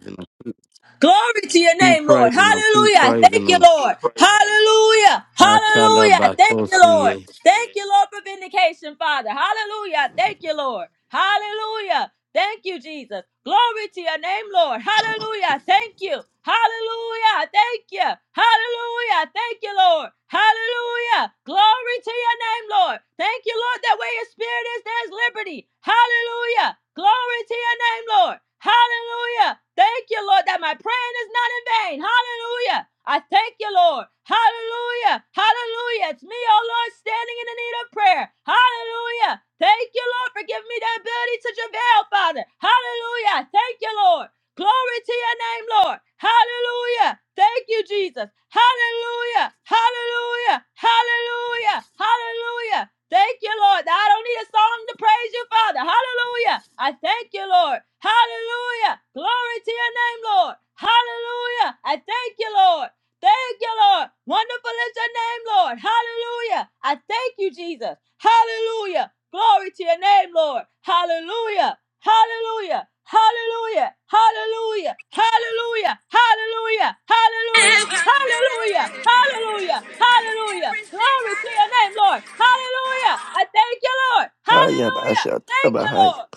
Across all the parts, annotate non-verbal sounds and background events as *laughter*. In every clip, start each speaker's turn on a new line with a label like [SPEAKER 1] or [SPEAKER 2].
[SPEAKER 1] praising him.
[SPEAKER 2] Glory to your
[SPEAKER 1] Keep
[SPEAKER 2] name, Lord.
[SPEAKER 1] praising him. Keep
[SPEAKER 2] Hallelujah. Thank
[SPEAKER 1] praising
[SPEAKER 2] you,
[SPEAKER 1] him.
[SPEAKER 2] Lord. Hallelujah. Hallelujah. Thank you, Lord.
[SPEAKER 1] Atalabakosie.
[SPEAKER 2] Thank you, Lord, for vindication, Father. Hallelujah. Thank you, Lord. Hallelujah. Thank you, Jesus. Glory to your name, Lord. Hallelujah. Thank you. Hallelujah. Thank you. Hallelujah. Thank you, Lord. Hallelujah. Glory to your name, Lord. Thank you, Lord, that where your spirit is, there's liberty. Hallelujah. Glory to your name, Lord. Hallelujah. Thank you, Lord, that my praying is not in vain. Hallelujah. I thank you, Lord. Hallelujah. Hallelujah. It's me, oh Lord, standing in the need of prayer. Hallelujah. Thank you, Lord, for giving me the ability to travail, Father. Hallelujah. I Thank you, Lord. Glory to your name, Lord. Hallelujah. Thank you, Jesus. Hallelujah. Hallelujah. Hallelujah. Hallelujah. Thank you, Lord. that I don't need a song to praise you, Father. Hallelujah. I thank you, Lord. Hallelujah. Glory to your name, Lord. Hallelujah. I thank you, Lord. Thank you, Lord. Wonderful is your name, Lord. Hallelujah. I thank you, Jesus. Hallelujah. Glory to your name, Lord. Hallelujah. Hallelujah. Hallelujah. Hallelujah. Hallelujah. Hallelujah. Hallelujah.
[SPEAKER 3] Everything
[SPEAKER 2] Hallelujah. Hallelujah. Hallelujah. Glory
[SPEAKER 3] I
[SPEAKER 2] to your name, Lord. Hallelujah. I thank you, Lord.
[SPEAKER 4] Hi,
[SPEAKER 2] Hallelujah.
[SPEAKER 4] Abashat.
[SPEAKER 2] Thank you,
[SPEAKER 4] Abahai.
[SPEAKER 2] Lord.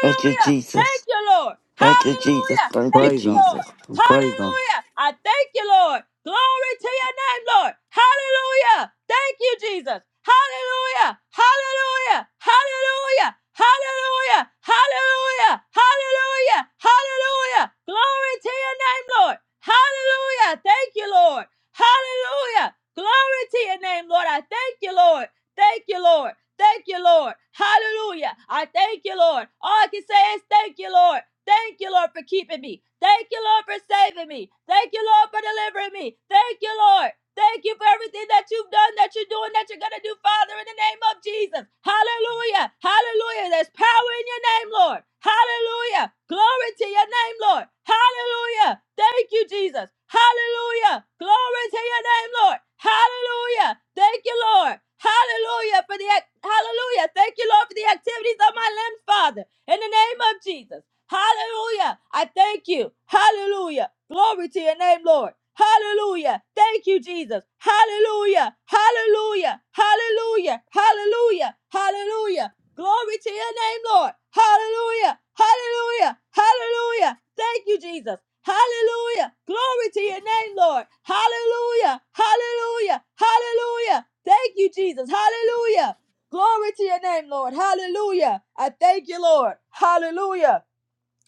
[SPEAKER 4] Thank you,
[SPEAKER 2] Thank
[SPEAKER 4] Jesus.
[SPEAKER 2] you, Lord.
[SPEAKER 4] Thank you, Jesus.
[SPEAKER 2] Hallelujah.
[SPEAKER 4] Thank you,
[SPEAKER 2] Thank
[SPEAKER 1] Praise
[SPEAKER 2] you,
[SPEAKER 1] him.
[SPEAKER 2] Lord.
[SPEAKER 4] Jesus.
[SPEAKER 1] Praise him.
[SPEAKER 2] Hallelujah. I thank you, Lord. Glory to your name, Lord. Hallelujah. Thank you, Jesus. Hallelujah. Hallelujah. Hallelujah. Hallelujah. Hallelujah. Hallelujah. Hallelujah. Glory to your name, Lord. Hallelujah. Thank you, Lord. Hallelujah. Glory to your name, Lord. I thank you, Lord. Thank you, Lord. Thank you, Lord. Hallelujah. I thank you, Lord. All I can say is thank you, Lord. Thank you, Lord, for keeping me. Thank you, Lord, for saving me. Thank you, Lord, for delivering me. Thank you, Lord. Thank you for everything that you've done, that you're doing, that you're going to do, Father, in the name of Jesus. Hallelujah. Hallelujah. There's power in your name, Lord. Hallelujah. Glory to your name, Lord. Hallelujah. Thank you, Jesus. Hallelujah. Glory to your name, Lord. Hallelujah. Thank you, Lord. Hallelujah for the act- hallelujah. Thank you, Lord, for the activities of my limbs, Father. In the name of Jesus. Hallelujah. I thank you. Hallelujah. Glory to your name, Lord. Hallelujah. Thank you, Jesus. Hallelujah. Hallelujah. Hallelujah. Hallelujah. Hallelujah. Glory to your name, Lord. Hallelujah. Hallelujah. Hallelujah. Thank you, Jesus. Hallelujah. Glory to your name, Lord. Hallelujah. Hallelujah. Hallelujah. Thank you, Jesus. Hallelujah. Glory to your name, Lord. Hallelujah. I thank you, Lord. Hallelujah.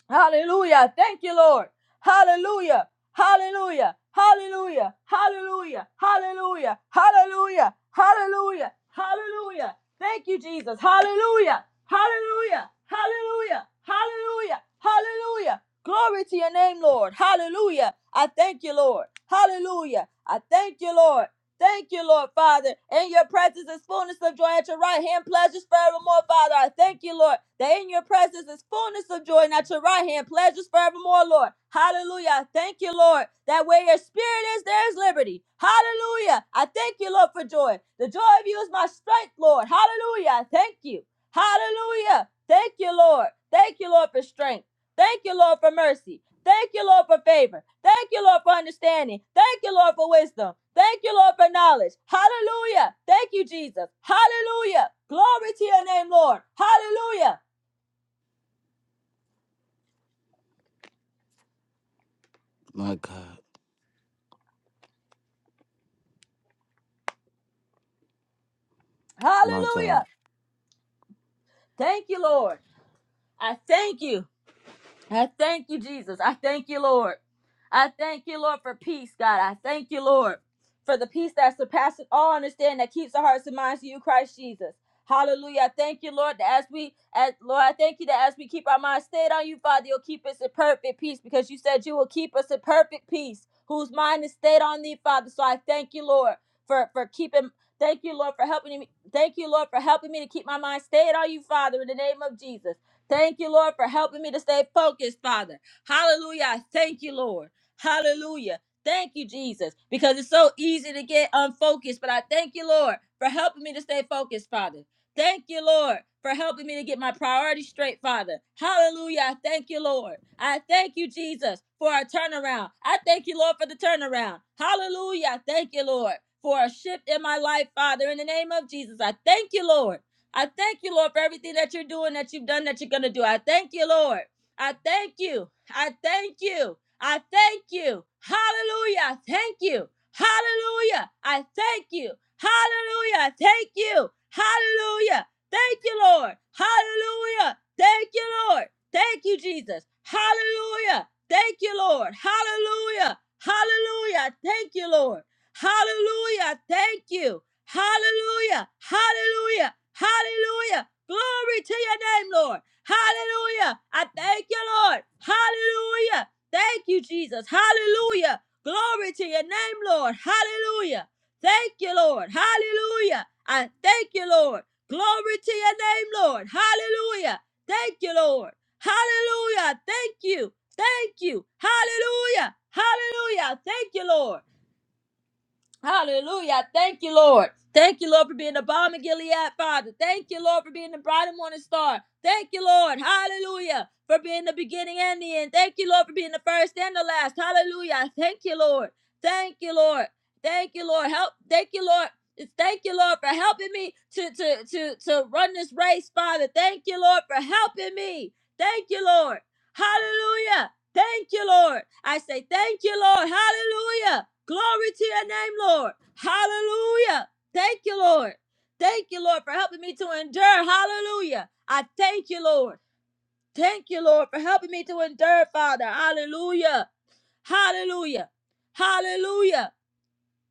[SPEAKER 2] Hallelujah. Thank you, Lord. Hallelujah. Hallelujah. Hallelujah. Hallelujah. Hallelujah. Hallelujah. Hallelujah. Hallelujah. Thank you, Jesus. Hallelujah. Hallelujah. Hallelujah. Hallelujah. Hallelujah. Glory to your name, Lord. Hallelujah. I thank you, Lord. Hallelujah. I thank you, Lord. Thank you, Lord Father. In your presence is fullness of joy. At your right hand, pleasures forevermore, Father. I thank you, Lord, that in your presence is fullness of joy. And at your right hand, pleasures forevermore, Lord. Hallelujah. I thank you, Lord, that where your spirit is, there is liberty. Hallelujah. I thank you, Lord, for joy. The joy of you is my strength, Lord. Hallelujah. I thank you. Hallelujah. Thank you, Lord. Thank you, Lord, for strength. Thank you, Lord, for mercy. Thank you, Lord, for favor. Thank you, Lord, for understanding. Thank you, Lord, for wisdom. Thank you, Lord, for knowledge. Hallelujah. Thank you, Jesus. Hallelujah. Glory to your name, Lord. Hallelujah.
[SPEAKER 1] My God. My God.
[SPEAKER 2] Hallelujah. Thank you, Lord. I thank you. I thank you, Jesus. I thank you, Lord. I thank you, Lord, for peace, God. I thank you, Lord, for the peace that surpasses all understanding that keeps the hearts and minds of you, Christ Jesus. Hallelujah. I thank you, Lord, that as we, as, Lord, I thank you that as we keep our minds stayed on you, Father, you'll keep us in perfect peace because you said you will keep us in perfect peace, whose mind is stayed on thee, Father. So I thank you, Lord, for, for keeping, thank you, Lord, for helping me. Thank you, Lord, for helping me to keep my mind stayed on you, Father, in the name of Jesus. Thank you, Lord, for helping me to stay focused, Father. Hallelujah. I Thank you, Lord. Hallelujah. Thank you, Jesus, because it's so easy to get unfocused. But I thank you, Lord, for helping me to stay focused, Father. Thank you, Lord, for helping me to get my priorities straight, Father. Hallelujah. I Thank you, Lord. I thank you, Jesus, for our turnaround. I thank you, Lord, for the turnaround. Hallelujah. I Thank you, Lord, for a shift in my life, Father. In the name of Jesus, I thank you, Lord. I thank you, Lord, for everything that you're doing, that you've done, that you're going to do. I thank you, Lord. I thank you. I thank you. I thank you. Hallelujah. I Thank you. Hallelujah. I thank you. Hallelujah. I Thank you. Hallelujah. Thank you, Lord. Hallelujah. Thank you, Lord. Thank you, Jesus. Hallelujah. Thank you, Lord. Hallelujah. Hallelujah. I Thank you, Lord. Hallelujah. Thank you. Hallelujah. Hallelujah. Hallelujah. Glory to your name, Lord. Hallelujah. I thank you, Lord. Hallelujah. Thank you, Jesus. Hallelujah. Glory to your name, Lord. Hallelujah. Thank you, Lord. Hallelujah. I thank you, Lord. Glory to your name, Lord. Hallelujah. Thank you, Lord. Hallelujah. Thank you. Thank you. Hallelujah. Hallelujah. Thank you, Lord. Hallelujah. Thank you, Lord. Thank you, Lord, for being the bomb of Gilead, Father. Thank you, Lord, for being the bright and morning star. Thank you, Lord. Hallelujah. For being the beginning and the end. Thank you, Lord, for being the first and the last. Hallelujah. Thank you, Lord. Thank you, Lord. Thank you, Lord. Help. Thank you, Lord. Thank you, Lord, for helping me to, to, to, to run this race, Father. Thank you, Lord, for helping me. Thank you, Lord. Hallelujah. Thank you, Lord. I say, Thank you, Lord. Hallelujah. Glory to your name, Lord. Hallelujah. Thank you, Lord. Thank you, Lord, for helping me to endure. Hallelujah. I thank you, Lord. Thank you, Lord, for helping me to endure, Father. Hallelujah. Hallelujah. Hallelujah.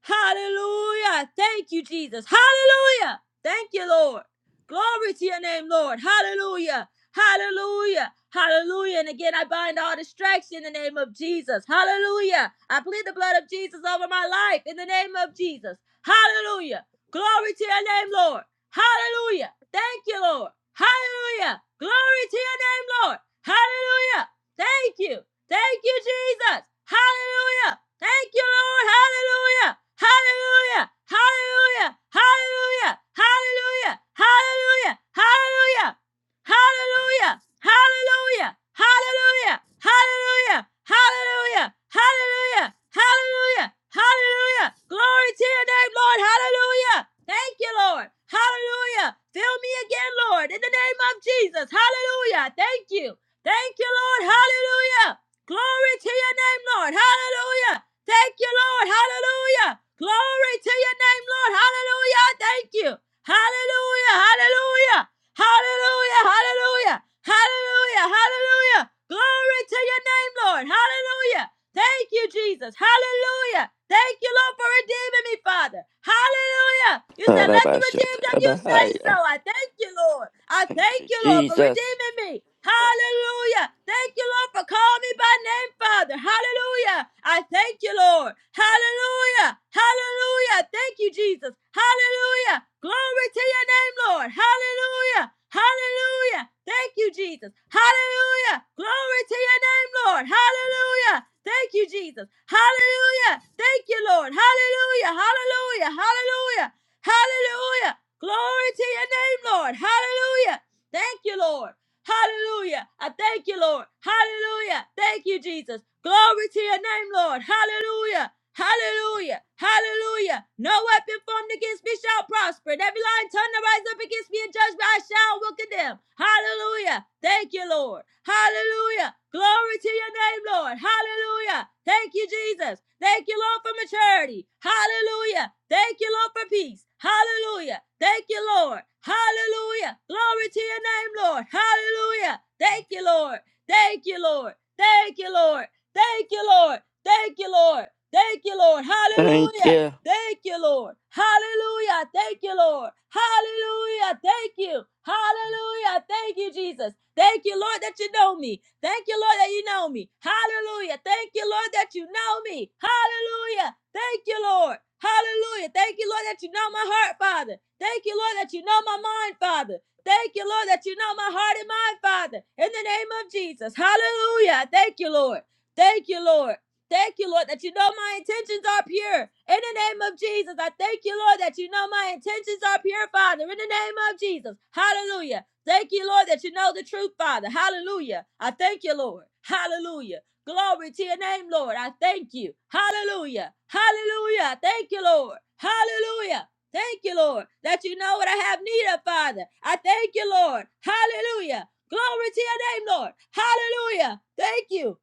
[SPEAKER 2] Hallelujah. Thank you, Jesus. Hallelujah. Thank you, Lord. Glory to your name, Lord. Hallelujah. Hallelujah. Hallelujah. And again, I bind all distraction in the name of Jesus. Hallelujah. I plead the blood of Jesus over my life in the name of Jesus. Hallelujah. Glory to your name, Lord. Hallelujah. Thank you, Lord. Hallelujah. Glory to your name, Lord. Hallelujah. Thank you. Thank you, Jesus. Hallelujah. Thank you, Lord. Hallelujah. Hallelujah. Hallelujah. Hallelujah. Hallelujah. Hallelujah. Hallelujah. Hallelujah. Hallelujah. Hallelujah. Hallelujah. Hallelujah. Hallelujah. Hallelujah. Hallelujah. Glory to your name, Lord. Hallelujah. Thank you, Lord. Hallelujah. Fill me again, Lord, in the name of Jesus. Hallelujah. Thank you. Thank you, Lord. Hallelujah. Glory to your name, Lord. Hallelujah. Thank you, Lord. Hallelujah. Glory to your name, Lord. Hallelujah. I Thank you. Hallelujah. Hallelujah. Hallelujah, hallelujah, hallelujah, hallelujah. Glory to your name, Lord. Hallelujah. Thank you, Jesus. Hallelujah. Thank you, Lord, for redeeming me, Father. Hallelujah. You said, let the
[SPEAKER 4] Abashat.
[SPEAKER 2] redeemed of you say so.
[SPEAKER 4] Abahai.
[SPEAKER 2] I thank you, Lord. I
[SPEAKER 4] Thank
[SPEAKER 2] thank
[SPEAKER 4] you,
[SPEAKER 2] you, Lord, for
[SPEAKER 4] Jesus.
[SPEAKER 2] redeeming me. Hallelujah. Thank you, Lord, for calling me by name, Father. Father. Hallelujah. I thank you, Lord. Hallelujah. Hallelujah. Thank you, Jesus. Hallelujah. Glory to your name, Lord. Hallelujah. Hallelujah. Thank you, Jesus. Hallelujah. Glory to your name, Lord. Hallelujah. Thank you, Jesus. Hallelujah. Thank you, Lord. Hallelujah. Hallelujah. Hallelujah. Hallelujah. Glory to your name, Lord. Hallelujah. Thank you, Lord. Hallelujah. I thank you, Lord. Hallelujah. Thank you, Jesus. Glory to your name, Lord. Hallelujah. Hallelujah. Hallelujah. No weapon formed against me shall prosper. And every line tongue that rise up against me in judgment, I shall will condemn. Hallelujah. Thank you, you, Lord. Hallelujah. Glory to your name, Lord. Hallelujah. Thank you, Jesus. Thank you, Lord, for maturity. Hallelujah. Thank you, Lord, for peace. Hallelujah. Thank you, Lord. Hallelujah. Glory to your name, Lord. Hallelujah. Thank you, Lord. Thank you, Lord. Thank you, Lord. Thank you, Lord. Thank you, Lord. Thank you, Lord.
[SPEAKER 4] Thank
[SPEAKER 2] Hallelujah.
[SPEAKER 4] you.
[SPEAKER 2] Thank you, Lord. Hallelujah. Thank you, Lord. Hallelujah. Thank you. Hallelujah. Thank you, Jesus. Thank you, Lord, that you know me. Thank you, Lord, that you know me. Hallelujah. Thank you, Lord, that you know me. Hallelujah. Thank you, Lord. Hallelujah. Thank you, Lord, that you know my heart, Father. Thank you, Lord, that you know my mind, Father. Thank you, Lord, that you know my heart and mind, Father. In the name of Jesus. Hallelujah. Thank you, Lord. Thank you, Lord. Thank you, Lord, that you know my intentions are pure. In the name of Jesus, I thank you, Lord, that you know my intentions are pure, Father. In the name of Jesus. Hallelujah. Thank you, Lord, that you know the truth, Father. Hallelujah. I thank you, Lord. Hallelujah. Glory to your name, Lord. I thank you. Hallelujah. Hallelujah. Thank you, Lord. Hallelujah. Thank you, Lord, that you know what I have need of, Father. I thank you, Lord. Hallelujah. Glory to your name, Lord. Hallelujah. Thank you.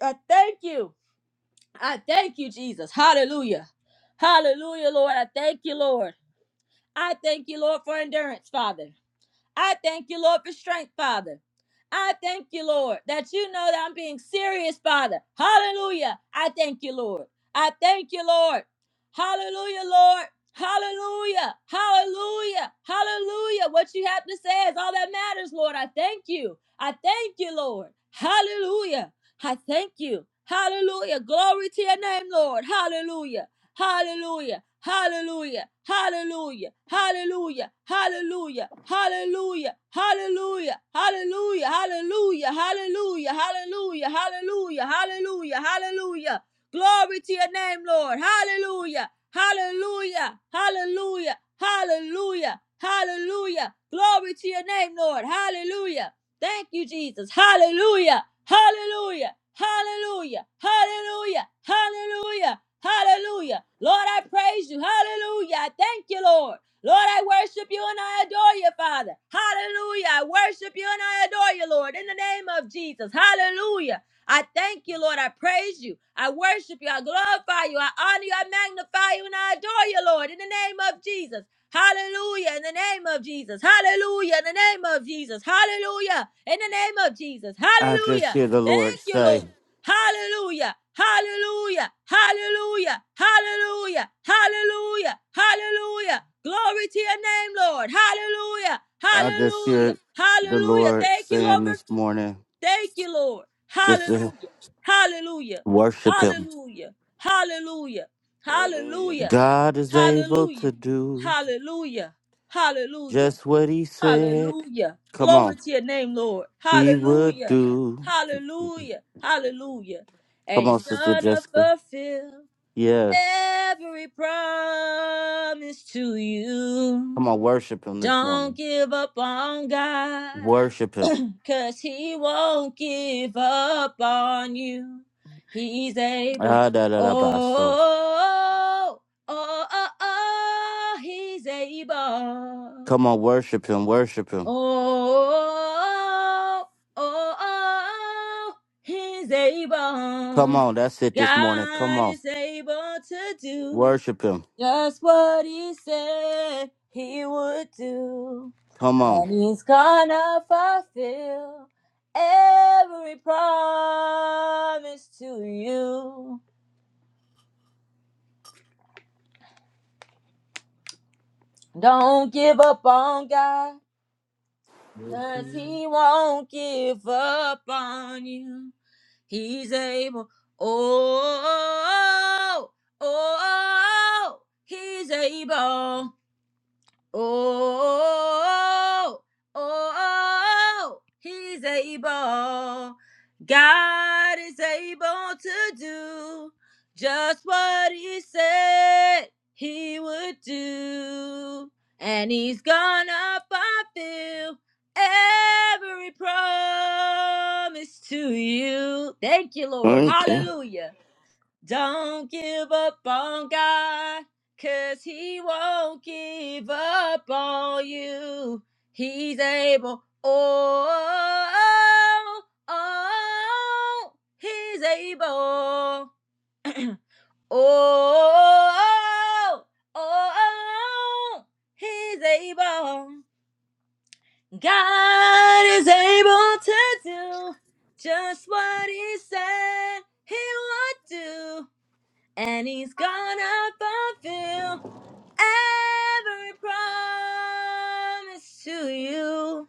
[SPEAKER 2] I thank you. I thank you, Jesus. Hallelujah. Hallelujah, Lord. I thank you, Lord. I thank you, Lord, for endurance, Father. I thank you, Lord, for strength, Father. I thank you, Lord, that you know that I'm being serious, Father. Hallelujah. I thank you, Lord. I thank you, Lord. Hallelujah, Lord. Hallelujah. Hallelujah. Hallelujah. What you have to say is all that matters, Lord. I thank you. I thank you, Lord. Hallelujah. I thank you. Hallelujah. Glory to your name, Lord. Hallelujah. Hallelujah. Hallelujah. Hallelujah. Hallelujah. Hallelujah. Hallelujah. Hallelujah. Hallelujah. Hallelujah. Hallelujah. Hallelujah. Hallelujah. Hallelujah. Hallelujah. Glory to your name, Lord. Hallelujah. Hallelujah. Hallelujah. Hallelujah. Hallelujah. Glory to your name, Lord. Hallelujah. Thank you, Jesus. Hallelujah. Hallelujah. Hallelujah. Hallelujah. Hallelujah. Hallelujah. Lord, I praise you. Hallelujah. I thank you, Lord. Lord, I worship you and I adore you, Father. Hallelujah. I worship you and I adore you, Lord, in the name of Jesus. Hallelujah. I thank you, Lord. I praise you. I worship you. I glorify you. I honor you. I magnify you and I adore you, Lord, in the name of Jesus. Hallelujah in the name of Jesus. Hallelujah in the name of Jesus. Hallelujah in the name of Jesus.
[SPEAKER 1] I just
[SPEAKER 2] Hallelujah.
[SPEAKER 1] hear the Lord
[SPEAKER 2] Thank you,
[SPEAKER 1] say,
[SPEAKER 2] Lord. Hallelujah. Hallelujah. Hallelujah. Hallelujah. Hallelujah. Hallelujah. Glory to your name, Lord. Hallelujah.
[SPEAKER 1] I just
[SPEAKER 2] Hallelujah.
[SPEAKER 1] hear the
[SPEAKER 2] Hallelujah.
[SPEAKER 1] Lord
[SPEAKER 2] Thank you, Lord,
[SPEAKER 1] saying
[SPEAKER 2] for.
[SPEAKER 1] this morning,
[SPEAKER 2] Thank you, Lord.
[SPEAKER 1] just to
[SPEAKER 2] Hallelujah. Hallelujah.
[SPEAKER 1] worship him.
[SPEAKER 2] Hallelujah. Hallelujah.
[SPEAKER 4] Hallelujah.
[SPEAKER 2] Hallelujah.
[SPEAKER 1] God is able
[SPEAKER 2] Hallelujah.
[SPEAKER 1] to do
[SPEAKER 2] Hallelujah. Hallelujah.
[SPEAKER 1] just what he said.
[SPEAKER 2] Hallelujah.
[SPEAKER 1] Come on.
[SPEAKER 2] Glory to your name, Lord.
[SPEAKER 1] He would
[SPEAKER 2] Hallelujah.
[SPEAKER 1] do.
[SPEAKER 2] Hallelujah. Hallelujah. And
[SPEAKER 1] Come on,
[SPEAKER 2] he's
[SPEAKER 1] Sister
[SPEAKER 2] gonna
[SPEAKER 1] Jessica.
[SPEAKER 2] fulfill
[SPEAKER 1] Yes.
[SPEAKER 2] every promise to
[SPEAKER 1] Come
[SPEAKER 2] you.
[SPEAKER 1] on, worship him this
[SPEAKER 2] Don't
[SPEAKER 1] morning.
[SPEAKER 2] give up on God.
[SPEAKER 1] Worship him.
[SPEAKER 2] Cause he won't give up on you. He's able.
[SPEAKER 1] Ah, da, da, da, ba, so.
[SPEAKER 2] Oh, oh, oh, oh, he's able.
[SPEAKER 1] Come on, worship him, worship him.
[SPEAKER 2] Oh, oh, oh, he's
[SPEAKER 1] Come
[SPEAKER 2] able.
[SPEAKER 1] on, that's it this morning. Come
[SPEAKER 2] God
[SPEAKER 1] on,
[SPEAKER 2] is able to do.
[SPEAKER 1] worship him.
[SPEAKER 2] Just what he said he would do.
[SPEAKER 1] Come on.
[SPEAKER 2] And he's gonna fulfill every promise to you. Don't give up on God, cause he won't give up on you. He's able. Oh, oh, oh, oh, he's able. Oh, oh, oh, he's able. God is able to do just what he said he would do. And he's gonna fulfill every promise to you. Thank you, Lord.
[SPEAKER 4] Thank you.
[SPEAKER 2] Hallelujah. Don't give up on God, 'cause He won't give up on you. He's able. Oh, oh, He's able. Oh, oh, oh, He's able. God is able to do just what He said He would do and he's gonna fulfill every promise to you.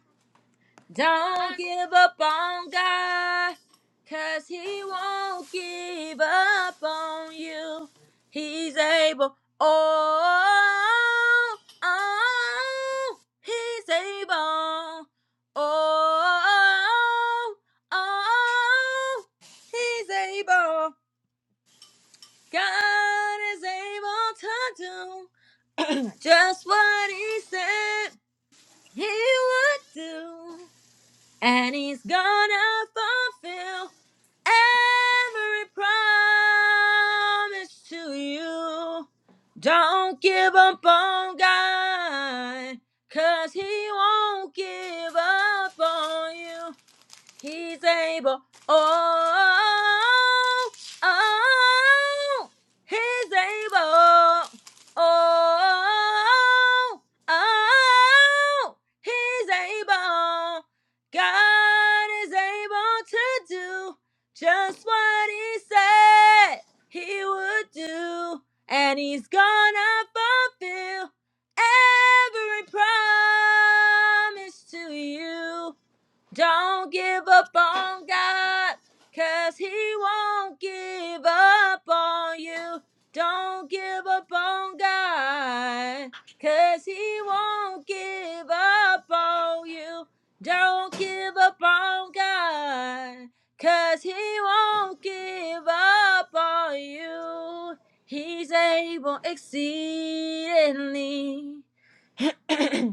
[SPEAKER 2] Don't give up on God, cause he won't give up on you. He's able, oh, oh he's able, oh, oh, oh, he's able. God is able to do *clears throat* just what He said He would do, and He's gonna fulfill every promise to you. Don't give up on God, cause He won't give up on you. He's able. Oh, oh, oh, he's able. Oh, oh, oh, he's able. God is able to do just what he said he would do. And he's gonna fulfill every promise to you. Don't give up on God, 'cause He won't give up on you. Don't give up on God, 'cause He won't give up on you. Don't give up on God, 'cause He won't give up on you. He's able exceedingly. *clears throat*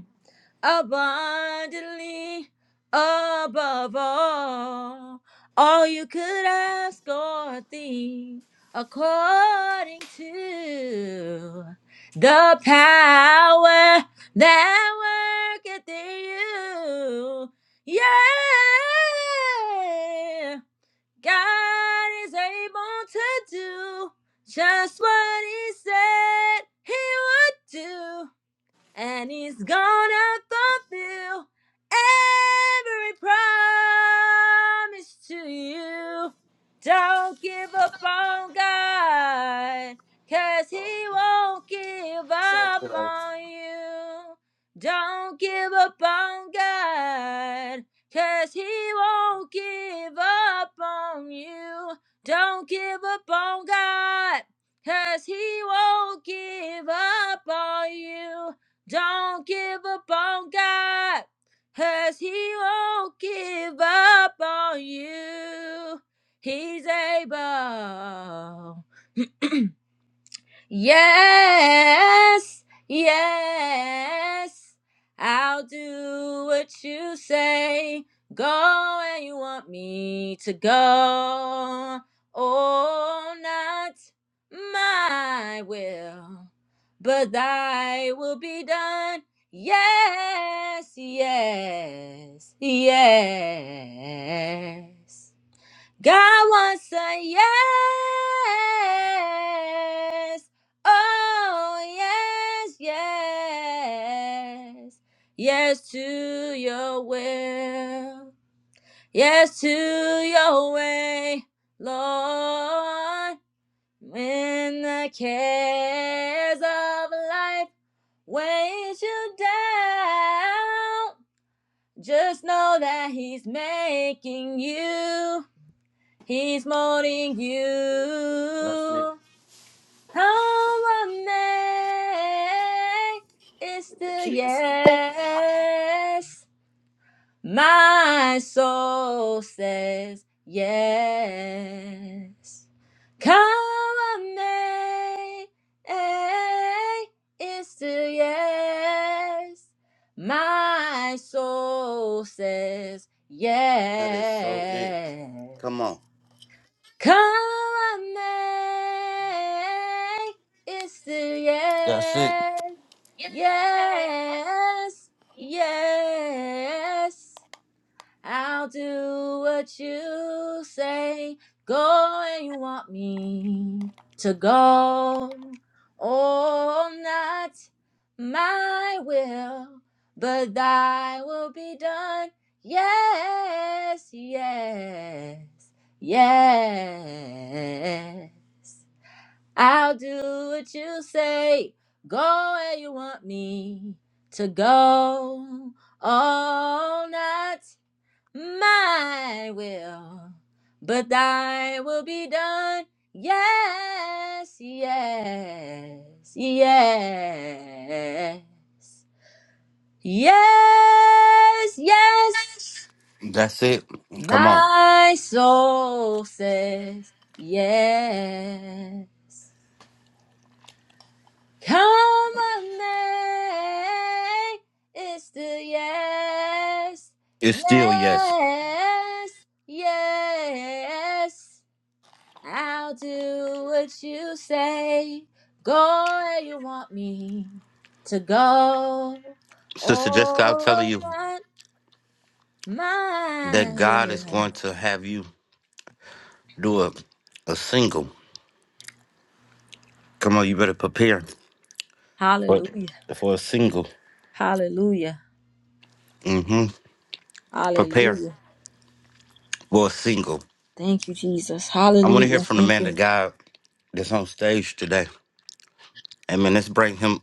[SPEAKER 2] abundantly above all, all you could ask or think, according to the power that worketh in you. Yeah, God is able to do just what He said He would do and he's gonna fulfill every promise to you. Don't give up on God, cause he won't give up on you. Don't give up on God, cause he won't give up on you. Don't give up on God. Cause he won't give up on you. Don't give up on God, 'cause He won't give up on you. He's able. Yes, yes, I'll do what you say. Go where you want me to go. Oh, not my will, but thy will be done. Yes, yes, yes. God wants a yes. Oh, yes, yes. Yes to your will. Yes to your way, Lord. When the cares of life weighs you down, just know that He's making you. He's mourning
[SPEAKER 1] That's it.
[SPEAKER 2] you. How amazing is the yes. My soul says yes. Come amazing is the yes. My soul says
[SPEAKER 1] That is so it.
[SPEAKER 2] yes.
[SPEAKER 1] Come on.
[SPEAKER 2] Come Kalame it's the
[SPEAKER 1] That's it.
[SPEAKER 2] yes, yes, yes. I'll do what you say. Go where you want me to go. Oh, not my will, but thy will be done. Yes, yes, yes. I'll do what you say. Go where you want me to go. Oh, not my will, but thy will be done. Yes, yes, yes, yes, yes.
[SPEAKER 1] That's it. Come on.
[SPEAKER 2] My soul says yes. Come on, man. It's the yes,
[SPEAKER 1] It's still yes.
[SPEAKER 2] yes, yes. I'll do what you say. Go where you want me to go.
[SPEAKER 1] Sister Jessica, I'm telling
[SPEAKER 2] Oh,
[SPEAKER 1] you
[SPEAKER 2] not
[SPEAKER 1] that
[SPEAKER 2] my
[SPEAKER 1] God is
[SPEAKER 2] will.
[SPEAKER 1] going to have you do a, a single. Come on, you better prepare for,
[SPEAKER 2] Hallelujah.
[SPEAKER 1] for a single.
[SPEAKER 2] Hallelujah.
[SPEAKER 1] Mm-hmm. Prepare
[SPEAKER 2] Hallelujah.
[SPEAKER 1] for a single.
[SPEAKER 2] Thank you, Jesus.
[SPEAKER 1] I want to hear
[SPEAKER 2] Hallelujah.
[SPEAKER 1] from the
[SPEAKER 2] Thank
[SPEAKER 1] man of
[SPEAKER 2] you.
[SPEAKER 1] God that's on stage today. Amen. Let's bring him.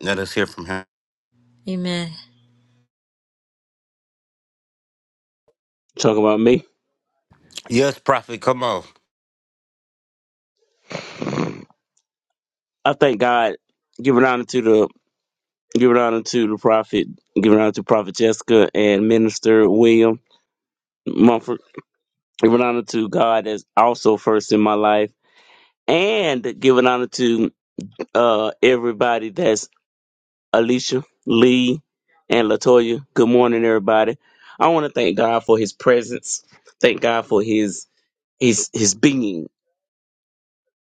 [SPEAKER 1] Let us hear from him.
[SPEAKER 2] Amen.
[SPEAKER 5] Talking about me.
[SPEAKER 1] Yes, prophet, come on.
[SPEAKER 5] I thank God. Giving honor to the giving honor to the prophet, giving honor to Prophet Jessica and Minister William Mumford. Giving honor to God as also first in my life. And giving honor to uh everybody that's Alicia, Lee, and Latoya. Good morning, everybody. I want to thank God for his presence. Thank God for his his his being.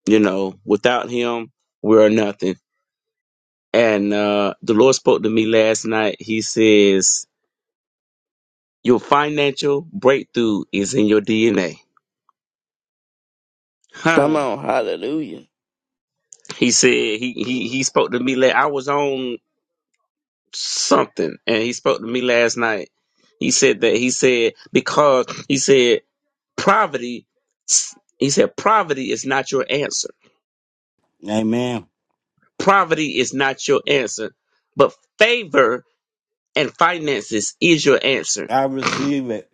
[SPEAKER 5] You know, without him, we are nothing And uh, the Lord spoke to me last night. He says, Your financial breakthrough is in your DNA.
[SPEAKER 4] Come
[SPEAKER 5] Huh.
[SPEAKER 4] on. Hallelujah.
[SPEAKER 5] He said he he, he spoke to me la I was on something and he spoke to me last night. He said that he said because he said poverty he said poverty is not your answer.
[SPEAKER 1] Amen.
[SPEAKER 5] Poverty is not your answer, but favor and finances is your answer
[SPEAKER 1] I receive it.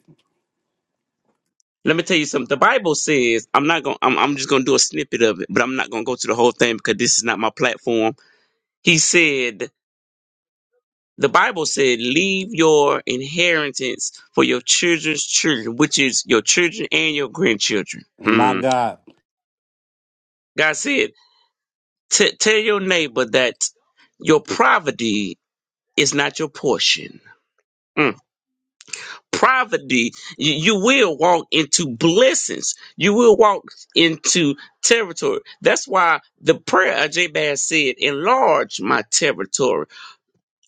[SPEAKER 5] Let me tell you something. The Bible says, I'm not going to I'm, I'm just gonna do a snippet of it, but I'm not gonna go through the whole thing because this is not my platform. He said, the Bible said, leave your inheritance for your children's children, which is your children and your grandchildren.
[SPEAKER 1] My
[SPEAKER 5] Hmm.
[SPEAKER 1] God.
[SPEAKER 5] God said, "T- tell your neighbor that your poverty is not your portion. Hmm. poverty, you, you will walk into blessings. You will walk into territory. That's why the prayer of Jabez said, enlarge my territory.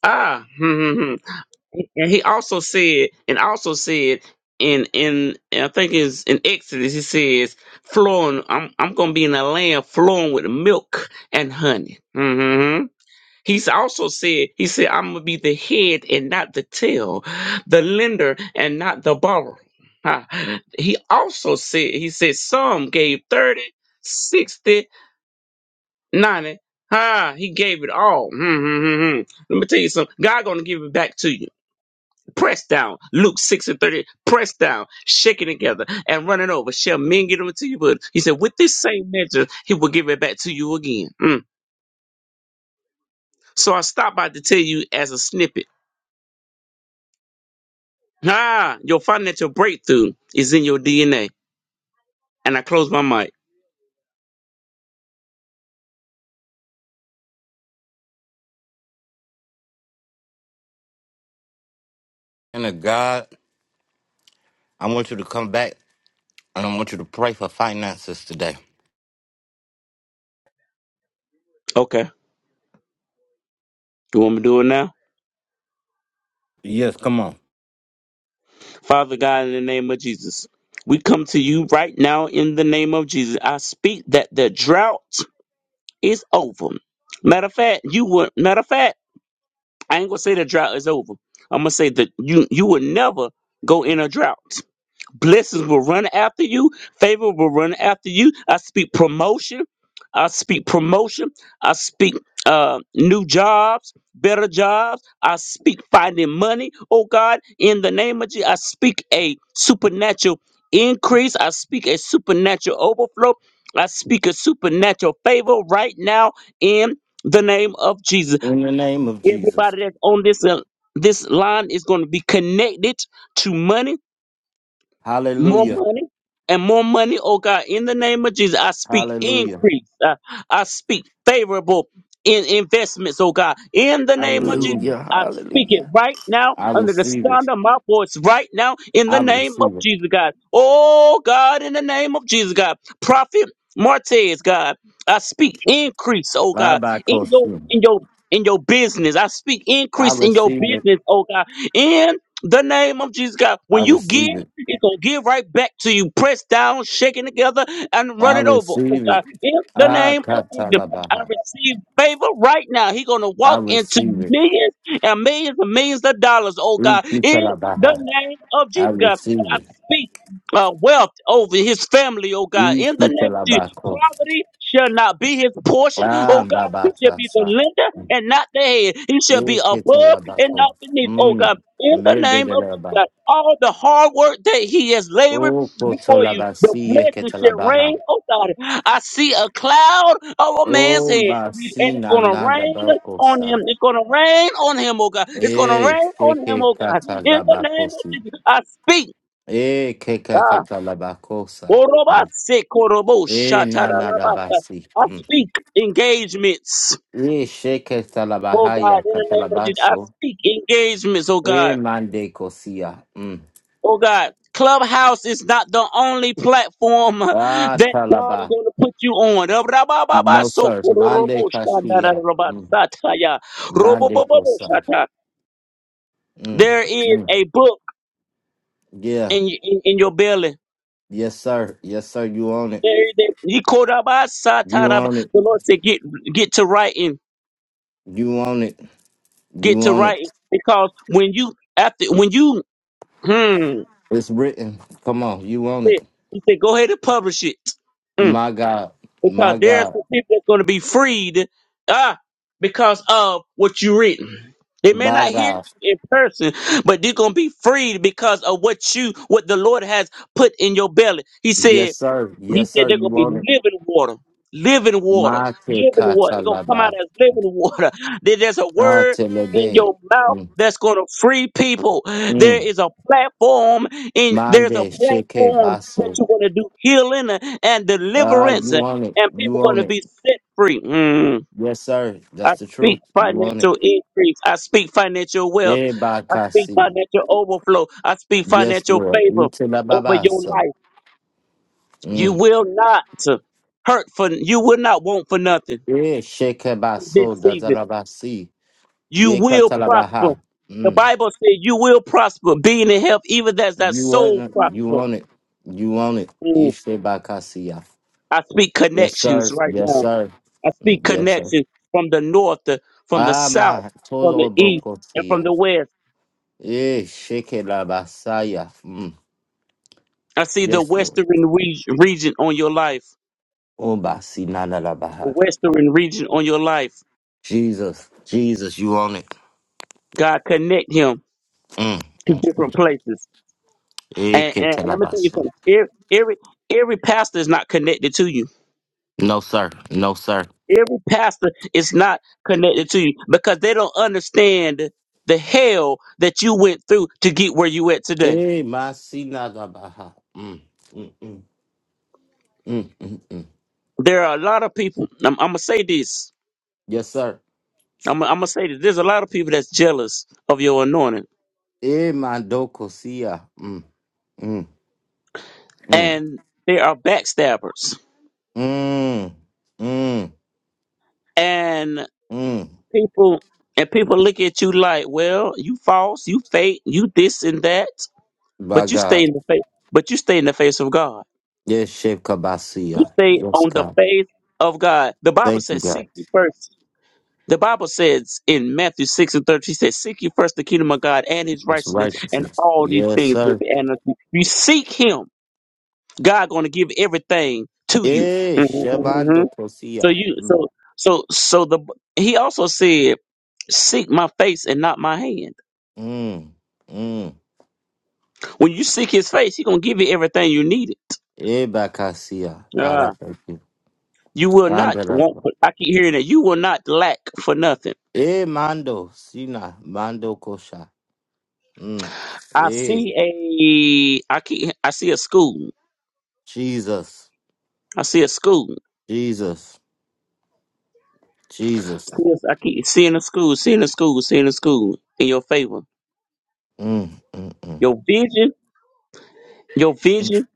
[SPEAKER 5] Ah, *laughs* and he also said, and also said, in in I think it's in Exodus, he says, flowing, I'm I'm gonna be in a land flowing with milk and honey. Hmm, hmm, hmm. He's also said, he said, I'm going to be the head and not the tail, the lender and not the borrower. Huh. He also said, he said, some gave 30, 60, 90. Ah, he gave it all. Hmm, hmm, hmm, hmm. Let me tell you something. God gonna give it back to you. Press down. Luke 6 and 30. Press down. Shake it together and run it over. Shall men get them to you? But he said, with this same measure, he will give it back to you again. Mm. So I stopped by to tell you as a snippet. Ah, your financial breakthrough is in your DNA. And I close my mic.
[SPEAKER 1] And to God, I want you to come back and I want you to pray for finances today.
[SPEAKER 5] Okay. You want me to do it now?
[SPEAKER 1] Yes, come on.
[SPEAKER 5] Father God, in the name of Jesus, we come to you right now in the name of Jesus. I speak that the drought is over. Matter of fact, you would matter of fact, I ain't gonna say the drought is over. I'm gonna say that you you would never go in a drought. Blessings will run after you. Favor will run after you. I speak promotion. I speak promotion. I speak uh, new jobs, better jobs. I speak finding money. Oh God, in the name of Jesus, I speak a supernatural increase. I speak a supernatural overflow. I speak a supernatural favor right now in the name of Jesus.
[SPEAKER 1] In the name of Jesus.
[SPEAKER 5] Everybody that's on this uh, this line is going to be connected to money more
[SPEAKER 1] Hallelujah.
[SPEAKER 5] money and more money, oh God, in the name of Jesus. I speak
[SPEAKER 1] Hallelujah.
[SPEAKER 5] increase. I, I speak favorable in investments, oh God. In the
[SPEAKER 1] I
[SPEAKER 5] name of Jesus.
[SPEAKER 1] receive it.
[SPEAKER 4] Hallelujah.
[SPEAKER 5] I speak it
[SPEAKER 4] Hallelujah.
[SPEAKER 5] right now
[SPEAKER 1] I
[SPEAKER 5] under the
[SPEAKER 1] receive it.
[SPEAKER 5] sound of my voice right now in
[SPEAKER 1] I
[SPEAKER 5] the name of
[SPEAKER 1] receive it.
[SPEAKER 5] Jesus God. Oh God, in the name of Jesus God. Prophet Martez, God. I speak increase, oh God,
[SPEAKER 1] Rabbi
[SPEAKER 5] in your
[SPEAKER 1] Koshim.
[SPEAKER 5] in your in your business. I speak
[SPEAKER 1] I
[SPEAKER 5] increase in your
[SPEAKER 1] receive it.
[SPEAKER 5] business, oh God. In the name of Jesus God.
[SPEAKER 1] I
[SPEAKER 5] When you give
[SPEAKER 1] receive it.
[SPEAKER 5] it's gonna give right back to you, pressed down, shaking together, and run
[SPEAKER 1] I
[SPEAKER 5] it over. Oh
[SPEAKER 1] receive
[SPEAKER 5] God,
[SPEAKER 1] it.
[SPEAKER 5] in the
[SPEAKER 1] Ah,
[SPEAKER 5] name of Jesus, I
[SPEAKER 1] katalabaha.
[SPEAKER 5] receive favor right now. He's gonna
[SPEAKER 1] I
[SPEAKER 5] walk into
[SPEAKER 1] receive it.
[SPEAKER 5] millions and millions and millions of dollars. Oh God, in the
[SPEAKER 1] Ikitalabaha.
[SPEAKER 5] name of
[SPEAKER 1] I
[SPEAKER 5] Jesus, God,
[SPEAKER 1] receive
[SPEAKER 5] I
[SPEAKER 1] it.
[SPEAKER 5] speak uh, wealth over his family. Oh God, in the name of Jesus,
[SPEAKER 1] Ikitalabako.
[SPEAKER 5] poverty shall not be his portion.
[SPEAKER 1] Ah,
[SPEAKER 5] Oh God, he shall be the
[SPEAKER 1] babatasa.
[SPEAKER 5] lender and not the head. He shall be above and
[SPEAKER 1] Ikitalabako.
[SPEAKER 5] not beneath. Oh
[SPEAKER 1] Mm.
[SPEAKER 5] God, in the name of
[SPEAKER 1] Mededelaba.
[SPEAKER 5] that all the hard work that he has labored
[SPEAKER 1] O
[SPEAKER 5] before you, the
[SPEAKER 1] kotolabasi
[SPEAKER 5] blessings shall
[SPEAKER 1] eketalabaha.
[SPEAKER 5] rain. Oh God, I see a cloud of a man's
[SPEAKER 1] O
[SPEAKER 5] hand, and it's
[SPEAKER 1] basina
[SPEAKER 5] gonna
[SPEAKER 1] nada
[SPEAKER 5] rain on him.
[SPEAKER 1] bakosa.
[SPEAKER 5] It's gonna rain on him, oh God. It's gonna
[SPEAKER 1] E
[SPEAKER 5] rain on him,
[SPEAKER 1] keke
[SPEAKER 5] oh God. In the name of
[SPEAKER 1] katalabakosi.
[SPEAKER 5] Jesus, I speak.
[SPEAKER 1] E keke
[SPEAKER 5] Ah,
[SPEAKER 1] katalabakosa.
[SPEAKER 5] orobase korobo
[SPEAKER 1] E nana
[SPEAKER 5] shatarabasa.
[SPEAKER 1] basi.
[SPEAKER 5] I speak engagements.
[SPEAKER 1] E sheke
[SPEAKER 5] Oh God,
[SPEAKER 1] talabahaya
[SPEAKER 5] in the name of Jesus, I
[SPEAKER 1] katalabaso.
[SPEAKER 5] speak engagements, oh God.
[SPEAKER 1] E mande kosia. Mm.
[SPEAKER 5] Oh God, Clubhouse is not the only platform
[SPEAKER 1] Ah,
[SPEAKER 5] that God is
[SPEAKER 1] talaba.
[SPEAKER 5] going to put you on.
[SPEAKER 1] No, sir. Mande Castilla. Mm. Mande Cosa. Mm,
[SPEAKER 5] There is
[SPEAKER 1] Mm.
[SPEAKER 5] a book
[SPEAKER 1] yeah.
[SPEAKER 5] in in, in your belly.
[SPEAKER 1] Yes, sir. Yes, sir. You on it.
[SPEAKER 5] There is a,
[SPEAKER 1] You on
[SPEAKER 5] the
[SPEAKER 1] it.
[SPEAKER 5] Lord said, "Get get to writing,
[SPEAKER 1] You on it.
[SPEAKER 5] get
[SPEAKER 1] You
[SPEAKER 5] to
[SPEAKER 1] on it.
[SPEAKER 5] writing, because when you after when you hmm, he
[SPEAKER 1] It's written. Come on. You on it.
[SPEAKER 5] said, he said, go ahead and publish it. Mm.
[SPEAKER 1] My God.
[SPEAKER 5] Because
[SPEAKER 1] My
[SPEAKER 5] there's
[SPEAKER 1] God.
[SPEAKER 5] some people that's going to be freed ah, because of what you written. They may
[SPEAKER 1] My
[SPEAKER 5] not hear you
[SPEAKER 1] God.
[SPEAKER 5] in person, but they're going to be freed because of what you, what the Lord has put in your belly. He said,
[SPEAKER 1] Yes, sir.
[SPEAKER 5] he
[SPEAKER 1] Yes,
[SPEAKER 5] said
[SPEAKER 1] sir.
[SPEAKER 5] they're gonna
[SPEAKER 1] You
[SPEAKER 5] be
[SPEAKER 1] on it.
[SPEAKER 5] living water, living water,
[SPEAKER 1] Ma My
[SPEAKER 5] living water. They're gonna come out
[SPEAKER 1] katalaba.
[SPEAKER 5] as living water. *laughs* There- There's a
[SPEAKER 1] Ah,
[SPEAKER 5] word in
[SPEAKER 1] telebe.
[SPEAKER 5] your mouth
[SPEAKER 1] Mm.
[SPEAKER 5] that's gonna free people. There
[SPEAKER 1] mm.
[SPEAKER 5] is a platform in there's a
[SPEAKER 1] Mande sheke
[SPEAKER 5] platform that
[SPEAKER 1] baso.
[SPEAKER 5] you're gonna do healing and
[SPEAKER 1] Ah,
[SPEAKER 5] deliverance,
[SPEAKER 1] you on it.
[SPEAKER 5] and people
[SPEAKER 1] You
[SPEAKER 5] are
[SPEAKER 1] on
[SPEAKER 5] gonna
[SPEAKER 1] it.
[SPEAKER 5] be set free. Mm.
[SPEAKER 1] Yes, sir. That's
[SPEAKER 5] I
[SPEAKER 1] the truth.
[SPEAKER 5] speak
[SPEAKER 1] You want it.
[SPEAKER 5] financial increase. I speak financial wealth.
[SPEAKER 1] Eh,
[SPEAKER 5] I speak
[SPEAKER 1] bakasi.
[SPEAKER 5] financial overflow. I speak
[SPEAKER 1] Yes,
[SPEAKER 5] financial
[SPEAKER 1] Lord.
[SPEAKER 5] favor
[SPEAKER 1] Ite la
[SPEAKER 5] over your life.
[SPEAKER 1] babaso.
[SPEAKER 5] You
[SPEAKER 1] Mm.
[SPEAKER 5] will not to hurt for you will not want for nothing
[SPEAKER 1] Eh, sheke
[SPEAKER 5] in this
[SPEAKER 1] baso
[SPEAKER 5] season.
[SPEAKER 1] datalabasi.
[SPEAKER 5] You
[SPEAKER 1] Ye
[SPEAKER 5] will prosper.
[SPEAKER 1] katalabaha.
[SPEAKER 5] The
[SPEAKER 1] Mm.
[SPEAKER 5] Bible says you will prosper, being in health, even as that
[SPEAKER 1] You want
[SPEAKER 5] soul
[SPEAKER 1] it. You
[SPEAKER 5] prosper.
[SPEAKER 1] want it. You want it.
[SPEAKER 5] Mm.
[SPEAKER 1] Ishte bakasiya.
[SPEAKER 5] I speak
[SPEAKER 1] Yes,
[SPEAKER 5] connections
[SPEAKER 1] sir.
[SPEAKER 5] right
[SPEAKER 1] Yes,
[SPEAKER 5] now.
[SPEAKER 1] sir.
[SPEAKER 5] I
[SPEAKER 1] Mm,
[SPEAKER 5] speak
[SPEAKER 1] Yes, sir.
[SPEAKER 5] connections from the north, the, from the
[SPEAKER 1] Ah,
[SPEAKER 5] south,
[SPEAKER 1] ma.
[SPEAKER 5] from the
[SPEAKER 1] Todo
[SPEAKER 5] east, and from
[SPEAKER 1] bokotia.
[SPEAKER 5] the west.
[SPEAKER 1] Eh, sheke la basaya. Mm.
[SPEAKER 5] I see the
[SPEAKER 1] Yes, Lord.
[SPEAKER 5] western reg- region on your life.
[SPEAKER 1] Obasi nana la
[SPEAKER 5] The
[SPEAKER 1] baha.
[SPEAKER 5] western region on your life.
[SPEAKER 1] Jesus. Jesus, you want it.
[SPEAKER 5] God connect him
[SPEAKER 1] Mm,
[SPEAKER 5] to
[SPEAKER 1] mm, mm.
[SPEAKER 5] different places.
[SPEAKER 1] Eh,
[SPEAKER 5] And,
[SPEAKER 1] que
[SPEAKER 5] and, and I'm tell you something. Every, every every pastor is not connected to you.
[SPEAKER 1] No, sir. No, sir.
[SPEAKER 5] Every pastor is not connected to you because they don't understand the hell that you went through to get where you at today.
[SPEAKER 1] Eh, masina da baja. Mm, mm, mm, mm, mm, mm.
[SPEAKER 5] There are a lot of people. I'm, I'm gonna say this.
[SPEAKER 1] Yes, sir.
[SPEAKER 5] I'm, I'm gonna say this. There's a lot of people that's jealous of your anointing,
[SPEAKER 1] Eh, mandokosia. Mm, mm, mm,
[SPEAKER 5] and they are backstabbers.
[SPEAKER 1] mm, mm,
[SPEAKER 5] And
[SPEAKER 1] mm.
[SPEAKER 5] people and people look at you like, well, you false, you fake, you this and that,
[SPEAKER 1] By
[SPEAKER 5] but you stay
[SPEAKER 1] God.
[SPEAKER 5] in the face. But you stay in the face of God
[SPEAKER 1] Yes, Sheikh
[SPEAKER 5] You
[SPEAKER 1] Kabasia.
[SPEAKER 5] stay
[SPEAKER 1] Yes,
[SPEAKER 5] on the
[SPEAKER 1] God.
[SPEAKER 5] faith of God. The Bible
[SPEAKER 1] Thank you,
[SPEAKER 5] says,
[SPEAKER 1] God.
[SPEAKER 5] seek ye first. The Bible says in Matthew 6 and 13, he says, seek ye first the kingdom of God and his
[SPEAKER 1] It's
[SPEAKER 5] righteousness, and
[SPEAKER 1] righteousness.
[SPEAKER 5] all these
[SPEAKER 1] Yes,
[SPEAKER 5] things will
[SPEAKER 1] sir.
[SPEAKER 5] be added unto you. You seek him, God gonna give everything to you.
[SPEAKER 1] Eh,
[SPEAKER 5] hmm
[SPEAKER 1] Shebando
[SPEAKER 5] So
[SPEAKER 1] Kosia.
[SPEAKER 5] you
[SPEAKER 1] Mm,
[SPEAKER 5] so so so the he also said, seek my face and not my hand.
[SPEAKER 1] mm, mm.
[SPEAKER 5] When you seek his face, he gonna give you everything you needed.
[SPEAKER 1] Eh, Bakasia. God, I
[SPEAKER 5] Ah.
[SPEAKER 1] thank you.
[SPEAKER 5] you will not want
[SPEAKER 1] Andalava.
[SPEAKER 5] for. I keep hearing that you will not lack for nothing.
[SPEAKER 1] Eh, Mando, Sina, Mando Kosha. Mm.
[SPEAKER 5] I
[SPEAKER 1] Eh,
[SPEAKER 5] see a I keep I see a school.
[SPEAKER 1] Jesus,
[SPEAKER 5] I see a school.
[SPEAKER 1] Jesus, Jesus.
[SPEAKER 5] See a- I keep seeing a school, seeing a school, seeing a school in your favor.
[SPEAKER 1] Mm, mm,
[SPEAKER 5] Your vision, your
[SPEAKER 1] mm.
[SPEAKER 5] vision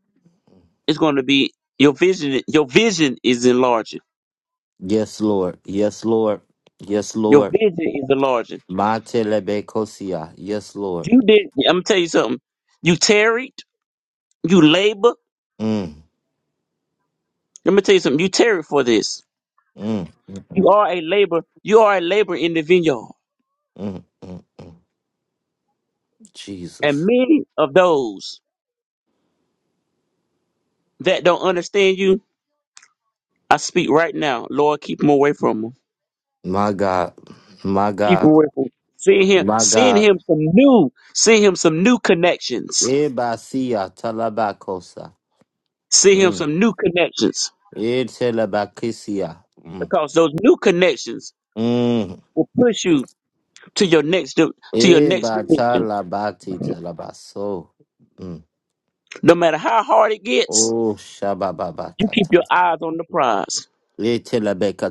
[SPEAKER 5] is going to be your vision. Your vision is enlarging.
[SPEAKER 1] Yes, Lord. Yes, Lord. Yes,
[SPEAKER 5] Your
[SPEAKER 1] Lord.
[SPEAKER 5] vision is enlarging.
[SPEAKER 1] Matelebe Kosia. Yes, Lord.
[SPEAKER 5] You did. I'm gonna tell you something. You tarried. You labor.
[SPEAKER 1] Mm,
[SPEAKER 5] Let me tell you something. You tarried for this.
[SPEAKER 1] mm, mm,
[SPEAKER 5] You
[SPEAKER 1] mm,
[SPEAKER 5] are a labor. You are a labor in the vineyard.
[SPEAKER 1] mm, mm.
[SPEAKER 5] And
[SPEAKER 1] Jesus.
[SPEAKER 5] many of those that don't understand you, I speak right now. Lord, keep them away from them.
[SPEAKER 1] My God. My
[SPEAKER 5] Keep
[SPEAKER 1] God.
[SPEAKER 5] away from send him
[SPEAKER 1] My
[SPEAKER 5] send
[SPEAKER 1] God.
[SPEAKER 5] him some new send him some new connections.
[SPEAKER 1] Eh, Basia, Talabakosa.
[SPEAKER 5] Send him
[SPEAKER 1] Mm.
[SPEAKER 5] some new connections.
[SPEAKER 1] Eh, Telebakisia.
[SPEAKER 5] Because those new connections
[SPEAKER 1] Mm.
[SPEAKER 5] will push you to your next di- to your
[SPEAKER 1] Eh,
[SPEAKER 5] next dimension.
[SPEAKER 1] batala bati telabaso. Mm.
[SPEAKER 5] No matter how hard it gets,
[SPEAKER 1] Oh,
[SPEAKER 5] you keep
[SPEAKER 1] shabababakata.
[SPEAKER 5] your eyes on the prize.
[SPEAKER 1] Eh, telebeka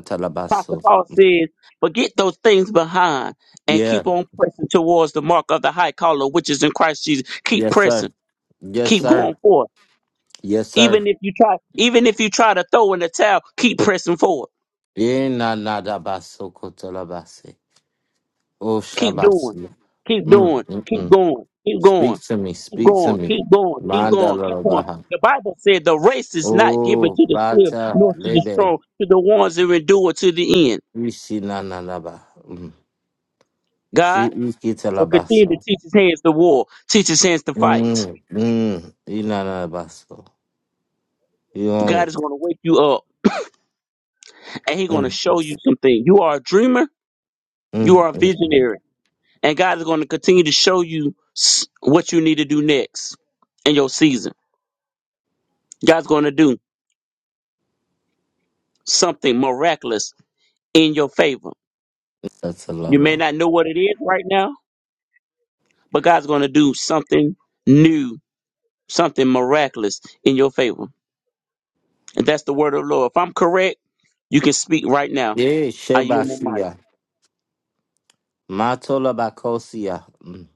[SPEAKER 5] Pastor
[SPEAKER 1] telabaso.
[SPEAKER 5] Paul says, forget those things behind and
[SPEAKER 1] Yeah.
[SPEAKER 5] keep on pressing towards the mark of the high caller, which is in Christ Jesus. Keep
[SPEAKER 1] Yes, sir.
[SPEAKER 5] pressing.
[SPEAKER 1] Yes,
[SPEAKER 5] Keep
[SPEAKER 1] sir.
[SPEAKER 5] going forward.
[SPEAKER 1] Yes, sir.
[SPEAKER 5] Even if you try even if you try to throw in the towel, keep pressing forward
[SPEAKER 1] Eh, na nada baso kotelabase. Oh,
[SPEAKER 5] Keep doing.
[SPEAKER 1] shabasi.
[SPEAKER 5] Keep
[SPEAKER 1] Mm,
[SPEAKER 5] doing.
[SPEAKER 1] mm,
[SPEAKER 5] Keep
[SPEAKER 1] mm.
[SPEAKER 5] going. Keep going.
[SPEAKER 1] Speak to me.
[SPEAKER 5] Keep
[SPEAKER 1] Speak to
[SPEAKER 5] going.
[SPEAKER 1] me.
[SPEAKER 5] Keep going. Keep
[SPEAKER 1] Manda
[SPEAKER 5] going. Keep going.
[SPEAKER 1] lalabaha.
[SPEAKER 5] The Bible said the race is not given
[SPEAKER 1] Oh,
[SPEAKER 5] to the swift
[SPEAKER 1] bata
[SPEAKER 5] nor to the
[SPEAKER 1] lebe.
[SPEAKER 5] strong, to the ones that endure to the end.
[SPEAKER 1] Isi na nanaba. Mm. Si
[SPEAKER 5] God, so continue
[SPEAKER 1] ikitelabaso.
[SPEAKER 5] to teach his hands to war, teach his hands to fight.
[SPEAKER 1] Mm, mm. You not a basso. You own
[SPEAKER 5] God
[SPEAKER 1] it.
[SPEAKER 5] is going to wake you up and he's going to
[SPEAKER 1] Mm,
[SPEAKER 5] show you something. You are a dreamer, you
[SPEAKER 1] mm,
[SPEAKER 5] are a
[SPEAKER 1] mm, mm.
[SPEAKER 5] visionary, and God is going to continue to show you s- what you need to do next in your season. God's going to do something miraculous in your favor.
[SPEAKER 1] That's a
[SPEAKER 5] You may
[SPEAKER 1] lover.
[SPEAKER 5] not know what it is right now, but God's going to do something new, something miraculous in your favor. And that's the word of the Lord. If I'm correct, you can speak right now.
[SPEAKER 1] Eh,
[SPEAKER 5] I yield my mic.
[SPEAKER 1] Shebasia. Matola Bacosia. Mm.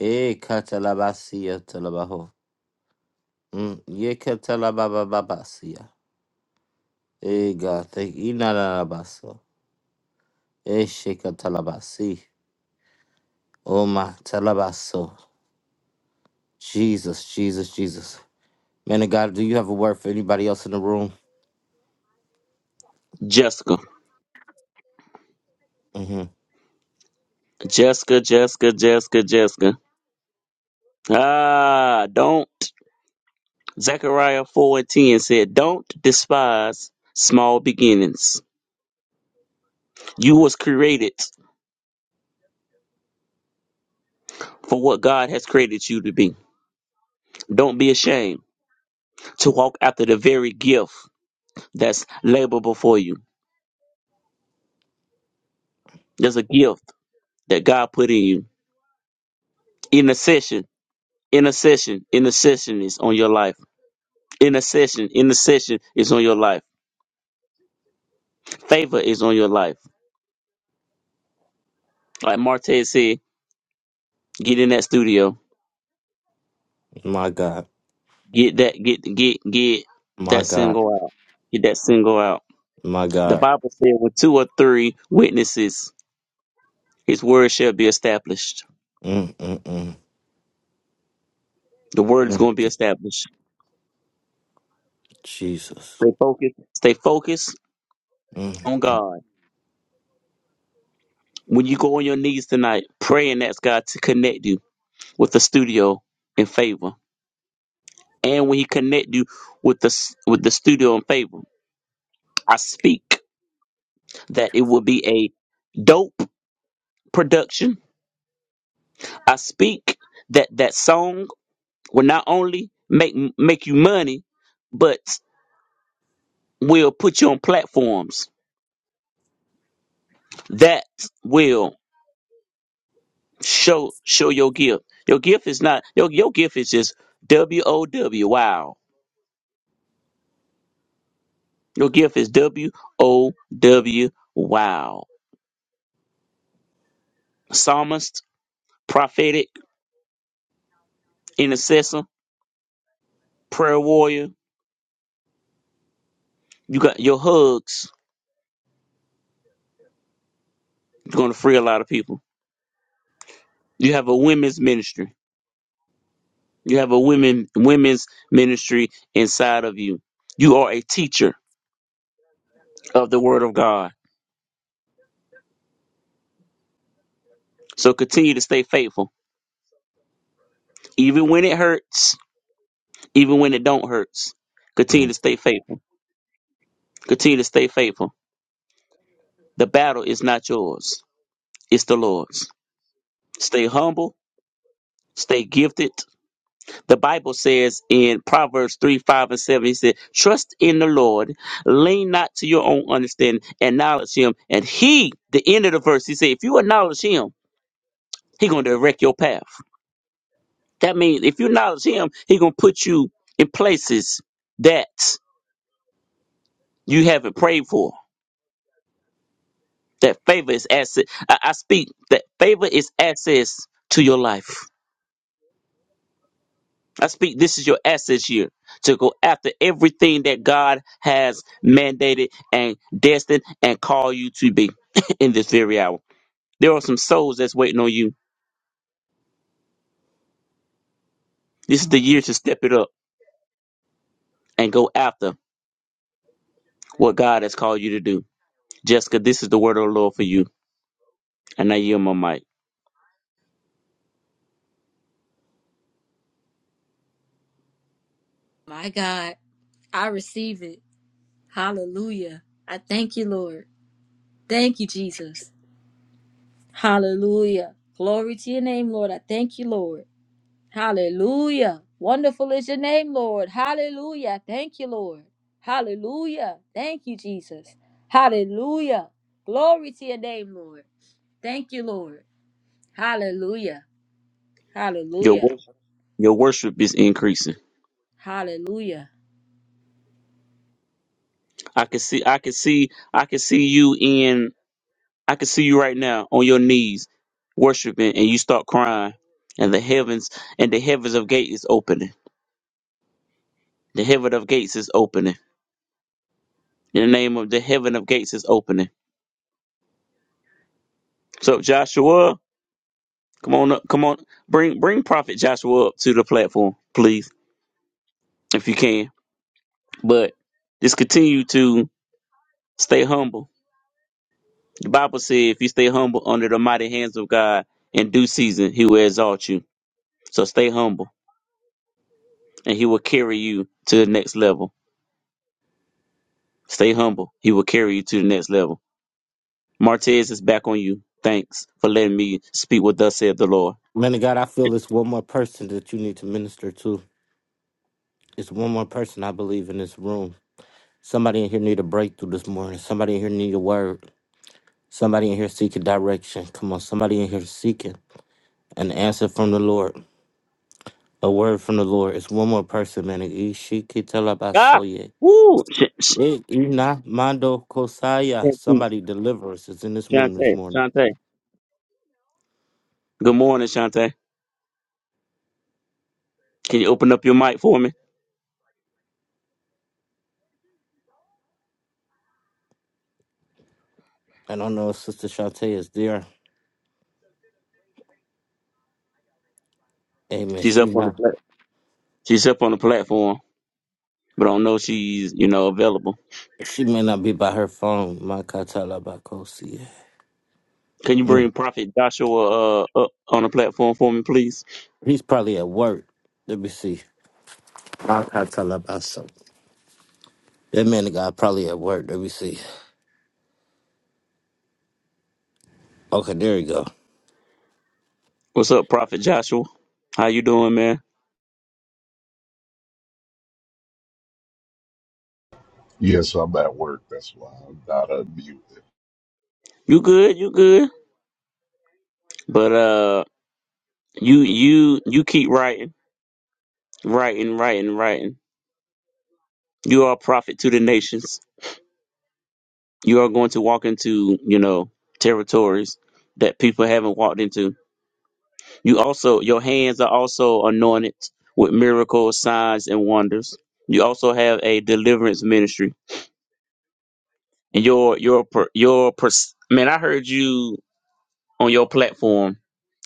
[SPEAKER 1] Eh, Catalabasia Talabaho. Mm. Ye Catalabababasia. Eh, God, thank you. You're Not a basso. Eh, Shekatalabasi. Oh, my Talabaso. Jesus, Jesus, Jesus. Man of God, do you have a word for anybody else in the room?
[SPEAKER 5] Jessica,
[SPEAKER 1] hmm
[SPEAKER 5] Jessica, Jessica, Jessica, Jessica. Ah, don't. Zechariah 4 and 10 said, Don't despise small beginnings. You was created for what God has created you to be. Don't be ashamed to walk after the very gift that's labor before you. There's a gift that God put in you. Intercession, intercession, intercession is on your life. Intercession, intercession is on your life. Favor is on your life. Like Marte said, get in that studio.
[SPEAKER 1] My God.
[SPEAKER 5] Get that get get get
[SPEAKER 1] My
[SPEAKER 5] that
[SPEAKER 1] God.
[SPEAKER 5] single out. Get that single out.
[SPEAKER 1] My
[SPEAKER 5] The
[SPEAKER 1] God.
[SPEAKER 5] Bible said with two or three witnesses, his word shall be established.
[SPEAKER 1] Mm, mm, mm,
[SPEAKER 5] The word is
[SPEAKER 1] mm.
[SPEAKER 5] going to be established.
[SPEAKER 1] Jesus.
[SPEAKER 5] Stay focused. Stay focused
[SPEAKER 1] Mm,
[SPEAKER 5] on God When you go on your knees tonight, pray and ask God to connect you with the studio in favor. And when He connect you with the s- with the studio in favor, I speak that it will be a dope production. I speak that that song will not only make make you money, but will put you on platforms that will show show your gift. Your gift is not your your gift is just W O W wow Your gift is W O W Wow. Psalmist, prophetic, intercessor, prayer warrior. You got your hugs. You're gonna free a lot of people. You have a women's ministry. You have a women women's ministry inside of you. You are a teacher of the word of God. So continue to stay faithful. Even when it hurts, even when it don't hurts. Continue
[SPEAKER 1] mm.
[SPEAKER 5] to stay faithful. Continue to stay faithful. The battle is not yours. It's the Lord's. Stay humble Stay gifted. The Bible says in Proverbs 3, 5, and 7, he said, Trust in the Lord, lean not to your own understanding, acknowledge him. And he, the end of the verse, he said, If you acknowledge him, he going to direct your path. That means if you acknowledge him, he going to put you in places that you haven't prayed for. That favor is access. I, I speak that favor is access to your life. I speak this is your assets year to go after everything that God has mandated and destined and called you to be *laughs* *clears throat* in this very hour. There are some souls that's waiting on you. This is the year to step it up and go after what God has called you to do. Jessica, this is the word of the Lord for you. And I yield my mic.
[SPEAKER 2] My God, I receive it. Hallelujah. I thank you, Lord. Thank you, Jesus. Hallelujah. Glory to your name, Lord. I thank you, Lord. Hallelujah. Wonderful is your name, Lord. Hallelujah. Thank you, Lord. Hallelujah. Thank you, Jesus. Hallelujah. Glory to your name, Lord. Thank you, Lord. Hallelujah.
[SPEAKER 5] Your
[SPEAKER 2] Hallelujah.
[SPEAKER 5] worship, your worship is increasing.
[SPEAKER 2] Hallelujah.
[SPEAKER 5] I can see I can see I can see you in I can see you right now on your knees worshiping and you start crying and the heavens and the heavens of gate is opening. The heaven of gates is opening. In the name of the heaven of gates is opening. So Joshua, come on up, come on. Bring bring Prophet Joshua up to the platform, please, if you can. But just continue to stay humble. The Bible said if you stay humble under the mighty hands of God in due season, he will exalt you. So stay humble and he will carry you to the next level. Stay humble. He will carry you to the next level. Martez is back on you. Thanks for letting me speak what thus said the Lord.
[SPEAKER 1] Man of God, I feel it's one more person that you need to minister to. It's one more person I believe in this room. Somebody in here need a breakthrough this morning. Somebody in here need a word. Somebody in here seeking direction. Come on, somebody in here seeking an answer from the Lord. A word from the Lord. It's one more person, man.
[SPEAKER 5] Ah,
[SPEAKER 1] Ishikitalabasoye.
[SPEAKER 5] woo. Sh- sh-
[SPEAKER 1] Eh, Ina Mando Kosaya.
[SPEAKER 5] Shantay,
[SPEAKER 1] Somebody deliver us is in this room this
[SPEAKER 5] Shantay.
[SPEAKER 1] morning.
[SPEAKER 5] Shantay. Good morning, Shante. Can you open up your mic for me?
[SPEAKER 1] And I don't know if Sister Shantae is there. Amen.
[SPEAKER 5] She's up
[SPEAKER 1] She's
[SPEAKER 5] on the
[SPEAKER 1] not.
[SPEAKER 5] plat- she's up on the platform, but I don't know if she's you know available.
[SPEAKER 1] She may not be by her phone. Makatalabakosi.
[SPEAKER 5] Can you
[SPEAKER 1] Mm.
[SPEAKER 5] bring Prophet Joshua uh, up on the platform for me, please?
[SPEAKER 1] He's probably at work. Let me see. Makatalabaso. That man got probably at work. Let me see. Okay, there you go.
[SPEAKER 5] What's up, Prophet Joshua? How you doing, man?
[SPEAKER 6] Yes, I'm at work. That's why I'm not unmuted.
[SPEAKER 5] You good? You good? But uh, you you you keep writing Right and right and right. You are a prophet to the nations. You are going to walk into, you know, territories that people haven't walked into. You also, your hands are also anointed with miracles, signs, and wonders. You also have a deliverance ministry. And your, your, per- your, pers- man, I heard you on your platform.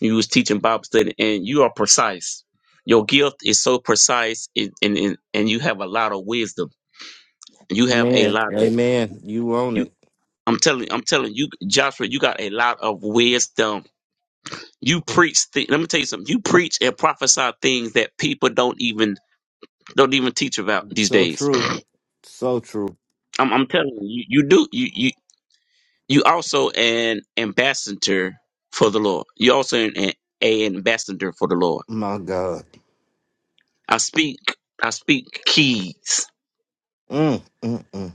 [SPEAKER 5] You was teaching Bible study and you are precise. Your gift is so precise and, and, and and you have a lot of wisdom. You have a
[SPEAKER 1] Man,
[SPEAKER 5] lot of
[SPEAKER 1] amen. You own
[SPEAKER 5] you.
[SPEAKER 1] it.
[SPEAKER 5] I'm telling, I'm telling you, Joshua, you got a lot of wisdom. You preach. Th- let me tell you something. You preach and prophesy things that people don't even don't even teach about these
[SPEAKER 1] So
[SPEAKER 5] days.
[SPEAKER 1] true. So true.
[SPEAKER 5] I'm, I'm telling you, you, you do. You, you you also an ambassador for the Lord. You also an, an a ambassador for the Lord.
[SPEAKER 1] My God.
[SPEAKER 5] I speak. I speak keys.
[SPEAKER 1] Mm, mm, mm,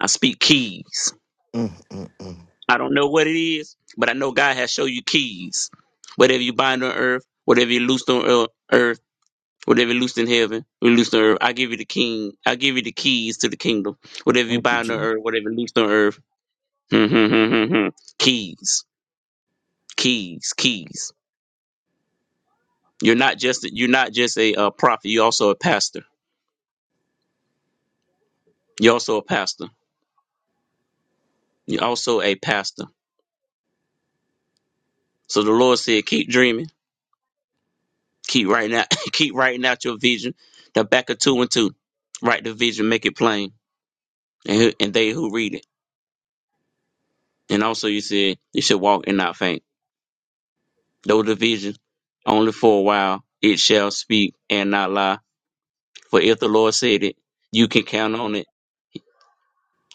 [SPEAKER 5] I speak keys.
[SPEAKER 1] mm, mm, mm.
[SPEAKER 5] I don't know what it is, but I know God has shown you keys. Whatever you bind on earth, whatever you loose on ear- earth Whatever loosed in heaven, we loosed on earth. I give you the king. I give you the keys to the kingdom. Whatever you
[SPEAKER 1] Thank you,
[SPEAKER 5] bind on
[SPEAKER 1] Jesus.
[SPEAKER 5] earth, whatever loosed on earth. Hmm, hmm, hmm, hmm, hmm. keys, keys, keys. You're not just you're not just a uh, prophet. You're also a pastor. You're also a pastor. You're also a pastor. So the Lord said, keep dreaming, keep writing out, *laughs* keep writing out your vision. The back of two and two, write the vision, make it plain, and who- and they who read it. And also, you said you should walk and not faint. no division, only for a while it shall speak and not lie. For if the Lord said it, you can count on it.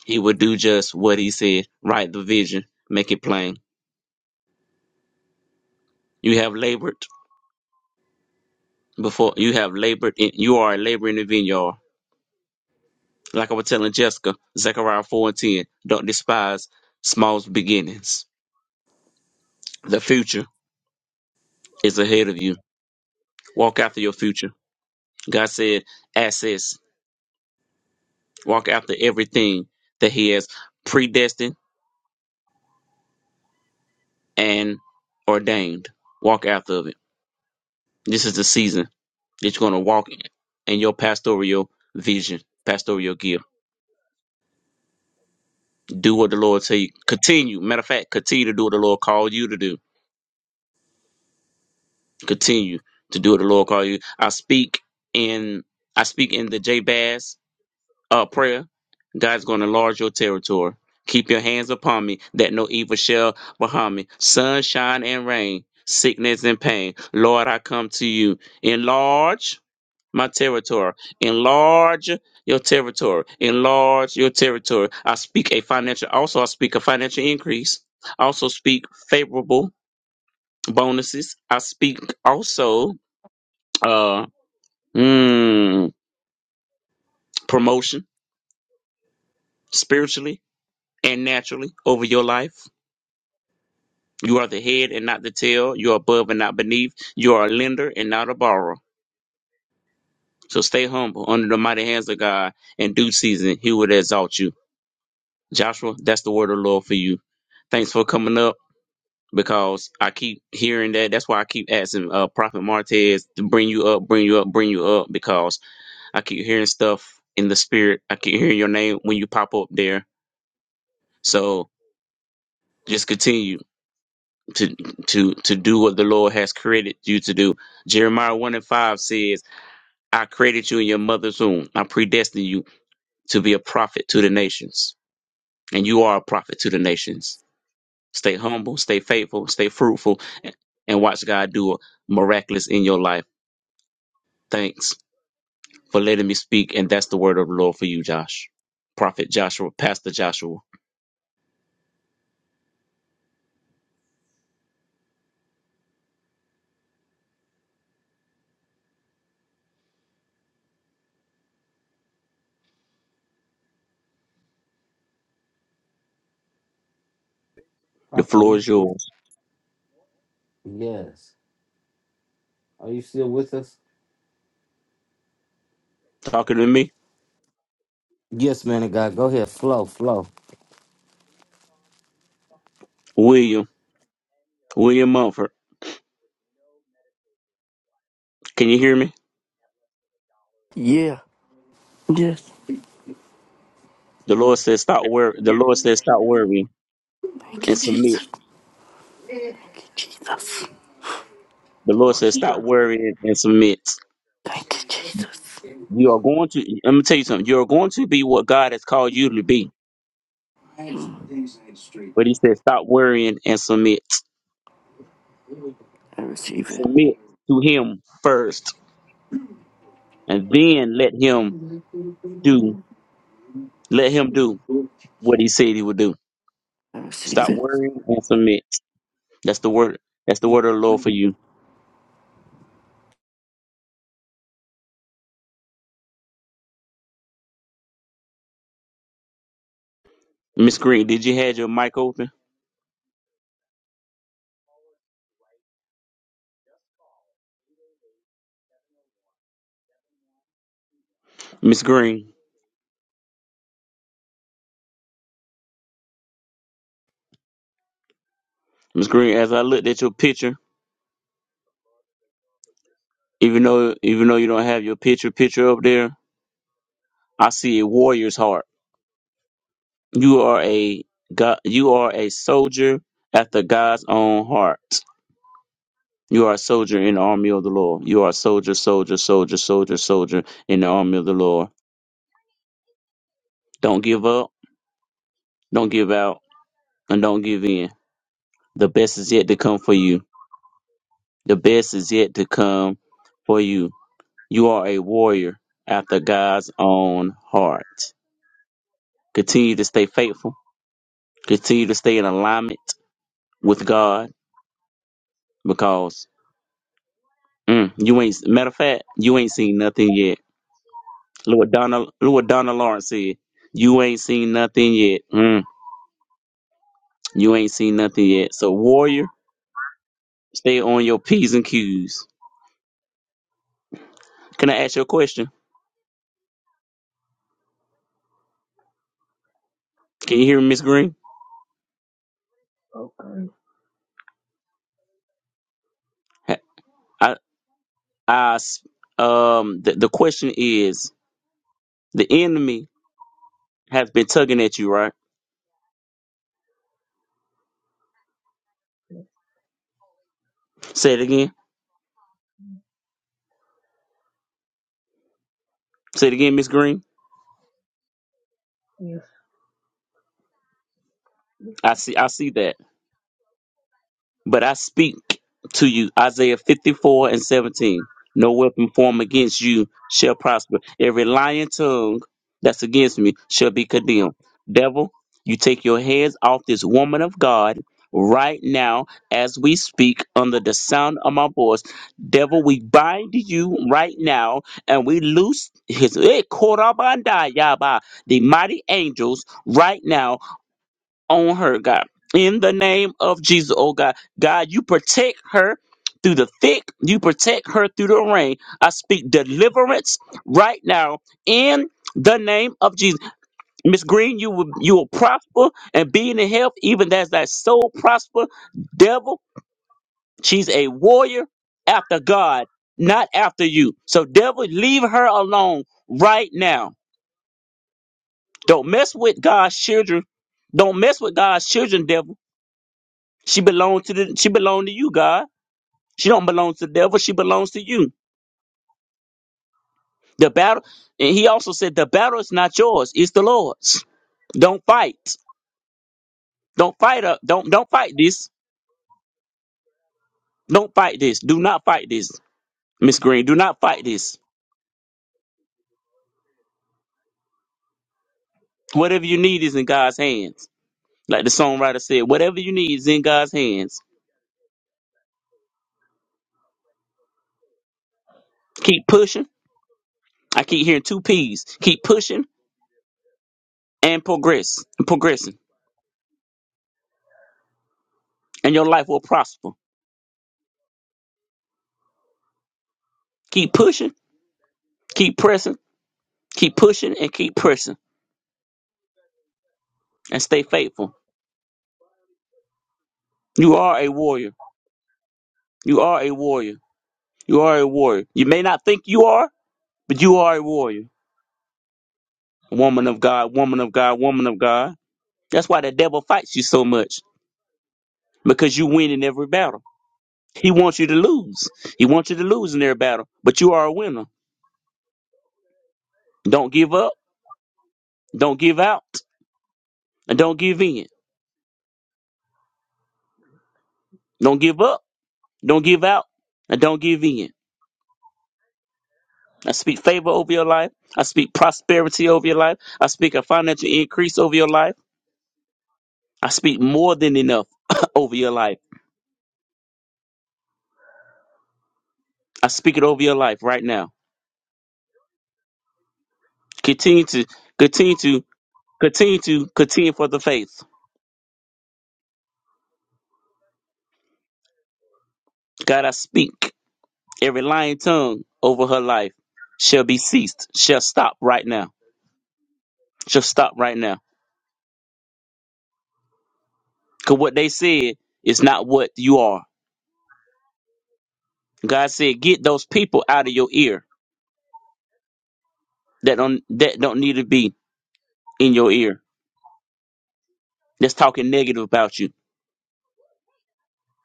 [SPEAKER 5] He will do just what he said. Write the vision, make it plain. You have labored before you have labored in you are a laborer in the vineyard. Like I was telling Jessica, Zechariah four and ten, don't despise small beginnings. The future is ahead of you. Walk after your future. God said, access. Walk after everything that He has predestined and ordained. Walk after of it. This is the season that you're going to walk in, in your pastoral vision, pastoral gift. Do what the Lord tell you. Continue. Matter of fact, continue to do what the Lord called you to do. Continue to do what the Lord called you. I speak in I speak in the Jabez uh, prayer. God's going to enlarge your territory. Keep your hands upon me, that no evil shall behind me. Sunshine and rain, sickness and pain. Lord, I come to you. Enlarge my territory. Enlarge your territory. Enlarge your territory. I speak a financial, also I speak a financial increase. I also speak favorable bonuses. I speak also uh mm, promotion spiritually and naturally over your life. You are the head and not the tail. You are above and not beneath. You are a lender and not a borrower. So stay humble under the mighty hands of God. In due season, He will exalt you. Joshua, that's the word of the Lord for you. Thanks for coming up because I keep hearing that. That's why I keep asking uh, Prophet Martez to bring you up, bring you up, bring you up because I keep hearing stuff in the spirit. I keep hearing your name when you pop up there. So just continue to to to do what the Lord has created you to do. Jeremiah one and five says, "I created you in your mother's womb. I predestined you to be a prophet to the nations, and you are a prophet to the nations." Stay humble, stay faithful, stay fruitful, and and watch God do a miraculous in your life. Thanks for letting me speak. And that's the word of the Lord for you, Josh. Prophet Joshua, Pastor Joshua, the
[SPEAKER 1] Prophet, are
[SPEAKER 5] floor
[SPEAKER 1] you
[SPEAKER 5] is
[SPEAKER 1] fit?
[SPEAKER 5] yours.
[SPEAKER 1] Yes. Are you still with us?
[SPEAKER 5] Talking to me,
[SPEAKER 1] Yes, man of God. Go ahead. Flow, flow.
[SPEAKER 5] William, William Mumford. Can you hear me?
[SPEAKER 4] Yeah. Yes.
[SPEAKER 5] The Lord says, stop worry. The Lord says, stop worrying
[SPEAKER 4] Thank
[SPEAKER 5] and
[SPEAKER 4] you,
[SPEAKER 5] submit.
[SPEAKER 4] Jesus. Thank you, Jesus.
[SPEAKER 5] The Lord says, stop worrying and submit.
[SPEAKER 4] Thank you, Jesus.
[SPEAKER 5] You are going to, let me tell you something. You are going to be what God has called you to be. But
[SPEAKER 4] Mm.
[SPEAKER 5] he said, stop worrying and submit.
[SPEAKER 4] I receive it.
[SPEAKER 5] Submit to him first and then let him do let him do what he said he would do.
[SPEAKER 4] I receive
[SPEAKER 5] Stop worrying and submit. That's the word. That's the word of the Lord for
[SPEAKER 4] it.
[SPEAKER 5] you. Miss Green, did you have your mic open? Miss Green. Miss Green, as I looked at your picture, even though even though you don't have your picture picture up there, I see a warrior's heart. You are a God you are a soldier after God's own heart. You are a soldier in the army of the Lord. You are a soldier, soldier, soldier, soldier, soldier in the army of the Lord. Don't give up Don't give out and don't give in. The best is yet to come for you. The best is yet to come for you. You are a warrior after God's own heart. Continue to stay faithful. Continue to stay in alignment with God because mm, you ain't, matter of fact, you ain't seen nothing yet. Look what Donna, look what Donna Lawrence said. You ain't seen nothing yet. Mm, you ain't seen nothing yet. So, warrior, stay on your P's and Q's. Can I ask you a question? Can you hear me, Miss Green?
[SPEAKER 7] Okay.
[SPEAKER 5] I, I s- um, the, the question is the enemy has been tugging at you, right?
[SPEAKER 7] Yes.
[SPEAKER 5] Say it again. Say it again, Miss Green.
[SPEAKER 7] Yes. yes.
[SPEAKER 5] I see. I see that. But I speak to you, Isaiah 54 and 17. No weapon formed against you shall prosper. Every lying tongue that's against me shall be condemned. Devil, you take your hands off this woman of God right now as we speak under the sound of my voice. Devil, we bind you right now and we loose his eh, korabanda yaba, the mighty angels right now on her, God. In the name of Jesus, oh God. God, you protect her through the thick, you protect her through the rain. I speak deliverance right now in the name of Jesus. Miss Green, you will you will prosper and be in the health, even as thy soul prosper. Devil, she's a warrior after God, not after you. So devil, leave her alone right now. Don't mess with God's children. Don't mess with God's children, devil She belongs to the she belonged to you, God. She don't belong to the devil, she belongs to you. The battle and he also said the battle is not yours, it's the Lord's. Don't fight. Don't fight up. Don't don't fight this. Don't fight this. Do not fight this, Miss Green. Do not fight this. Whatever you need is in God's hands. Like the songwriter said, whatever you need is in God's hands. Keep pushing. I keep hearing two P's. Keep pushing and progress. Progressing. And your life will prosper. Keep pushing, keep pressing, keep pushing, and keep pressing and stay faithful. You are a warrior. You are a warrior. You are a warrior. You may not think you are, but you are a warrior. Woman of God, woman of God, woman of God. That's why the devil fights you so much because you win in every battle. He wants you to lose. He wants you to lose in every battle, but you are a winner. Don't give up. Don't give out. And don't give in. Don't give up. Don't give out. And don't give in. I speak favor over your life. I speak prosperity over your life. I speak a financial increase over your life. I speak more than enough *coughs* over your life. I speak it over your life right now. Continue to continue to continue to continue for the faith. God, I speak every lying tongue over her life shall be ceased. Shall stop right now. Shall stop right now. Cause what they said is not what you are. God said, get those people out of your ear that don't that don't need to be in your ear. That's talking negative about you.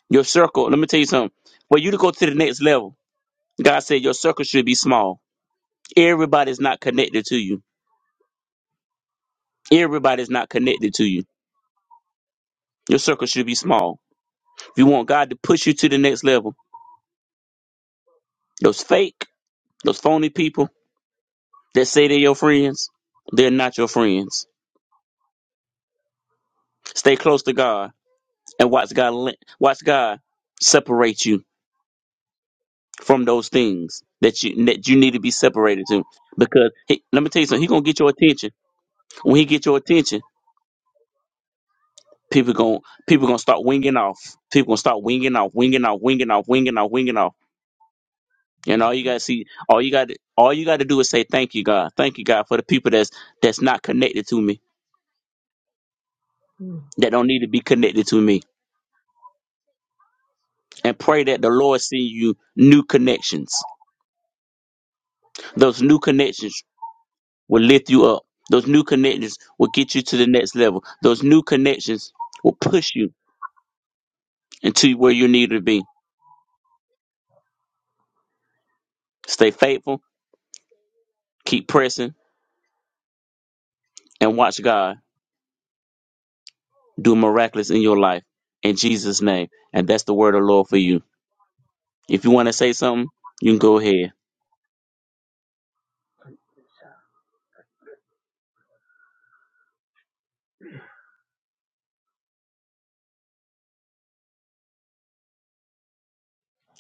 [SPEAKER 5] Your circle. Let me tell you something. For you to go to the next level, God said your circle should be small Everybody's not connected to you. Everybody's not connected to you. Your circle should be small. If you want God to push you to the next level, those fake, those phony people that say they're your friends, they're not your friends. Stay close to God and watch God let- watch God separate you from those things that you that you need to be separated to. Because he, let me tell you something, He gonna get your attention. When he get your attention, people gonna people gonna start winging off. People gonna start winging off, winging off, winging off, winging off, winging off And all you gotta see, all you got, to all you got to do is say thank you, God. Thank you, God, for the people that's that's not connected to me,
[SPEAKER 7] Mm.
[SPEAKER 5] that don't need to be connected to me, and pray that the Lord send you new connections. Those new connections will lift you up. Those new connections will get you to the next level. Those new connections will push you into where you need to be. Stay faithful, keep pressing, and watch God do miraculous in your life in Jesus' name. And that's the word of the Lord for you. If you want to say something, you can go ahead.
[SPEAKER 7] Yes.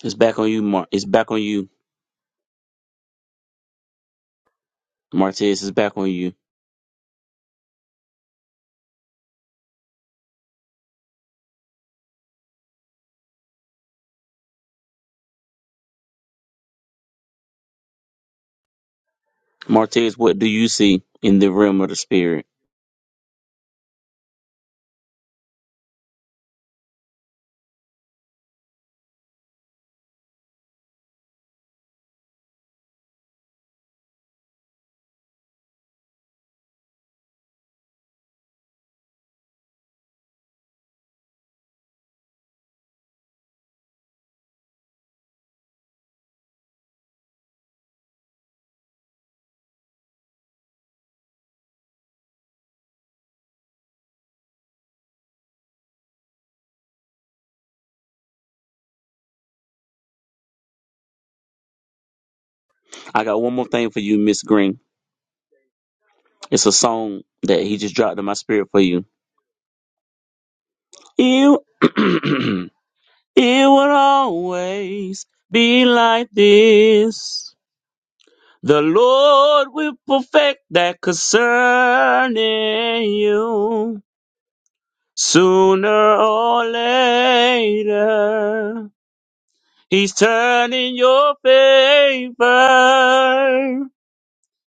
[SPEAKER 5] It's back on you, Mar. It's back on you, Martez. It's back on you, Martez. What do you see in the realm of the spirit? I got one more thing for you, Miss Green. It's a song that he just dropped in my spirit for you. You, *clears throat* it will always be like this. The Lord will perfect that concerning you sooner or later. He's turning your favor.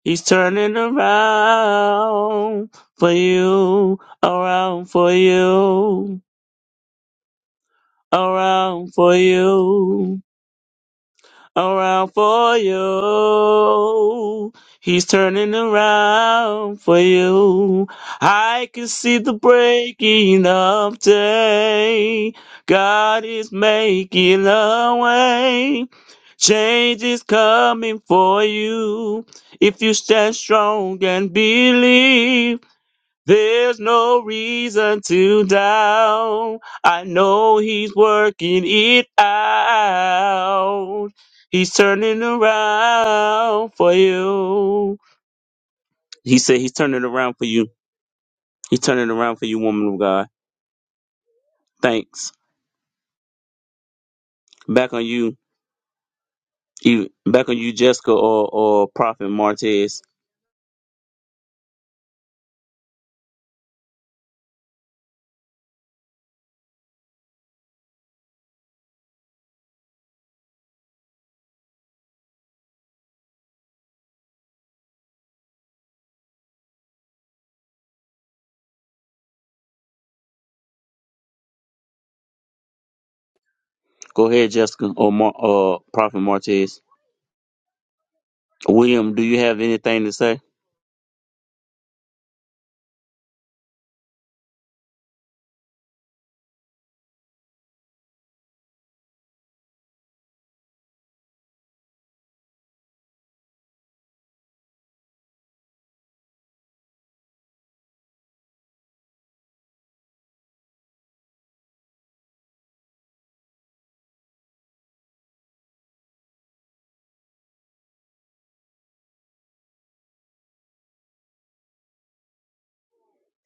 [SPEAKER 5] He's turning around for you, around for you, around for you. around for you. He's turning around for you. I can see the breaking of day. God is making a way. Change is coming for you. If you stand strong and believe. There's no reason to doubt. I know he's working it out. He's turning around for you. He said he's turning around for you. He's turning around for you, woman of God. Thanks. Back on you. you back on you, Jessica or, or Prophet Martez. Go ahead, Jessica or Mar- or Prophet Martez. William, do you have anything to say?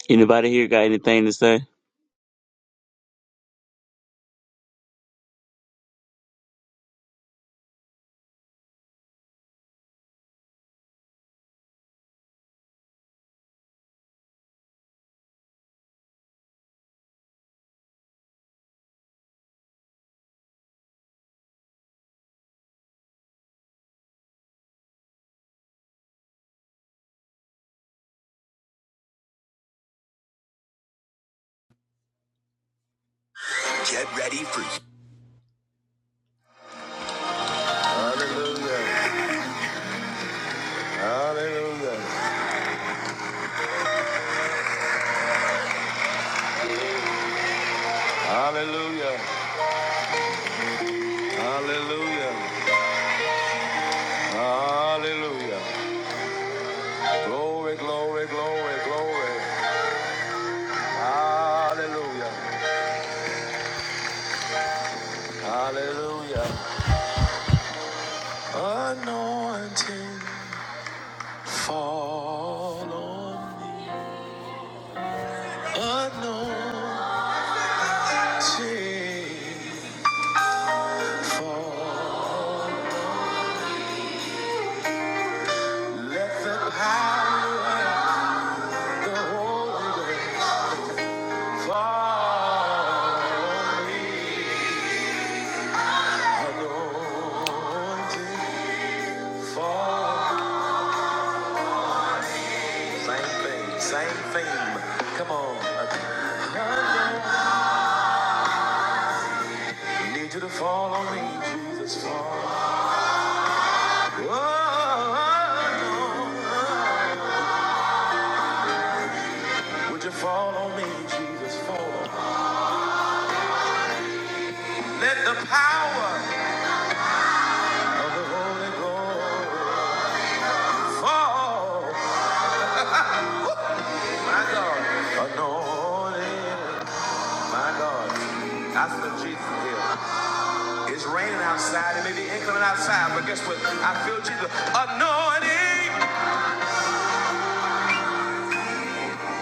[SPEAKER 5] Anybody here got anything to say?
[SPEAKER 2] Get ready for Hallelujah. Hallelujah. Hallelujah. Hallelujah. Hallelujah. Glory, glory, glory, glory. Hallelujah. Hallelujah. Anointing fall on me. Anointing fall. Let the power of the Holy Ghost fall on me. Anointing fall. Same thing, same theme. Come on. Anointing. Need you to fall on me, Jesus. Fall. Whoa, Would you fall on me, Jesus? Fall on me. Let the power of the Holy Ghost fall. My God, anointed. My God, I feel Jesus here. It's raining outside. It may be inclement outside, but guess what? I feel Jesus. Anointing.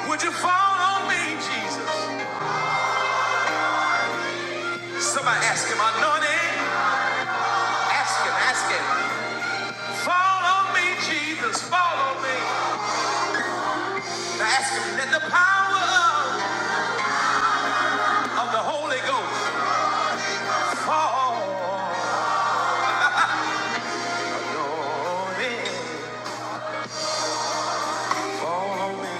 [SPEAKER 2] Would you fall on me, Jesus? Somebody ask him, anointing. Ask him, ask him. Follow me, Jesus, follow me. Now ask him, let the power of the Holy Ghost fall on me. Follow me.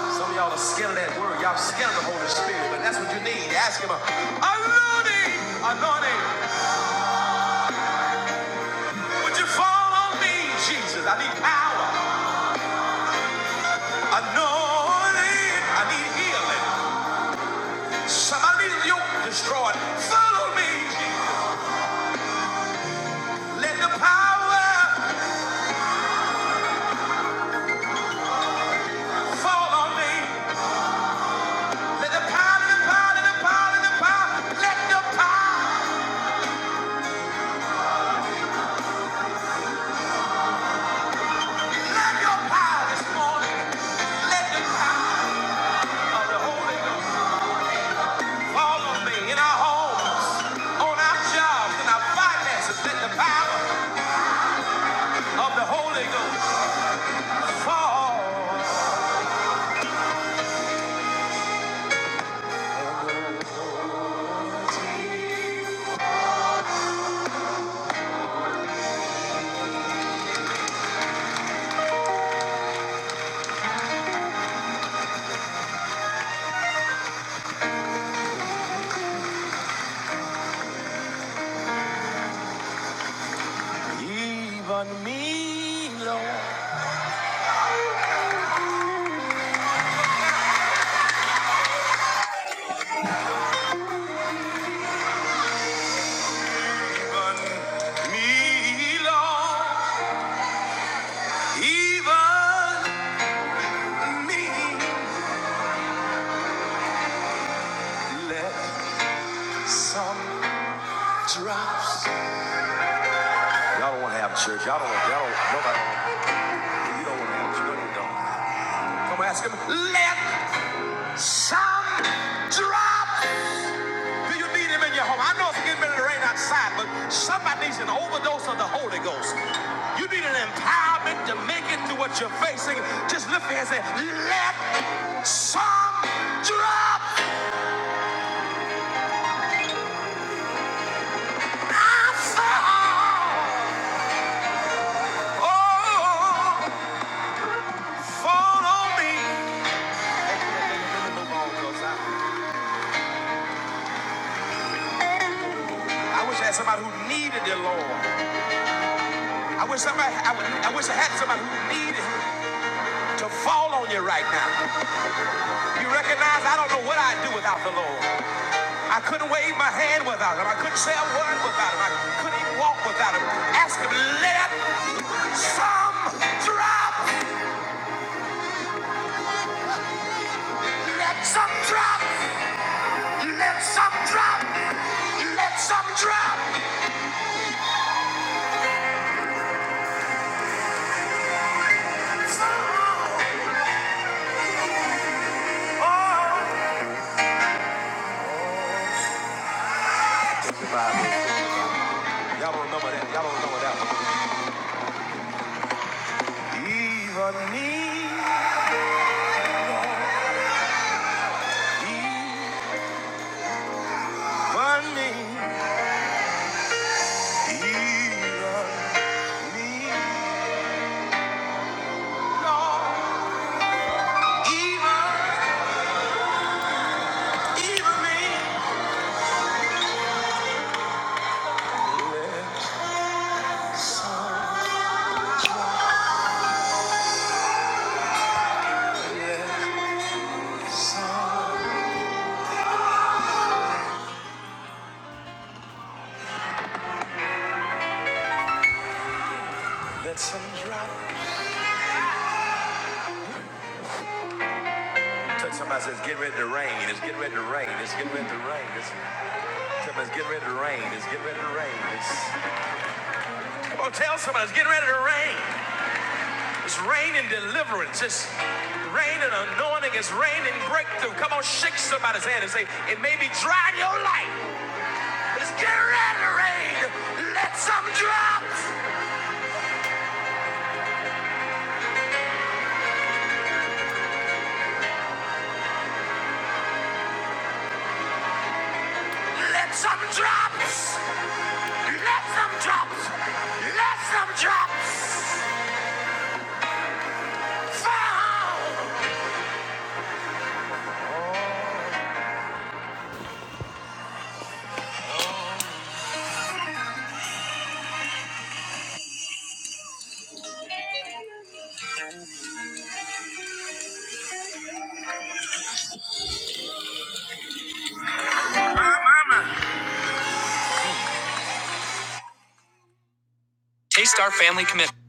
[SPEAKER 2] Some of y'all are scared of that word. Y'all scared of the Holy Spirit, but that's what you need. Ask him, anointing, anointing, would you fall on me, Jesus? I need power. Anointing, I need healing. Somebody need a yoke destroyed. Follow me, Jesus. Let the power Fall on me. Let the power, the power, the power, the power, let the power, let your power this morning. Let the power of the Holy Ghost fall on me in our homes, on our jobs, in our finances. Let the power of the Holy Ghost fall. Even me, Lord. Even me, Lord. Even me. Let some. Drops. Y'all don't want to have a church. Y'all don't want, y'all don't, nobody, you don't want to have a church. You don't. Come ask him, let some drop. Do you need him in your home? I know it's getting ready to rain outside, but somebody needs an overdose of the Holy Ghost. You need an empowerment to make it through what you're facing. Just lift your hands and say, let some drop. I fall. Oh, fall on me. I wish I had somebody who needed the Lord. I wish somebody, I, I wish I had somebody who needed to fall on you right now. You recognize I don't know what I'd do without the Lord. I couldn't wave my hand without him. I couldn't say a word without him. I couldn't even walk without him. Ask him, let some drop, let some drop, let some drop, let some drop. Oh. Y'all don't remember that. Y'all don't remember that one. Even me, even me, even me, Lord, even, even me. So let some drop. Touch somebody says, get ready to rain. It's getting ready to rain. It's getting ready to rain. It's, tell me it's getting ready to rain. It's getting ready to rain. It's, come on, tell somebody it's getting ready to rain. It's raining deliverance. It's raining anointing. It's raining breakthrough. Come on, shake somebody's hand and say, it may be dry in your life, but it's getting ready to rain. Let some drops. Let some drops. Let some drops. Let some drops. Fall. Taste our family commitment.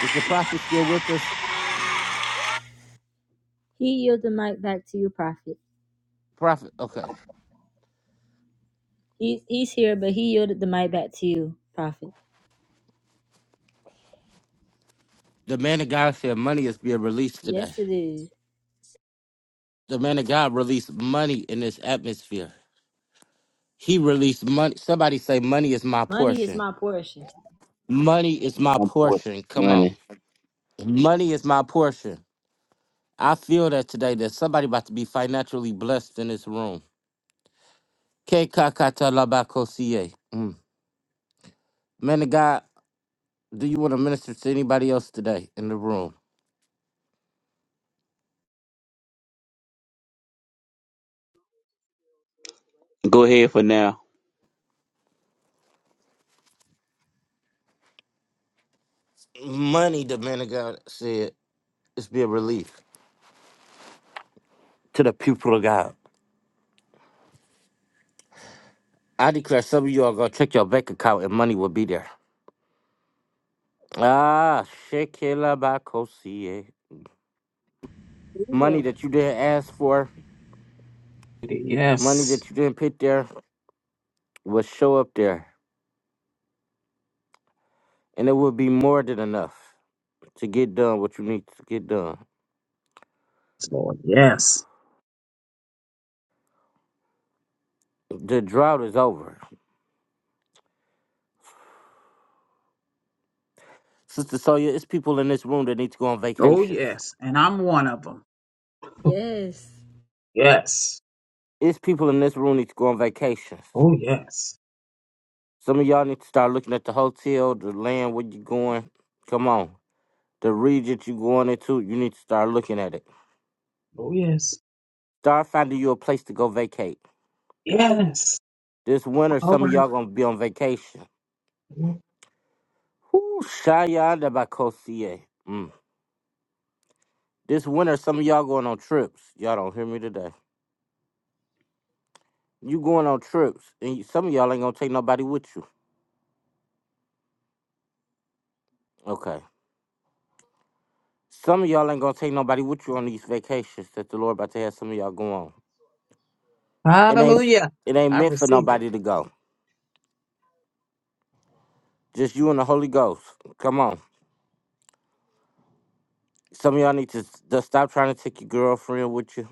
[SPEAKER 1] Is the prophet still with us?
[SPEAKER 2] He yielded the mic back to you, Prophet.
[SPEAKER 1] Prophet. Okay.
[SPEAKER 2] He's, he's here, but he yielded the mic back to you, Prophet.
[SPEAKER 1] The man of God said money is being released today.
[SPEAKER 2] Yes, it is.
[SPEAKER 1] The man of God released money in this atmosphere. He released money. Somebody say, Money is my
[SPEAKER 2] Money is
[SPEAKER 1] portion.
[SPEAKER 2] my portion.
[SPEAKER 1] Money is my
[SPEAKER 5] I'm for
[SPEAKER 1] portion. Come on.
[SPEAKER 5] money.
[SPEAKER 1] Money is my portion. I feel that today that somebody about to be financially blessed in this room. KKKTLABAKOSIE. Mm. Man of God, do you want to minister to anybody else today in the room?
[SPEAKER 5] Go ahead for now.
[SPEAKER 1] Money, the man of God said, is being released to the people of God. I declare some of you are gonna check your bank account and money will be there. Ah, Shekela Bakosie. Money that you didn't ask for, money
[SPEAKER 8] Yes.
[SPEAKER 1] that you didn't put there, will show up there. And it will be more than enough to get done what you need to get done.
[SPEAKER 8] Lord, yes.
[SPEAKER 1] The drought is over. Sister Sonya, it's people in this room that need to go on
[SPEAKER 8] Oh,
[SPEAKER 1] vacations.
[SPEAKER 8] yes. And I'm one of them.
[SPEAKER 2] Yes.
[SPEAKER 8] Yes.
[SPEAKER 1] It's people in this room need to go on vacations.
[SPEAKER 8] Oh, yes.
[SPEAKER 1] Some of y'all need to start looking at the hotel, the land where you going. Come on. The region you going into, you need to start looking at it.
[SPEAKER 8] Oh, yes.
[SPEAKER 1] Start finding you a place to go vacate.
[SPEAKER 8] Yes.
[SPEAKER 1] This winter,
[SPEAKER 8] All
[SPEAKER 1] some of y'all gonna be on vacation.
[SPEAKER 8] right.
[SPEAKER 1] Whoo, Shayada Bakosie. Mm. This winter, some of y'all going on trips. Y'all don't hear me today. You going on trips, and you, some of y'all ain't gonna take nobody with you. Okay. Some of y'all ain't gonna take nobody with you on these vacations that the Lord about to have some of y'all go on. It ain't
[SPEAKER 8] Hallelujah.
[SPEAKER 1] it ain't
[SPEAKER 8] I
[SPEAKER 1] meant for
[SPEAKER 8] receive it.
[SPEAKER 1] nobody to go. Just you and the Holy Ghost. Come on. Some of y'all need to s- just stop trying to take your girlfriend with you.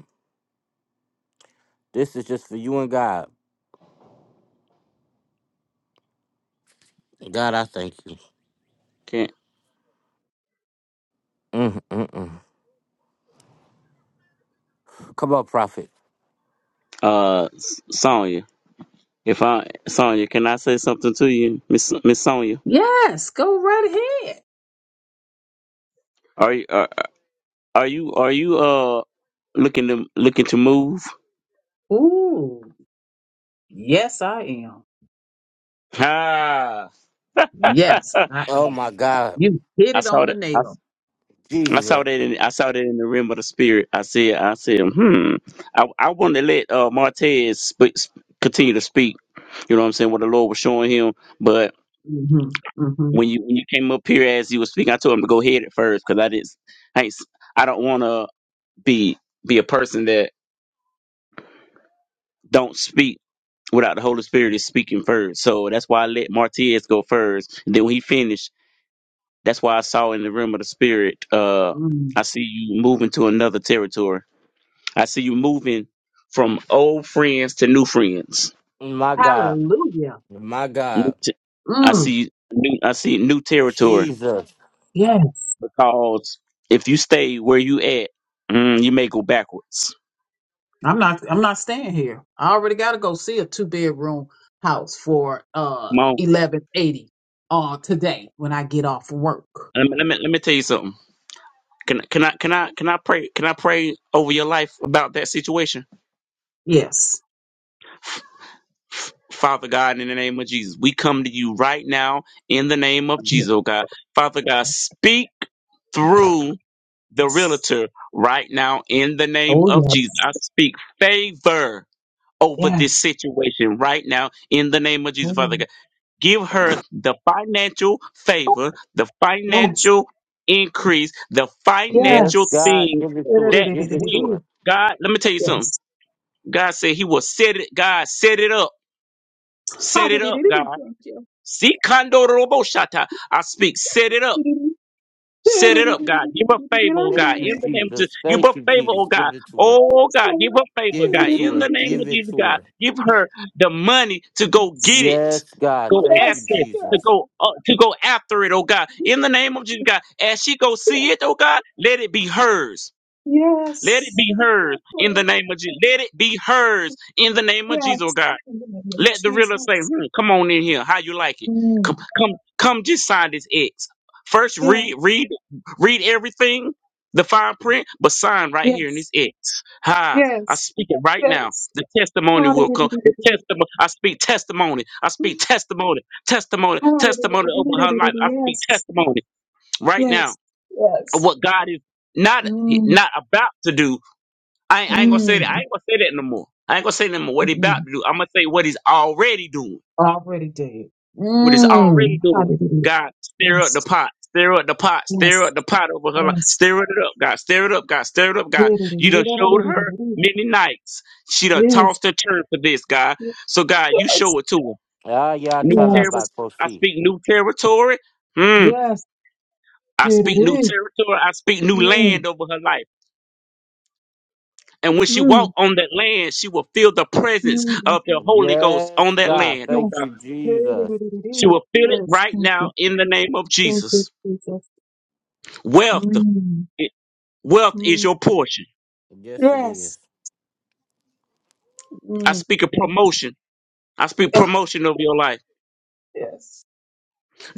[SPEAKER 1] This is just for you and God. God, I thank you.
[SPEAKER 5] Can
[SPEAKER 1] Mm, mm, mm. Come on, prophet.
[SPEAKER 5] uh S- Sonya, if I Sonya, can I say something to you, Miss Miss Sonya?
[SPEAKER 8] Yes. Go right ahead.
[SPEAKER 5] Are you are, are you are you uh looking to looking to move?
[SPEAKER 8] Ooh. Yes, I am.
[SPEAKER 5] Ah, *laughs* I
[SPEAKER 8] Yes, I
[SPEAKER 1] Oh
[SPEAKER 8] am.
[SPEAKER 1] my God,
[SPEAKER 8] You hit it on
[SPEAKER 5] saw
[SPEAKER 8] the
[SPEAKER 5] that. I,
[SPEAKER 8] nail.
[SPEAKER 5] I saw
[SPEAKER 1] Jesus,
[SPEAKER 5] that in I saw that in the rim of the spirit. I said I said hmm. I I want to let uh Martez sp- sp- continue to speak. You know what I'm saying? What the Lord was showing him, but.
[SPEAKER 8] hmm hmm
[SPEAKER 5] When you when you came up here as you was speaking, I told him to go ahead at first because I didn't. I, ain't s- I don't want to. be be a person that don't speak without the Holy Spirit is speaking first. So that's why I let Martinez go first. And then when he finished, that's why I saw in the realm of the spirit, uh,
[SPEAKER 8] Mm.
[SPEAKER 5] I see you moving to another territory. I see you moving from old friends to new friends.
[SPEAKER 1] my God,
[SPEAKER 8] Hallelujah.
[SPEAKER 1] my
[SPEAKER 5] New
[SPEAKER 1] God,
[SPEAKER 5] t- I
[SPEAKER 8] Mm.
[SPEAKER 5] see new I see new territory
[SPEAKER 1] Jesus.
[SPEAKER 8] Yes.
[SPEAKER 5] because if you stay where you at, mm, you may go backwards.
[SPEAKER 8] I'm not I'm not staying here. I already gotta go see a two bedroom house for uh
[SPEAKER 5] Come on.
[SPEAKER 8] eleven eighty uh today when I get off work.
[SPEAKER 5] Let me, let me let me tell you something. Can can I can I can I pray can I pray over your life about that situation?
[SPEAKER 8] Yes.
[SPEAKER 5] F- Father God, in the name of Jesus, we come to you right now in the name of
[SPEAKER 8] Yes.
[SPEAKER 5] Jesus, oh God. Father God, speak through the
[SPEAKER 8] yes.
[SPEAKER 5] realtor right now in the name
[SPEAKER 8] Oh
[SPEAKER 5] of Jesus.
[SPEAKER 8] yes.
[SPEAKER 5] I speak favor over this
[SPEAKER 8] Yes.
[SPEAKER 5] situation right now in the name of Jesus,
[SPEAKER 8] Oh,
[SPEAKER 5] Father God. Give her the financial favor, the
[SPEAKER 8] yes.
[SPEAKER 5] financial increase, the
[SPEAKER 1] Yes,
[SPEAKER 5] financial
[SPEAKER 8] Yes.
[SPEAKER 1] God,
[SPEAKER 5] thing
[SPEAKER 1] give it to
[SPEAKER 8] Yes.
[SPEAKER 1] her.
[SPEAKER 5] that
[SPEAKER 1] Give it to
[SPEAKER 5] will.
[SPEAKER 1] her.
[SPEAKER 5] God, let me tell you something. God said he will set it, God, set it up. Set
[SPEAKER 8] Thank
[SPEAKER 5] it up, God.
[SPEAKER 8] you.
[SPEAKER 5] See, Kondo Robo Shata. I speak, set it up
[SPEAKER 8] Yes,
[SPEAKER 5] Set it up, God. Give her favor, oh
[SPEAKER 1] Thank
[SPEAKER 5] God.
[SPEAKER 1] you,
[SPEAKER 5] In the name of Jesus.
[SPEAKER 1] Jesus.
[SPEAKER 5] Give her
[SPEAKER 1] Thank you,
[SPEAKER 5] favor,
[SPEAKER 1] Jesus.
[SPEAKER 5] oh
[SPEAKER 1] Give
[SPEAKER 5] God.
[SPEAKER 1] it to her.
[SPEAKER 5] Oh God,
[SPEAKER 8] Lord.
[SPEAKER 5] give her favor,
[SPEAKER 1] Give
[SPEAKER 5] God.
[SPEAKER 1] it to
[SPEAKER 5] In
[SPEAKER 1] her.
[SPEAKER 5] the name
[SPEAKER 1] Give
[SPEAKER 5] of
[SPEAKER 1] it
[SPEAKER 5] Jesus,
[SPEAKER 1] to
[SPEAKER 5] God.
[SPEAKER 1] her.
[SPEAKER 5] Give her the money to go get it.
[SPEAKER 1] Yes, God.
[SPEAKER 5] Go
[SPEAKER 1] Thank you,
[SPEAKER 8] Yes.
[SPEAKER 5] access. To
[SPEAKER 8] Yes.
[SPEAKER 1] Jesus.
[SPEAKER 5] go uh, to go after it, oh God. In the name of Jesus, God. As she go see it, oh God, let it be hers. Let it be
[SPEAKER 8] Yes.
[SPEAKER 5] hers in the
[SPEAKER 8] Definitely.
[SPEAKER 5] name of Jesus. Let it be hers in the name of Jesus, oh
[SPEAKER 8] Yes.
[SPEAKER 5] God.
[SPEAKER 8] In the name of
[SPEAKER 5] Let the realtor say,
[SPEAKER 8] Jesus.
[SPEAKER 5] hmm, come on in here. How you like it? Come,
[SPEAKER 8] Mm.
[SPEAKER 5] come, come. Just sign this X. First,
[SPEAKER 8] Yes.
[SPEAKER 5] read, read, read everything, the fine print, but sign right here in
[SPEAKER 8] Yes.
[SPEAKER 5] this X. Hi, I
[SPEAKER 8] Yes.
[SPEAKER 5] speak it right now.
[SPEAKER 8] Yes.
[SPEAKER 5] The testimony will come. The testimony. I speak testimony. I speak testimony. Testimony.
[SPEAKER 8] Yes.
[SPEAKER 5] Testimony over her life. I speak testimony right now.
[SPEAKER 8] Yes.
[SPEAKER 5] of
[SPEAKER 8] Yes.
[SPEAKER 5] What God is not
[SPEAKER 8] Mm.
[SPEAKER 5] not about to do. I, ain't- I ain't gonna say that. I
[SPEAKER 8] Mm.
[SPEAKER 5] ain't gonna say that no more. I ain't gonna say no more. What he about
[SPEAKER 8] Mm.
[SPEAKER 5] to do. I'm gonna say what he's already doing
[SPEAKER 8] Already did.
[SPEAKER 5] what he's
[SPEAKER 8] Mm.
[SPEAKER 5] already doing.
[SPEAKER 8] Yes.
[SPEAKER 5] God, stir up the pot, stir up the pot, stir
[SPEAKER 8] Yes. Yes.
[SPEAKER 5] up the pot over her life, stir it up, God, stir it up, God, stir it up, God.
[SPEAKER 8] Yes.
[SPEAKER 5] You done showed her many nights. She done tossed her turn for this, God. So, God, you
[SPEAKER 8] Yes.
[SPEAKER 5] show it to her. New territory,
[SPEAKER 8] Yes.
[SPEAKER 5] I
[SPEAKER 1] Ayatalabakosi.
[SPEAKER 5] speak new territory. Hmm.
[SPEAKER 8] Yes.
[SPEAKER 5] I speak new territory. I speak new
[SPEAKER 8] Mm.
[SPEAKER 5] land over her life. And when she
[SPEAKER 8] Mm.
[SPEAKER 5] walk on that land, she will feel the presence
[SPEAKER 8] Mm,
[SPEAKER 5] of the Holy Ghost
[SPEAKER 1] Yes,
[SPEAKER 5] on that
[SPEAKER 1] God.
[SPEAKER 5] land, oh
[SPEAKER 1] Thank
[SPEAKER 8] Yes.
[SPEAKER 5] God.
[SPEAKER 1] you,
[SPEAKER 8] *laughs*
[SPEAKER 1] Jesus.
[SPEAKER 5] She
[SPEAKER 8] Yes.
[SPEAKER 5] will feel it
[SPEAKER 8] Yes.
[SPEAKER 5] right
[SPEAKER 8] Thank
[SPEAKER 5] now
[SPEAKER 8] you.
[SPEAKER 5] in the name of
[SPEAKER 8] Thank you,
[SPEAKER 5] Jesus.
[SPEAKER 8] Jesus.
[SPEAKER 5] Wealth.
[SPEAKER 8] Mm.
[SPEAKER 5] Wealth is
[SPEAKER 8] Mm.
[SPEAKER 5] your portion.
[SPEAKER 1] Yes, it is.
[SPEAKER 8] Yes.
[SPEAKER 5] I
[SPEAKER 8] Mm.
[SPEAKER 5] speak of
[SPEAKER 8] Yes.
[SPEAKER 5] promotion. I speak
[SPEAKER 8] Oh,
[SPEAKER 5] promotion of your life.
[SPEAKER 8] yes.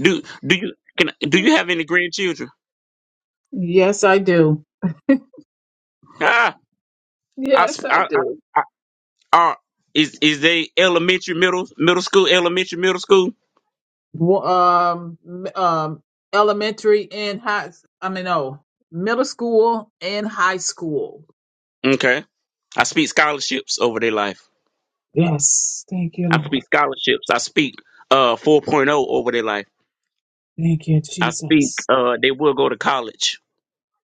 [SPEAKER 5] Do do you can do
[SPEAKER 8] Mm.
[SPEAKER 5] you have any grandchildren?
[SPEAKER 8] Yes, I do.
[SPEAKER 5] Ah, I
[SPEAKER 8] Yes,
[SPEAKER 5] s-
[SPEAKER 8] I
[SPEAKER 5] I I,
[SPEAKER 8] do.
[SPEAKER 5] I are is is they elementary, middle, middle school, elementary, middle school?
[SPEAKER 8] Wo- Um, m- um, elementary and high, I mean, no, middle school and high school.
[SPEAKER 5] Okay, I speak scholarships over their life.
[SPEAKER 8] Yes. Thank you,
[SPEAKER 5] I
[SPEAKER 8] Lord.
[SPEAKER 5] speak scholarships. I speak uh 4.0 over their life.
[SPEAKER 8] Thank you,
[SPEAKER 5] I speak
[SPEAKER 8] Jesus.
[SPEAKER 5] uh they will go to college.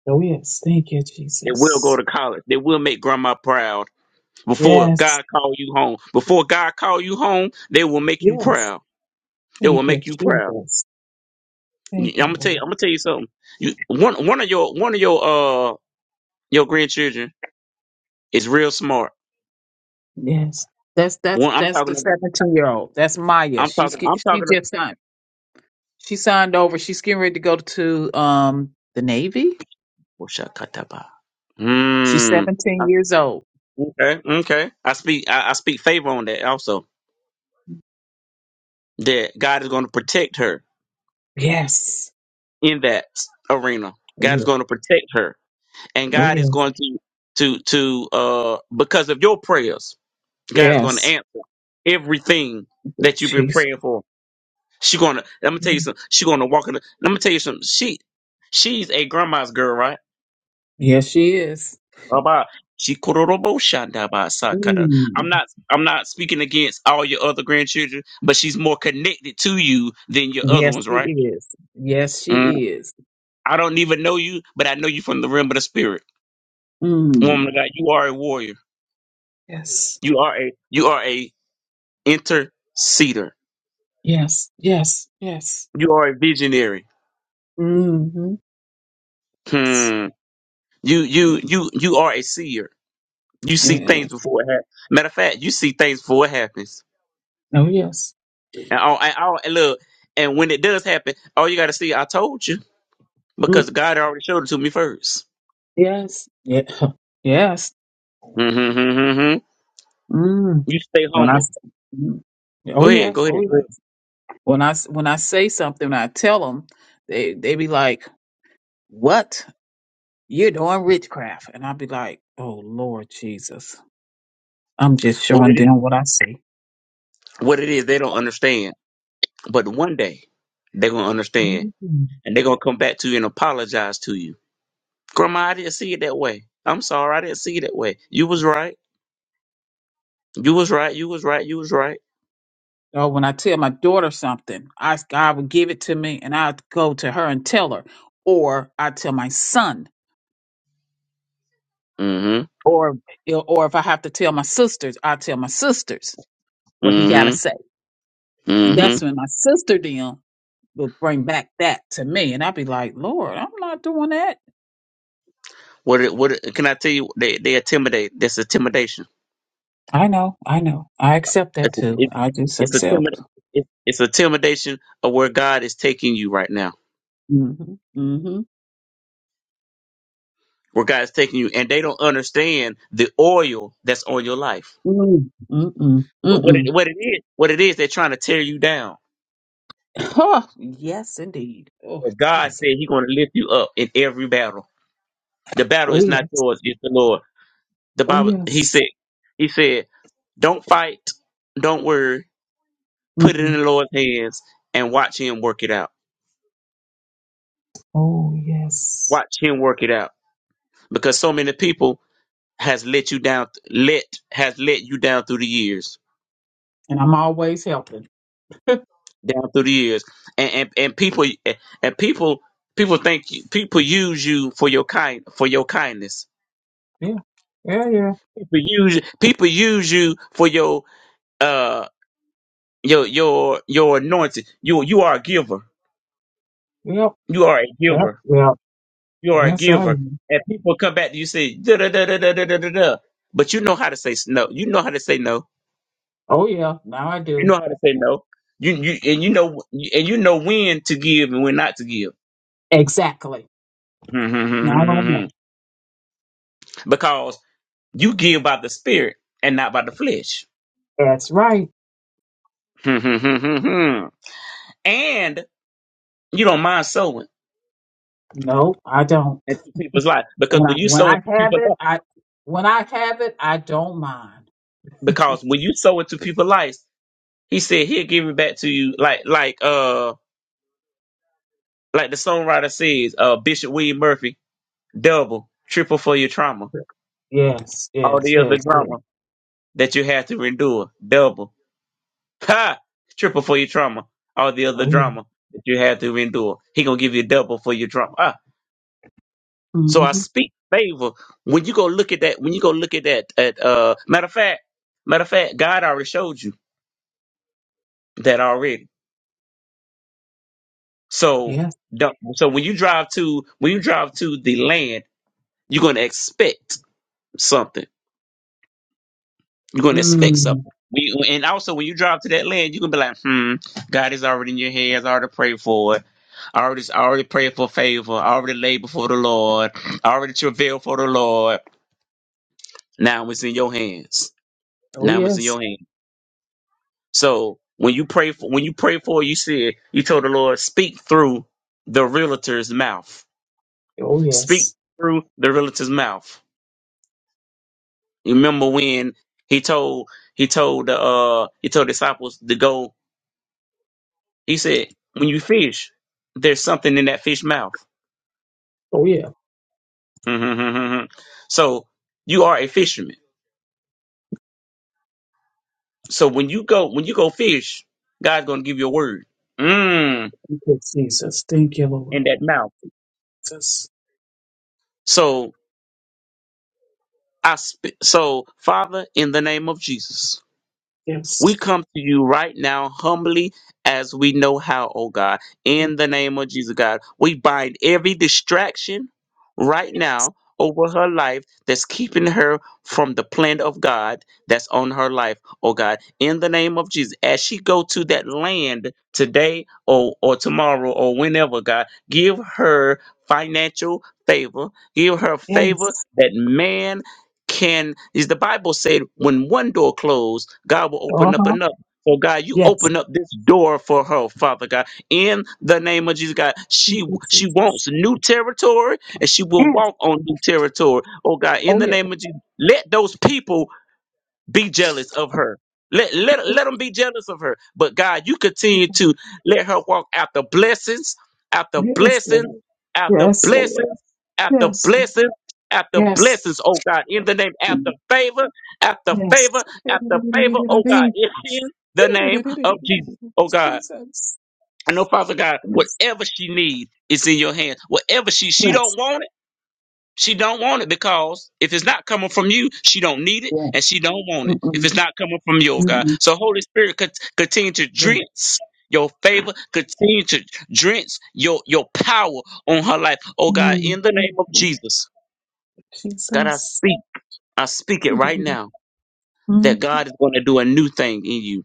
[SPEAKER 8] Oh, yes. Thank you,
[SPEAKER 5] They will go
[SPEAKER 8] Jesus.
[SPEAKER 5] to college. They will make grandma proud before
[SPEAKER 8] Yes.
[SPEAKER 5] God call you home. Before God call you home, they will make you
[SPEAKER 8] Yes.
[SPEAKER 5] proud. It will
[SPEAKER 8] Thank you,
[SPEAKER 5] make you proud.
[SPEAKER 8] Jesus.
[SPEAKER 5] I'm
[SPEAKER 8] Thank you,
[SPEAKER 5] gonna tell you.
[SPEAKER 8] Lord.
[SPEAKER 5] I'm gonna tell you something. You, one one of your one of your uh your grandchildren is real smart.
[SPEAKER 8] Yes. That's that's
[SPEAKER 5] One I'm
[SPEAKER 8] that's the
[SPEAKER 5] talking. ab-
[SPEAKER 8] seventeen year old. That's Maya.
[SPEAKER 5] I'm
[SPEAKER 8] She's
[SPEAKER 5] talking.
[SPEAKER 8] get-
[SPEAKER 5] I'm
[SPEAKER 8] she
[SPEAKER 5] talking. ab-
[SPEAKER 8] just signed. She signed over. She's getting ready to go to um the Navy.
[SPEAKER 5] Oshakataba.
[SPEAKER 8] She's
[SPEAKER 5] Mm. I-
[SPEAKER 8] seventeen years old.
[SPEAKER 5] Okay. Okay. I speak. I, I speak favor on that also. That God is going to protect her
[SPEAKER 8] Yes.
[SPEAKER 5] in that s- arena.
[SPEAKER 8] Oh
[SPEAKER 5] God is
[SPEAKER 8] yeah.
[SPEAKER 5] going to protect her, and
[SPEAKER 8] Oh,
[SPEAKER 5] God is
[SPEAKER 8] yes.
[SPEAKER 5] going to to to uh because of your prayers, God is going to
[SPEAKER 8] Yes.
[SPEAKER 5] answer everything that you've been
[SPEAKER 8] She's
[SPEAKER 5] praying for. She gonna let me tell you something. She gonna walk in. The, let me tell you something. She she's a grandma's girl, right?
[SPEAKER 8] yes she is.
[SPEAKER 5] Baba. She kororobo shanda ba sakata. I'm
[SPEAKER 8] Mm.
[SPEAKER 5] not I'm not speaking against all your other grandchildren, but she's more connected to you than your other
[SPEAKER 8] Yes
[SPEAKER 5] ones,
[SPEAKER 8] she
[SPEAKER 5] right?
[SPEAKER 8] is. Yes
[SPEAKER 5] Mm.
[SPEAKER 8] she is.
[SPEAKER 5] I don't even know you, but I know you from the realm of the spirit. Woman
[SPEAKER 8] Mm.
[SPEAKER 5] of God, you are a warrior.
[SPEAKER 8] Yes.
[SPEAKER 5] You are a you are a interceder.
[SPEAKER 8] Yes. Yes. Yes.
[SPEAKER 5] You are a visionary.
[SPEAKER 8] Mm-hmm. Yes.
[SPEAKER 5] Hmm. You you you you are a seer. You see things
[SPEAKER 8] Yes.
[SPEAKER 5] before it happens. Matter of fact, you see things before it happens.
[SPEAKER 8] Oh yes.
[SPEAKER 5] And all, and all, and look, and when it does happen, all you got to see, I told you, because God already showed it to me 1st
[SPEAKER 8] Yes. Yeah. *laughs* Yes.
[SPEAKER 5] Mm-hmm, hmm
[SPEAKER 8] Mm.
[SPEAKER 5] You stay
[SPEAKER 8] When I,
[SPEAKER 5] humble.
[SPEAKER 8] s- mm. oh
[SPEAKER 5] Go ahead,
[SPEAKER 8] yes,
[SPEAKER 5] go
[SPEAKER 8] oh
[SPEAKER 5] ahead, go ahead.
[SPEAKER 8] yes. When I s- when I say something, I tell them, they they be like, "What? You're doing witchcraft?" And I'll be like, "Oh Lord Jesus, I'm just
[SPEAKER 5] What it
[SPEAKER 8] showing them what I see."
[SPEAKER 5] is, what it is, they don't understand. But one day, they're gonna understand,
[SPEAKER 8] Mhm.
[SPEAKER 5] and they're gonna come back to you and apologize to you. Grandma, I didn't see it that way. I'm sorry, I didn't see it that way. You was right. You was right. You was right. You was right.
[SPEAKER 8] Or when I tell my daughter something, I God will give it to me, and I go to her and tell her, or I tell my son,
[SPEAKER 5] Mm-hmm.
[SPEAKER 8] or or if I have to tell my sisters, I tell my sisters what he got to
[SPEAKER 5] Mm-hmm.
[SPEAKER 8] say And
[SPEAKER 5] Mm-hmm.
[SPEAKER 8] that's when my sister then will bring back that to me. And I'll be like, Lord, I'm not doing that.
[SPEAKER 5] What it- what it- can I tell you? They they intimidate. That's intimidation.
[SPEAKER 8] I know, I know. I accept that
[SPEAKER 5] It's
[SPEAKER 8] too.
[SPEAKER 5] it,
[SPEAKER 8] I just
[SPEAKER 5] it's
[SPEAKER 8] accept.
[SPEAKER 5] intimidation. It's, it's intimidation of where God is taking you right now.
[SPEAKER 8] Mm-hmm. Mm-hmm.
[SPEAKER 5] Where God is taking you, and they don't understand the oil that's on your life.
[SPEAKER 8] Mm, Mm-mm.
[SPEAKER 5] What what
[SPEAKER 8] Mm-mm.
[SPEAKER 5] it, what it is? What it is? They're trying to tear you down.
[SPEAKER 8] Oh, yes, indeed. Oh,
[SPEAKER 5] But God
[SPEAKER 8] Jesus.
[SPEAKER 5] said He's going to lift you up in every battle. The battle
[SPEAKER 8] Oh,
[SPEAKER 5] is not
[SPEAKER 8] yes.
[SPEAKER 5] yours; it's the Lord. The
[SPEAKER 8] Oh,
[SPEAKER 5] Bible. He
[SPEAKER 8] yes.
[SPEAKER 5] said. He said, "Don't fight. Don't worry. Put it in
[SPEAKER 8] Mm-mm.
[SPEAKER 5] the Lord's hands and watch Him work it out.
[SPEAKER 8] Oh, yes.
[SPEAKER 5] Watch Him work it out." because so many people has let you down let has let you down through the years
[SPEAKER 8] And I'm always helping. *laughs* yeah.
[SPEAKER 5] down through the years and and, and people and people people think people use you for your kind for your kindness
[SPEAKER 8] Yeah, yeah.
[SPEAKER 5] people use people use you for your uh your your your anointing you you are a giver
[SPEAKER 8] Yep.
[SPEAKER 5] you are a
[SPEAKER 8] Yep.
[SPEAKER 5] giver
[SPEAKER 8] Yep.
[SPEAKER 5] you are a
[SPEAKER 8] Yes, I
[SPEAKER 5] giver
[SPEAKER 8] am.
[SPEAKER 5] and people come back to you say da da da da da da da da da. but you know how to say s- no you know how to say no
[SPEAKER 8] Oh, yeah. Now I
[SPEAKER 5] You know
[SPEAKER 8] do.
[SPEAKER 5] how to say no. You you and you know and you know when to give and when not to give.
[SPEAKER 8] Exactly. Now I know.
[SPEAKER 5] *laughs* because you give by the spirit and not by the flesh.
[SPEAKER 8] That's right.
[SPEAKER 5] *laughs* and you don't mind sowing
[SPEAKER 8] No, I don't.
[SPEAKER 5] into people's lives because
[SPEAKER 8] When I
[SPEAKER 5] when you
[SPEAKER 8] when
[SPEAKER 5] sow
[SPEAKER 8] I
[SPEAKER 5] into
[SPEAKER 8] have
[SPEAKER 5] people's
[SPEAKER 8] it,
[SPEAKER 5] lives,
[SPEAKER 8] I when I have it, I don't mind.
[SPEAKER 5] because when you sow into people's lives, he said he'll give it back to you like like uh like the songwriter says, uh Bishop William Murphy, double, triple for your trauma,
[SPEAKER 8] Yes,
[SPEAKER 5] all
[SPEAKER 8] yes,
[SPEAKER 5] the other
[SPEAKER 8] yes, yes.
[SPEAKER 5] drama that you had to endure, double Ha! Triple for your trauma. All the other
[SPEAKER 8] Oh yeah.
[SPEAKER 5] drama that you had to endure. He gonna give you double for your trauma. Ah. So I
[SPEAKER 8] Mm-hmm.
[SPEAKER 5] speak favor. When you go look at that, when you go look at that, at uh matter of fact, matter of fact, God already showed you that already. So
[SPEAKER 8] Yes.
[SPEAKER 5] don't so when you drive to when you drive to the land, you're gonna expect something. You're going to expect
[SPEAKER 8] Mm.
[SPEAKER 5] something. When you- and also, when you drive to that land, you're going to be like, hmm, God is already in your hands. I already prayed for it. I already, I already prayed for favor. I already laid before the Lord. I already travailed for the Lord. Now it's in your hands.
[SPEAKER 8] Oh
[SPEAKER 5] Now it's in
[SPEAKER 8] yes.
[SPEAKER 5] your hands. So when you pray for, when you pray for, it, you said, you told the Lord, speak through the realtor's mouth.
[SPEAKER 8] Oh
[SPEAKER 5] Speak
[SPEAKER 8] yes.
[SPEAKER 5] through the realtor's mouth. You remember when he told, he told, uh, he told disciples to go He said, when you fish, there's something in that fish mouth.
[SPEAKER 8] Oh yeah.
[SPEAKER 5] *laughs* so you are a fisherman. So when you go, when you go fish, God's going to give you a word mm,
[SPEAKER 8] Thank you, Jesus. Thank you, Lord.
[SPEAKER 5] in that mouth.
[SPEAKER 8] Jesus.
[SPEAKER 5] So I, sp- so Father, in the name of Jesus. We
[SPEAKER 8] Yes.
[SPEAKER 5] come to you right now humbly as we know how, oh God.
[SPEAKER 8] Yes.
[SPEAKER 5] In the name of Jesus, God, we bind every distraction right now over her life that's keeping her from the plan of God that's on her life, oh God. In the name of Jesus, as she go to that land today or, or tomorrow or whenever, God, give her financial favor. Give her favor
[SPEAKER 8] Yes.
[SPEAKER 5] that man can is the Bible said when one door closed, God will open up
[SPEAKER 8] Uh-huh.
[SPEAKER 5] another. So God, you
[SPEAKER 8] Yes.
[SPEAKER 5] open up this door for her, Father God, in the name of Jesus, God.
[SPEAKER 8] Yes.
[SPEAKER 5] She
[SPEAKER 8] Yes. yes.
[SPEAKER 5] she
[SPEAKER 8] Yes.
[SPEAKER 5] wants new territory, and she will
[SPEAKER 8] Yes.
[SPEAKER 5] walk on new territory. Oh God, in
[SPEAKER 8] Oh
[SPEAKER 5] the
[SPEAKER 8] yeah.
[SPEAKER 5] name of Jesus, let those people be jealous of her. Let, let, let them be jealous of her. But God, you continue to let her walk after blessings, after
[SPEAKER 8] Yes,
[SPEAKER 5] blessings,
[SPEAKER 8] Lord.
[SPEAKER 5] after
[SPEAKER 8] Yes, Lord.
[SPEAKER 5] blessings, after
[SPEAKER 8] Yes. Lord.
[SPEAKER 5] blessings, after
[SPEAKER 8] Yes.
[SPEAKER 5] blessings, oh God, in the name, after
[SPEAKER 8] Mm.
[SPEAKER 5] favor, after favor, after favor, oh
[SPEAKER 8] Yes.
[SPEAKER 5] God, in in the name of Jesus, oh God.
[SPEAKER 8] Jesus.
[SPEAKER 5] I know, Father God,
[SPEAKER 8] Yes.
[SPEAKER 5] whatever she needs is in your hands. Whatever she she don't
[SPEAKER 8] Yes.
[SPEAKER 5] want it. She don't want it because if it's not coming from you, she don't need it,
[SPEAKER 8] Yeah.
[SPEAKER 5] and she don't want it if
[SPEAKER 8] Mm-mm.
[SPEAKER 5] it's not coming from your God.
[SPEAKER 8] Mm-mm.
[SPEAKER 5] So Holy Spirit, cont- continue to
[SPEAKER 8] Yeah.
[SPEAKER 5] drench your favor, continue to drench your your power on her life. Oh God,
[SPEAKER 8] Mm.
[SPEAKER 5] in the name of
[SPEAKER 8] Oh,
[SPEAKER 5] Jesus, God, I
[SPEAKER 8] Jesus.
[SPEAKER 5] speak, I speak it right now.
[SPEAKER 8] Mm.
[SPEAKER 5] That God is going to do a new thing in you.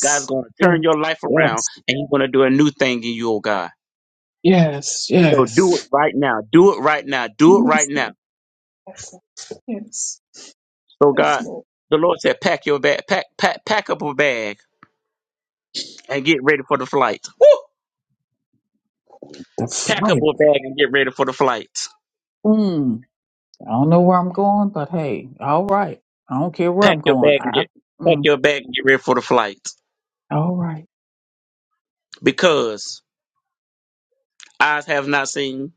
[SPEAKER 5] God's going to
[SPEAKER 8] Yes.
[SPEAKER 5] turn your life around
[SPEAKER 8] Yes.
[SPEAKER 5] and He's going to do a new thing in you, oh God.
[SPEAKER 8] Yes.
[SPEAKER 5] So do it
[SPEAKER 8] Yes.
[SPEAKER 5] right now. Do it right now. Do it right
[SPEAKER 8] Yes.
[SPEAKER 5] now.
[SPEAKER 8] Yes. Yes.
[SPEAKER 5] So
[SPEAKER 8] Yes,
[SPEAKER 5] God,
[SPEAKER 8] Lord.
[SPEAKER 5] the Lord said, pack your bag, pack, pack, pack up a bag and get ready for the flight. Woo!
[SPEAKER 8] The
[SPEAKER 5] Pack up
[SPEAKER 8] fight.
[SPEAKER 5] a bag and get ready for the flight.
[SPEAKER 8] Mm. I don't know where I'm going, but hey, all right. I don't care where
[SPEAKER 5] Pack
[SPEAKER 8] I'm
[SPEAKER 5] your
[SPEAKER 8] going.
[SPEAKER 5] bag and
[SPEAKER 8] I.
[SPEAKER 5] get, pack
[SPEAKER 8] Mm.
[SPEAKER 5] your bag and get ready for the flight.
[SPEAKER 8] All right.
[SPEAKER 5] Because eyes have not seen,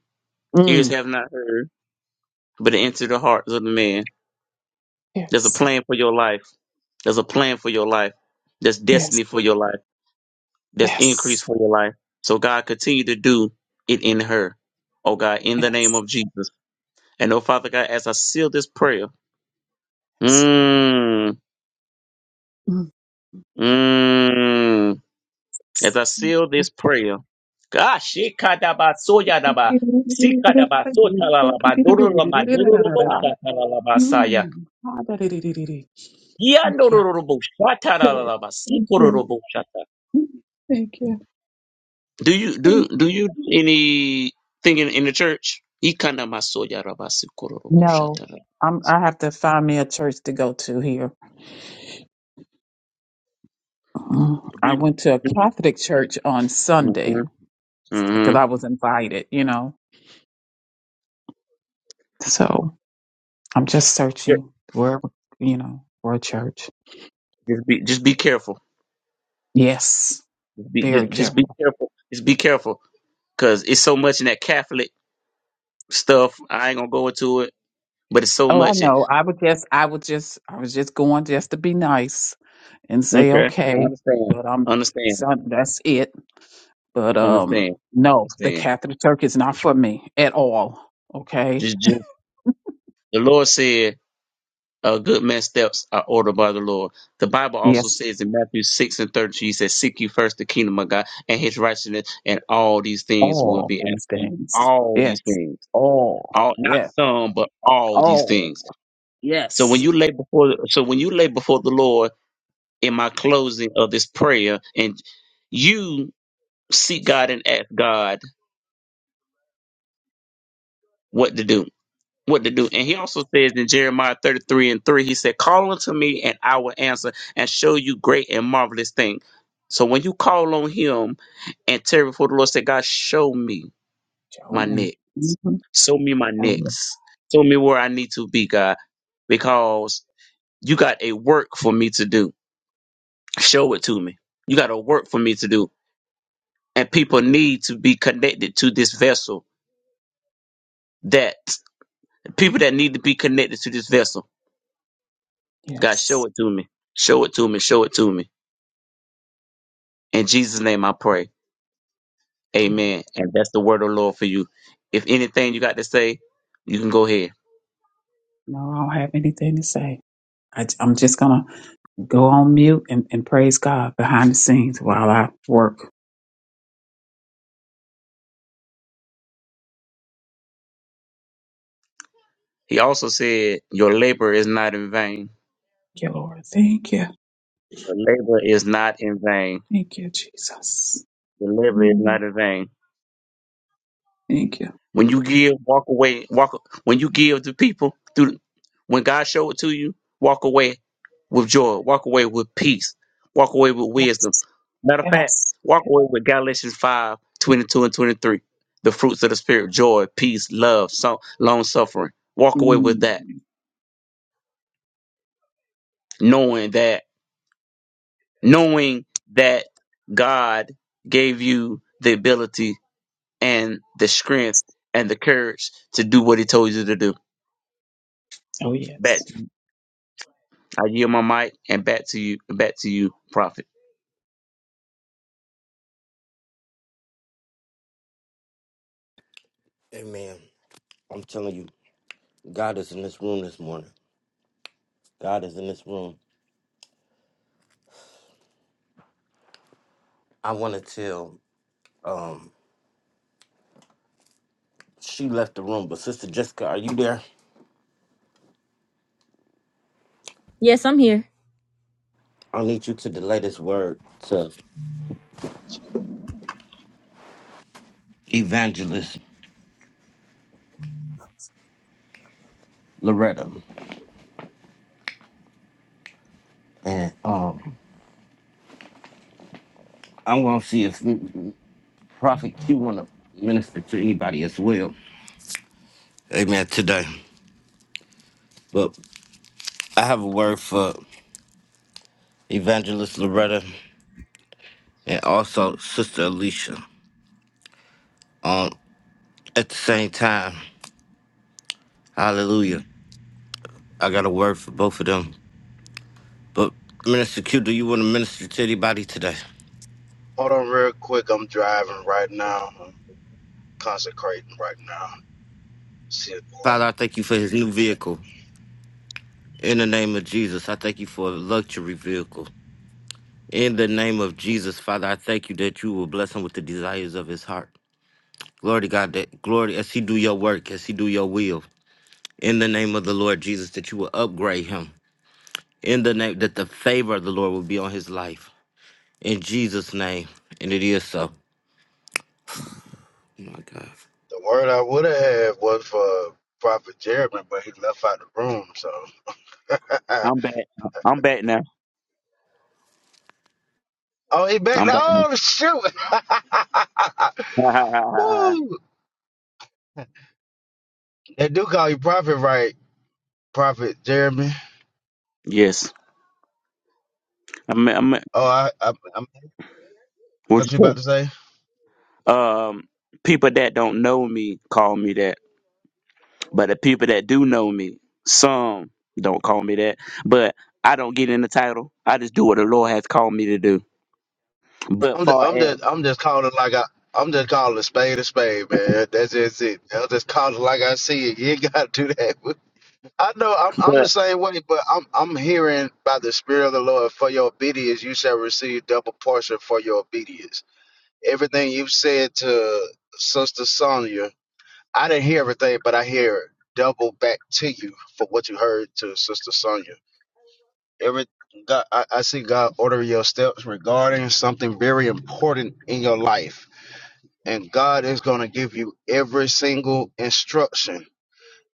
[SPEAKER 5] ears
[SPEAKER 8] Mm.
[SPEAKER 5] have not heard, but it entered the hearts of the man. There's a
[SPEAKER 8] Yes.
[SPEAKER 5] plan for your life. There's a plan for your life. There's
[SPEAKER 8] Yes.
[SPEAKER 5] destiny for your life. There's increase
[SPEAKER 8] Yes.
[SPEAKER 5] for your life. So God continue to do it in her. Oh God, in the name
[SPEAKER 8] Yes.
[SPEAKER 5] of Jesus. And oh Father God, as I seal this prayer. Mm,
[SPEAKER 8] Yes.
[SPEAKER 5] mm. As I
[SPEAKER 8] Thank
[SPEAKER 5] seal
[SPEAKER 8] you.
[SPEAKER 5] this prayer, gosh, shikadabasoyadaba, sikadabasotalalaba, dororoma, dororobosatalalabasaya,
[SPEAKER 8] Mm. Ah, da, da, da, da, da, da. Thank you.
[SPEAKER 5] yandororobosatalalaba,
[SPEAKER 8] Thank you.
[SPEAKER 5] sikororobosata.
[SPEAKER 8] Thank you.
[SPEAKER 5] Do you do
[SPEAKER 8] Thank you.
[SPEAKER 5] do you do anything in, in the church? Ikandamasoyadaba,
[SPEAKER 8] No,
[SPEAKER 5] sikororobosatalalaba.
[SPEAKER 8] I'm, I have to find me a church to go to here. Mm. I
[SPEAKER 5] Do
[SPEAKER 8] went to a
[SPEAKER 5] do you?
[SPEAKER 8] Catholic church on Sunday
[SPEAKER 5] Mm-hmm.
[SPEAKER 8] because
[SPEAKER 5] Mm-hmm.
[SPEAKER 8] I was invited, you know. So I'm just
[SPEAKER 5] Yeah,
[SPEAKER 8] searching wherever, you know, for a church.
[SPEAKER 5] Just be just be careful.
[SPEAKER 8] Yes,
[SPEAKER 5] Just be just,
[SPEAKER 8] very
[SPEAKER 5] just be
[SPEAKER 8] careful.
[SPEAKER 5] careful. Just be careful because it's so much in that Catholic stuff. I ain't gonna go into it, but it's so
[SPEAKER 8] Oh, I
[SPEAKER 5] much. In,
[SPEAKER 8] know. I would just, I would just, I was just going just to be nice and say
[SPEAKER 5] okay, I
[SPEAKER 8] okay,
[SPEAKER 5] understand,
[SPEAKER 8] but um,
[SPEAKER 5] understand,
[SPEAKER 8] son, that's it. But
[SPEAKER 5] understand,
[SPEAKER 8] um, no, the
[SPEAKER 5] understand.
[SPEAKER 8] Catholic Church is not for me at all. Okay.
[SPEAKER 5] Just, just the Lord said, "A good man's steps are ordered by the Lord." The Bible also
[SPEAKER 8] Yes,
[SPEAKER 5] says in Matthew six and thirty, He says, "Seek ye first the kingdom of God and His righteousness, and all these things will
[SPEAKER 8] all
[SPEAKER 5] be added."
[SPEAKER 8] these
[SPEAKER 5] to you."
[SPEAKER 8] things.
[SPEAKER 5] All these
[SPEAKER 8] Yes,
[SPEAKER 5] things,
[SPEAKER 8] all.
[SPEAKER 5] all not
[SPEAKER 8] yeah,
[SPEAKER 5] some, but all these
[SPEAKER 8] all.
[SPEAKER 5] things. So when
[SPEAKER 8] Yes.
[SPEAKER 5] you lay before, so when you lay before the Lord in my closing of this prayer and you seek God and ask God what to do. What to do. And he also says in Jeremiah 33 and 3, he said, Call unto me and I will answer and show you great and marvelous things. So when you call on him and tear before the Lord, say, God, show me
[SPEAKER 8] Tell
[SPEAKER 5] my
[SPEAKER 8] me.
[SPEAKER 5] neck.
[SPEAKER 8] hmm
[SPEAKER 5] Show me my
[SPEAKER 8] Oh,
[SPEAKER 5] necks. Show me where I need to be, God, because you got a work for me to do. Show it to me. You got a work for me to do. and people need to be connected to this vessel. That people that need to be connected to this vessel. God, show
[SPEAKER 8] yes.
[SPEAKER 5] it to me. Show it to me. Show it to me. In Jesus' name I pray.
[SPEAKER 8] Man,
[SPEAKER 5] Amen. And that's the word of the Lord for you. If anything you got to say, you can go ahead.
[SPEAKER 8] no, I don't have anything to say. I, I'm just gonna go on mute and, and praise God behind the scenes while I work. Thank
[SPEAKER 5] He also said, Your labor is not in vain.
[SPEAKER 8] you, Lord. Thank you.
[SPEAKER 5] Your labor is not in vain.
[SPEAKER 8] Thank you, Jesus.
[SPEAKER 5] Your labor is
[SPEAKER 8] Mm.
[SPEAKER 5] not in vain.
[SPEAKER 8] Thank you.
[SPEAKER 5] When you give, walk away. Walk when you give to people through when God showed it to you, walk away with joy, walk away with peace, walk away with wisdom.
[SPEAKER 8] Yes.
[SPEAKER 5] Matter of fact,
[SPEAKER 8] Yes.
[SPEAKER 5] walk away with Galatians 5 22 and 23. The fruits of the spirit, joy, peace, love, so long suffering. Walk away with
[SPEAKER 8] Mm.
[SPEAKER 5] that, knowing that, knowing that God gave you the ability and the strength and the courage to do what he told you to do.
[SPEAKER 8] Oh, yes.
[SPEAKER 5] I yield my mic and back to you. Back to you, Prophet.
[SPEAKER 1] Amen. I'm telling you, God is in this room this morning. God is in this room. I want to tell. Um, she left the room, but Sister Jessica, are you there?
[SPEAKER 2] Yes, I'm here.
[SPEAKER 1] I need you to delay this word to Evangelist Loretta, and um, I'm gonna see if Prophet Q want to minister to anybody as well. Amen. Today, but I have a word for Evangelist Loretta and also Sister Alicia. Um, at the same time, Hallelujah. I got a word for both of them, but Minister Q, do you want to minister to anybody today?
[SPEAKER 9] Hold on real quick. I'm driving right now. I'm consecrating right now. See
[SPEAKER 1] Father, I thank you for his new vehicle. In the name of Jesus, I thank you for a luxury vehicle. In the name of Jesus, Father, I thank you that you will bless him with the desires of his heart. Glory to God, that glory as he do your work, as he do your will. In the name of the Lord Jesus, that you will upgrade him. In the name that the favor of the Lord will be on his life. In Jesus' name, and it is so. Oh my God.
[SPEAKER 9] the word I would have had was for Prophet Jeremy, but he left out the room. So,
[SPEAKER 5] I'm
[SPEAKER 9] *laughs*
[SPEAKER 5] back. I'm back now.
[SPEAKER 9] oh, he back.
[SPEAKER 5] I'm back.
[SPEAKER 9] Oh, shoot. *laughs*
[SPEAKER 5] Now.
[SPEAKER 9] Woo. They do call you Prophet, right? Prophet Jeremy.
[SPEAKER 5] *laughs* yes. I'm, I'm,
[SPEAKER 9] Oh, I, I, I'm,
[SPEAKER 5] what
[SPEAKER 9] what
[SPEAKER 5] you
[SPEAKER 9] you
[SPEAKER 5] say?
[SPEAKER 9] about to say?
[SPEAKER 5] Um, people that don't know me call me that, but the people that do know me, some don't call me that. But I don't get in the title. I just do what the Lord has called me to do. But
[SPEAKER 9] I'm just,
[SPEAKER 5] far
[SPEAKER 9] I'm
[SPEAKER 5] as
[SPEAKER 9] just, I'm just calling like I. I'm just calling a spade a spade, man. That's just it. I'll just call it like I see it. You ain't gotta do that. I know I'm I'm
[SPEAKER 5] but
[SPEAKER 9] the same way, but I'm I'm hearing by the Spirit of the Lord for your obedience you shall receive double portion for your obedience. Everything you have said to Sister Sonia, I didn't hear everything, but I hear double back to you for what you heard to Sister Sonia. Every God, I, I see God ordering your steps regarding something very important in your life, and God is going to give you every single instruction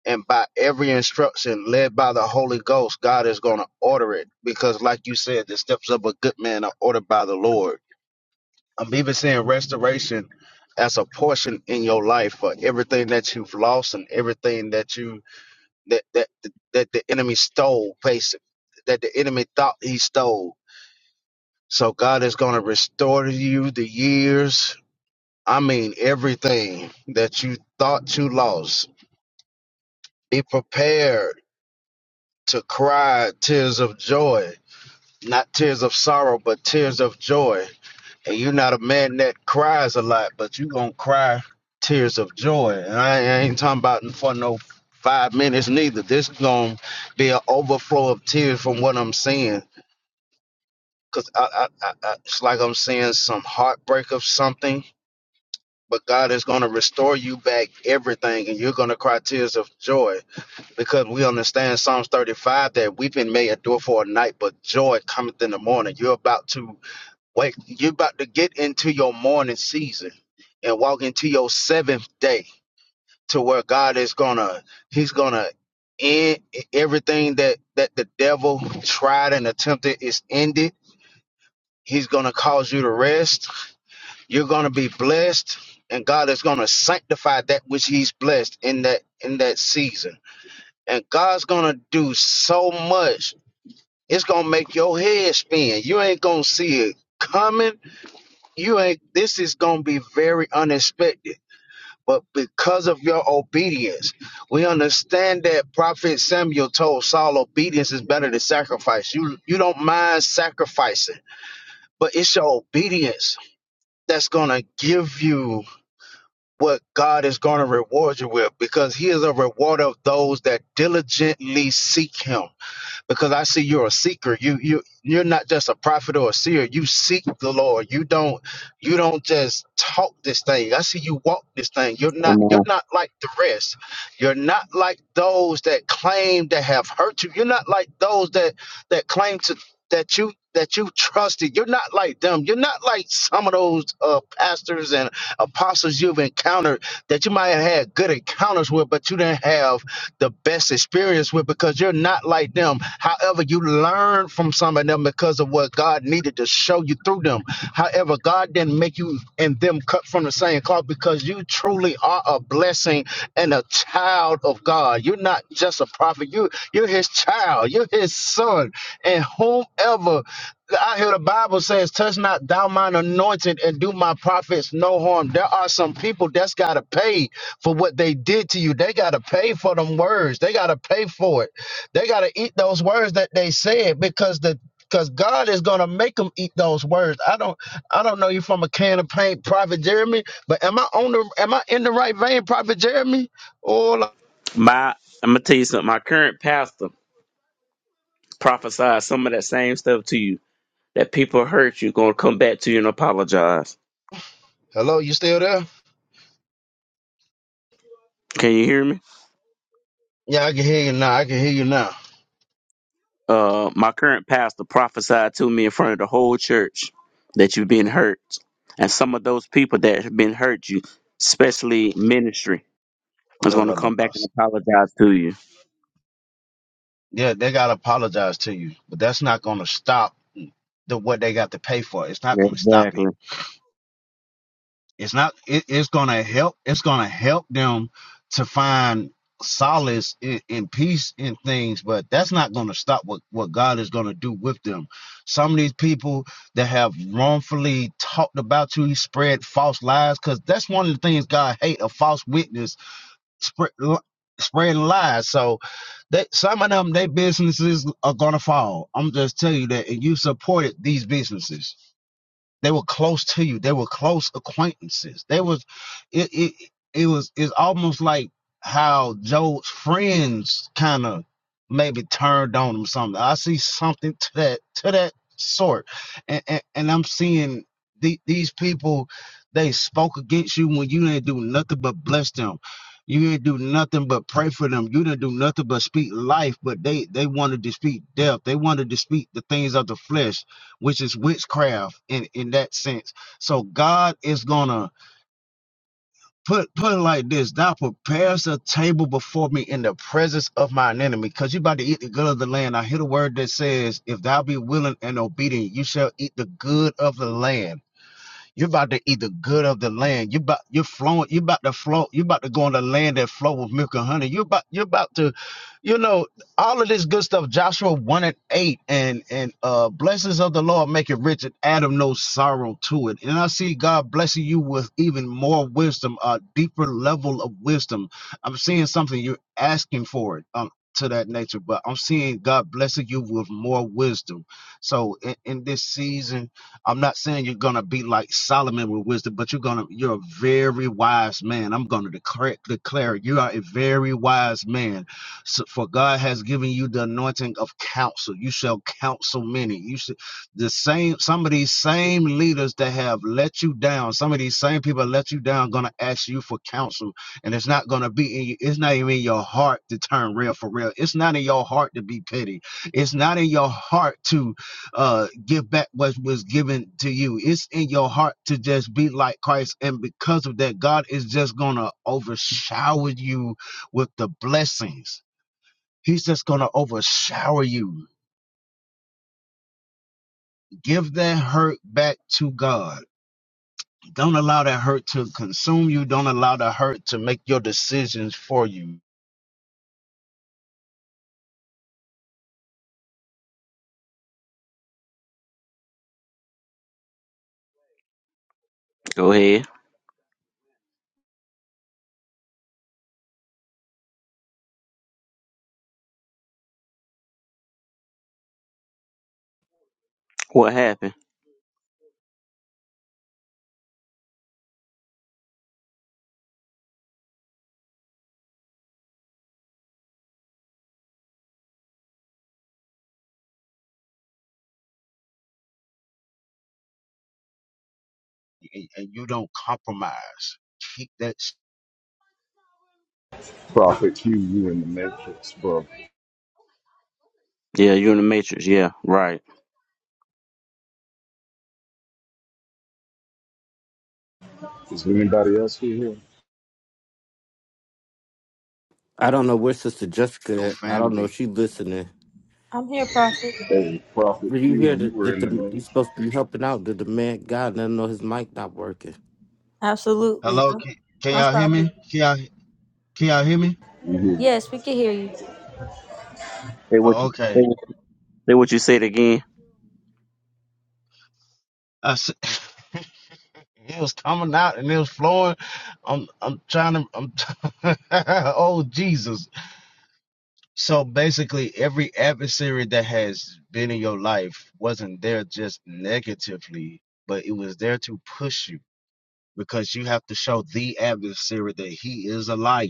[SPEAKER 9] and by every instruction led by the Holy Ghost, God is going to order it because, like you said, the steps of a good man are ordered by the Lord. I'm even seeing restoration as a portion in your life for everything that you've lost and everything that you that that that the enemy stole, basically, that the enemy thought he stole. So God is going to restore to you the years. I mean, everything that you thought you lost. Be prepared to cry tears of joy, not tears of sorrow, but tears of joy. And you're not a man that cries a lot, but you gonna cry tears of joy. And I, ain't talking about for no five minutes neither. This gonna be an overflow of tears from what I'm seeing, cause I, I, I, I, it's like I'm seeing some heartbreak of something. But God is going to restore you back everything, and you're going to cry tears of joy because we understand Psalms 35 that weeping may endure for a night, but joy cometh in the morning. You're about to wake, you're about to get into your morning season and walk into your seventh day to where God is gonna, He's gonna end everything that that the devil tried and attempted is ended. He's gonna cause you to rest. You're gonna be blessed, and God is gonna sanctify that which He's blessed in that in that season and God's gonna do so much. It's gonna make your head spin. You ain't gonna see it coming. You ain't. This is gonna be very unexpected. But because of your obedience, we understand that Prophet Samuel told Saul, "Obedience is better than sacrifice." You you don't mind sacrificing, but it's your obedience that's gonna give you what God is gonna reward you with, because He is a rewarder of those that diligently seek Him. because I see you're a seeker. You you you're not just a prophet or a seer. You seek the Lord. You don't you don't just talk this thing. I see you walk this thing. You're not
[SPEAKER 5] come
[SPEAKER 9] you're
[SPEAKER 5] on,
[SPEAKER 9] not like the rest. You're not like those that claim to have hurt you. You're not like those that that claim to that you that you trusted. You're not like them. You're not like some of those uh, pastors and apostles you've encountered that you might have had good encounters with, but you didn't have the best experience with because you're not like them. However, you learn from some of them because of what God needed to show you through them. However, God didn't make you and them cut from the same cloth because you truly are a blessing and a child of God. You're not just a prophet. You you're his child. You're his son. And whomever I hear the Bible says, touch not thou mine anointed and do my prophets no harm. There are some people that's gotta pay for what they did to you. They got to pay for them words. They got to pay for it. They got to eat those words that they said because the because God is gonna make them eat those words. I don't I don't know you from a can of paint, Prophet Jeremy, but am I on the am I in the right vein, Prophet Jeremy? Or
[SPEAKER 5] my I'm gonna tell you something. My current pastor prophesied some of that same stuff to you. That people hurt you, gonna come back to you and apologize.
[SPEAKER 9] hello, you still there?
[SPEAKER 5] Can you hear me?
[SPEAKER 9] Yeah, I can hear you now. I can hear you now.
[SPEAKER 5] Uh, my current pastor prophesied to me in front of the whole church that you've been hurt, and some of those people that have been hurt you, especially ministry, is
[SPEAKER 9] La,
[SPEAKER 5] going
[SPEAKER 9] la,
[SPEAKER 5] to
[SPEAKER 9] la,
[SPEAKER 5] come back and
[SPEAKER 9] boss.
[SPEAKER 5] apologize to you.
[SPEAKER 9] Yeah, they gotta apologize to you, but that's not gonna stop the what they got to pay for. It's not
[SPEAKER 5] Yeah,
[SPEAKER 9] gonna stop it
[SPEAKER 5] exactly.
[SPEAKER 9] it's not it, it's gonna help it's gonna help them to find solace in, in peace in things but that's not gonna stop what what god is gonna do with them some of these people that have wrongfully talked about you spread false lies because that's one of the things god hate a false witness spread spreading lies so that some of them their businesses are gonna fall i'm just telling you that and you supported these businesses they were close to you. They were close acquaintances. They was it it, it was it's almost like how Joe's friends kind of maybe turned on him something. I see something to that to that sort. And and, and I'm seeing the, these people they spoke against you when you didn't do nothing but bless them. You didn't do nothing but pray for them. You didn't do nothing but speak life, but they they wanted to speak death. They wanted to speak the things of the flesh which is witchcraft in, in that sense. So God is gonna put put it like this: Thou prepares a table before me in the presence of mine enemy. Cause you about to eat the good of the land. I hear the word that says, If thou be willing and obedient, you shall eat the good of the land. You're about to eat the good of the land. You about you're flowing. You about to flow. You about to go on the land that flow with milk and honey. You about you're about to, you know, all of this good stuff. Joshua one and eight, and and uh, blessings of the Lord make it rich, and Adam no sorrow to it. And I see God blessing you with even more wisdom, a deeper level of wisdom. I'm seeing something you're asking for it. Um, to that nature, but I'm seeing God blessing you with more wisdom. So in, in this season I'm not saying you're gonna be like Solomon with wisdom, but you're gonna you're a very wise man. I'm gonna declare declare you are a very wise man. So, for God has given you the anointing of counsel. You shall counsel many. You should the same some of these same leaders that have let you down, some of these same people that let you down gonna ask you for counsel. And it's not gonna be in you, it's not even in your heart to turn real for real. It's not in your heart to be petty. It's not in your heart to uh give back what was given to you it's in your heart to just be like christ and because of that god is just gonna overshower you with the blessings he's just gonna overshower you give that hurt back to god don't allow that hurt to consume you don't allow the hurt to make your decisions for you
[SPEAKER 5] Go ahead. What happened?
[SPEAKER 9] and and you don't compromise keep that s-
[SPEAKER 6] Prophet Q, you in the matrix, bro.
[SPEAKER 5] Yeah, you're in the matrix. Yeah, right.
[SPEAKER 6] Is there anybody else here?
[SPEAKER 1] I don't know where Sister
[SPEAKER 9] your
[SPEAKER 1] Jessica. At. I don't know if
[SPEAKER 9] family
[SPEAKER 1] she listening.
[SPEAKER 2] I'm here, Prophet.
[SPEAKER 6] Hey, Prophet
[SPEAKER 1] Did you
[SPEAKER 6] Q,
[SPEAKER 1] hear
[SPEAKER 6] you
[SPEAKER 1] that,
[SPEAKER 6] were
[SPEAKER 1] that
[SPEAKER 6] in the
[SPEAKER 1] the, you
[SPEAKER 6] matrix.
[SPEAKER 1] supposed to be helping out? Did the man God let him know his mic not working?
[SPEAKER 2] Absolutely.
[SPEAKER 9] hello
[SPEAKER 2] I'm,
[SPEAKER 9] can, can
[SPEAKER 2] I'm
[SPEAKER 9] y'all hear
[SPEAKER 2] sorry.
[SPEAKER 9] me can y'all, can y'all hear me
[SPEAKER 6] You hear me?
[SPEAKER 2] Yes, we can hear you.
[SPEAKER 5] Say what
[SPEAKER 9] oh,
[SPEAKER 5] you say.
[SPEAKER 9] okay
[SPEAKER 5] What, say what you said again.
[SPEAKER 9] I see. *laughs* It was coming out and it was flowing. I'm I'm trying to I'm *laughs* oh Jesus. So basically every adversary that has been in your life wasn't there just negatively, but it was there to push you because you have to show the adversary that he is a liar.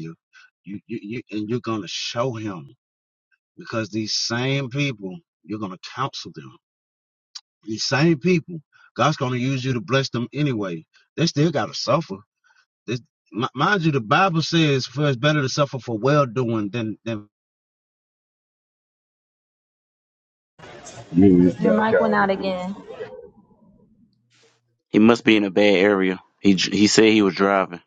[SPEAKER 9] You you, you and you're gonna show him because these same people, you're gonna counsel them. These same people, God's gonna use you to bless them anyway. They still gotta suffer This, mi- mind you, the Bible says, "For it's better to suffer for well doing than than."
[SPEAKER 6] You is back out again.
[SPEAKER 2] man.
[SPEAKER 5] He must be in a bad area. He dr- he said he was driving.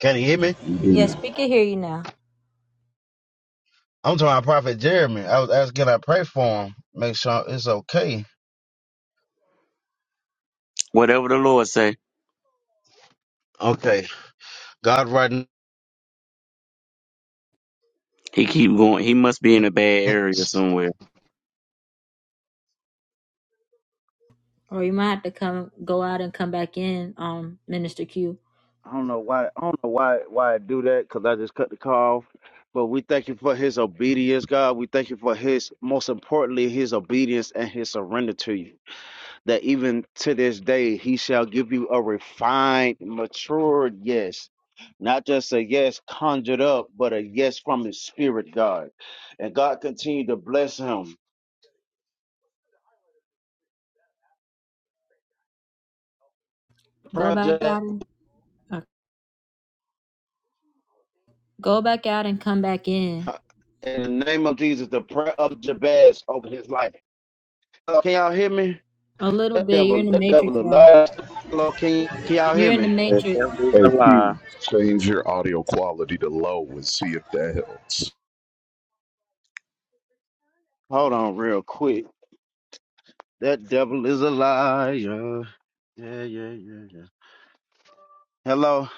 [SPEAKER 9] Can you hear me?
[SPEAKER 6] You do
[SPEAKER 2] Yes,
[SPEAKER 6] not.
[SPEAKER 2] we can hear you now.
[SPEAKER 9] I'm talking about Prophet Jeremy. I was asking, I pray for him, make sure it's okay.
[SPEAKER 5] Whatever the Lord say,
[SPEAKER 9] Okay, God, right. now-
[SPEAKER 5] he keep going. He must be in a bad area
[SPEAKER 9] I
[SPEAKER 5] somewhere.
[SPEAKER 2] Or you might have to come go out and come back in, um, Minister Q.
[SPEAKER 9] don't know why. I don't know why why I do that because I just cut the call off. But we thank you for his obedience, God. We thank you for his most importantly his obedience and his surrender to you. that even to this day he shall give you a refined, matured yes. Not just a yes conjured up, but a yes from his spirit, God. And God continue to bless him. Prayer
[SPEAKER 2] Go
[SPEAKER 9] of
[SPEAKER 2] back
[SPEAKER 9] Jabez,
[SPEAKER 2] out and uh, go back out and come back in.
[SPEAKER 9] uh, in the name of Jesus, the prayer of Jabez over his life. Uh, Can y'all hear me?
[SPEAKER 2] A little
[SPEAKER 9] That
[SPEAKER 2] bit. You're
[SPEAKER 9] devil,
[SPEAKER 2] in the
[SPEAKER 9] that
[SPEAKER 2] matrix
[SPEAKER 9] devil
[SPEAKER 2] though.
[SPEAKER 9] alive. Hello, Can, can y'all hear
[SPEAKER 2] You're in the
[SPEAKER 9] me?
[SPEAKER 5] The
[SPEAKER 2] matrix.
[SPEAKER 5] devil is a
[SPEAKER 6] Hey,
[SPEAKER 5] lie.
[SPEAKER 6] Q,
[SPEAKER 5] I
[SPEAKER 6] change your audio quality to low and see if that helps.
[SPEAKER 9] Hold on real quick. That devil is a liar. Yeah, yeah, yeah, yeah. Hello?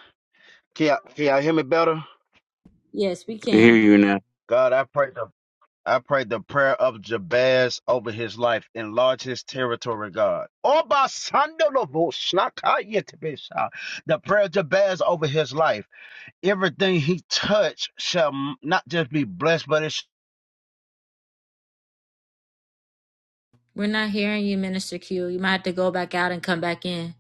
[SPEAKER 9] Can y'all, can y'all hear me better?
[SPEAKER 2] Yes, we
[SPEAKER 5] can hear
[SPEAKER 2] can.
[SPEAKER 5] you now.
[SPEAKER 9] God, I pray the I pray the prayer of Jabez over his life. Enlarge his territory, God. Oba sandalobo shnakayetebesha. The prayer of Jabez over his life. Everything he touched shall m- not just be blessed, but it's
[SPEAKER 2] We're not hearing you, Minister Q. You might have to go back out and come back in.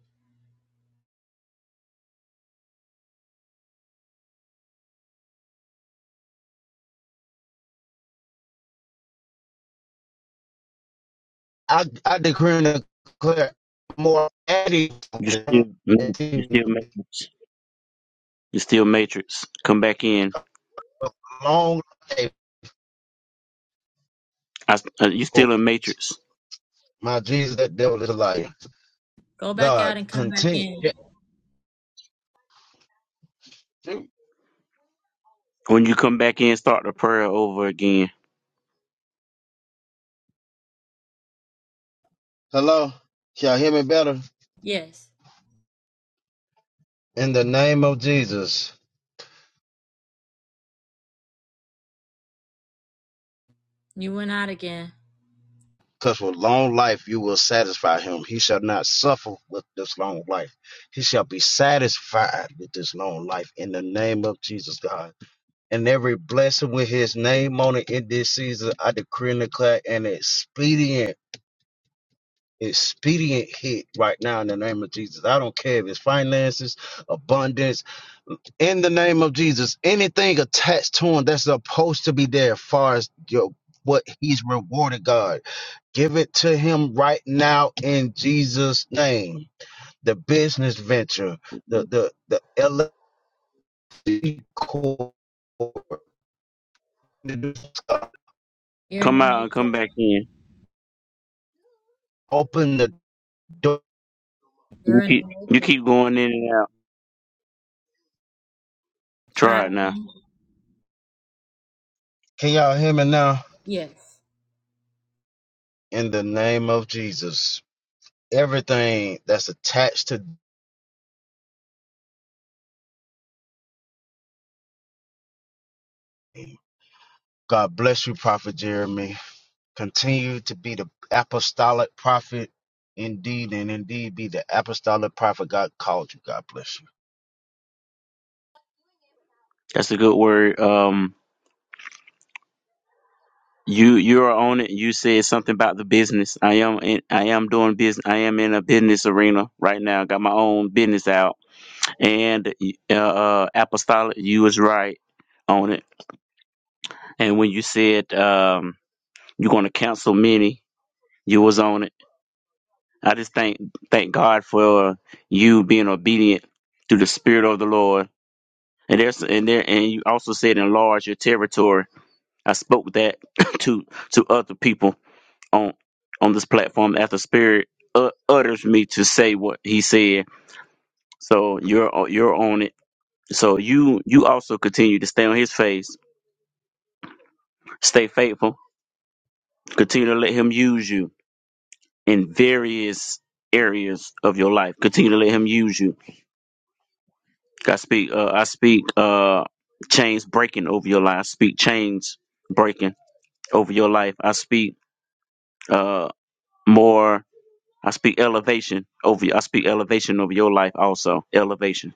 [SPEAKER 9] I, I decree and declare more adding
[SPEAKER 5] You still,
[SPEAKER 9] to
[SPEAKER 5] you still
[SPEAKER 9] it.
[SPEAKER 5] matrix. You still matrix. Come back in.
[SPEAKER 9] long life.
[SPEAKER 5] I, uh, you
[SPEAKER 9] Oh,
[SPEAKER 5] still in matrix.
[SPEAKER 9] my Jesus, that devil is a liar.
[SPEAKER 2] Go back out
[SPEAKER 9] God,
[SPEAKER 2] and come back
[SPEAKER 9] continue.
[SPEAKER 2] in.
[SPEAKER 5] When you come back in, start the prayer over again.
[SPEAKER 9] Hello? Can y'all hear me better?
[SPEAKER 2] Yes.
[SPEAKER 9] in the name of Jesus,
[SPEAKER 2] You went out again.
[SPEAKER 9] because with long life you will satisfy him. He shall not suffer with this long life. He shall be satisfied with this long life in the name of Jesus, God. And every blessing with his name on it in this season, I decree and declare an expedient. Expedient hit right now in the name of Jesus. I don't care if it's finances, abundance, in the name of Jesus. Anything attached to him that's supposed to be there, as far as your what he's rewarded God. Give it to him right now in Jesus' name. The business venture, the the the LLC core,
[SPEAKER 2] You're in
[SPEAKER 5] Come
[SPEAKER 2] the
[SPEAKER 5] out and come
[SPEAKER 2] matrix.
[SPEAKER 5] back in.
[SPEAKER 9] open the door.
[SPEAKER 5] You
[SPEAKER 2] You're in the
[SPEAKER 5] keep, you
[SPEAKER 2] matrix.
[SPEAKER 5] keep going in and out.
[SPEAKER 2] Try.
[SPEAKER 5] Try it now.
[SPEAKER 9] Can y'all hear me now?
[SPEAKER 2] Yes.
[SPEAKER 9] In the name of Jesus, everything that's attached to me. God bless you, Prophet Jeremy. Continue to be the apostolic prophet, indeed, and indeed be the apostolic prophet God called you. God bless you.
[SPEAKER 5] That's a good word. Um, you, you are on it. You said something about the business. I am, in, I am doing business. I am in a business arena right now. Got my own business out. And uh, uh apostolic, you was right on it. And when you said, um. You're going to cancel many. You was on it. I just thank thank God for uh, you being obedient to the Spirit of the Lord. And there's and there and you also said enlarge your territory. I spoke that *coughs* to to other people on on this platform as the Spirit uh, utters me to say what He said. So you're o- you're on it. So you you also continue to stay on His face, stay faithful, continue to let Him use you in various areas of your life. Continue to let him use you. I speak uh I speak uh chains breaking over your life. I speak chains breaking over your life. I speak uh more I speak elevation over you. I speak elevation over your life also. Elevation.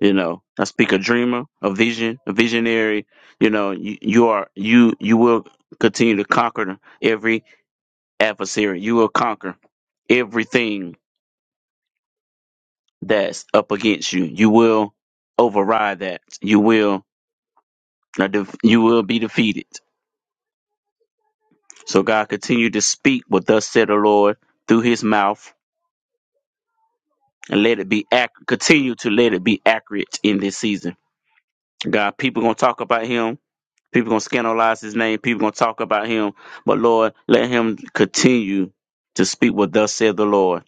[SPEAKER 5] You know, I speak a dreamer, a vision, a visionary. You know, you, you are you you will continue to conquer every adversary. You will conquer everything that's up against you. You will override that. You will uh, def- you will be defeated. So God continue to speak what thus said the Lord through His mouth, and let it be ac- continue to let it be accurate in this season. God, people gonna talk about Him. People gonna scandalize His name. People gonna talk about Him. But Lord, let Him continue to speak what thus said the Lord.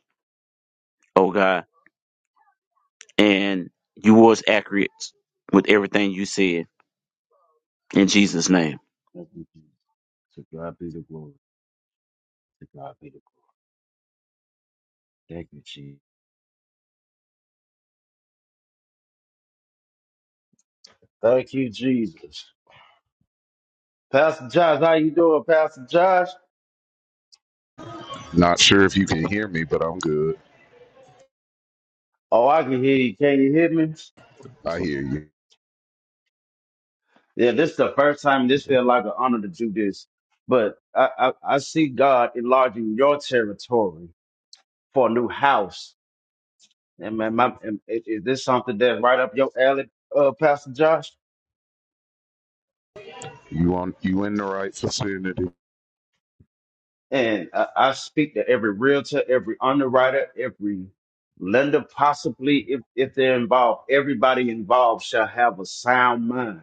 [SPEAKER 5] Oh God, and you was accurate with everything you said in Jesus' name.
[SPEAKER 9] Thank you, Jesus. To God be the glory. To God be the glory. Thank you, Jesus. Thank you, Jesus. Pastor Josh, how you doing, Pastor Josh?
[SPEAKER 6] Not sure if you can hear me, but I'm good.
[SPEAKER 9] Oh, I can hear you. Can you hear me?
[SPEAKER 6] I hear you.
[SPEAKER 9] Yeah, this is the first time. This feel like an honor to do this, but I I, I see God enlarging your territory for a new house. And man, my, and is is this something that's right up your alley, uh, Pastor Josh?
[SPEAKER 6] You on? You in the right vicinity?
[SPEAKER 9] And I, I speak to every realtor, every underwriter, every lender, possibly if, if they're involved, everybody involved shall have a sound mind.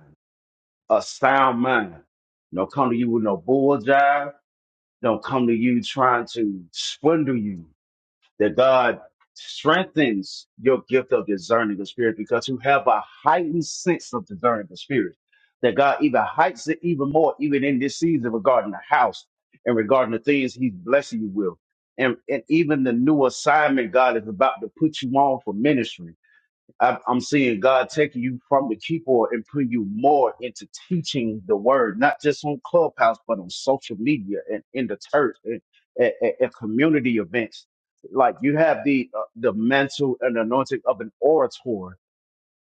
[SPEAKER 9] A sound mind. Don't come to you with no bull jive. Don't come to you trying to swindle you that God strengthens your gift of discerning the spirit because you have a heightened sense of discerning the spirit. That God even heightens it even more, even in this season regarding the house and regarding the things He's blessing you with. And, and even the new assignment God is about to put you on for ministry I, I'm seeing God taking you from the keyboard and putting you more into teaching the word, not just on Clubhouse, but on social media and in the church and at, at, at community events. Like you have the uh, the mantle and anointing of an orator,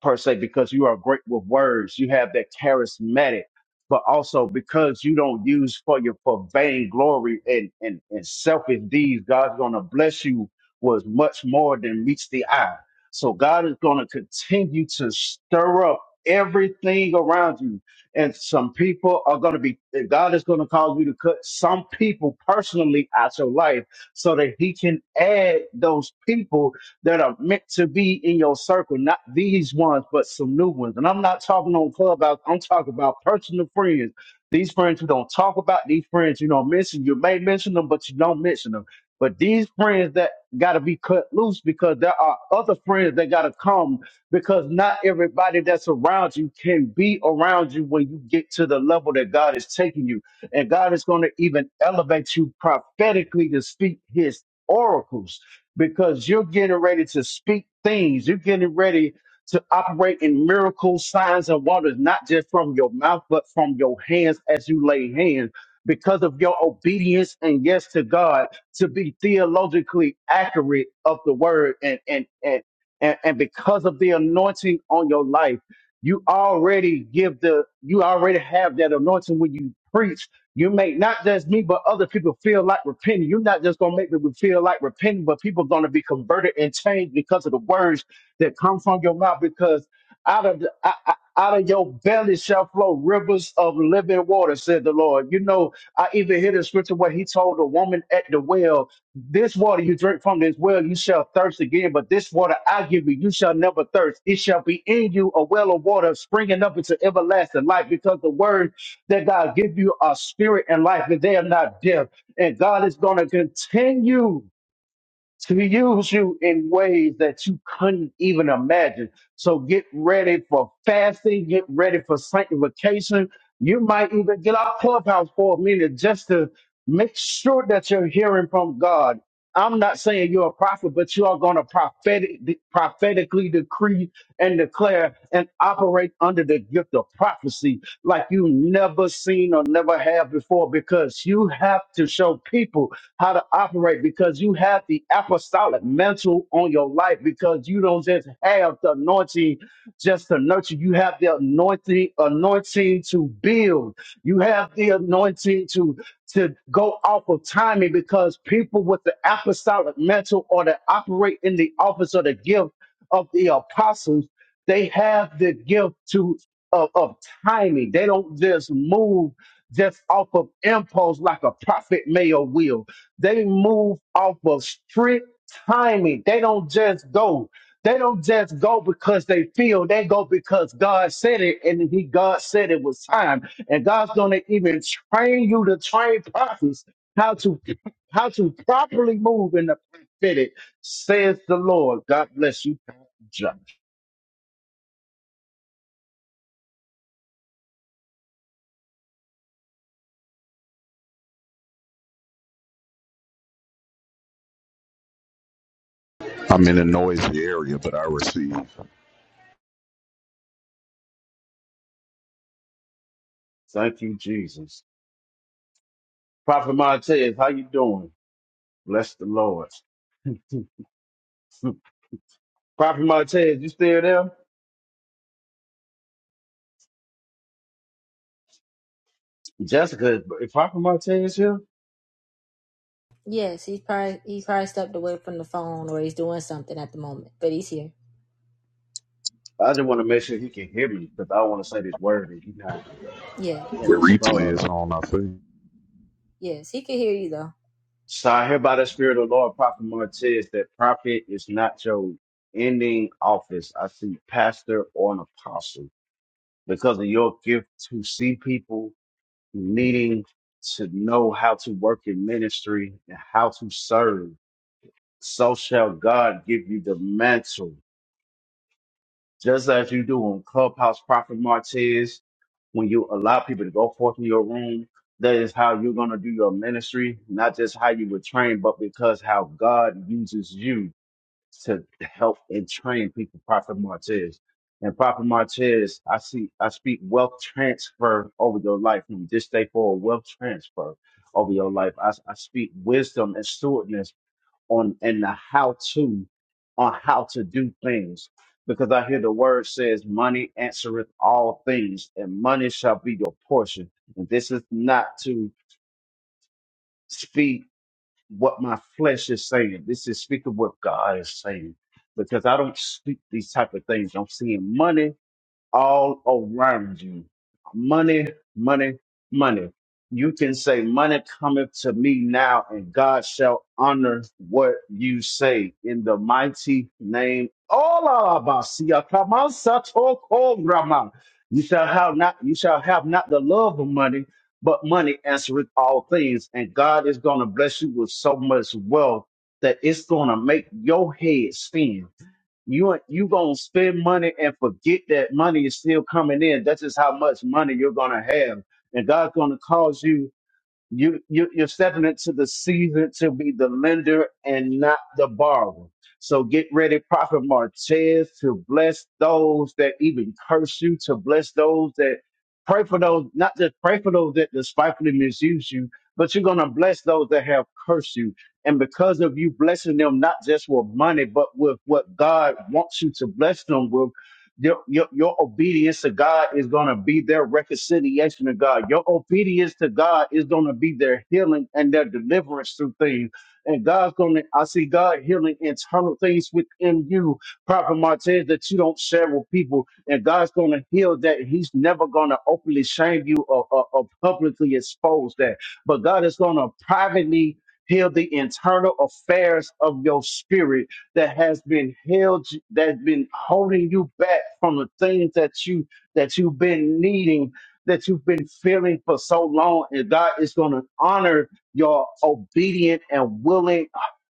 [SPEAKER 9] per se because you are great with words. You have that charismatic, but also because you don't use for your for vain glory and, and, and selfish deeds, God's gonna bless you with much more than meets the eye. So God is gonna continue to stir up everything around you. And some people are gonna be God is gonna cause you to cut some people personally out your life so that he can add those people that are meant to be in your circle, not these ones, but some new ones. And I'm not talking on Clubhouse, I'm talking about personal friends. These friends you don't talk about, these friends you don't mention. You may mention them, but you don't mention them. But these friends that got to be cut loose because there are other friends that got to come because not everybody that's around you can be around you when you get to the level that God is taking you. And God is going to even elevate you prophetically to speak his oracles because you're getting ready to speak things. You're getting ready to operate in miracles, signs, and wonders, not just from your mouth, but from your hands as you lay hands. Because of your obedience and yes to God, to be theologically accurate of the word, and and and and, and because of the anointing on your life, you already give the you already have that anointing when you preach you make not just me, but other people feel like repenting. You're not just gonna make people feel like repenting, but people gonna be converted and changed because of the words that come from your mouth. Because out of the, I- I- out of your belly shall flow rivers of living water, said the Lord. You know, I even hear the scripture where He told the woman at the well, "This water you drink from this well, you shall thirst again. But this water I give you, you shall never thirst. It shall be in you a well of water springing up into everlasting life." Because the word that God give you a spirit and life, that they are not deaf. And God is going to continue to use you in ways that you couldn't even imagine. So get ready for fasting, get ready for sanctification. You might even get off clubhouse for a minute just to make sure that you're hearing from God. I'm not saying you're a prophet, but you are going to prophetic, prophetically decree and declare and operate under the gift of prophecy like you never seen or never have before because you have to show people how to operate because you have the apostolic mantle on your life because you don't just have the anointing just to nurture. You have the anointing, anointing to build. You have the anointing to to go off of timing because people with the apostolic mantle or that operate in the office of the gift of the apostles, they have the gift to of, of timing. They don't just move just off of impulse like a prophet may or will. They move off of strict timing. They don't just go. They don't just go because they feel. They go because God said it, and He God said it was time. And God's gonna even train you to train prophets how to how to properly move in the prophetic, says the Lord. God bless you, Pastor John.
[SPEAKER 6] I'm in a noisy area, but I receive. The
[SPEAKER 9] Thank you, Jesus. Prophet Montez, how you doing? Bless the Lord. Prophet Montez, you still there? Jessica, is Prophet Martez here?
[SPEAKER 2] Yes, he's probably he's probably stepped away from the phone or he's doing something at the moment, but he's here.
[SPEAKER 9] I just want to make sure he can hear me because I want to say this word and he not
[SPEAKER 2] Yeah,
[SPEAKER 9] in
[SPEAKER 6] replay
[SPEAKER 9] respond.
[SPEAKER 6] is on, I think.
[SPEAKER 2] yes, he can hear you though.
[SPEAKER 9] So I hear by the Spirit of the Lord, Prophet Martez, that prophet is not your ending office. I see pastor or an apostle because of your gift to see people needing to know how to work in ministry and how to serve. So shall God give you the mantle just as you do on Clubhouse Prophet Martez, when you allow people to go forth in your room, that is how you're going to do your ministry, not just how you were trained, but because how God uses you to help and train people, Prophet Martez. And Prophet Martez, I see, I speak wealth transfer over your life from this day forward, wealth transfer over your life. I, I speak wisdom and stewardness on and the how to on how to do things. Because I hear the word says, Money answereth all things, and money shall be your portion. And this is not to speak what my flesh is saying. This is speaking what God is saying. Because I don't speak these type of things. I'm seeing money all around you. Money, money, money. You can say, Money cometh to me now, and God shall honor what you say in the mighty name. All You shall have not you shall have not the love of money, but money answereth all things. And God is gonna bless you with so much wealth that it's gonna make your head spin you you gonna spend money and forget that money is still coming in. That's just how much money you're gonna have, and God's gonna cause you you, you you're stepping into the season to be the lender and not the borrower. So get ready, Prophet Martez, to bless those that even curse you, to bless those that pray for those, not just pray for those that despitefully misuse you, but you're gonna bless those that have cursed you. And because of you blessing them, not just with money, but with what God wants you to bless them with, your, your, your obedience to God is going to be their reconciliation to God. Your obedience to God is going to be their healing and their deliverance through things. And God's going to, I see God healing internal things within you, Prophet Martez, that you don't share with people. And God's going to heal that. He's never going to openly shame you or, or, or publicly expose that. But God is going to privately heal the internal affairs of your spirit that has been held that's been holding you back from the things that you that you've been needing that you've been feeling for so long and god is going to honor your obedient and willing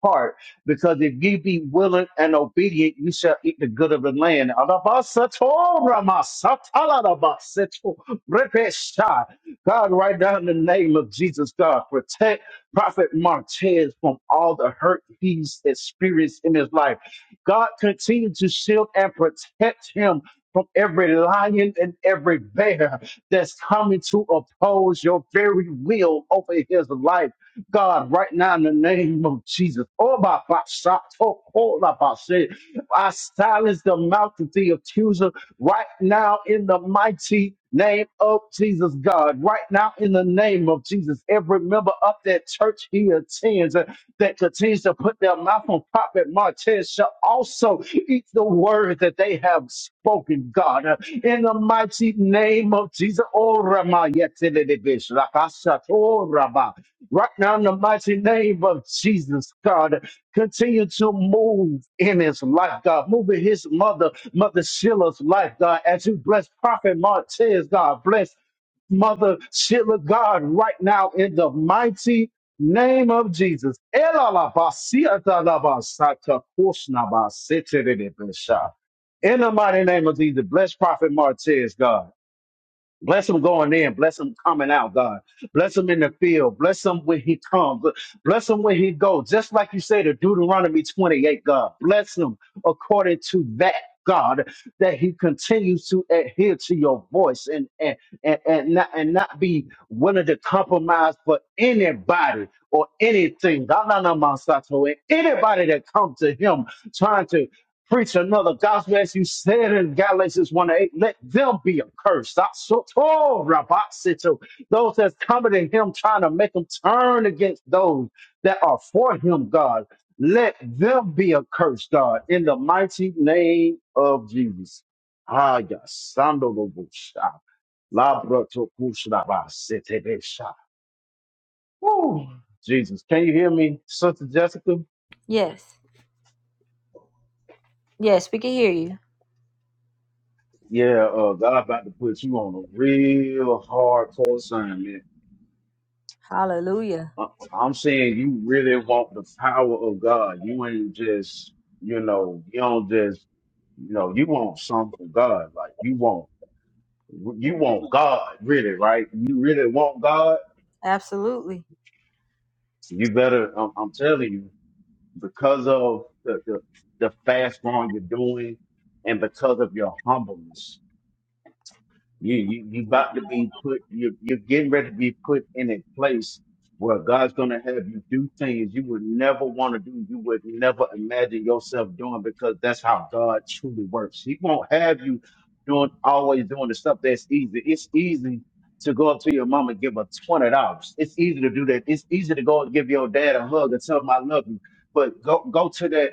[SPEAKER 9] heart because if you be willing and obedient you shall eat the good of the land Alabasato, ramasatalalabasito, repesha. god right now in the name of jesus god protect Prophet Martez from all the hurt he's experienced in his life. God continue to shield and protect him from every lion and every bear that's coming to oppose your very will over his life. God, right now in the name of Jesus, oh my, my, shot, oh, oh, my, my, shit. I silence the mouth of the accuser right now in the mighty name of Jesus God. Right now in the name of Jesus, every member of that church he attends uh, that continues to put their mouth on Prophet Martez shall also eat the word that they have spoken, God. Uh, In the mighty name of Jesus. Oh, Ramah, yet, Right now, in the mighty name of Jesus, God, continue to move in his life, God. Move in his mother, Mother Sheila's life, God. As you bless Prophet Martez, God, bless Mother Sheila, God, right now, in the mighty name of Jesus. In the mighty name of Jesus, bless Prophet Martez, God. Bless him going in. Bless him coming out, God. Bless him in the field. Bless him when he comes. Bless him when he goes. Just like you say to Deuteronomy 28, God. Bless him according to that. God, that he continues to adhere to your voice and and, and, and not and not be willing to compromise for anybody or anything. God, nah, nah, nah, Sato. And anybody that comes to him trying to preach another gospel as you said in Galatians 1 8. Let them be accursed. Ah, so- oh, Rabasito. Those that's coming to him trying to make him turn against those that are for him, God. Let them be accursed, God, in the mighty name of Jesus. Ah, yes. Sando lo busha. Labra to kushra ba sete besha. Jesus, can you hear me, Sister Jessica?
[SPEAKER 2] Yes, yes, we can hear you.
[SPEAKER 9] Yeah, uh, God about to put you on a real hardcore assignment.
[SPEAKER 2] Hallelujah.
[SPEAKER 9] Uh, I'm saying you really want the power of God. You ain't just, you know, you don't just, you know, you want something from God. Like you want, you want God really, right? You really want God.
[SPEAKER 2] Absolutely.
[SPEAKER 9] You better, I'm, I'm telling you, because of the, the, the fast growing you're doing and because of your humbleness. You you you about to be put. You you're getting ready to be put in a place where God's gonna have you do things you would never want to do. You would never imagine yourself doing because that's how God truly works. He won't have you doing always doing the stuff that's easy. It's easy to go up to your mom and give her twenty dollars. It's easy to do that. It's easy to go and give your dad a hug and tell him I love you. But go go to that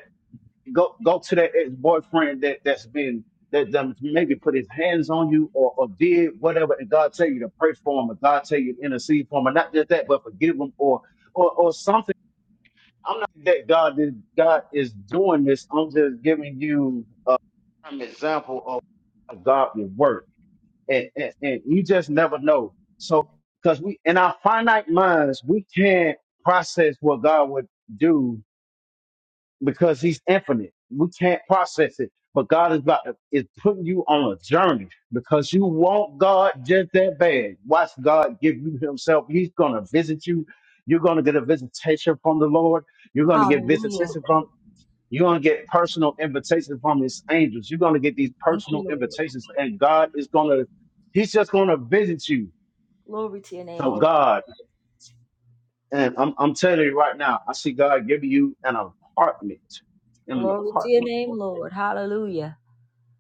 [SPEAKER 9] go go to that ex boyfriend that that's been that, that maybe put his hands on you or, or did whatever, and God tell you to pray for him, or God tell you to intercede for him, and not just that, but forgive him or or or something. I'm not that God is God is doing this. I'm just giving you a prime example of a godly work, and, and and you just never know. So because we in our finite minds we can't process what God would do because he's infinite. We can't process it. But God is about to, is putting you on a journey because you want God just that bad. Watch God give you himself. He's gonna visit you. You're gonna get a visitation from the Lord. You're gonna get
[SPEAKER 2] Hallelujah.
[SPEAKER 9] visitation from you're gonna get personal invitations from his angels. You're gonna get these
[SPEAKER 2] Thank
[SPEAKER 9] personal
[SPEAKER 2] you, Lord.
[SPEAKER 9] invitations, and God is gonna, He's just gonna visit you.
[SPEAKER 2] Glory to your name,
[SPEAKER 9] So
[SPEAKER 2] Lord.
[SPEAKER 9] God, and I'm I'm telling you right now, I see God giving you an apartment. An
[SPEAKER 2] Glory to your
[SPEAKER 9] apartment.
[SPEAKER 2] name, Lord. Hallelujah.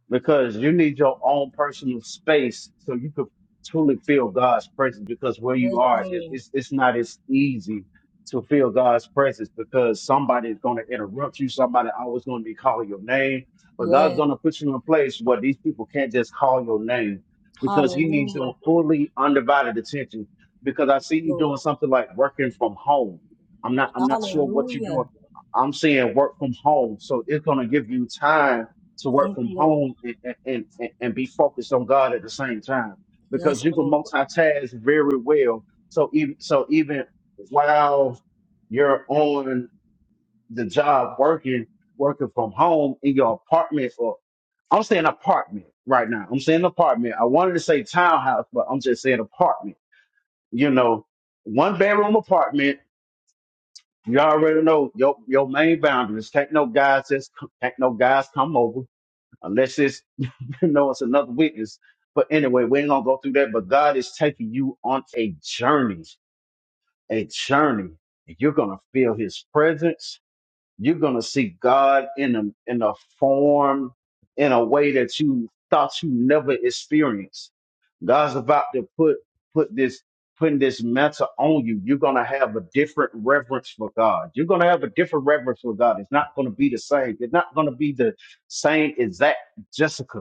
[SPEAKER 9] because you need your own personal space so you could truly feel God's presence. Because where
[SPEAKER 2] Yes,
[SPEAKER 9] you are, it,
[SPEAKER 2] Lord.
[SPEAKER 9] it's it's not as easy to feel God's presence because somebody is going to interrupt you. Somebody always going to be calling your name, but God's
[SPEAKER 2] Yes.
[SPEAKER 9] going to put you in a place where these people can't just call your name because He needs
[SPEAKER 2] Hallelujah,
[SPEAKER 9] your fully undivided attention. Because I see you doing
[SPEAKER 2] Lord.
[SPEAKER 9] something like working from home. I'm not I'm not sure what you're doing.
[SPEAKER 2] Hallelujah.
[SPEAKER 9] I'm seeing work from home, so it's going to give you time to work
[SPEAKER 2] Thank
[SPEAKER 9] from
[SPEAKER 2] you, Lord.
[SPEAKER 9] home and, and, and, and be focused on God at the same time because
[SPEAKER 2] Yes,
[SPEAKER 9] you can
[SPEAKER 2] Lord.
[SPEAKER 9] multitask very well. So even so even while you're on the job working working from home in your apartment or I'm saying apartment right now. I'm saying apartment. I wanted to say townhouse, but I'm just saying apartment. You know, one bedroom apartment. You already know your your main boundaries. Can't no guys just can't no guys come over unless it's *laughs* You know, it's another witness. But anyway, we ain't gonna go through that. But God is taking you on a journey, a journey. You're gonna feel His presence. You're gonna see God in a in a form, in a way that you thought you never experienced. God's about to put put this putting this mantle on you. You're gonna have a different reverence for God. You're gonna have a different reverence for God. It's not gonna be the same. It's not gonna be the same exact Jessica.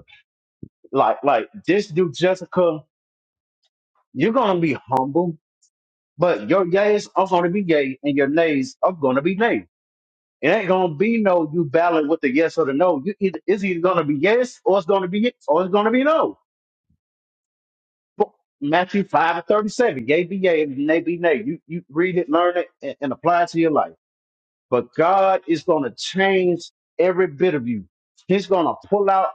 [SPEAKER 9] Like, like this dude Jessica, you're gonna be humble, but your yays are gonna be yay and your nays are gonna be nay. It ain't gonna be no you ballot with the yes or the no. You either it's either gonna be yes or it's gonna be yes or it's gonna be no. Bo- Matthew five and thirty seven, yay be yay and nay be nay. You you read it, learn it, and, and apply it to your life. But God is going to change every bit of you. He's going to pull out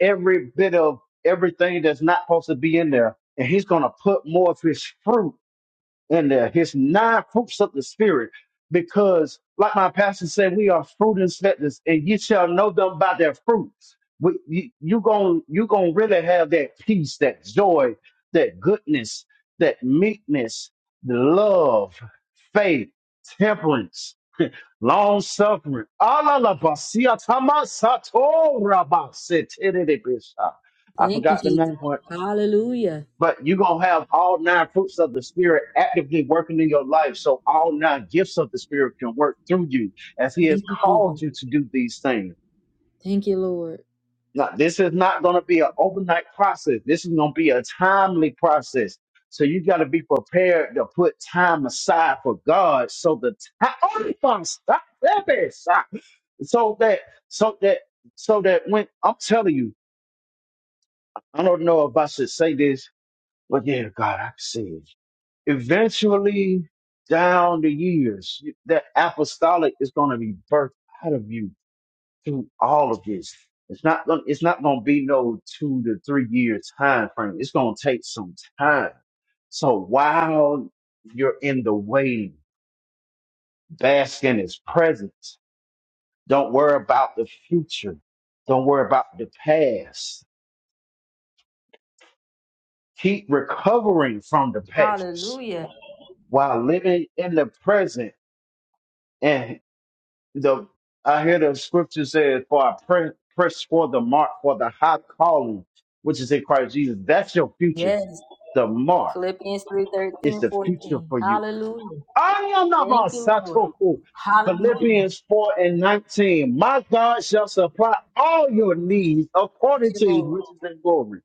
[SPEAKER 9] every bit of everything that's not supposed to be in there. And he's going to put more of his fruit in there, his nine fruits of the spirit. Because, like my pastor said, we are fruit inspectors, and you shall know them by their fruits. We, you, you gon' you gonna really have that peace, that joy, that goodness, that meekness, the love, faith, temperance Long suffering. I forgot
[SPEAKER 2] Thank you,
[SPEAKER 9] the
[SPEAKER 2] Jesus.
[SPEAKER 9] name for it.
[SPEAKER 2] Hallelujah.
[SPEAKER 9] But you're going to have all nine fruits of the Spirit actively working in your life. So all nine gifts of the Spirit can work through you as He has
[SPEAKER 2] Thank you, Jesus.
[SPEAKER 9] called you to do these things.
[SPEAKER 2] Thank you, Lord.
[SPEAKER 9] Now, this is not going to be an overnight process. This is going to be a timely process. So you got to be prepared to put time aside for God so the time. so that so that so that when I'm telling you, I don't know if I should say this, but yeah, God, I can say it. Eventually, down the years, that apostolic is going to be birthed out of you through all of this. It's not gonna, it's not going to be no two to three year time frame. It's going to take some time. So while you're in the waiting, bask in His presence Don't worry about the future. Don't worry about the past. Keep recovering from the past
[SPEAKER 2] Hallelujah.
[SPEAKER 9] while living in the present. And the I hear the scripture says, "For I pre- press for the mark for the high calling, which is in Christ Jesus." That's your future.
[SPEAKER 2] Yes.
[SPEAKER 9] The mark
[SPEAKER 2] Philippians 3
[SPEAKER 9] is
[SPEAKER 2] 13
[SPEAKER 9] the future
[SPEAKER 2] 14.
[SPEAKER 9] for you.
[SPEAKER 2] Hallelujah.
[SPEAKER 9] I am not
[SPEAKER 2] Thank
[SPEAKER 9] my
[SPEAKER 2] you, Lord.
[SPEAKER 9] Satoku.
[SPEAKER 2] Hallelujah.
[SPEAKER 9] Philippians 4 and 19. My God shall supply all your needs
[SPEAKER 2] Thank
[SPEAKER 9] according
[SPEAKER 2] you,
[SPEAKER 9] to his
[SPEAKER 2] Lord.
[SPEAKER 9] riches and glory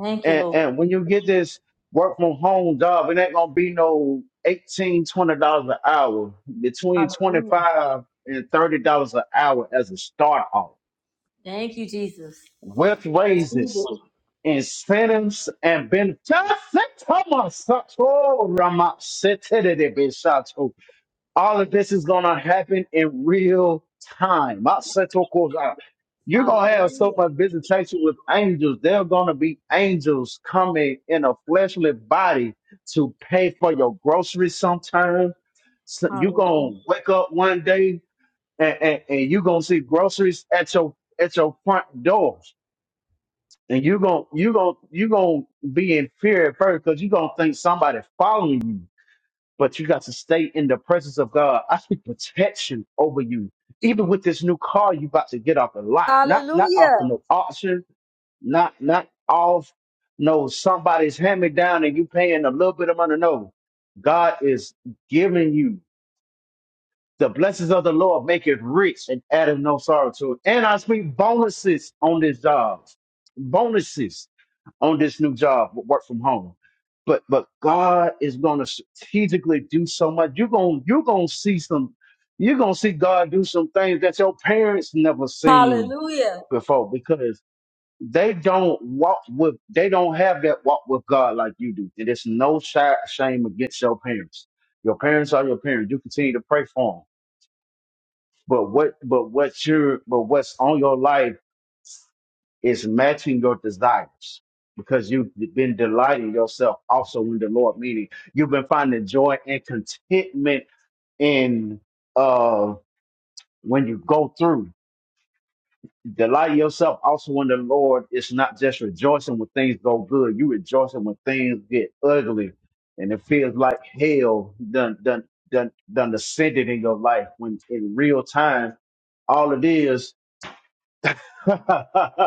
[SPEAKER 2] Thank you,
[SPEAKER 9] And,
[SPEAKER 2] Lord.
[SPEAKER 9] and when you get this work from home job, it ain't gonna be no eighteen, twenty dollars an hour. Between twenty
[SPEAKER 2] Hallelujah.
[SPEAKER 9] five and thirty dollars an hour as a start off,
[SPEAKER 2] Thank you, Jesus.
[SPEAKER 9] with
[SPEAKER 2] Receive
[SPEAKER 9] raises,
[SPEAKER 2] it.
[SPEAKER 9] incentives, and benefits. Thomas, oh, Rama, all of this is gonna happen in real time. My central course, uh, you're gonna have so
[SPEAKER 2] Hallelujah.
[SPEAKER 9] much visitation with angels. There are gonna be angels coming in a fleshly body to pay for your groceries sometime. So you're
[SPEAKER 2] Hallelujah.
[SPEAKER 9] gonna wake up one day and, and, and you're gonna see groceries at your at your front doors. And you're gonna you gonna you gonna be in fear at first because you're gonna think somebody following you but you got to stay in the presence of God. I speak protection over you. Even with this new car you about to get off the lot, not not off
[SPEAKER 2] Hallelujah.
[SPEAKER 9] of no auction, not not off no somebody's hand me down and you paying a little bit of money. No, God is giving you. The blessings of the Lord make it rich and addeth no sorrow to it. And I speak bonuses on this job. Bonuses on this new job, work from home. But but God is gonna strategically do so much. You're gonna you're gonna see some you're gonna see God do some things that your parents never seen
[SPEAKER 2] Hallelujah.
[SPEAKER 9] before because they don't walk with they don't have that walk with God like you do. And it's no shy, shame against your parents. Your parents are your parents. You continue to pray for them but what but what's your but what's on your life is matching your desires because you've been delighting yourself also in the Lord, meaning you've been finding joy and contentment in uh when you go through. Delight yourself also in the Lord. It's not just rejoicing when things go good. You rejoicing when things get ugly and it feels like hell done done done done descended in your life when in real time all it is *laughs*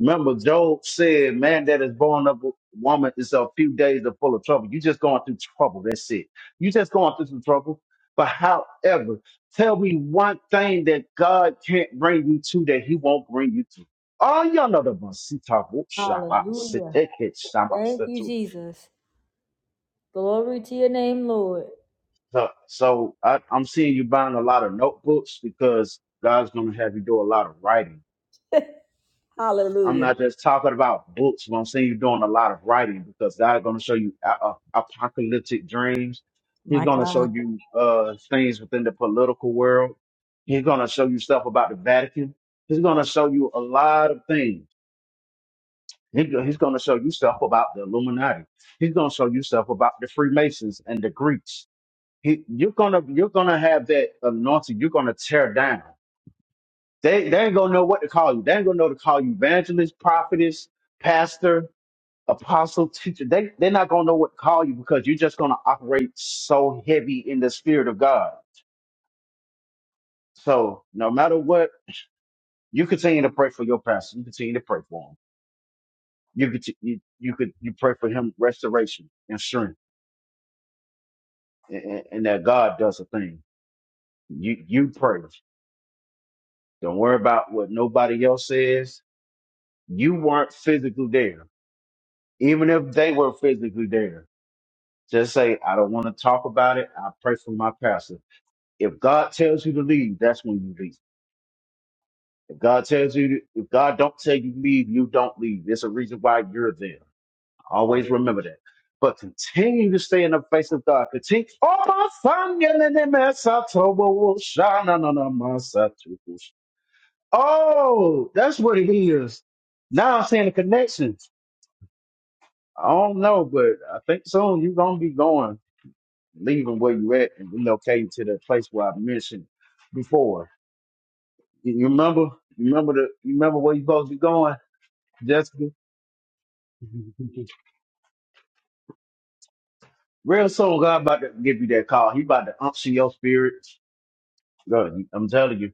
[SPEAKER 9] Remember, Job said, "Man that is born of a woman is a few days are full of trouble. You just going through trouble. That's it. You just going through some trouble. But however, tell me one thing that God can't bring you to that He won't bring you to. Oh, y'all know the one. See, talk, whoop, shop, I sit,
[SPEAKER 2] Hallelujah.
[SPEAKER 9] take it, shop, I
[SPEAKER 2] Thank
[SPEAKER 9] sit
[SPEAKER 2] you,
[SPEAKER 9] too.
[SPEAKER 2] Jesus. Glory to your name, Lord.
[SPEAKER 9] So, so I, I'm seeing you buying a lot of notebooks because God's going to have you do a lot of writing I'm
[SPEAKER 2] Hallelujah.
[SPEAKER 9] not just talking about books, but I'm saying you're doing a lot of writing because God's going to show you a- a- apocalyptic dreams. He's
[SPEAKER 2] My
[SPEAKER 9] going to show
[SPEAKER 2] God.
[SPEAKER 9] you uh, things within the political world. He's going to show you stuff about the Vatican. He's going to show you a lot of things. He go- He's going to show you stuff about the Illuminati. He's going to show you stuff about the Freemasons and the Greeks. He, you're gonna you're gonna have that anointing. You're gonna tear down. They they ain't gonna know what to call you. They ain't gonna know to call you evangelist, prophetess, pastor apostle, teacher, they, they're not going to know what to call you because you're just going to operate so heavy in the spirit of God. So no matter what, you continue to pray for your pastor. You continue to pray for him. You could, you, you could, you pray for him restoration and strength and, and and that God does a thing. You, you pray. Don't worry about what nobody else says. You weren't physically there. Even if they were physically there, just say, I don't want to talk about it. I pray for my pastor. If God tells you to leave, that's when you leave. If God tells you, to, if God don't tell you to leave, you don't leave. There's a reason why you're there. Always remember that. But continue to stay in the face of God. Continue. Oh, my son, you're in the mess. I told you, oh, shine, no, no, no, my son, too. Oh, that's what it is. Now I'm seeing the connections. I don't know, but I think soon you're gonna be going, leaving where you at and relocating to the place where I mentioned before You you remember? You remember the? You remember where you supposed to be going, Jessica? *laughs* Real soon, God about to give you that call. He about to unction your spirits. God, I'm telling you,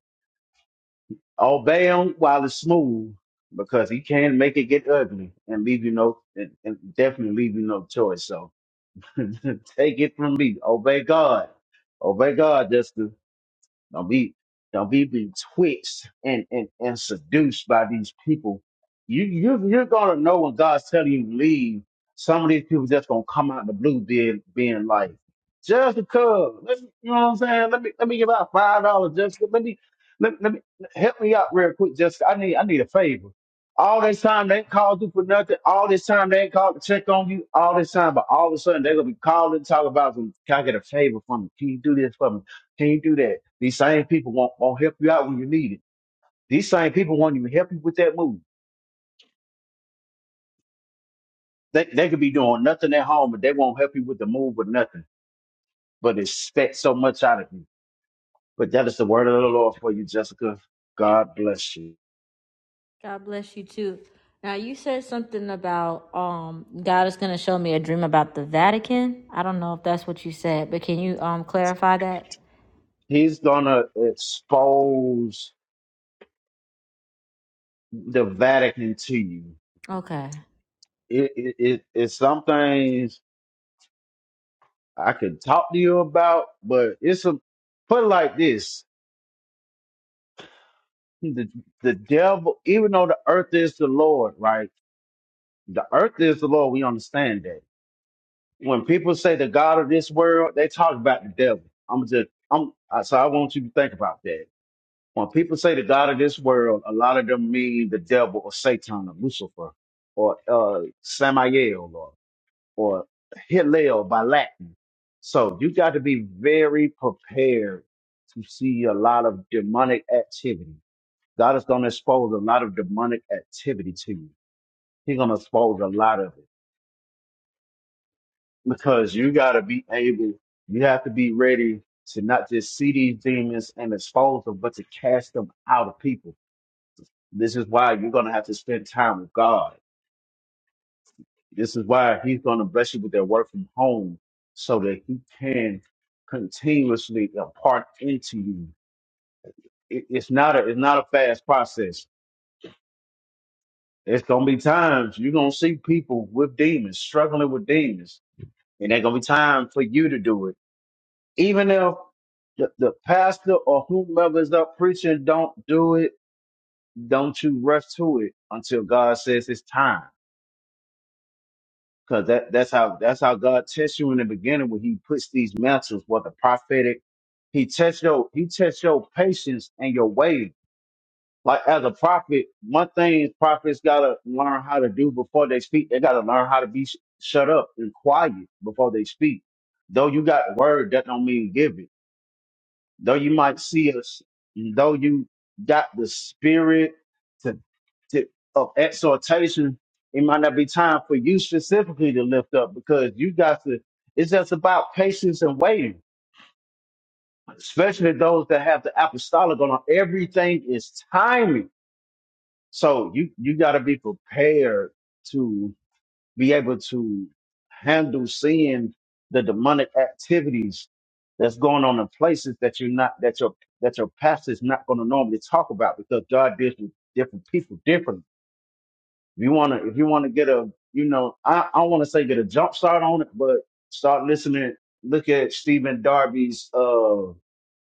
[SPEAKER 9] obey him while it's smooth, because he can make it get ugly and leave you no, and, and definitely leave you no choice. So, *laughs* take it from me. Obey God. Obey God, Jessica. Don't be don't be betwixt and, and, and seduced by these people. You you you're gonna know when God's telling you to leave. Some of these people just gonna come out the blue being being like, just because let me, you know what I'm saying? Let me let me give out five dollars just let me let, let me help me out real quick, just I need I need a favor. All this time they ain't called you for nothing. All this time they ain't called to check on you. All this time, but all of a sudden they're gonna be calling, talking about, "Can I get a favor from you? Can you do this for me? Can't do that. These same people won't, won't help you out when you need it. These same people won't even help you with that move. They, they could be doing nothing at home, but they won't help you with the move or nothing, but expect so much out of you. But that is the word of the Lord for you, Jessica. God bless you.
[SPEAKER 2] God bless you too. Now you said something about um God is going to show me a dream about the Vatican. I don't know if that's what you said, but can you um clarify that?
[SPEAKER 9] He's going to expose the Vatican to you.
[SPEAKER 2] Okay.
[SPEAKER 9] It, it, it, it's some things I could talk to you about, but it's a, put it like this. The, the devil, even though the earth is the Lord, right? The earth is the Lord. We understand that. When people say the God of this world, they talk about the devil. I'm just, I'm, I- so I want you to think about that. When people say the God of this world, a lot of them mean the devil or Satan or Lucifer or uh, Samael or, or Hillel by Latin. So you got to be very prepared to see a lot of demonic activity. God is going to expose a lot of demonic activity to you. He's going to expose a lot of it. because you got to be able, you have to be ready to not just see these demons and expose them, but to cast them out of people. This is why you're going to have to spend time with God. This is why He's going to bless you with that work from home so that He can continuously impart into you. It- it's not a it's not a fast process. It's gonna be times you're gonna see people with demons struggling with demons, and there's gonna be time for you to do it even if the, the pastor or whomever is up preaching don't do it, don't you rush to it until God says it's time. Cause that, that's how that's how God tests you in the beginning when He puts these mantles, what the prophetic, He tests your He tests your patience and your waiting. Like as a prophet, one thing is prophets gotta learn how to do before they speak. They gotta learn how to be sh- shut up and quiet before they speak. Though you got word, that don't mean give it. Though you might see us, though you got the spirit to, to of exhortation, it might not be time for you specifically to lift up because you got to. It's just about patience and waiting, especially those that have the apostolic on. Everything is timing, so you you got to be prepared be able to handle seeing the demonic activities that's going on in places that you're not that your that your pastor's not going to normally talk about because God deals with different people differently. If you wanna if you wanna get a you know I I want to say get a jump start on it, but start listening. Look at Stephen Darby's uh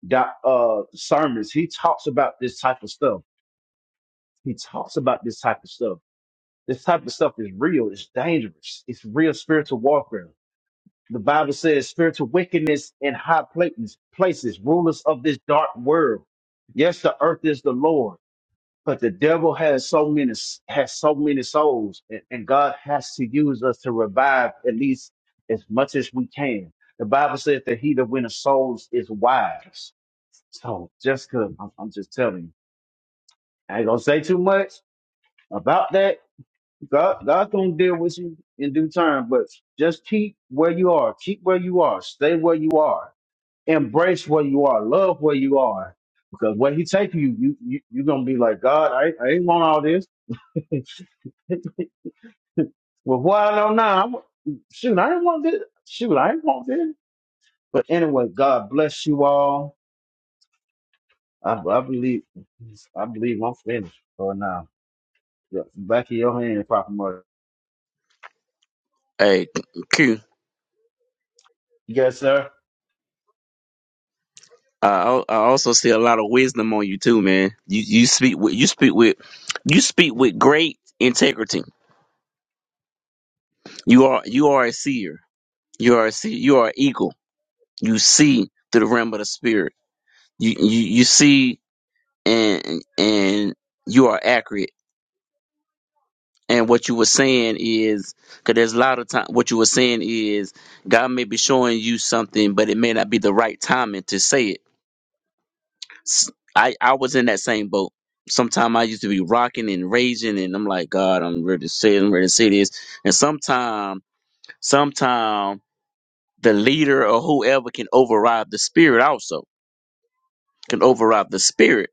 [SPEAKER 9] doc, uh sermons. He talks about this type of stuff. He talks about this type of stuff. This type of stuff is real. It's dangerous. It's real spiritual warfare The Bible says spiritual wickedness in high places, places, rulers of this dark world. Yes, the earth is the Lord, but the devil has so many has so many souls, and, and God has to use us to revive at least as much as we can. The Bible says that he that winneth souls is wise. So Jessica, I'm, I'm just telling you, I ain't gonna say too much about that. God, God's gonna deal with you in due time, but just keep where you are. Keep where you are. Stay where you are embrace where you are, love where you are. Because where he take you, you you you gonna be like, God, I, I ain't want all this. *laughs* well, what I don't know. now, I wa- Shoot, I didn't want this. Shoot, I didn't want this. But anyway, God bless you all. I, I believe I believe I'm finished for now. Yeah, Back in your hand, Papa Murray.
[SPEAKER 5] Hey, Q.
[SPEAKER 9] Yes, sir.
[SPEAKER 5] Uh, I I also see a lot of wisdom on you too, man. You you speak with you speak with you speak with great integrity. You are you are a seer. You are a seer. You are an eagle. You see through the realm of the spirit. You you you see and and you are accurate. And what you were saying is because there's a lot of time. What you were saying is God may be showing you something, but it may not be the right timing to say it s- I I was in that same boat. Sometimes I used to be rocking and raging, and I'm like, God, I'm ready to say, I'm ready to say this. And sometime, sometime the leader or whoever can override the spirit also can override the spirit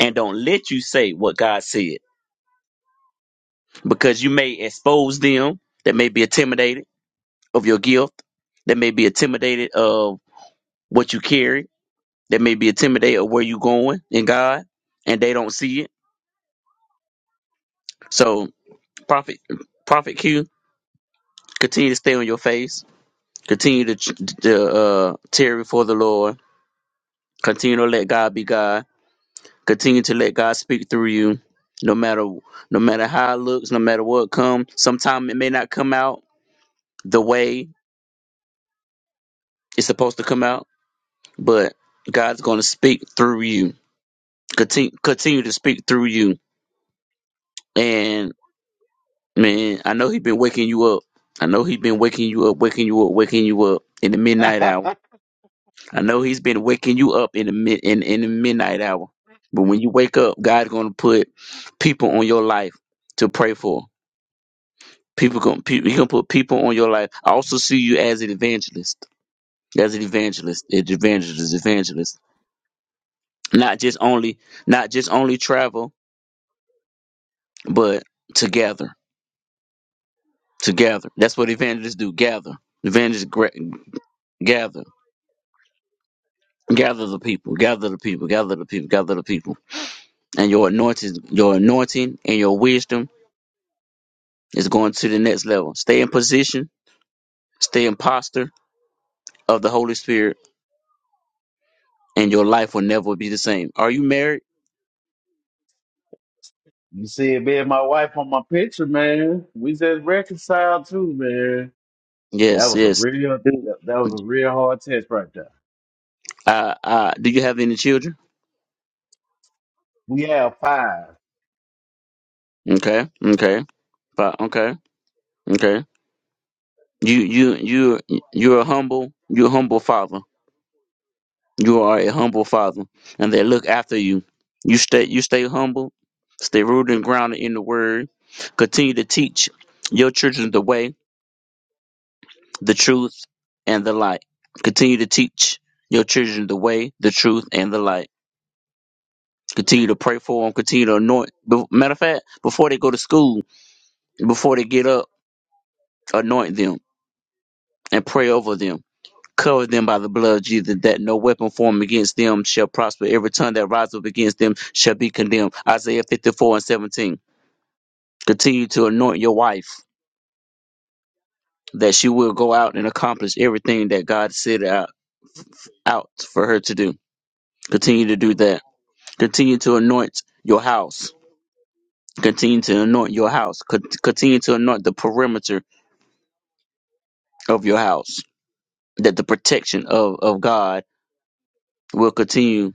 [SPEAKER 5] and don't let you say what God said because you may expose them that may be intimidated of your gift, that may be intimidated of what you carry, that may be intimidated of where you going in God, and they don't see it. So, prophet, prophet Q, Continue to stay on your face. Continue to, to uh, tear before the Lord. Continue to let God be God. Continue to let God speak through you. No matter no matter how it looks, no matter what comes. Sometimes it may not come out the way it's supposed to come out, but God's going to speak through you. Continue continue to speak through you. And man, I know He's been waking you up. I know He's been waking you up, waking you up, waking you up in the midnight hour. I know he's been waking you up in the mid, in, in the midnight hour. But when you wake up, God's gonna put people on your life to pray for. People gonna pe- he gonna put people on your life. I also see you as an evangelist. As an evangelist, an evangelist, evangelist. Not just only not just only travel, but to gather, to gather. That's what evangelists do. Gather. Evangelists gra- gather. Gather the people. Gather the people. Gather the people. Gather the people. And your anointing your anointing and your wisdom It's going to the next level. Stay in position, stay in posture of the Holy Spirit, and your life will never be the same. Are you married?
[SPEAKER 9] You see it being my wife on my picture, man. We just reconciled too, man. That
[SPEAKER 5] Yes,
[SPEAKER 9] was a
[SPEAKER 5] yes.
[SPEAKER 9] real
[SPEAKER 5] Do,
[SPEAKER 9] that, that was a real hard test right there.
[SPEAKER 5] uh, uh, do you have any children?
[SPEAKER 9] We have five.
[SPEAKER 5] Okay, okay, but okay, okay. You, you, you, you're a humble, you're a humble father. You are a humble father, and they look after you. You stay, you stay humble, stay rooted and grounded in the Word. Continue to teach your children the way the truth, and the light. Continue to teach your children the way, the truth, and the light. Continue to pray for them. Continue to anoint. be- Matter of fact, before they go to school, before they get up, anoint them and pray over them. Cover them by the blood of Jesus, that no weapon formed against them shall prosper. Every tongue that rises up against them shall be condemned. Isaiah 54 and 17. Continue to anoint your wife, that she will go out and accomplish everything that God set out, out for her to do. Continue to do that Continue to anoint your house. Continue to anoint your house. Co- Continue to anoint the perimeter of your house. That the protection of, of God will continue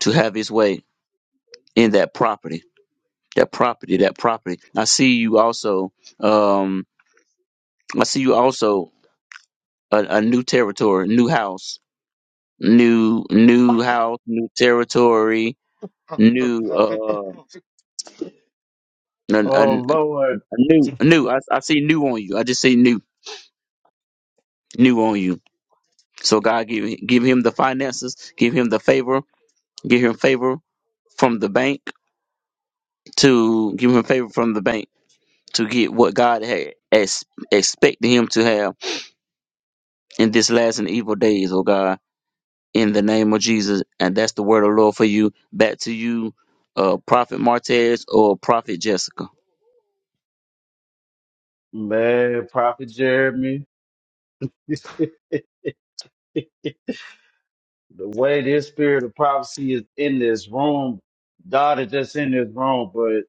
[SPEAKER 5] to have his way in that property. That property, that property. I see you also, um, I see you also a, a new territory, new house, new, new house, new territory, new, uh, a,
[SPEAKER 9] Oh
[SPEAKER 5] a, a
[SPEAKER 9] Lord,
[SPEAKER 5] new, new. I, I see new on you. I just see new, new on you So God give give him the finances, give him the favor, give him favor from the bank to give him favor from the bank to get what God had ex- expected him to have in this last and evil days, oh God, in the name of Jesus. And that's the word of the Lord for you. Back to you, uh, Prophet Martez or Prophet Jessica.
[SPEAKER 9] man, Prophet Jeremy. *laughs* the way this spirit of prophecy is in this room, God is just in this room. But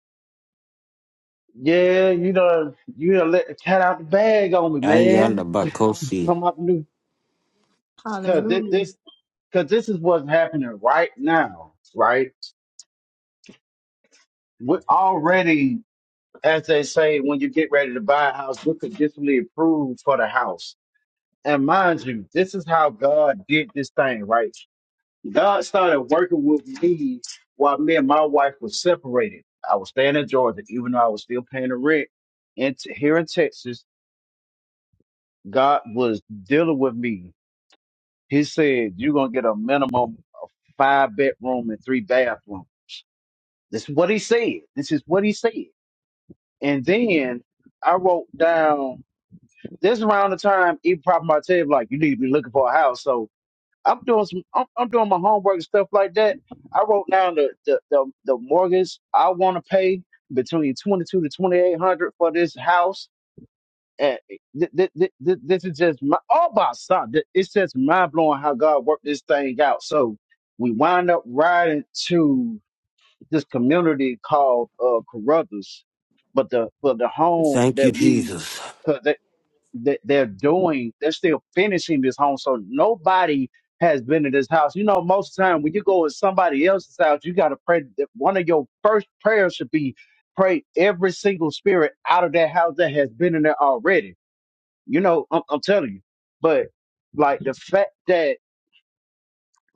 [SPEAKER 9] yeah, you know, you done let the cat out the bag on me,
[SPEAKER 1] Ayala
[SPEAKER 9] man. *laughs*
[SPEAKER 1] Bakosi.
[SPEAKER 9] Come up new, cause thi-
[SPEAKER 2] Hallelujah.
[SPEAKER 9] this, cause this is what's happening right now, right? We're already, as they say, when you get ready to buy a house, we're conditionally approved for the house And mind you, this is how God did this thing, right? God started working with me while me and my wife was separated. I was staying in Georgia, even though I was still paying the rent. And t- here in Texas, God was dealing with me. He said, You're going to get a minimum five bedroom and three bathroom. This is what he said. This is what he said. And then I wrote down this around the time, even probably my table, like, you need to be looking for a house. So I'm doing some. I'm, I'm doing my homework and stuff like that. I wrote down the the the, the mortgage I want to pay between twenty two to twenty eight hundred for this house. And th- th- th- th- this is just my, all by son. th- It's just mind blowing how God worked this thing out. So we wind up riding to this community called uh, Carruthers, but the but the home
[SPEAKER 1] Thank you,
[SPEAKER 9] that we
[SPEAKER 1] Jesus.
[SPEAKER 9] 'cause that they're doing, they're still finishing this home. So nobody has been in this house. You know, most of the time when you go to somebody else's house, you got to pray. That one of your first prayers should be pray every single spirit out of that house that has been in there already. You know, I'm, I'm telling you. But like the fact that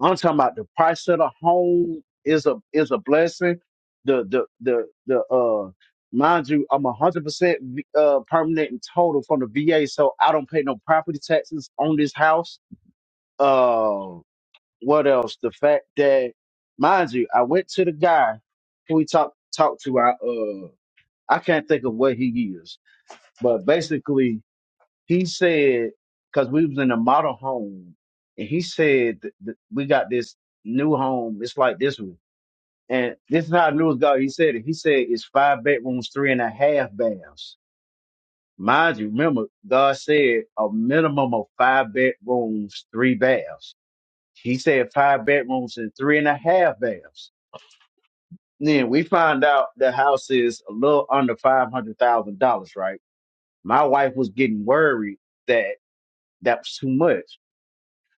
[SPEAKER 9] I'm talking about the price of the home is a is a blessing. The the the the uh mind you, I'm a hundred percent uh permanent and total from the VA, so I don't pay no property taxes on this house. Uh what else? The fact that mind you, I went to the guy who we talked talked to I uh I can't think of what he is, but basically he said, because we was in a model home, and he said, th- th- we got this new home. It's like this one. And this is how I knew it was God. He said it. He said it's five bedrooms, three and a half baths. Mind you, remember, God said a minimum of five bedrooms, three baths. He said five bedrooms and three and a half baths. Then we find out the house is a little under five hundred thousand dollars, right? My wife was getting worried that that was too much.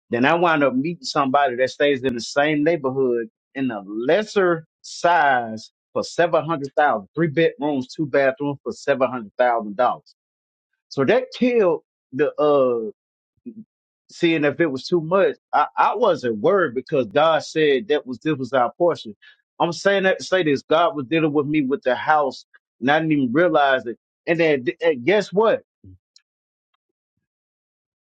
[SPEAKER 9] Then I wind up meeting somebody that stays in the same neighborhood in a lesser size for seven hundred thousand, three bedrooms, two bathrooms for seven hundred thousand dollars. So that killed the uh seeing if it was too much. I, I wasn't worried because God said that was this was our portion. I'm saying that to say this. God was dealing with me with the house and I didn't even realize it. And then and guess what?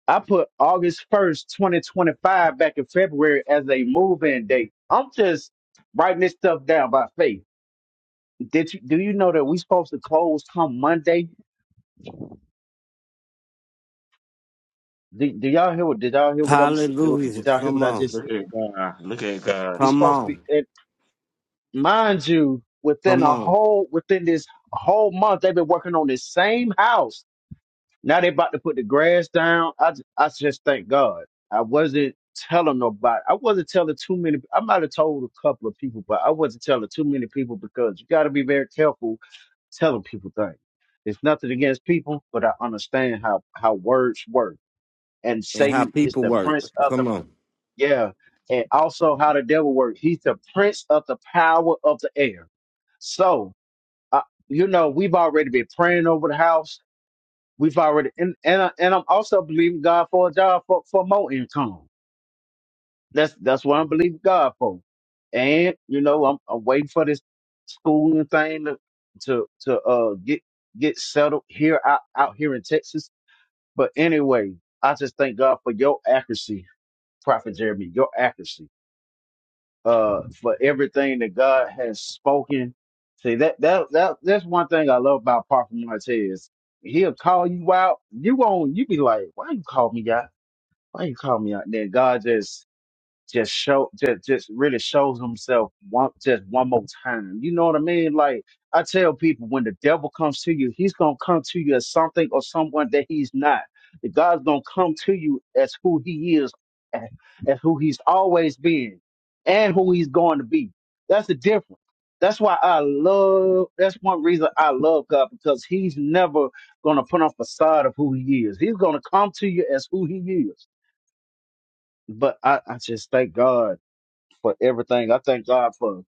[SPEAKER 9] I put August 1st, 2025 back in February as a move-in date. I'm just writing this stuff down by faith. Did you do you know that we supposed to close come Monday? Do, do y'all hear what did y'all hear what I'm s-
[SPEAKER 1] Hallelujah.
[SPEAKER 9] did y'all hear what
[SPEAKER 1] Come
[SPEAKER 9] I
[SPEAKER 1] on.
[SPEAKER 9] just
[SPEAKER 5] Look
[SPEAKER 9] said?
[SPEAKER 5] at God. Look at God.
[SPEAKER 9] We
[SPEAKER 1] Come
[SPEAKER 9] supposed to be
[SPEAKER 1] on.
[SPEAKER 9] and mind you, within
[SPEAKER 1] Come
[SPEAKER 9] a
[SPEAKER 1] on.
[SPEAKER 9] whole within this whole month they've been working on this same house Now they about to put the grass down. I j- I just thank God. I wasn't telling nobody. I wasn't telling too many. I might have told a couple of people, but I wasn't telling too many people because you got to be very careful telling people things. It's nothing against people, but I understand how how words work. And
[SPEAKER 1] And how
[SPEAKER 9] Satan is
[SPEAKER 1] people
[SPEAKER 9] the
[SPEAKER 1] work.
[SPEAKER 9] prince of the
[SPEAKER 1] Come on.
[SPEAKER 9] yeah, and also how the devil works. He's the prince of the power of the air. So, uh, you know, we've already been praying over the house We've already and and, I, and I'm also believing God for a job for, for more income. That's that's what I'm believing God for. And you know, I'm, I'm waiting for this schooling thing to to, to uh get get settled here out, out here in Texas. But anyway, I just thank God for your accuracy, Prophet Jeremy, your accuracy uh for everything that God has spoken. See that that that that's one thing I love about Prophet Martez. He'll call you out. You won't you be like, Why you call me out? Why you call me out? Then God just just show just just really shows himself one just one more time. You know what I mean? Like I tell people when the devil comes to you, he's gonna come to you as something or someone that he's not. The God's gonna come to you as who he is and as who he's always been and who he's going to be. That's the difference. That's why I love that's one reason I love God because he's never gonna put on facade of who he is. He's gonna come to you as who he is. But I, I just thank God for everything. I thank God for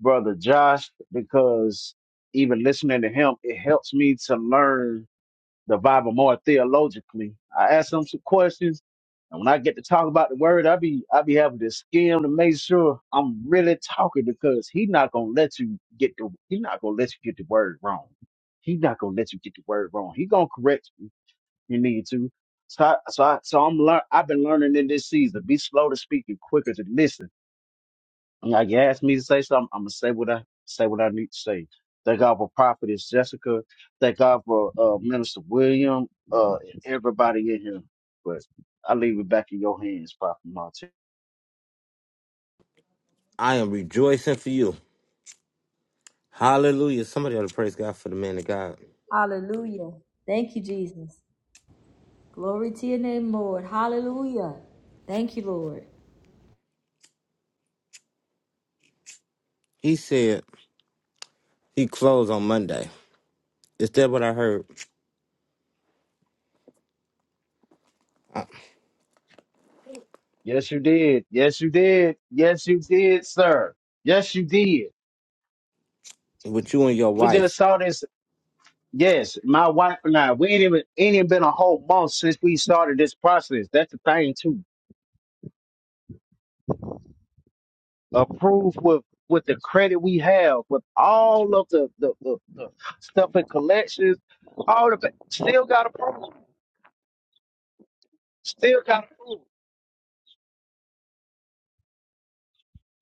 [SPEAKER 9] Brother Josh because even listening to him, it helps me to learn the Bible more theologically. I ask him some questions, and when I get to talk about the word, I be I be having to skim to make sure I'm really talking because he not gonna let you get the he not gonna let you get the word wrong. He not gonna let you get the word wrong. He gonna correct you. if You need to. So, I, so, I, so I'm learn. I've been learning in this season. Be slow to speak and quicker to listen like you asked me to say something, I'm gonna say what I say what I need to say. Thank God for Prophetess Jessica. Thank God for uh, Minister William. Uh, and everybody in here. But I leave it back in your hands, Prophet Monte.
[SPEAKER 1] I am rejoicing for you. Hallelujah. Somebody ought to praise God for the man of God.
[SPEAKER 2] Hallelujah. Thank you Jesus. Glory to your name, Lord. Hallelujah. Thank you, Lord.
[SPEAKER 1] He said he closed on Monday. Is that what I heard? Uh,
[SPEAKER 9] Yes, you did. Yes, you did. Yes, you did, sir. Yes, you did.
[SPEAKER 1] With you and your
[SPEAKER 9] We just
[SPEAKER 1] wife.
[SPEAKER 9] saw this. Yes, my wife and I. We ain't even ain't even been a whole month since we started this process. That's the thing too. approved with with the credit we have, with all of the the, the, the stuff and collections, all of it, still got approved, still got approved.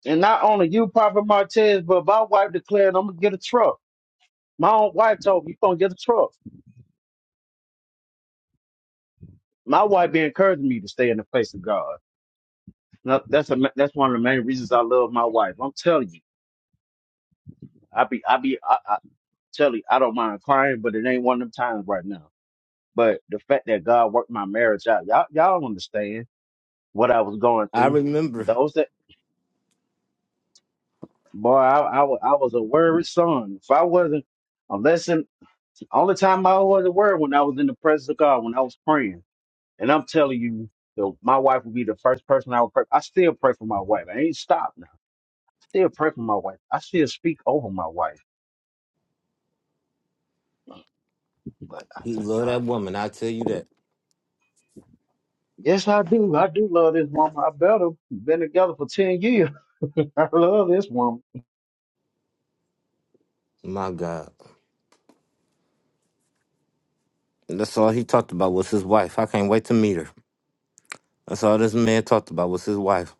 [SPEAKER 9] And not only you, Papa Martez, but my wife declared I'm gonna get a truck. My own wife told me you gonna get a truck. My wife been encouraging me to stay in the face of God. Now, that's a ma- that's one of the main reasons I love my wife. I'm telling you, I be I be I, I tell you I don't mind crying, but it ain't one of them times right now. But the fact that God worked my marriage out, y'all y'all understand what I was going
[SPEAKER 1] I
[SPEAKER 9] through.
[SPEAKER 1] remember
[SPEAKER 9] Those that boy, I, I wa- I was a worried son. If I wasn't, unless in, only time I wasn't worried when I was in the presence of God, when I was praying. And I'm telling you, the, my wife would be the first person I would pray. I still pray for my wife. I ain't stopped now. Still pray for my wife. I still speak over my wife. But I
[SPEAKER 1] he
[SPEAKER 9] thank
[SPEAKER 1] loved that
[SPEAKER 9] God.
[SPEAKER 1] woman. I tell you that.
[SPEAKER 9] Yes, I do. I do love this woman. I better been together for ten years. *laughs* I love this woman.
[SPEAKER 1] My God. And That's all he talked about was his wife. I can't wait to meet her. That's all this man talked about was his wife.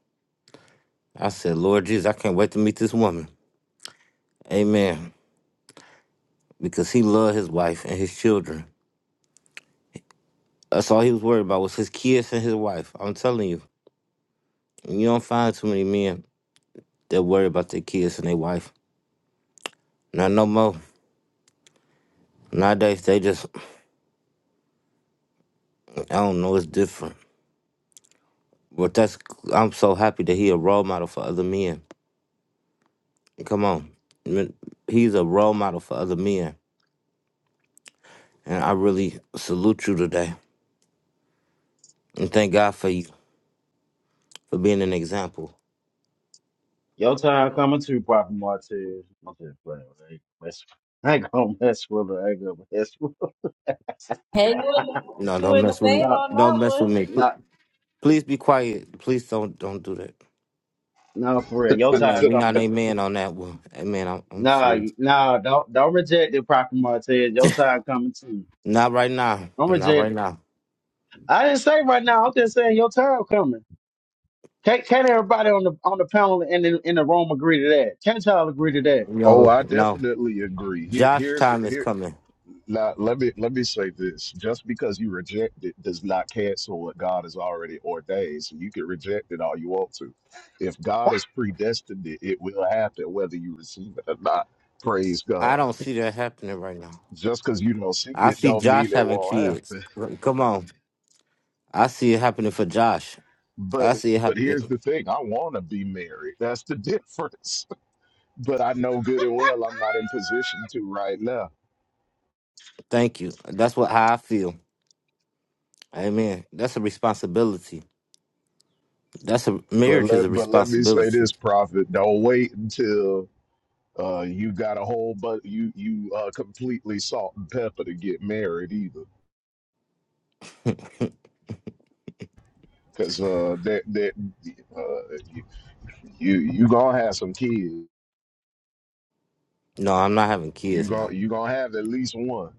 [SPEAKER 1] I said, Lord Jesus, I can't wait to meet this woman. Amen. Because he loved his wife and his children. That's all he was worried about was his kids and his wife. I'm telling you, you don't find too many men that worry about their kids and their wife. Not no more. Nowadays, they just, *clears throat* I don't know, it's different. But that's, I'm so happy that he a role model for other men. Come on. Men- He's a role model for other men. And I really salute you today. And thank God for you, for being an example.
[SPEAKER 9] Your time coming too, Papa Martez. I'm just playing. I ain't, mess, *laughs* I ain't gonna mess with her. I ain't gonna mess with
[SPEAKER 2] Hey, you in the,
[SPEAKER 9] her.
[SPEAKER 1] No,
[SPEAKER 2] you
[SPEAKER 1] don't
[SPEAKER 2] in the
[SPEAKER 1] mess with
[SPEAKER 9] *laughs*
[SPEAKER 1] me.
[SPEAKER 2] vein
[SPEAKER 9] no,
[SPEAKER 2] on
[SPEAKER 1] Don't mess
[SPEAKER 2] that
[SPEAKER 1] with
[SPEAKER 2] one.
[SPEAKER 1] me.
[SPEAKER 9] no,
[SPEAKER 1] Please be quiet. Please don't don't do that.
[SPEAKER 9] no, for real. Your time
[SPEAKER 1] Amen. We're not
[SPEAKER 9] coming.
[SPEAKER 1] amen on that one. Amen. I'm, I'm
[SPEAKER 9] Nah,
[SPEAKER 1] serious.
[SPEAKER 9] you- nah, don't don't reject it, Papa Martez. Your time coming too.
[SPEAKER 1] Not right now.
[SPEAKER 9] Don't
[SPEAKER 1] Not
[SPEAKER 9] reject.
[SPEAKER 1] right now.
[SPEAKER 9] I didn't say right now. I'm just saying your time coming. Can't, can't everybody on the on the panel and in, in the room agree to that? Can't y'all agree to that?
[SPEAKER 6] Oh,
[SPEAKER 1] No,
[SPEAKER 6] I
[SPEAKER 1] no.
[SPEAKER 6] definitely agree. Here,
[SPEAKER 1] Josh
[SPEAKER 6] here's
[SPEAKER 1] time is
[SPEAKER 6] here.
[SPEAKER 1] coming.
[SPEAKER 6] Now, let me let me say this: just because you reject it does not cancel what God has already ordained. So you can reject it all you want to. If God has predestined it, it will happen whether you receive it or not. Praise
[SPEAKER 1] I
[SPEAKER 6] God.
[SPEAKER 1] don't see that happening right now.
[SPEAKER 6] Just because you don't see
[SPEAKER 1] I
[SPEAKER 6] it,
[SPEAKER 1] see
[SPEAKER 6] don't
[SPEAKER 1] Josh
[SPEAKER 6] mean it
[SPEAKER 1] having
[SPEAKER 6] won't
[SPEAKER 1] kids.
[SPEAKER 6] happen. *laughs*
[SPEAKER 1] Come on. I see it happening for Josh.
[SPEAKER 6] But
[SPEAKER 1] I see it
[SPEAKER 6] but here's
[SPEAKER 1] happening.
[SPEAKER 6] the thing: I want to be married. That's the difference. *laughs* But I know good and well I'm not in position to right now
[SPEAKER 1] Thank you. That's what how I feel. Amen. That's a responsibility. That's a
[SPEAKER 6] But
[SPEAKER 1] marriage is a
[SPEAKER 6] let but let me say
[SPEAKER 1] responsibility.
[SPEAKER 6] this, Prophet. Don't wait until uh, you got a whole but you you uh, completely salt and pepper to get married either, because uh, that that uh, you you gonna have some kids.
[SPEAKER 1] No, I'm not having
[SPEAKER 6] You
[SPEAKER 1] kids now.
[SPEAKER 6] gonna you gonna have at least one.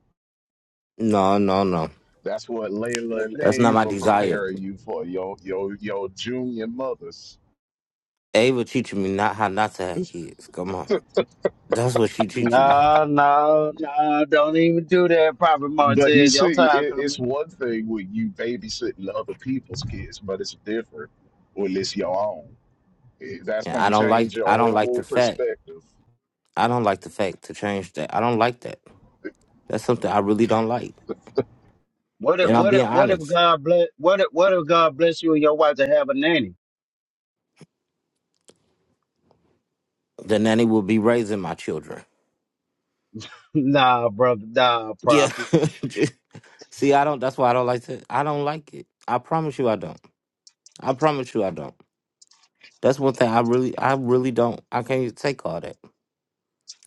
[SPEAKER 1] No, no, no.
[SPEAKER 6] That's what Layla and
[SPEAKER 1] That's not my
[SPEAKER 6] Ava are
[SPEAKER 1] desire.
[SPEAKER 6] preparing you for your your your junior mothers.
[SPEAKER 1] Ava teaching me not how not to have kids. Come on, that's what she teaching me.
[SPEAKER 9] No, no, no, don't even do that, Prophet
[SPEAKER 6] But you
[SPEAKER 9] Martez. Your
[SPEAKER 6] see,
[SPEAKER 9] time
[SPEAKER 6] it,
[SPEAKER 9] coming.
[SPEAKER 6] it's one thing when you babysitting other people's kids, but it's different when it's your own. That's
[SPEAKER 1] And I
[SPEAKER 6] gonna
[SPEAKER 1] don't
[SPEAKER 6] change
[SPEAKER 1] like.
[SPEAKER 6] your
[SPEAKER 1] I don't like
[SPEAKER 6] whole
[SPEAKER 1] the fact.
[SPEAKER 6] perspective.
[SPEAKER 1] I don't like the fact to change that. I don't like that. That's something I really don't like.
[SPEAKER 9] What if
[SPEAKER 1] And I'm
[SPEAKER 9] what if
[SPEAKER 1] being
[SPEAKER 9] what if
[SPEAKER 1] honest.
[SPEAKER 9] God bless what if what if God bless you and your wife to have a nanny?
[SPEAKER 1] The nanny will be raising my children.
[SPEAKER 9] *laughs* nah, brother, nah,
[SPEAKER 1] Yeah.
[SPEAKER 9] prophet.
[SPEAKER 1] *laughs* See, I don't. That's why I don't like to. I don't like it. I promise you, I don't. I promise you, I don't. That's one thing I really, I really don't. I can't even take all that.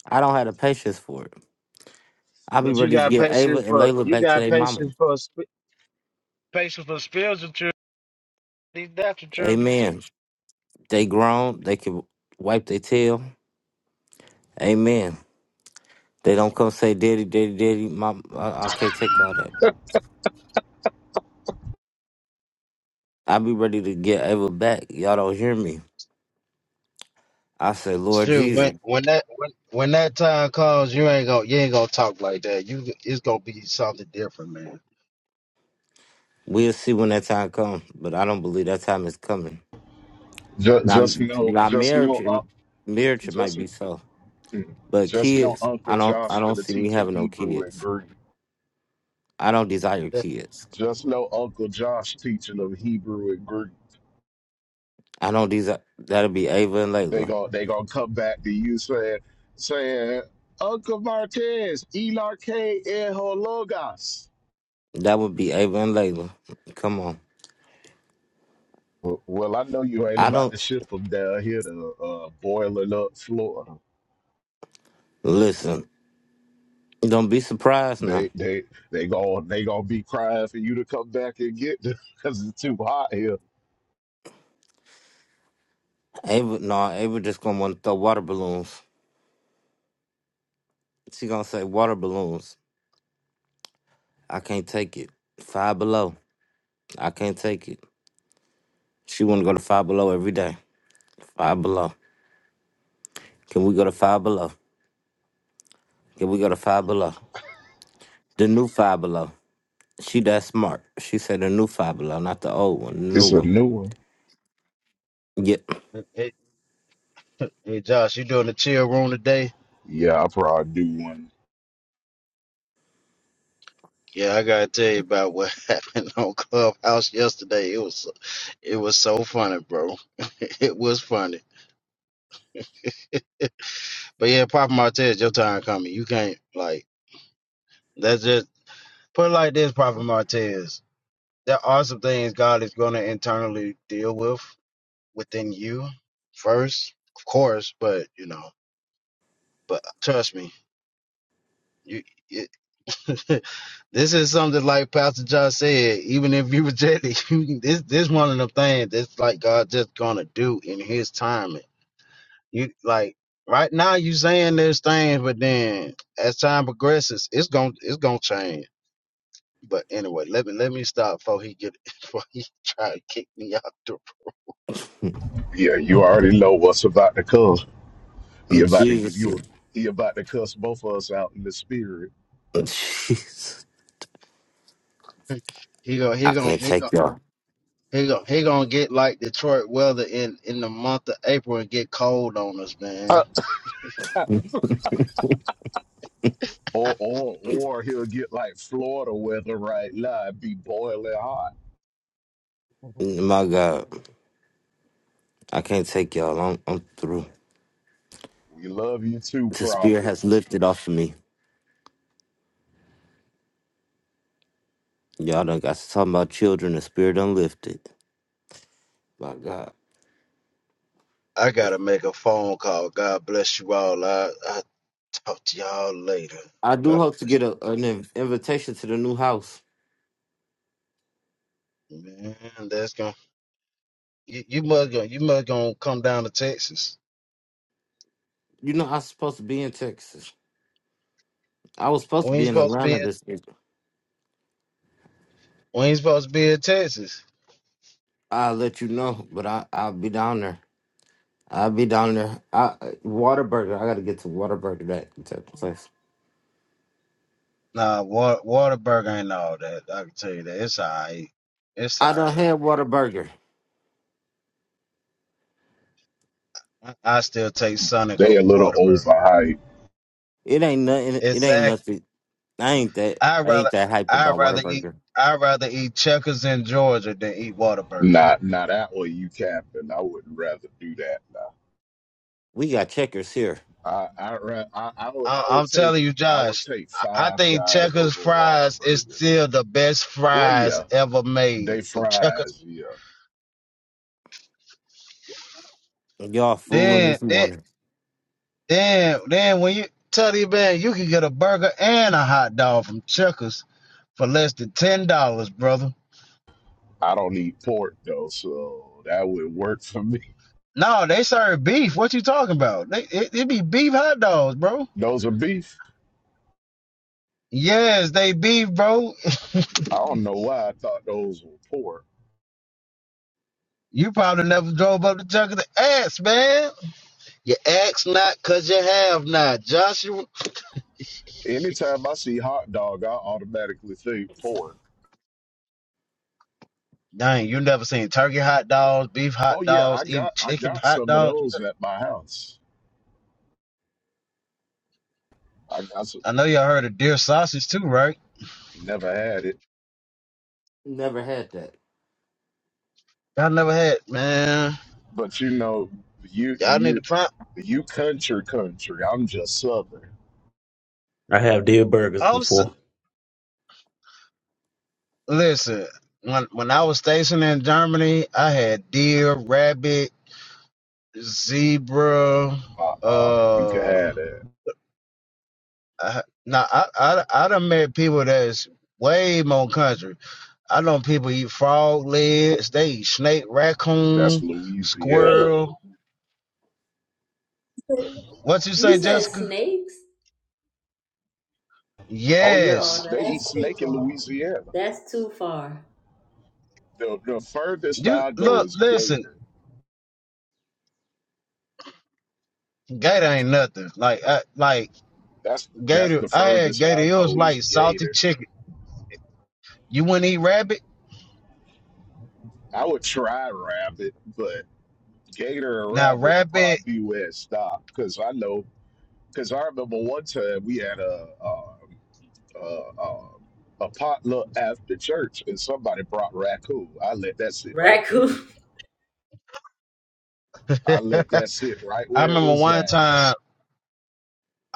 [SPEAKER 1] I don't have the patience for it. I'll be
[SPEAKER 9] But you
[SPEAKER 1] ready to
[SPEAKER 9] got
[SPEAKER 1] get Ava
[SPEAKER 9] patience
[SPEAKER 1] and
[SPEAKER 9] for
[SPEAKER 1] Layla
[SPEAKER 9] you
[SPEAKER 1] back to
[SPEAKER 9] got
[SPEAKER 1] their mama.
[SPEAKER 9] patience for sp- patience for spiritual children, these natural children too.
[SPEAKER 1] Amen. They grown. They can wipe their tail. Amen. They don't come say, "Daddy, daddy, daddy." Mom, I, I can't take all that. I be ready to get Ava back. Y'all don't hear me. I say, Lord
[SPEAKER 9] Shoot, when
[SPEAKER 1] Jesus,
[SPEAKER 9] when that when, when that time comes, you ain't gonna you ain't gonna talk like that. You it's gonna be something different, man.
[SPEAKER 1] we'll see when that time comes. But I don't believe that time is coming.
[SPEAKER 6] Just,
[SPEAKER 1] Now,
[SPEAKER 6] just know,
[SPEAKER 1] now
[SPEAKER 6] just
[SPEAKER 1] marriage,
[SPEAKER 6] know,
[SPEAKER 1] it-
[SPEAKER 6] um,
[SPEAKER 1] marriage it might
[SPEAKER 6] just,
[SPEAKER 1] be so,
[SPEAKER 6] mm,
[SPEAKER 1] but
[SPEAKER 6] just know,
[SPEAKER 1] kids, I
[SPEAKER 6] Uncle
[SPEAKER 1] don't, I
[SPEAKER 6] Josh
[SPEAKER 1] don't
[SPEAKER 6] finna
[SPEAKER 1] see me
[SPEAKER 6] teach him
[SPEAKER 1] having no
[SPEAKER 6] Hebrew and
[SPEAKER 1] kids.
[SPEAKER 6] Greek.
[SPEAKER 1] I don't desire kids.
[SPEAKER 6] Just know, Uncle Josh teaching them Hebrew and Greek.
[SPEAKER 1] I don't desire. That'll be Ava and
[SPEAKER 6] They
[SPEAKER 1] Layla.
[SPEAKER 6] gon' they gonna come back to you saying, saying, Uncle Martez, Elarke and
[SPEAKER 1] That would be Ava and Layla. Come on.
[SPEAKER 6] Well, well, I know you ain't
[SPEAKER 1] I
[SPEAKER 6] about
[SPEAKER 1] don't
[SPEAKER 6] to ship them down here to uh, boiling up Florida.
[SPEAKER 1] listen. Don't be surprised now.
[SPEAKER 6] They they they gon' they gonna be crying for you to come back and get them *laughs* because it's too hot here.
[SPEAKER 1] Ava, no, Ava just gonna want to throw water balloons. She gonna say water balloons. I can't take it. Five below. I can't take it. She wanna go to five below every day. Five below. Can we go to five below? Can we go to five below? The new five below. She that smart. She said the new five below, not the old one. The new
[SPEAKER 6] It's a
[SPEAKER 1] one.
[SPEAKER 6] new one.
[SPEAKER 1] Yeah.
[SPEAKER 9] Hey, hey Josh, you doing the chill room today?
[SPEAKER 6] Yeah, I probably do one.
[SPEAKER 9] Yeah, I gotta tell you about what *laughs* happened on Clubhouse yesterday. It was it was so funny, bro. *laughs* it was funny. But yeah, Papa Martez, your time coming. You can't like that's just put it like this, Papa Martez. There are some things God is gonna internally deal with within you first, of course, but you know, but trust me, you *laughs* this is something like Pastor Josh said. Even if you reject it, *laughs* you, this this one of the things that's like God just gonna do in His timing. You like right now you saying there's things, but then as time progresses, it's gonna it's gonna change. But anyway, let me let me stop before he get *laughs* before he try to kick me out the. room.
[SPEAKER 6] Yeah, you already know what's about to come. He
[SPEAKER 1] *clears throat*
[SPEAKER 6] about to give
[SPEAKER 1] Jesus.
[SPEAKER 6] you. A, he about to cuss both of us out in the spirit.
[SPEAKER 1] Jesus.
[SPEAKER 9] He gonna he
[SPEAKER 1] I
[SPEAKER 9] gonna
[SPEAKER 1] can't
[SPEAKER 9] he gonna.
[SPEAKER 1] take y'all.
[SPEAKER 9] He gonna, he gonna get like Detroit weather in, in the month of April and get cold on us, man.
[SPEAKER 6] Uh, Or or or he'll get like Florida weather right now and be boiling hot.
[SPEAKER 1] My God.
[SPEAKER 9] *laughs*
[SPEAKER 1] I can't take y'all. I'm, I'm through.
[SPEAKER 6] We love you too,
[SPEAKER 1] The spirit
[SPEAKER 6] Prophet.
[SPEAKER 1] has lifted off of me. Y'all done got to talking about children The spirit unlifted. My God.
[SPEAKER 9] I gotta make a phone call. God bless you all. I I talk to y'all later.
[SPEAKER 1] I do
[SPEAKER 9] God,
[SPEAKER 1] hope to get a, an inv- invitation to the new house.
[SPEAKER 9] man, that's gonna you, you must gonna you must gonna come down to Texas.
[SPEAKER 1] You know, I was supposed to be in Texas. I was supposed to
[SPEAKER 9] We
[SPEAKER 1] be
[SPEAKER 9] ain't
[SPEAKER 1] in
[SPEAKER 9] supposed to be
[SPEAKER 1] Atlanta
[SPEAKER 9] in,
[SPEAKER 1] this year.
[SPEAKER 9] we ain't supposed to be in Texas.
[SPEAKER 1] I'll let you know, but I, I'll be down there. I'll be down there. I uh, Waterburger. I gotta get to Waterburger that that place.
[SPEAKER 9] Nah, water Waterburger ain't all that. I can tell you that it's alright. It's
[SPEAKER 1] I done
[SPEAKER 9] alright.
[SPEAKER 1] had Waterburger.
[SPEAKER 9] I, I still take Sonic
[SPEAKER 6] They a
[SPEAKER 9] over
[SPEAKER 6] little
[SPEAKER 9] Waterburger.
[SPEAKER 6] overhyped.
[SPEAKER 1] It ain't nothing it ain't
[SPEAKER 9] Exactly.
[SPEAKER 1] nothing. I ain't that
[SPEAKER 9] I
[SPEAKER 1] I ain't
[SPEAKER 9] rather
[SPEAKER 1] that hype
[SPEAKER 9] I
[SPEAKER 1] about
[SPEAKER 9] rather eat
[SPEAKER 1] Waterburger.
[SPEAKER 9] I rather eat checkers in Georgia than eat Waterburger.
[SPEAKER 6] Not not that way you capping. I would rather do that.
[SPEAKER 1] We got checkers here.
[SPEAKER 6] I I ra- I, I would
[SPEAKER 9] I,
[SPEAKER 6] I
[SPEAKER 9] I'm
[SPEAKER 6] would take
[SPEAKER 9] telling you,
[SPEAKER 6] I would
[SPEAKER 9] Josh.
[SPEAKER 6] take
[SPEAKER 9] I I
[SPEAKER 6] five
[SPEAKER 9] think
[SPEAKER 6] guys
[SPEAKER 9] Checkers
[SPEAKER 6] over
[SPEAKER 9] fries is
[SPEAKER 6] Whataburger.
[SPEAKER 9] still the best
[SPEAKER 6] Well,
[SPEAKER 9] fries
[SPEAKER 6] yeah,
[SPEAKER 9] ever
[SPEAKER 6] they
[SPEAKER 9] made. The Checkers.
[SPEAKER 6] fries. Yeah,
[SPEAKER 1] Y'all fooling
[SPEAKER 9] Then,
[SPEAKER 1] this
[SPEAKER 9] then,
[SPEAKER 1] morning.
[SPEAKER 9] then, then when you tell you, man, you can get a burger and a hot dog from Checkers for less than ten dollars, brother.
[SPEAKER 6] I don't eat pork though, so that would work for me.
[SPEAKER 9] No, they serve beef. What you talking about? They, it, it be beef hot dogs, bro.
[SPEAKER 6] Those are beef.
[SPEAKER 9] Yes, they beef, bro. *laughs*
[SPEAKER 6] I don't know why I thought those were pork.
[SPEAKER 9] You probably never drove up the junk of the ass, man. You ask not cause you have not. Josh,
[SPEAKER 6] Anytime I see hot dog, I automatically think pork.
[SPEAKER 9] Dang, you never seen turkey hot dogs, beef
[SPEAKER 6] Oh
[SPEAKER 9] hot
[SPEAKER 6] yeah,
[SPEAKER 9] dogs,
[SPEAKER 6] I
[SPEAKER 9] even
[SPEAKER 6] got I
[SPEAKER 9] chicken
[SPEAKER 6] got
[SPEAKER 9] hot
[SPEAKER 6] some of
[SPEAKER 9] dogs. You know-
[SPEAKER 6] those at my house. I, I s-
[SPEAKER 9] I know y'all heard of deer sausage too, right?
[SPEAKER 6] never had it,
[SPEAKER 1] Never had that.
[SPEAKER 9] Y'all never had, man.
[SPEAKER 6] but you know, you
[SPEAKER 9] Y'all need to
[SPEAKER 6] you
[SPEAKER 9] find.
[SPEAKER 6] you country country. I'm just southern.
[SPEAKER 5] I have
[SPEAKER 9] I'm s- listen. When when I was stationed in Germany, I had deer, rabbit, zebra.
[SPEAKER 6] Uh, um, you can
[SPEAKER 9] Uh,
[SPEAKER 6] have that.
[SPEAKER 9] I, now I I I done met people that's way more country. I know people eat frog legs. They eat snake,
[SPEAKER 6] That's
[SPEAKER 9] raccoon,
[SPEAKER 6] Louisiana.
[SPEAKER 2] Snakes.
[SPEAKER 9] squirrel. What you
[SPEAKER 2] You
[SPEAKER 9] say,
[SPEAKER 2] said
[SPEAKER 9] Jessica?
[SPEAKER 2] snakes?
[SPEAKER 6] Oh yeah,
[SPEAKER 2] Oh,
[SPEAKER 9] Yes.
[SPEAKER 6] they
[SPEAKER 2] no,
[SPEAKER 6] eat
[SPEAKER 2] that's too
[SPEAKER 6] snake in
[SPEAKER 2] far.
[SPEAKER 6] Louisiana.
[SPEAKER 2] That's too far.
[SPEAKER 6] The the furthest
[SPEAKER 9] You
[SPEAKER 6] I go
[SPEAKER 9] look,
[SPEAKER 6] is
[SPEAKER 9] listen,
[SPEAKER 6] gator.
[SPEAKER 9] Gator ain't nothing. Like I like
[SPEAKER 6] That's that's
[SPEAKER 9] Gator
[SPEAKER 6] the
[SPEAKER 9] I had
[SPEAKER 6] furthest
[SPEAKER 9] Gator,
[SPEAKER 6] I
[SPEAKER 9] it was
[SPEAKER 6] go is
[SPEAKER 9] like salty
[SPEAKER 6] gator.
[SPEAKER 9] chicken. You wouldn't eat rabbit?
[SPEAKER 6] I would try rabbit, but gator and
[SPEAKER 9] Now
[SPEAKER 6] rabbit would
[SPEAKER 9] rabbit
[SPEAKER 6] probably be where it stopped. Cause I know, cause I remember one time we had a a, a, a a potluck after church, and somebody brought raccoon. I let that sit right there.
[SPEAKER 2] Raccoon.
[SPEAKER 9] *laughs*
[SPEAKER 6] I let
[SPEAKER 9] I
[SPEAKER 6] that sit right where it
[SPEAKER 9] remember
[SPEAKER 6] was
[SPEAKER 9] one
[SPEAKER 6] at.
[SPEAKER 9] time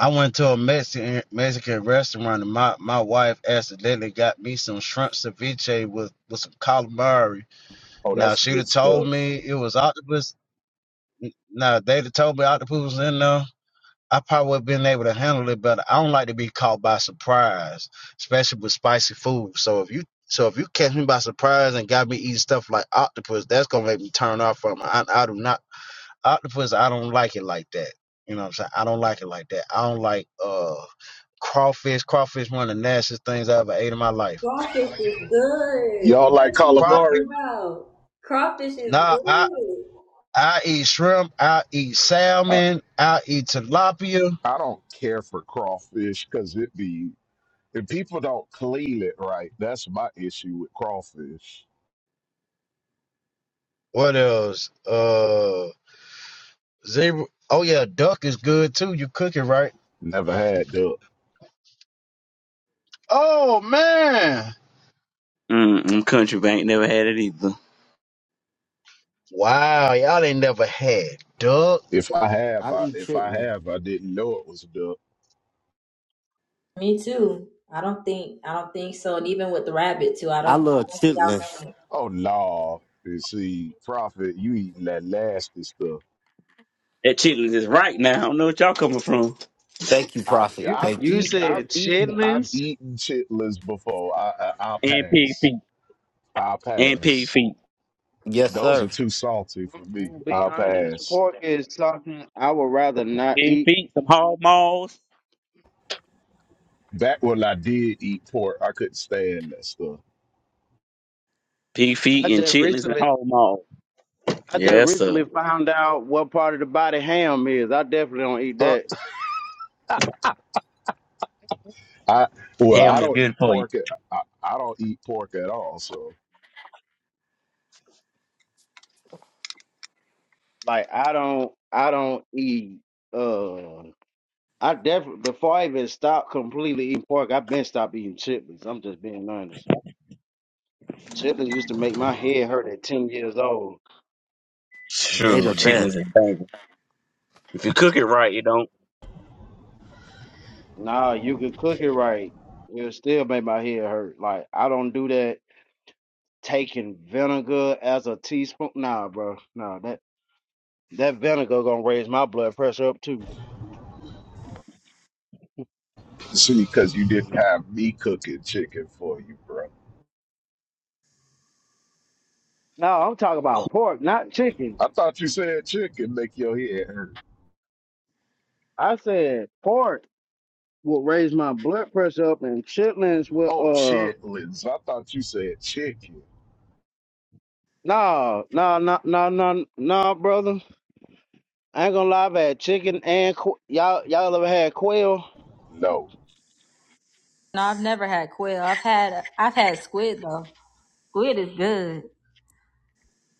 [SPEAKER 9] I went to a Mexican Mexican restaurant and my, my wife accidentally got me some shrimp ceviche with, with some calamari.
[SPEAKER 6] Oh,
[SPEAKER 9] Now
[SPEAKER 6] that's
[SPEAKER 9] she'd
[SPEAKER 6] good
[SPEAKER 9] have told
[SPEAKER 6] stuff.
[SPEAKER 9] me it was octopus. Now they'd have told me octopus was in there. I probably would have been able to handle it, but I don't like to be caught by surprise, especially with spicy food. So if you so if you catch me by surprise and got me eating stuff like octopus, that's gonna make me turn off from it. I, I do not octopus. I don't like it like that. You know what I'm saying? I don't like it like that. I don't like uh crawfish. Crawfish one of the nastiest things I ever ate in my life.
[SPEAKER 6] Y'all like
[SPEAKER 9] Crawfish.
[SPEAKER 6] calamari?
[SPEAKER 2] *laughs*
[SPEAKER 9] Nah, I I eat shrimp. I eat
[SPEAKER 6] I,
[SPEAKER 9] salmon. I eat tilapia.
[SPEAKER 6] I don't care for crawfish because it be if people don't clean it right. That's my issue with crawfish.
[SPEAKER 9] What else? Uh. Zebra. Oh yeah, duck is good too. You cook it right.
[SPEAKER 6] Never had duck.
[SPEAKER 9] Oh man,
[SPEAKER 5] Mm, mm, country bank never had it either.
[SPEAKER 9] Wow, y'all ain't never had duck.
[SPEAKER 6] If I have,
[SPEAKER 1] I
[SPEAKER 6] I,
[SPEAKER 1] eat
[SPEAKER 6] if I
[SPEAKER 1] chicken.
[SPEAKER 6] have, I didn't know it was duck.
[SPEAKER 2] Me too. I don't think I don't think so. And even with the rabbit too, I
[SPEAKER 1] I
[SPEAKER 2] don't. I
[SPEAKER 1] love
[SPEAKER 2] don't think I'll
[SPEAKER 1] chitlins.
[SPEAKER 2] get it.
[SPEAKER 6] Oh no! You see, prophet, you eating that nasty stuff.
[SPEAKER 5] That chitlins is right now. I don't know what y'all coming from.
[SPEAKER 1] Thank you,
[SPEAKER 6] I've
[SPEAKER 1] Prophet.
[SPEAKER 9] you
[SPEAKER 6] I've
[SPEAKER 1] Thank
[SPEAKER 9] you
[SPEAKER 1] you.
[SPEAKER 6] eat
[SPEAKER 9] said
[SPEAKER 6] I've eaten I've
[SPEAKER 9] chitlins.
[SPEAKER 6] eaten chitlins before. I, I I'll
[SPEAKER 5] And pig
[SPEAKER 6] pass.
[SPEAKER 5] feet.
[SPEAKER 6] I'll
[SPEAKER 5] And pig
[SPEAKER 6] pass.
[SPEAKER 5] feet.
[SPEAKER 1] Yes,
[SPEAKER 9] I,
[SPEAKER 6] Those
[SPEAKER 1] sir.
[SPEAKER 6] are too salty
[SPEAKER 9] I'm,
[SPEAKER 6] for
[SPEAKER 9] I'm
[SPEAKER 6] me.
[SPEAKER 9] gonna be
[SPEAKER 6] I'll
[SPEAKER 9] honest.
[SPEAKER 6] pass.
[SPEAKER 9] Pork is something I would rather not
[SPEAKER 5] Pig
[SPEAKER 9] eat.
[SPEAKER 5] feet, some hog maws.
[SPEAKER 6] Back when I did eat pork, I couldn't stand that stuff.
[SPEAKER 5] Pig
[SPEAKER 9] I
[SPEAKER 5] feet and
[SPEAKER 9] just
[SPEAKER 5] chitlins and
[SPEAKER 9] recently,
[SPEAKER 5] hog maws.
[SPEAKER 9] I just
[SPEAKER 5] Yes, sir.
[SPEAKER 9] recently found out what part of the body ham is. I definitely don't eat
[SPEAKER 6] Uh,
[SPEAKER 9] that.
[SPEAKER 6] I well,
[SPEAKER 5] Ham
[SPEAKER 6] I
[SPEAKER 5] is
[SPEAKER 6] don't
[SPEAKER 5] good
[SPEAKER 6] eat
[SPEAKER 5] for you.
[SPEAKER 6] pork. At, I, I don't eat pork at all. So
[SPEAKER 9] Like I don't, I don't eat. Uh, I definitely before I even stopped completely eating pork, I've been stopped eating chitlins. I'm just being honest. Chitlins used to make my head hurt at 10 years old.
[SPEAKER 1] They
[SPEAKER 5] Sure,
[SPEAKER 1] the
[SPEAKER 5] chitlins
[SPEAKER 1] best.
[SPEAKER 5] is banging. If you cook it right, you don't.
[SPEAKER 9] Nah, you could cook it right. It'll still make my head hurt. Like, I don't do that taking vinegar as a teaspoon. Nah, bro. Nah, that, that vinegar gonna raise my blood pressure up too.
[SPEAKER 6] see, because you didn't have me cooking chicken for you, bro.
[SPEAKER 9] No, I'm talking
[SPEAKER 5] Oh,
[SPEAKER 9] about pork, not chicken.
[SPEAKER 6] I thought you said chicken make your head hurt.
[SPEAKER 9] I said pork will raise my blood pressure up and chitlins will,
[SPEAKER 6] Oh
[SPEAKER 9] uh,
[SPEAKER 6] shit, Liz, I thought you said chicken.
[SPEAKER 9] Nah, nah, nah, nah, nah, nah, brother. I ain't gonna lie, I've had chicken and qu- y'all. Y'all ever had quail?
[SPEAKER 6] No,
[SPEAKER 2] No, I've never had quail. I've had I've had squid though. Squid is good.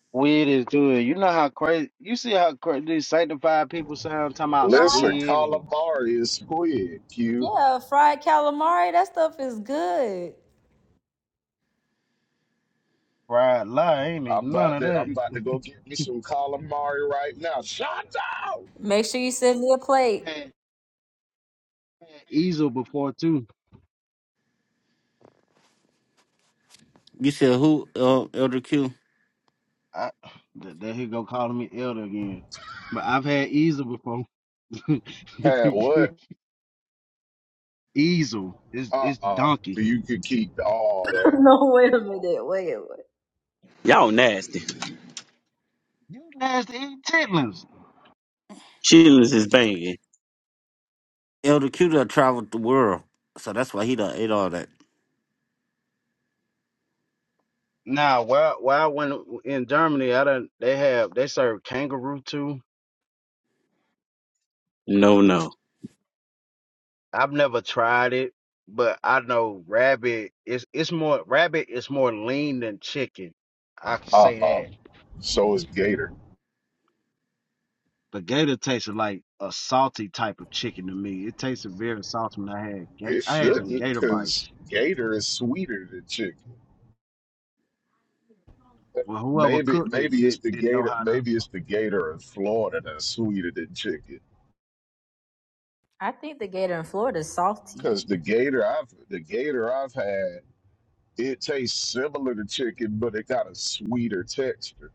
[SPEAKER 9] Squid is good. You know how crazy. You see how crazy these sanctified people sound talking about
[SPEAKER 6] listen,
[SPEAKER 9] squid and
[SPEAKER 6] calamari is squid. Q.
[SPEAKER 2] Yeah, fried calamari. That stuff is good.
[SPEAKER 9] fried lie. I Ain't need
[SPEAKER 6] I'm
[SPEAKER 9] none
[SPEAKER 6] about
[SPEAKER 9] of
[SPEAKER 6] to
[SPEAKER 9] that.
[SPEAKER 6] I'm about to go get me some calamari right now. Shut up.
[SPEAKER 2] Make sure you send me a plate.
[SPEAKER 9] I've had, had easel before too.
[SPEAKER 1] You said who? Uh, Elder Q.
[SPEAKER 9] I, that, that he go calling me elder again. But I've had easel before. *laughs*
[SPEAKER 6] Had what?
[SPEAKER 9] easel is
[SPEAKER 6] Uh
[SPEAKER 9] it's
[SPEAKER 6] uh
[SPEAKER 9] donkey.
[SPEAKER 6] You could keep all
[SPEAKER 2] *laughs*
[SPEAKER 6] that.
[SPEAKER 2] no, wait a minute. Wait a minute.
[SPEAKER 5] y'all nasty.
[SPEAKER 9] You nasty eating chitlins.
[SPEAKER 5] Chitlins is banging.
[SPEAKER 1] Elder Q done traveled the world, so that's why he done ate all that.
[SPEAKER 9] Nah, while while I went in Germany I done they have they serve kangaroo too.
[SPEAKER 5] No, no.
[SPEAKER 9] I've never tried it, but I know rabbit is it's more rabbit is more lean than chicken. I can
[SPEAKER 6] Uh
[SPEAKER 9] say
[SPEAKER 6] uh
[SPEAKER 9] that.
[SPEAKER 6] So is Gator.
[SPEAKER 9] But gator tastes like a salty type of chicken to me. It tasted very salty when I had ga-
[SPEAKER 6] It
[SPEAKER 9] I had some
[SPEAKER 6] shouldn't,
[SPEAKER 9] gator
[SPEAKER 6] because
[SPEAKER 9] bites.
[SPEAKER 6] Gator is sweeter than chicken.
[SPEAKER 9] Well, whoever
[SPEAKER 6] Maybe
[SPEAKER 9] cooked it
[SPEAKER 6] maybe it's
[SPEAKER 9] did,
[SPEAKER 6] the
[SPEAKER 9] didn't know
[SPEAKER 6] Gator
[SPEAKER 9] how to.
[SPEAKER 6] maybe it's the Gator in Florida that's sweeter than chicken.
[SPEAKER 2] I think the gator in Florida is salty.
[SPEAKER 6] Because the Gator I've the Gator I've had, it tastes similar to chicken, but it got a sweeter texture.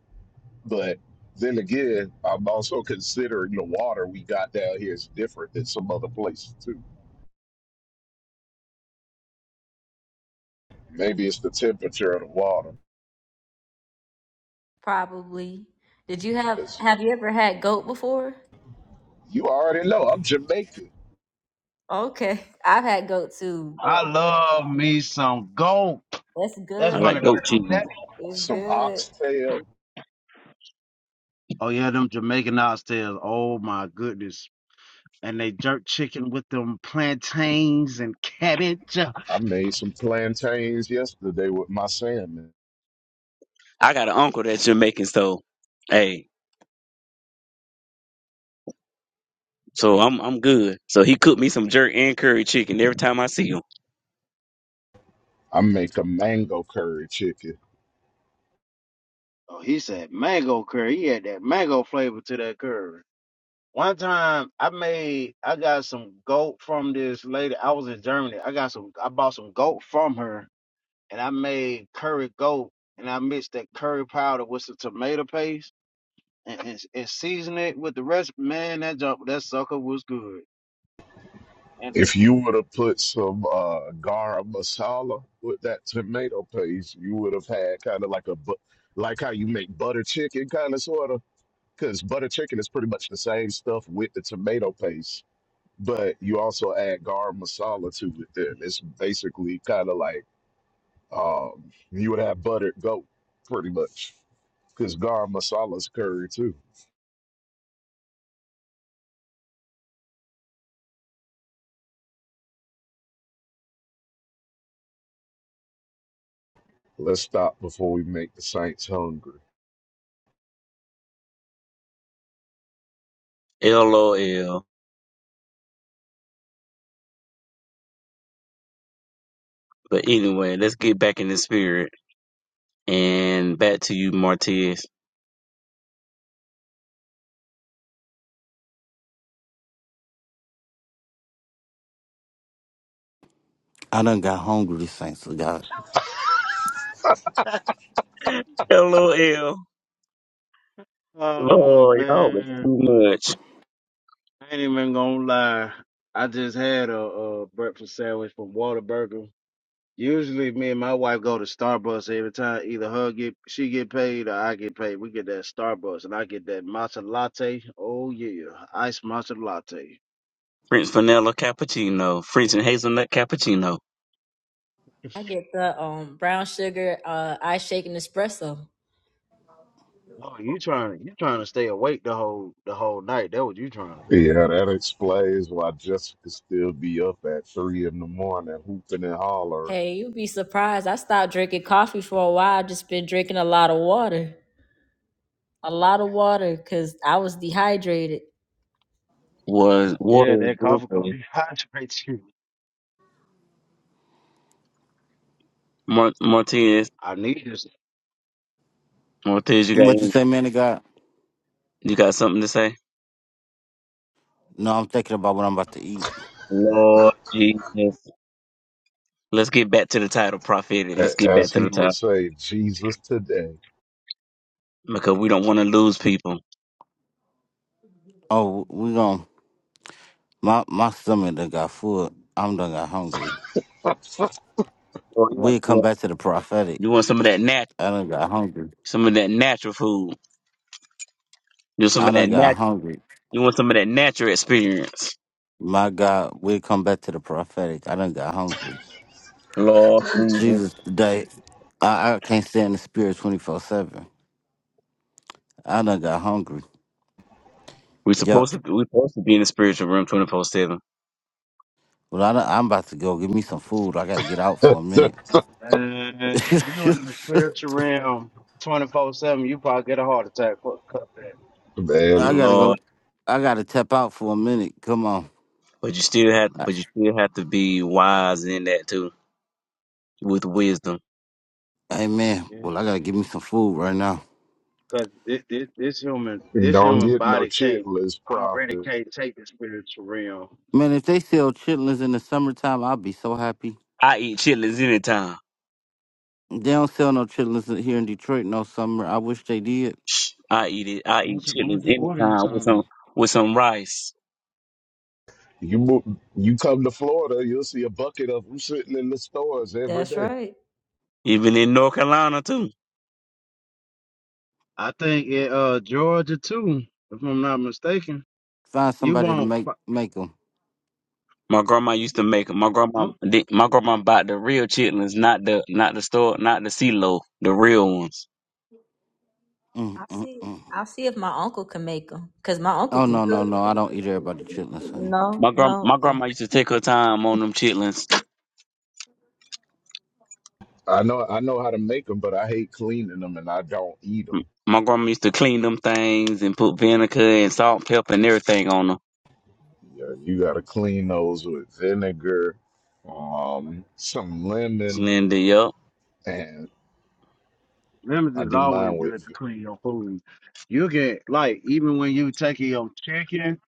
[SPEAKER 6] But then again, I'm also considering the water we got down here is different than some other places too. Maybe it's the temperature of the water.
[SPEAKER 2] Probably. Did you have
[SPEAKER 6] Because
[SPEAKER 2] Have you ever had goat before?
[SPEAKER 6] you already know I'm Jamaican.
[SPEAKER 2] Okay, I've had goat too.
[SPEAKER 9] I love me some goat.
[SPEAKER 2] That's
[SPEAKER 9] That's
[SPEAKER 5] I
[SPEAKER 2] good.
[SPEAKER 9] one
[SPEAKER 5] like
[SPEAKER 9] of them.
[SPEAKER 5] goat cheese.
[SPEAKER 9] That,
[SPEAKER 2] It's
[SPEAKER 6] some
[SPEAKER 2] good.
[SPEAKER 6] oxtail.
[SPEAKER 9] oh yeah, them Jamaican oxtails. Oh my goodness. And they jerk chicken with them plantains and cabbage.
[SPEAKER 6] I made some plantains yesterday with my salmon.
[SPEAKER 5] I got an uncle that's Jamaican, so hey, so I'm I'm good. So he cooked me some jerk and curry chicken every time I see him.
[SPEAKER 6] I make a mango curry chicken.
[SPEAKER 9] Oh, he said mango curry. He had that mango flavor to that curry. One time I made, I got some goat from this lady. I was in Germany. I got some, I bought some goat from her and I made curry goat and I mixed that curry powder with some tomato paste and, and, and seasoned it with the rest. Man, that jump, that sucker was good. And,
[SPEAKER 6] If you would have put some uh, garam masala with that tomato paste, you would have had kind of like a bu- like how you make butter chicken, kind of sort of. Because butter chicken is pretty much the same stuff with the tomato paste, but you also add garam masala to it. Then it's basically kind of like um, you would have buttered goat, pretty much. Because garam masala's curry too. Let's stop before we make the Saints hungry.
[SPEAKER 5] LOL. But anyway, let's get back in the spirit and back to you, Martez.
[SPEAKER 1] I done got hungry, thanks to God.
[SPEAKER 9] *laughs*
[SPEAKER 5] *laughs* LOL.
[SPEAKER 9] oh
[SPEAKER 5] Lord, y'all was
[SPEAKER 9] man,
[SPEAKER 5] too much.
[SPEAKER 9] I ain't even gonna lie. I just had a, a breakfast sandwich from Whataburger Usually, me and my wife go to Starbucks every time. Either her get she get paid or I get paid. We get that Starbucks, and I get that matcha latte. Oh yeah, iced matcha latte.
[SPEAKER 5] French vanilla cappuccino, French and hazelnut cappuccino.
[SPEAKER 2] I get the um brown sugar uh ice shake and espresso.
[SPEAKER 9] Oh, you trying to you trying to stay awake the whole the whole night. That what you trying to do.
[SPEAKER 6] Yeah, that explains why Jessica still be up at three in the morning hooping and hollering.
[SPEAKER 2] Hey, you'd be surprised. I stopped drinking coffee for a while. I Just been drinking a lot of water. A lot of water cuz I was dehydrated.
[SPEAKER 5] Was water
[SPEAKER 9] Yeah,
[SPEAKER 5] is
[SPEAKER 9] that
[SPEAKER 5] good
[SPEAKER 9] coffee
[SPEAKER 5] for you.
[SPEAKER 9] gonna dehydrate *laughs* you.
[SPEAKER 5] Mar- Martinez,
[SPEAKER 9] I need this.
[SPEAKER 5] Martinez, you got
[SPEAKER 1] What you
[SPEAKER 5] any-
[SPEAKER 1] say, man? Of God?
[SPEAKER 5] you got something to say?
[SPEAKER 1] No, I'm thinking about what I'm about to eat.
[SPEAKER 5] Lord Jesus, let's get back to the title, prophet. Let's
[SPEAKER 6] A-
[SPEAKER 5] get back
[SPEAKER 6] As
[SPEAKER 5] to the
[SPEAKER 6] he would
[SPEAKER 5] title
[SPEAKER 6] say, Jesus today.
[SPEAKER 5] because we don't want to lose people.
[SPEAKER 1] Oh, we gon' my my stomach done got full. I'm done got hungry.
[SPEAKER 5] Lord, you want
[SPEAKER 1] We
[SPEAKER 5] some of
[SPEAKER 1] come
[SPEAKER 5] that?
[SPEAKER 1] back to the prophetic.
[SPEAKER 5] You want some of that nat-
[SPEAKER 1] I done got hungry.
[SPEAKER 5] some of that natural food. You want some
[SPEAKER 1] I
[SPEAKER 5] of that
[SPEAKER 1] done
[SPEAKER 5] nat-
[SPEAKER 1] got hungry.
[SPEAKER 5] You want some of that natural experience.
[SPEAKER 1] My God, we come back to the prophetic. I done got hungry.
[SPEAKER 9] Uh,
[SPEAKER 5] Lord Jesus,
[SPEAKER 1] Jesus today. I, I can't stand the spirit twenty four seven. I done got hungry.
[SPEAKER 5] we
[SPEAKER 1] Yup.
[SPEAKER 5] supposed to we supposed to be in the spiritual room twenty four seven.
[SPEAKER 1] Well, I done, I'm about to go get me some food. I got to get out
[SPEAKER 6] *laughs*
[SPEAKER 1] for a minute. *laughs*
[SPEAKER 9] if you in the spiritual realm, twenty four seven, you probably get a heart attack. Fuck, cut that.
[SPEAKER 6] Man,
[SPEAKER 1] I gotta
[SPEAKER 5] Lord.
[SPEAKER 6] listen.
[SPEAKER 1] go. I gotta tap out for a minute. Come on.
[SPEAKER 5] But you still have, but you still have to be wise in that too, with wisdom.
[SPEAKER 1] Hey man.
[SPEAKER 9] Yeah.
[SPEAKER 1] Well, I gotta get me some food right now.
[SPEAKER 9] Cause this, this, this human, this
[SPEAKER 6] Don't
[SPEAKER 9] human
[SPEAKER 6] get no
[SPEAKER 9] body can't
[SPEAKER 6] chitless
[SPEAKER 9] already
[SPEAKER 6] prophet.
[SPEAKER 9] can't take the spiritual realm.
[SPEAKER 1] Man, if they sell chitlins in the summertime, I'll be so happy.
[SPEAKER 5] I eat chitlins anytime.
[SPEAKER 1] They don't sell no chitlins here in Detroit no summer. I wish they did.
[SPEAKER 5] I eat it. I
[SPEAKER 9] Why
[SPEAKER 5] eat
[SPEAKER 9] don't you, why don't
[SPEAKER 5] chitlins
[SPEAKER 9] you order you
[SPEAKER 5] anytime with
[SPEAKER 9] something?
[SPEAKER 5] some with some rice.
[SPEAKER 6] You mo- you come to Florida, you'll see a bucket of them sitting in the stores every
[SPEAKER 2] That's
[SPEAKER 6] day.
[SPEAKER 2] right.
[SPEAKER 5] Even in North Carolina too.
[SPEAKER 9] I think in uh Georgia too, if I'm not mistaken.
[SPEAKER 1] Find
[SPEAKER 9] You
[SPEAKER 1] somebody to
[SPEAKER 9] won't.
[SPEAKER 1] make make them.
[SPEAKER 5] My grandma used to make 'em. My grandma,
[SPEAKER 9] Oh,
[SPEAKER 5] did- my grandma bought the real chitlins, not the not the store, not the CeeLo, the real ones.
[SPEAKER 1] Mm,
[SPEAKER 2] I'll
[SPEAKER 1] mm,
[SPEAKER 2] see.
[SPEAKER 1] mm.
[SPEAKER 2] I'll see if my uncle can make them cuz my uncle
[SPEAKER 1] Oh
[SPEAKER 2] can
[SPEAKER 1] no no
[SPEAKER 2] cook.
[SPEAKER 1] no! I don't eat everybody chitlins, honey.
[SPEAKER 2] No,
[SPEAKER 5] My grand,
[SPEAKER 2] no.
[SPEAKER 5] my
[SPEAKER 2] Okay.
[SPEAKER 5] grandma used to take her time on them chitlins.
[SPEAKER 6] I know I know how to make them, but I hate cleaning them and I don't eat 'em.
[SPEAKER 5] My grandma used to clean them things and put vinegar and salt, pepper, and everything on them.
[SPEAKER 6] Yeah, you got to clean those with vinegar, um, some
[SPEAKER 5] And
[SPEAKER 6] lemon,
[SPEAKER 5] then, yup,
[SPEAKER 6] and
[SPEAKER 9] lemons
[SPEAKER 6] I
[SPEAKER 9] is
[SPEAKER 6] do
[SPEAKER 9] always
[SPEAKER 6] mine
[SPEAKER 9] good to
[SPEAKER 6] with.
[SPEAKER 9] clean your food. You get like even when you taking your chicken,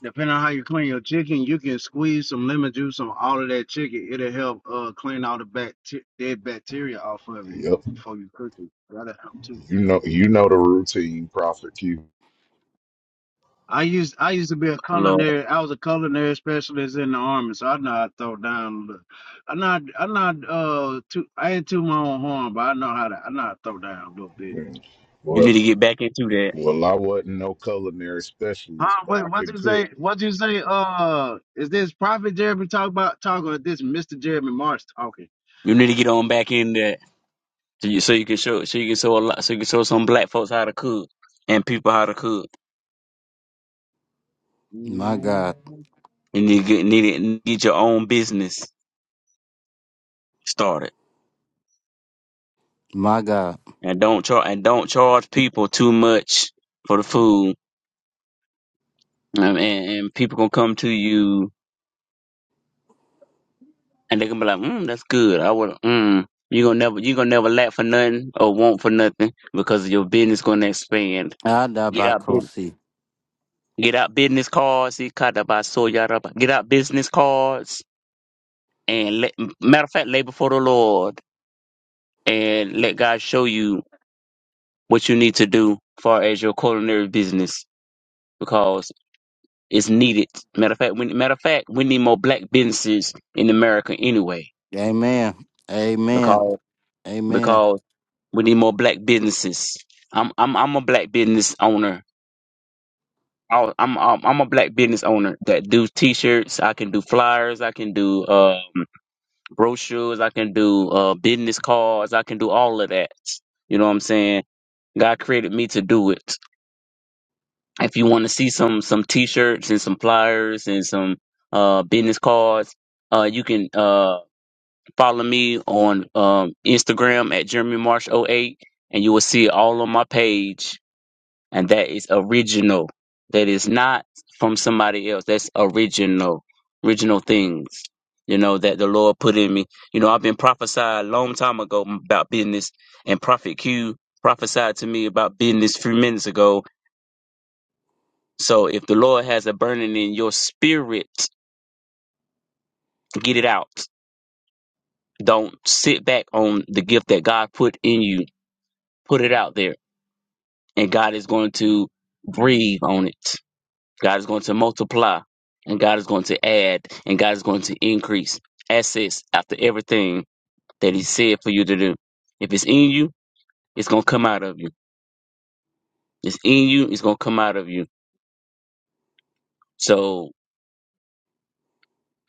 [SPEAKER 9] depending on how you clean your chicken, you can squeeze some lemon juice on all of that chicken. It'll help uh clean all the bact dead bacteria off of it
[SPEAKER 6] Yep,
[SPEAKER 9] before you cook it. That'll help too.
[SPEAKER 6] you know, you know the routine, Prophet Q.
[SPEAKER 9] I used I used to be a
[SPEAKER 5] Lord,
[SPEAKER 9] culinary. I was a culinary specialist in the army, so I know how to throw down. a little. I'm not. I'm not. Uh, too. I ain't too my own horn, but I know how to. I know how to throw down a little bit.
[SPEAKER 6] Mm.
[SPEAKER 5] you
[SPEAKER 6] Well,
[SPEAKER 5] need to get back into that.
[SPEAKER 6] well, I wasn't no culinary
[SPEAKER 9] Huh?
[SPEAKER 6] specialist, but
[SPEAKER 9] What?
[SPEAKER 6] I
[SPEAKER 9] What you
[SPEAKER 6] could cook.
[SPEAKER 9] say? What you say? Uh, is this Prophet Jeremy talk about talking? Or is this Mister Jeremy March talking?
[SPEAKER 5] You need to get on back in there so you, so you can show so you can show a lot so you can show some black folks how to cook and people how to cook.
[SPEAKER 1] My God.
[SPEAKER 9] Ooh.
[SPEAKER 5] You need to get need to get your own business started
[SPEAKER 1] My God.
[SPEAKER 5] and don't charge and don't charge people too much for the food. Um, and, and people gonna come to you and they gonna be like, mm, that's good. I would mm. You gonna never you gonna never lack for nothing or want for nothing because your business gonna expand. Get out business.
[SPEAKER 1] Adabakosi.
[SPEAKER 5] Get out business cards. He cut about so yaraba. Get out business cards and let, matter of fact, lay before the Lord and let God show you what you need to do far as your culinary business because it's needed. Matter of fact, we, matter of fact, we need more black businesses in America anyway
[SPEAKER 1] Amen. Amen.
[SPEAKER 5] because
[SPEAKER 1] Amen.
[SPEAKER 5] because we need more black businesses. I'm I'm I'm a black business owner. I- I'm I'm I'm a black business owner that do T-shirts. I can do flyers. I can do uh brochures. I can do uh business cards. I can do all of that. You know what I'm saying? God created me to do it. If you want to see some some t-shirts and some flyers and some uh business cards, uh you can uh follow me on um Instagram at Jeremy Marsh oh 08 and you will see it all on my page and that is original. That is not from somebody else. That's original. Original things. You know that the Lord put in me. You know, I've been prophesied a long time ago about business and Prophet Q prophesied to me about business three minutes ago So if the Lord has a burning in your spirit, get it out. Don't sit back on the gift that God put in you. Put it out there. And God is going to breathe on it. God is going to multiply. And God is going to add. And God is going to increase assets after everything that He said for you to do. If it's in you, it's going to come out of you. It's in you, it's going to come out of you. So,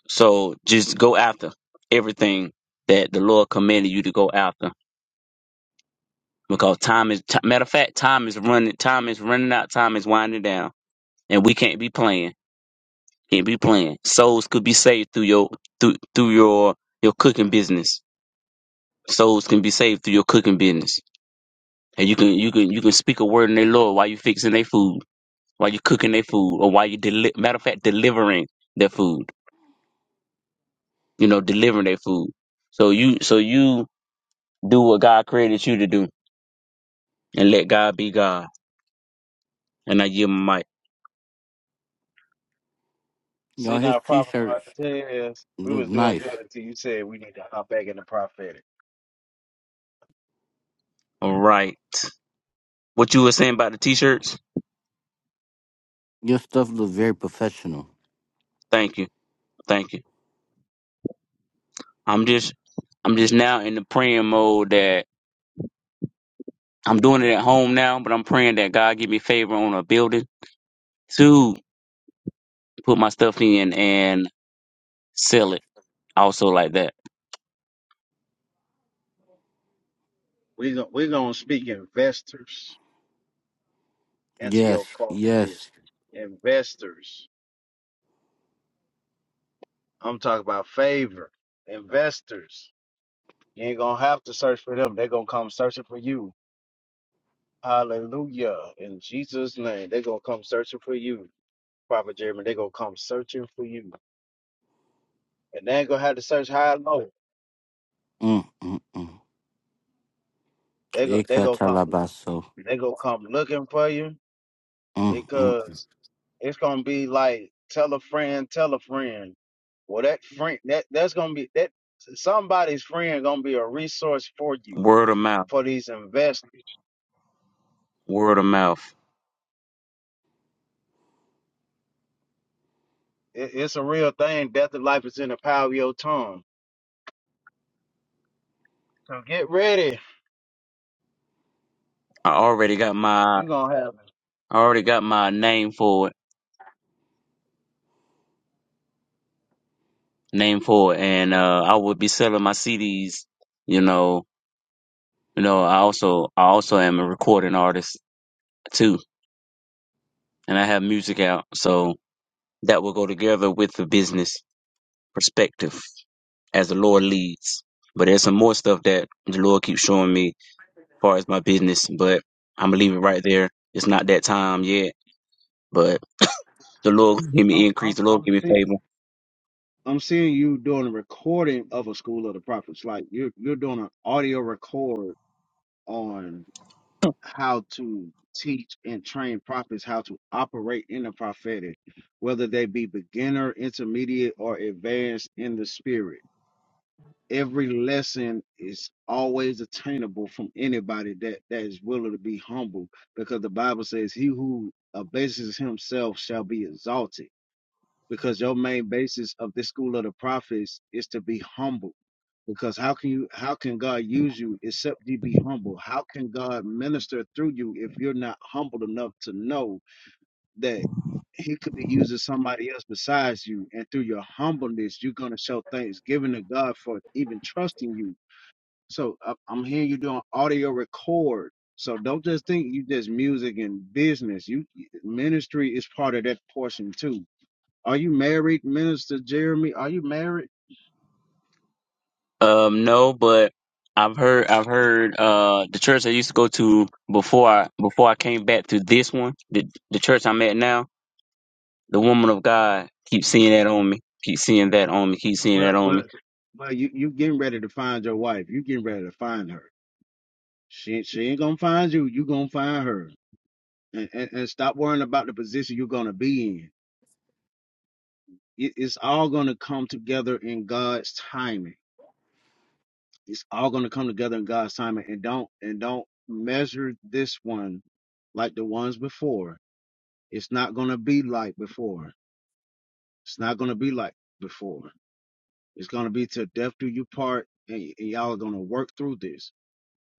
[SPEAKER 5] so just go after everything that the Lord commanded you to go after because time is ti matter of fact time is running time is running out time is winding down and we can't be playing can't be playing souls could be saved through your through through your your cooking business souls can be saved through your cooking business and you can you can you can speak a word in their lord while you fixing their food while you cooking their food or while you deli- matter of fact delivering their food you know delivering their food so you so you do what god created you to do and let god be god and i give my mic
[SPEAKER 1] Y'all,
[SPEAKER 9] See
[SPEAKER 1] his
[SPEAKER 9] now,
[SPEAKER 1] t
[SPEAKER 9] Prophet
[SPEAKER 1] shirts
[SPEAKER 9] Martez, we
[SPEAKER 1] look
[SPEAKER 9] was doing
[SPEAKER 1] nice.
[SPEAKER 9] good until you said we need to hop back in the prophetic.
[SPEAKER 5] all right what you were saying about the t-shirts
[SPEAKER 1] Your stuff look very professional.
[SPEAKER 5] Thank you. Thank you. I'm just I'm just now in the praying mode that I'm doing it at home now, but I'm praying that God give me favor on a building to put my stuff in and sell it. Also like that.
[SPEAKER 9] We gon' we gonna speak in investors. into
[SPEAKER 1] Yes.
[SPEAKER 9] your call for
[SPEAKER 1] Yes.
[SPEAKER 9] Investors. I'm talking about favor. Investors. You ain't gonna have to search for them. They're gonna come searching for you. Hallelujah. In Jesus' name, they're gonna come searching for you. Prophet Jeremy, they're gonna come searching for you. And they ain't gonna have to search high and low.
[SPEAKER 1] Mm, mm, mm.
[SPEAKER 9] They go they gonna come
[SPEAKER 1] Ikatalabaso.
[SPEAKER 9] they gonna come looking for you
[SPEAKER 1] Mm, mm.
[SPEAKER 9] because It's gonna be like tell a friend, tell a friend. Well, that friend that that's gonna be that somebody's friend gonna be a resource for you
[SPEAKER 5] Word of mouth.
[SPEAKER 9] for these investors.
[SPEAKER 5] Word of mouth.
[SPEAKER 9] It, it's a real thing. Death and life is in the power of your tongue. So get ready.
[SPEAKER 5] I already got my
[SPEAKER 9] You gonna have. it.
[SPEAKER 5] I already got my name for it. Name for it. And uh I would be selling my CDs, you know. You know, I also I also am a recording artist too. And I have music out. So that will go together with the business. perspective as the Lord leads. But there's some more stuff that the Lord keeps showing me as far as my business, but I'm gonna leave it right there. It's not that time yet, but the Lord give me
[SPEAKER 9] I'm
[SPEAKER 5] increase,
[SPEAKER 9] I'm
[SPEAKER 5] the Lord
[SPEAKER 9] I'm
[SPEAKER 5] give me
[SPEAKER 9] seeing
[SPEAKER 5] favor.
[SPEAKER 9] I'm seeing you doing a recording of a school of the prophets. Like you're you're doing an audio record on how to teach and train prophets how to operate in the prophetic, whether they be beginner, intermediate, or advanced in the spirit. Every lesson is always attainable from anybody that, that is willing to be humble because the Bible says, He who abases himself shall be exalted because your main basis of this school of the prophets is to be humble because how can you how can god use you except you be humble how can god minister through you if you're not humble enough to know that he could be using somebody else besides you and through your humbleness you're going to show thanksgiving to god for even trusting you so I- i'm hearing you doing audio record so don't just think you just music and business you ministry is part of that portion too are you married, Minister Jeremy? Are you married?
[SPEAKER 5] Um, no, but I've heard I've heard uh the church I used to go to before I before I came back to this one, the the church I'm at now, the woman of God keeps seeing that on me, keep seeing that on me, keep seeing that
[SPEAKER 9] Well,
[SPEAKER 5] on me.
[SPEAKER 9] well, well. You you getting ready to find your wife? You getting ready to find her? She she ain't gonna find you. You gonna find her. And and, and stop worrying about the position you're gonna be in. It, it's all gonna come together in God's timing. It's all gonna come together in God's timing. And don't and don't measure this one like the ones before. It's not gonna be like before. It's not gonna be like before. It's going to be to death do you part, and, y- and y'all are going to work through this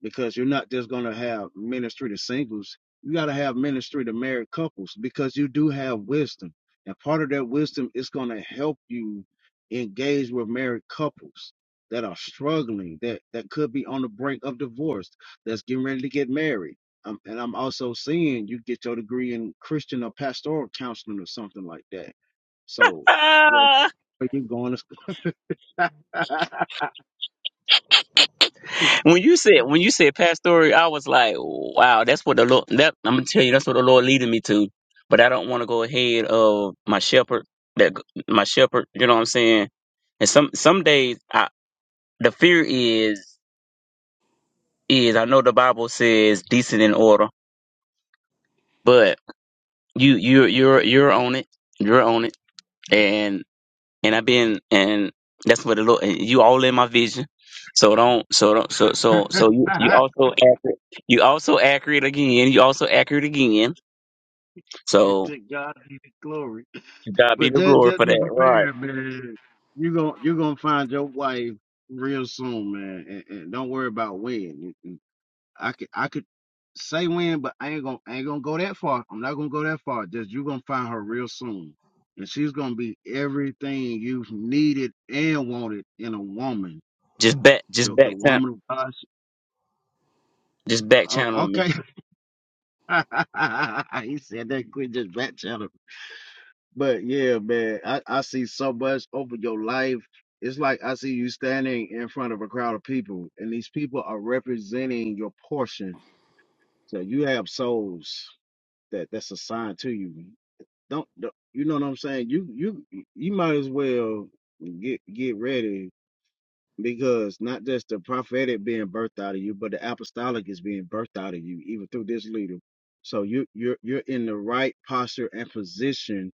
[SPEAKER 9] because you're not just going to have ministry to singles. You got to have ministry to married couples because you do have wisdom, and part of that wisdom is going to help you engage with married couples that are struggling, that that could be on the brink of divorce, that's getting ready to get married. Um, and I'm also seeing you get your degree in Christian or pastoral counseling or something like that. So, well,
[SPEAKER 5] Ah!
[SPEAKER 9] where you going to school? *laughs*
[SPEAKER 5] When you said when you said pastory, I was like, wow, that's what the Lord. That I'm gonna tell you, that's what the Lord leading me to. But I don't want to go ahead of my shepherd. That my shepherd, you know what I'm saying. And some some days, I, the fear is is I know the Bible says decent in order, but you you you're you're on it, you're on it, and I've been and that's what the Lord and you all in my vision. So don't so don't so
[SPEAKER 9] *laughs* to
[SPEAKER 5] so so you you also accurate you also accurate again. You also accurate again. So
[SPEAKER 9] God be the glory.
[SPEAKER 5] to God be
[SPEAKER 9] But
[SPEAKER 5] the
[SPEAKER 9] just
[SPEAKER 5] glory
[SPEAKER 9] just
[SPEAKER 5] for
[SPEAKER 9] be
[SPEAKER 5] that. Right.
[SPEAKER 9] prepared, man. You gon' you gonna find your wife real soon, man. And, and don't worry about when. You- you- I could I could say when, but I ain't gonna I ain't gonna go that far. I'm not gonna go that far. Just you gonna find her real soon, and she's gonna be everything you've needed and wanted in a woman.
[SPEAKER 5] Just back just
[SPEAKER 9] The the
[SPEAKER 5] back channel
[SPEAKER 9] woman of God. she-
[SPEAKER 5] just back
[SPEAKER 9] o-
[SPEAKER 5] channel me.
[SPEAKER 9] Okay, *laughs* he said that Quit Just back But yeah, man, I, I see so much over your life. It's like I see you standing in front of a crowd of people, and these people are representing your portion. So you have souls that that's assigned to you. Don't, don't you know what I'm saying? You you you might as well get get ready because not just the prophetic being birthed out of you, but the apostolic is being birthed out of you, even through this leader. So you you're you're in the right posture and position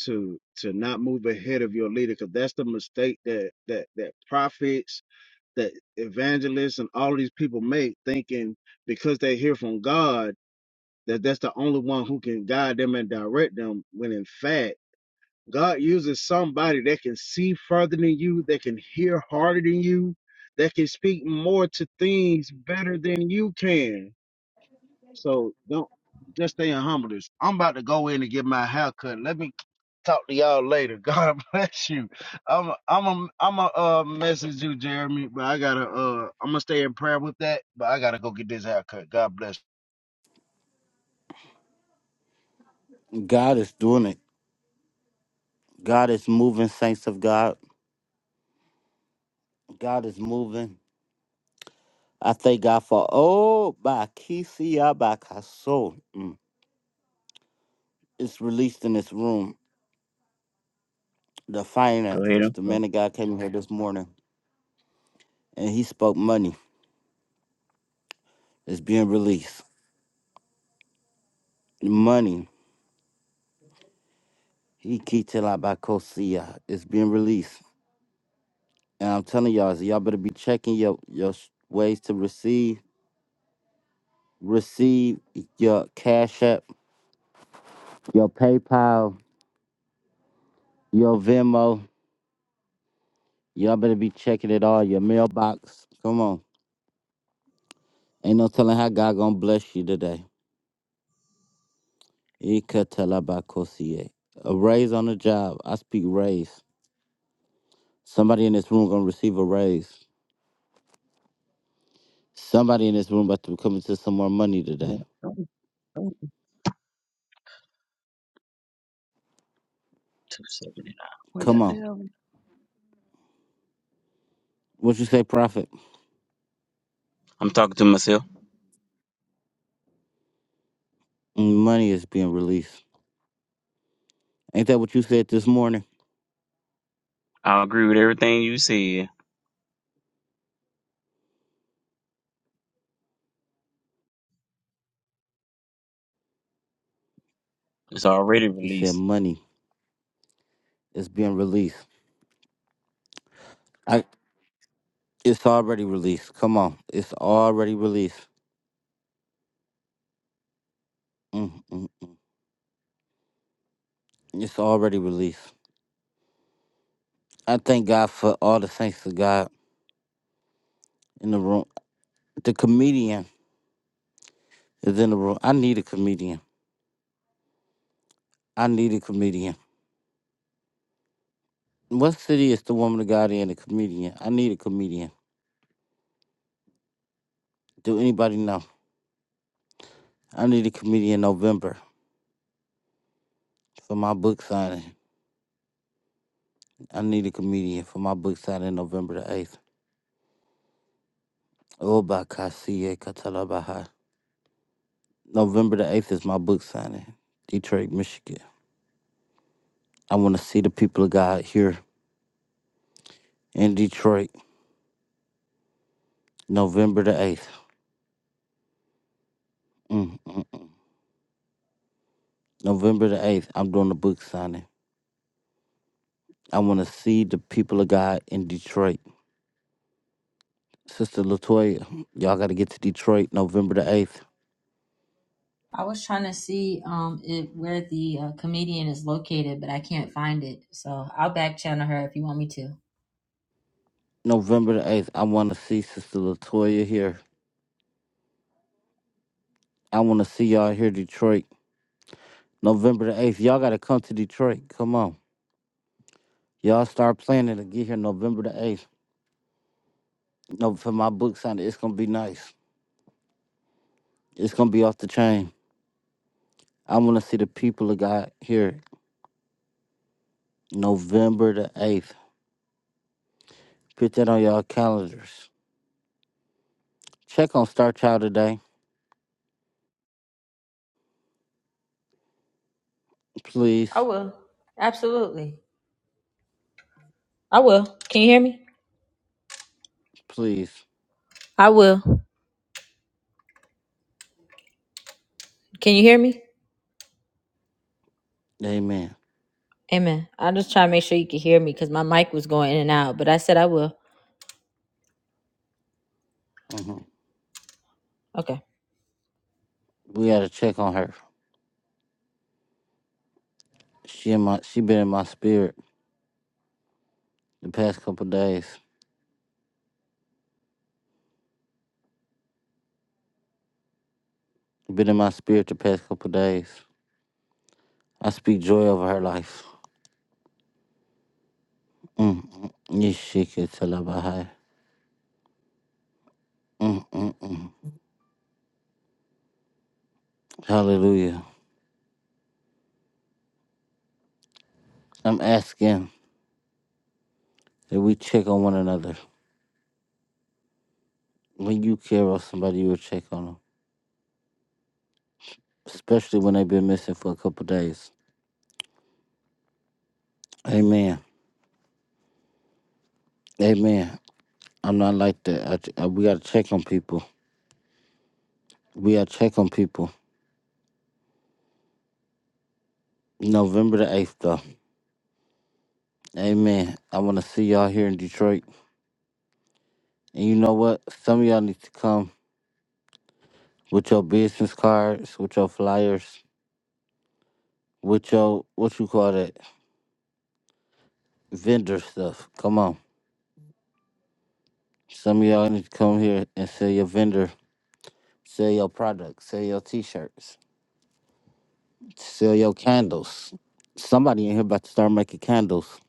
[SPEAKER 9] to to not move ahead of your leader because that's the mistake that that that prophets that evangelists and all these people make thinking because they hear from god that that's the only one who can guide them and direct them when in fact god uses somebody that can see further than you that can hear harder than you that can speak more to things better than you can so don't just stay in humbleness. I'm about to go in and get my hair cut. Let me Talk to y'all later. *laughs* God bless you. I'm I'm I'm a, I'm a uh, message you, Jeremy, but I gotta uh I'm gonna stay in prayer with that, but I gotta go get this haircut. God bless.
[SPEAKER 1] God is doing it. God is moving, saints of God. God is moving. I thank God for oh by Kisi Abakaso. Mm. It's released in this room. The
[SPEAKER 5] Go ahead.
[SPEAKER 1] finances.
[SPEAKER 5] I'm
[SPEAKER 1] The man of God came here this morning. and he spoke money It's being released. Money, he kitelabakosia It's being released. And I'm telling y'all, so y'all better be checking your your sh- ways to receive, receive your Cash App, your PayPal, your Venmo. Y'all better be checking it all. Your mailbox. Come on, ain't no telling how God gonna bless you today. Ikatelabakosia. A raise on the job. I speak raise. Somebody in this room gonna receive a raise. Somebody in this room about to be coming to some more money today.
[SPEAKER 5] One, two, seven, and nine. What the
[SPEAKER 1] Come on.
[SPEAKER 5] devil?
[SPEAKER 1] What you say, Prophet?
[SPEAKER 5] I'm talking to myself.
[SPEAKER 1] Mm, Money is being released. Ain't that what you said this morning?
[SPEAKER 5] I agree with everything you said. It's already
[SPEAKER 1] He said
[SPEAKER 5] released.
[SPEAKER 1] money is being released. I, it's already released. Come on. It's already released. Mm, mm, mm. It's already released. I thank God for all the saints of God in the room. The comedian is in the room. I need a comedian. I need a comedian. What city is the woman of God in? A comedian. I need a comedian. Do anybody know? I need a comedian in November for my book signing. I need a comedian for my book signing November the 8th. Oba Kasiye Katalabaha. November the 8th is my book signing, Detroit, Michigan. I want to see the people of God here in Detroit, November the 8th. Mm, mm. mm. November the 8th, I'm doing the book signing. I want to see the people of God in Detroit. Sister Latoya, y'all got to get to Detroit November the 8th.
[SPEAKER 2] I was trying to see um it, where the uh, comedian is located, but I can't find it. So I'll back channel her if you want me to.
[SPEAKER 1] November the 8th, I want to see Sister Latoya here I want to see y'all here, Detroit. November the 8th. Y'all got to come to Detroit. Come on. Y'all start planning to get here November the 8th. No, for my book signing, it's going to be nice. It's going to be off the chain. I want to see the people of God here November the 8th. Put that on y'all calendars. Check on Star Child today. Please.
[SPEAKER 2] I will. Absolutely. I will. Can you hear me?
[SPEAKER 1] Please.
[SPEAKER 2] I will. Can you hear me?
[SPEAKER 1] Amen.
[SPEAKER 2] Amen. I just try to make sure you can hear me because my mic was going in and out, but I said I will.
[SPEAKER 1] hmm
[SPEAKER 2] Okay.
[SPEAKER 1] We got to check on her. She in my, she been in my spirit the past couple days. Been in my spirit the past couple days. I speak joy over her life. Mm, mm, yeshiketalabahai. Mm, mm, mm. Hallelujah. I'm asking that we check on one another. When you care about somebody, you will check on them, especially when they've been missing for a couple days. Amen. Amen. I'm not like that. I, I- we got to check on people. We got to check on people. November the 8th, though. Amen. I want to see y'all here in Detroit. And you know what? Some of y'all need to come with your business cards, with your flyers, with your, what you call that? vendor stuff. Come on. Some of y'all need to come here and sell your vendor, sell your products, sell your t-shirts, sell your candles. Somebody in here about to start making candles.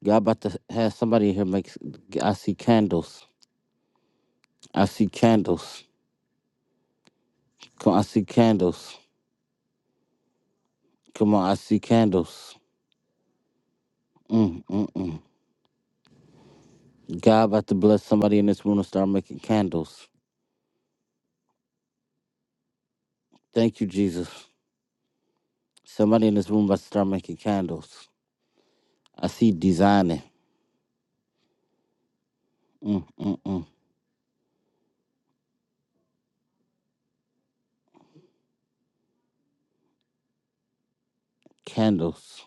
[SPEAKER 1] Y'all about to have somebody in here make I see candles. I see candles. Come I see candles. Come on, I see candles. Mm, mm, mm. God about to bless somebody in this room to start making candles. Thank you, Jesus. Somebody in this room about to start making candles. I see designing. Mm, mm, mm. Candles.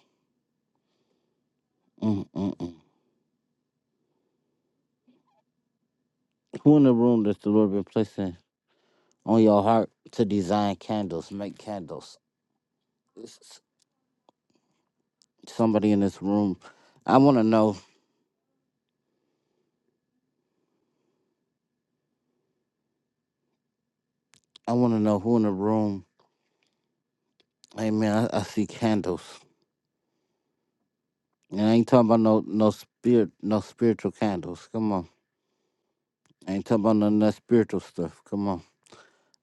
[SPEAKER 1] Mm-mm-mm. Who in the room that the Lord been placing on your heart to design candles, make candles? S- s- Somebody in this room. I want to know. I want to know who in the room. Amen. I, I see candles. And I ain't talking about no no spirit no spiritual candles. Come on. I ain't talking about none of that spiritual stuff. Come on.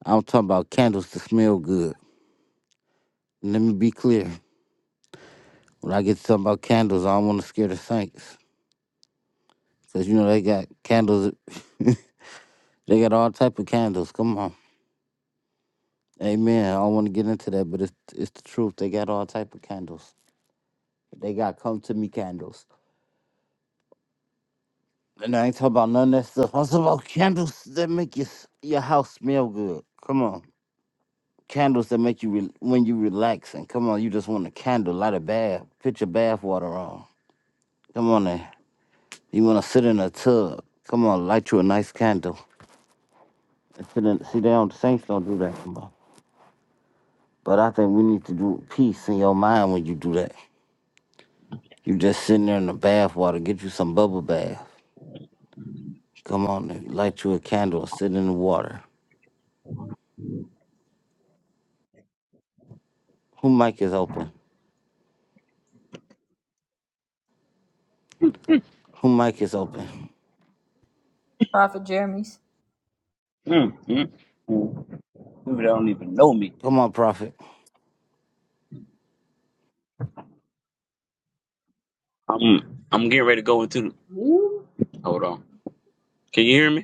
[SPEAKER 1] I'm talking about candles to smell good. Let me be clear. When I get to talking about candles, I don't want to scare the saints. Because, you know, they got candles. *laughs* They got all type of candles. Come on. Amen. I don't want to get into that, but it's it's the truth. They got all type of candles. They got come to me candles. And I ain't talking about none of that stuff. I'm talking about candles that make your s- your house smell good. Come on. Candles that make you re- when you relaxing. Come on, you just want a candle, light a bath, put your bath water on. Come on there. You want to sit in a tub. Come on, light you a nice candle. And sit in- See, they don't, saints don't do that. Come on. But I think we need to do peace in your mind when you do that. You just sitting there in the bath water. Get you some bubble bath. Come on and light you a candle. Sit in the water. Who mic is open? Who mic is open?
[SPEAKER 2] Prophet Jeremy's.
[SPEAKER 5] Mm, mm, mm. You don't even know me.
[SPEAKER 1] Come on, prophet.
[SPEAKER 5] I'm I'm getting ready to go into the,
[SPEAKER 7] Yes.
[SPEAKER 5] hold on. Can you hear me?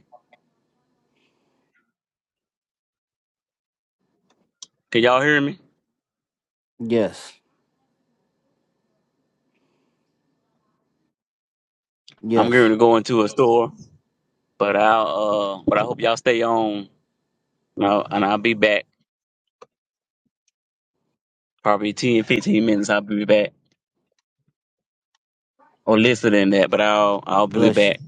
[SPEAKER 5] Can y'all hear me?
[SPEAKER 1] Yes.
[SPEAKER 5] I'm
[SPEAKER 1] Yes.
[SPEAKER 5] going to go into a store, but I'll uh, but I hope y'all stay on. You know, and I'll be back probably 10, 15 minutes. I'll be back or listen than that, but I'll I'll be
[SPEAKER 1] Bless you.
[SPEAKER 5] back.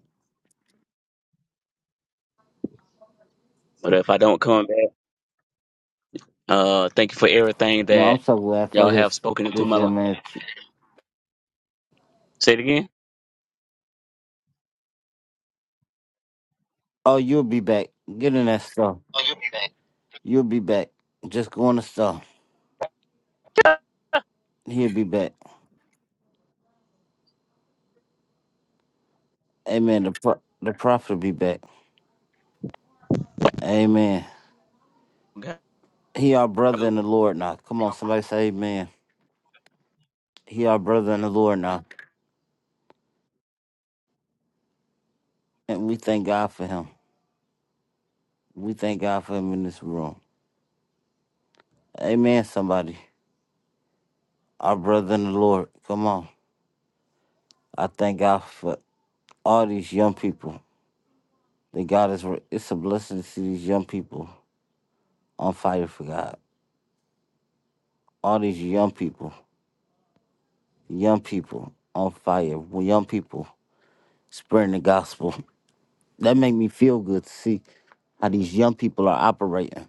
[SPEAKER 5] But if I don't come back, uh, thank you for everything
[SPEAKER 1] You know,
[SPEAKER 5] that
[SPEAKER 1] I'm so glad for
[SPEAKER 5] y'all
[SPEAKER 1] his
[SPEAKER 5] have spoken into
[SPEAKER 1] this
[SPEAKER 5] my life.
[SPEAKER 1] young man.
[SPEAKER 5] Say it again.
[SPEAKER 1] Oh, you'll be back. Get in that stuff. You'll be back. Just go in the stuff. He'll be back. Amen. The pro- the prophet will be back. Amen.
[SPEAKER 5] God,
[SPEAKER 1] He our brother in the Lord now. Come on, somebody say amen. He our brother in the Lord now. And we thank God for him. We thank God for him in this room. Amen, somebody. Our brother in the Lord. Come on. I thank God for all these young people. That God is, it's a blessing to see these young people on fire for God. All these young people, young people on fire, young people spreading the gospel. That make me feel good to see how these young people are operating.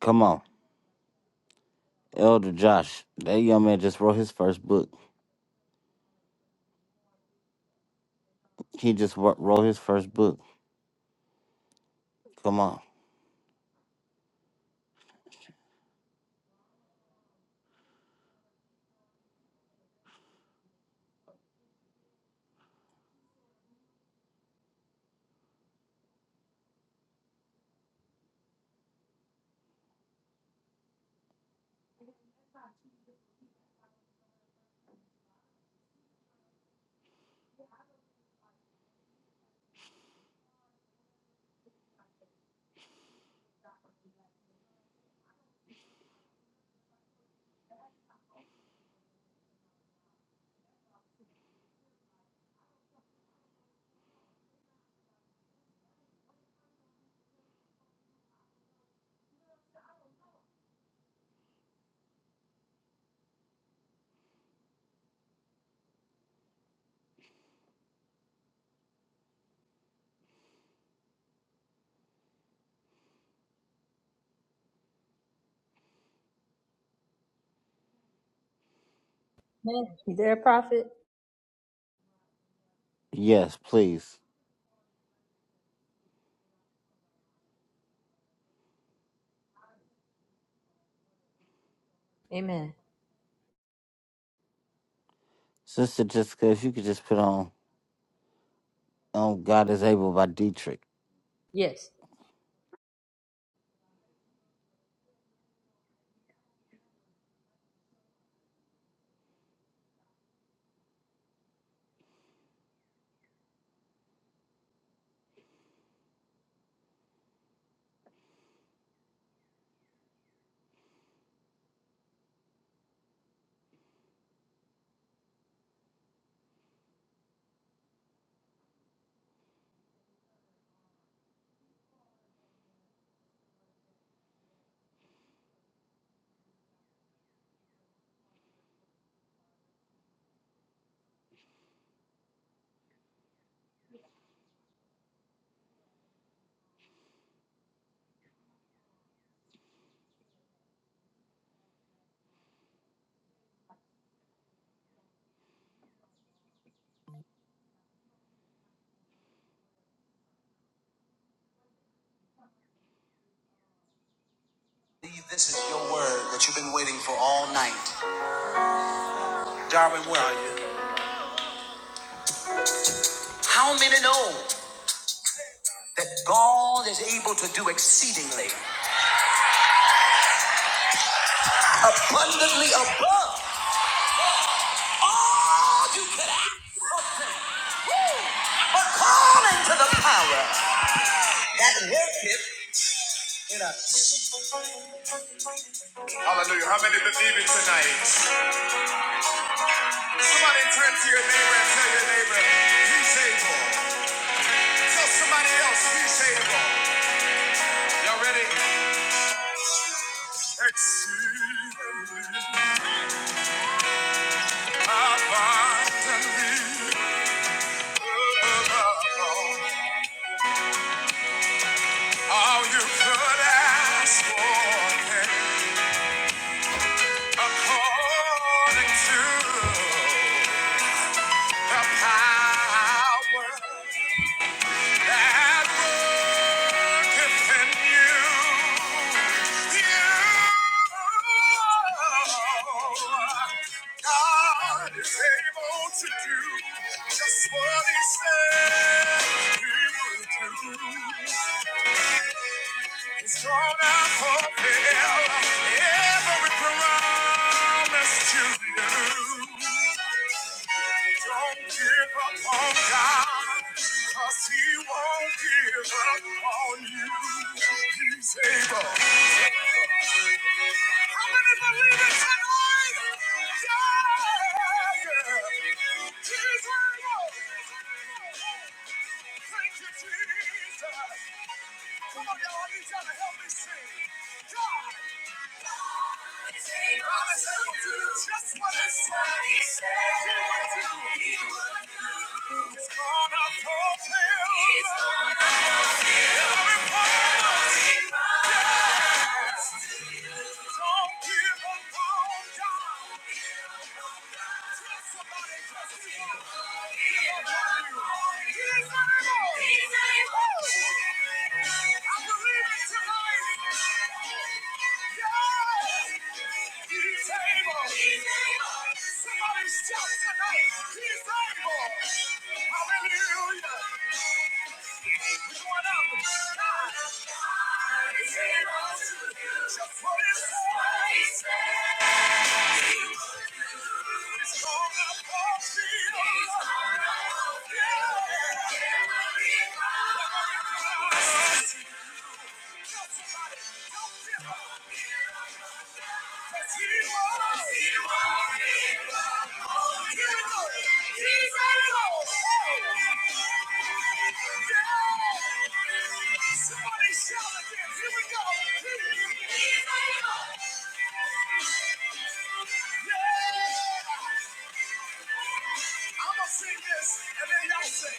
[SPEAKER 1] Come on. Elder Josh, that young man just wrote his first book. He just wo- wrote his first book. Come on.
[SPEAKER 2] Man, you there, Prophet?
[SPEAKER 1] Yes, please.
[SPEAKER 2] Amen.
[SPEAKER 1] Sister Jessica, if you could just put on um, God is Able by Dietrich.
[SPEAKER 2] Yes. This is your word that you've been waiting for all night. Darwin, where are you? How many know that God is able to do exceedingly, abundantly above all you could ask or think, according to the power that worketh? Hallelujah. How many believe it tonight? Somebody turn to your neighbor and tell your neighbor, he's able. Tell somebody else he's able. Y'all ready? Exceedingly. All you could ask for, yeah. according to the power. that worketh in you. You, God is able to do just what He said He would do. It's gonna fulfill every promise to you. Don't give up on God, he won't give up on you. He's able. How many believe it tonight? Yeah, yeah. Just what I said, he said, he would do, he would do. He's gonna fulfill. He's gonna fulfill. Hallelujah. Come on up. He's Somebody shout again. Here we go. Yeah. I'm gonna sing this, and then y'all sing.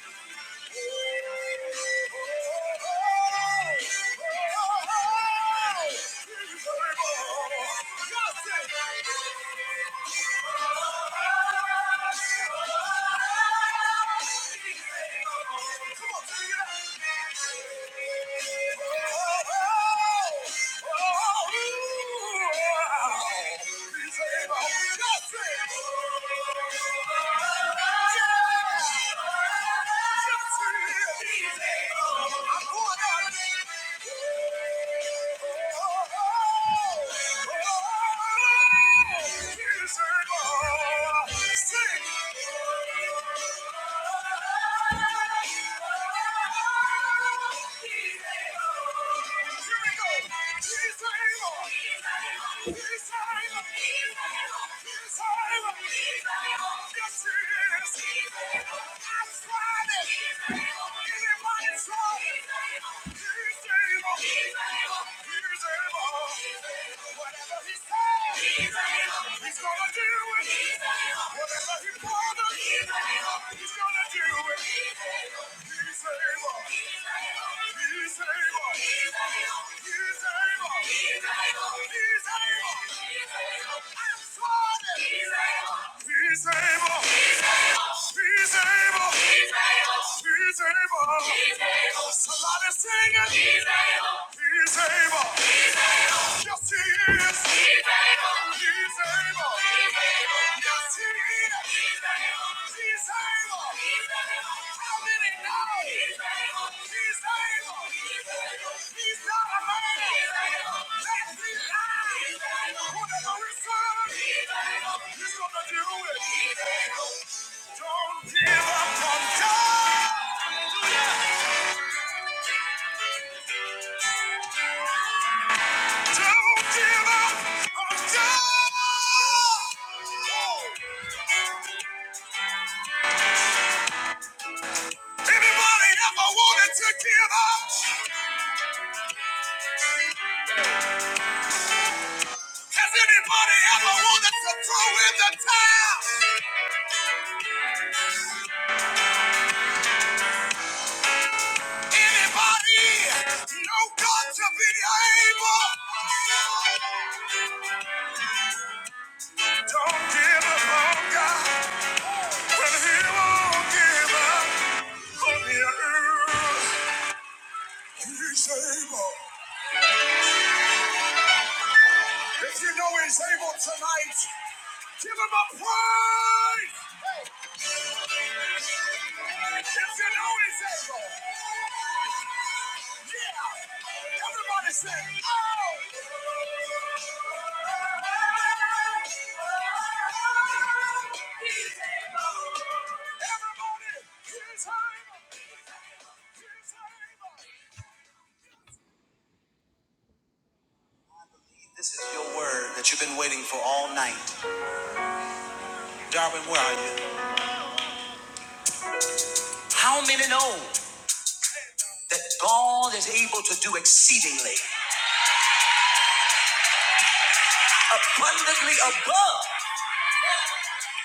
[SPEAKER 2] Oh, Oh, He's able. He's able. Whatever he says, he's able. He's gonna do Somebody sing it. He's able. He's able. He's able. Yes, he is. Don't give up on God. Hallelujah. Don't give up on God. Anybody ever wanted to give up? Has anybody ever wanted to throw the towel? Anybody know God to be able? Don't give up on God, but He won't give up on you. He's able. If you know he's able tonight, give him a praise. If you know he's able. Yeah. Everybody say, oh. He's able. Everybody, he's able. He's able. He's able. This is your word that you've been waiting for all night. Darwin, where are you? That God is able to do exceedingly, abundantly above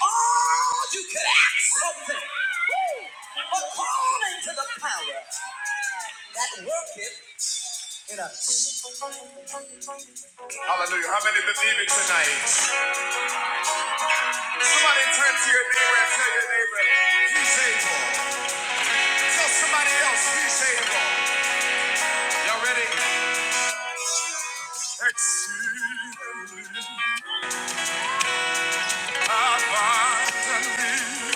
[SPEAKER 2] all you could ask something, according to the power that worketh in us. Hallelujah. How many believe it tonight? Somebody turn to your neighbor and tell your neighbor, he's able. Tell somebody else, he's able. Y'all ready? exceedingly abundantly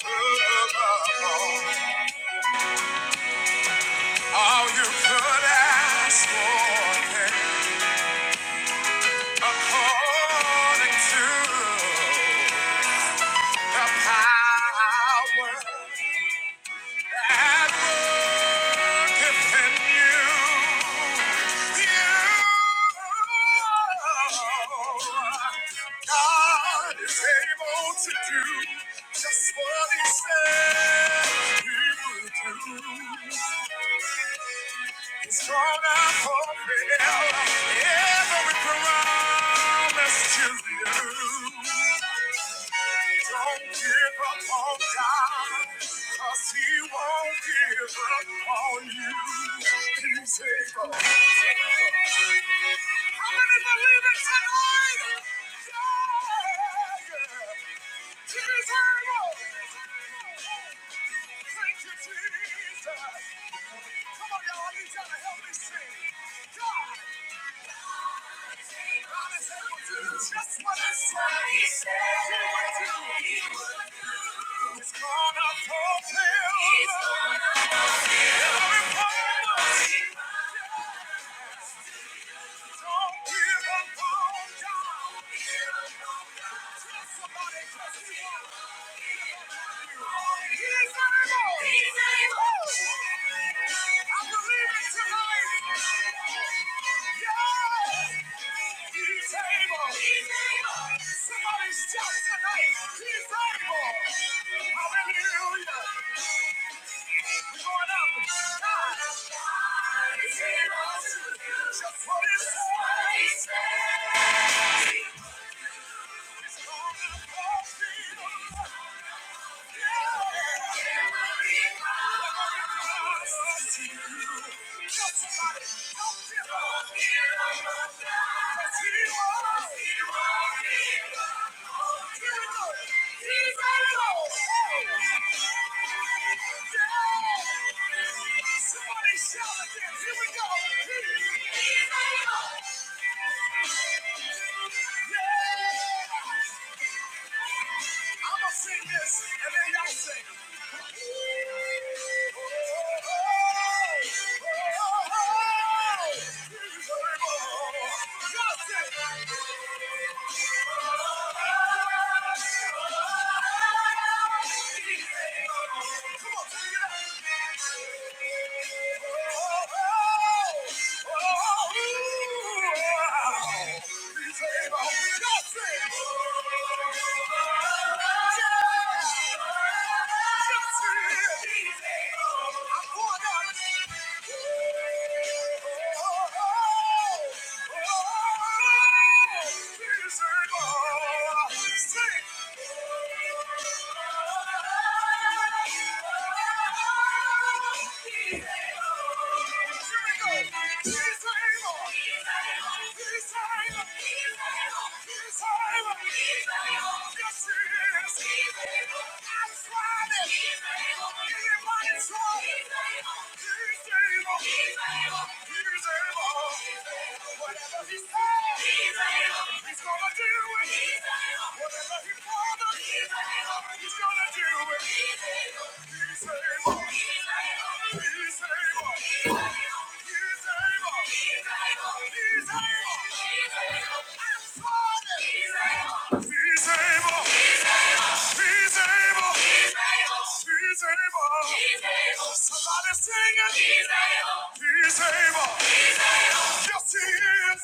[SPEAKER 2] above all you could ask for think, according to the power at work within you. God is able to do just what He said He would do. He's gonna fulfill every promise to you. Don't give up on God, 'cause he won't give up on you. He's able. Just what I said, he said, he would do. He would do. It's gonna fulfill. He's gonna fulfill. Every promise. Somebody shout tonight, he's able. Hallelujah. Going up. He's a Somebody shout again. Here we go. He's able. Yeah. I'm gonna sing this, and then y'all sing. Oh, oh, oh, oh. Y'all sing. Oh, He's able. He's able. Whatever he says, he's able. He's gonna He's able. He's able. He's able. Somebody sing it. He's able. Yes, he is. Don't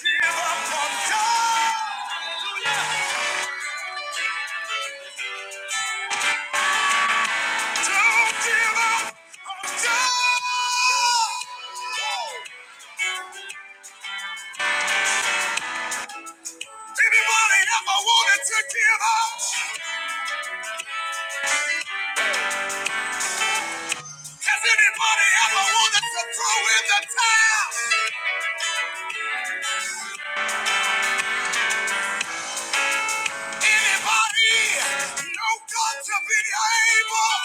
[SPEAKER 2] give up on God. Hallelujah. Don't give up on God. Anybody ever wanted to give up? Has anybody ever wanted to throw in the towel? Anybody know God to be able?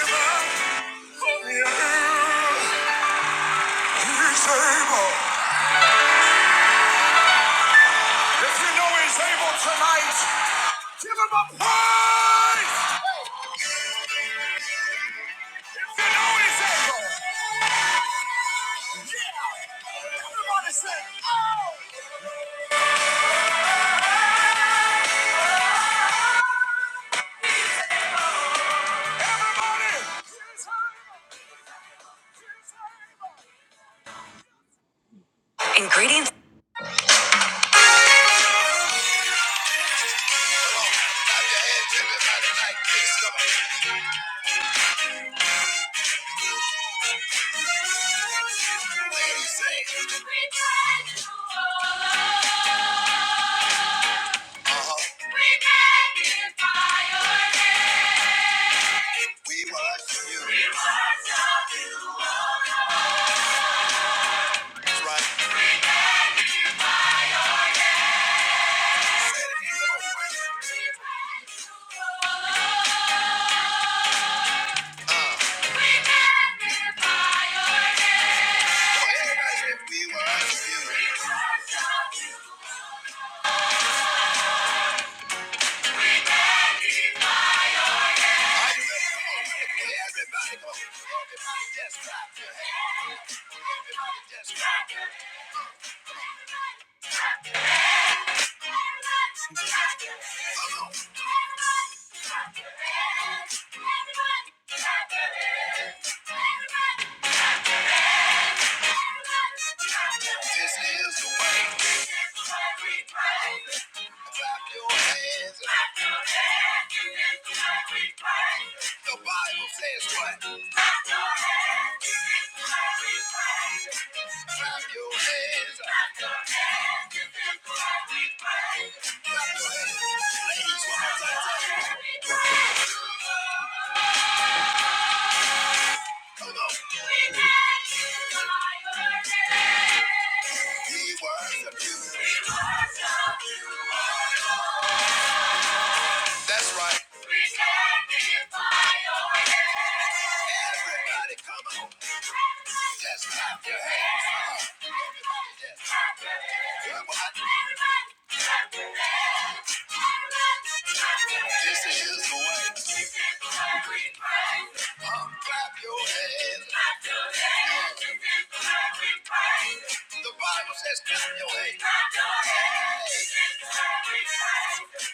[SPEAKER 2] Give up. Yeah, he's able. Everybody say, oh! Here's Hannibal! Here's Hannibal! Right. We worship you. Everybody go. Everybody just clap your hands. Everybody just clap your hands. Everybody. This is the way. This is the way we pray. Clap your hands. Clap your hands. This is the way we pray. The Bible says what? Clap your hands. This is the way we pray. Clap your hands. Clap your hands. This is the way we pray. Clap your hands. Ladies, one more time. Clap your hands. We pray. Come on. We worship you. We worship you. We stand here by your hand. Everybody come on. Just clap your hands. Come on. Everybody just clap your hands. Good one. Everybody clap your hands. Everybody clap your hands. This is the way. This is the way we pray. Come clap your hands. Clap your hands. This is the way we pray. The Bible says clap your hands. Clap your hands. This is the way we pray.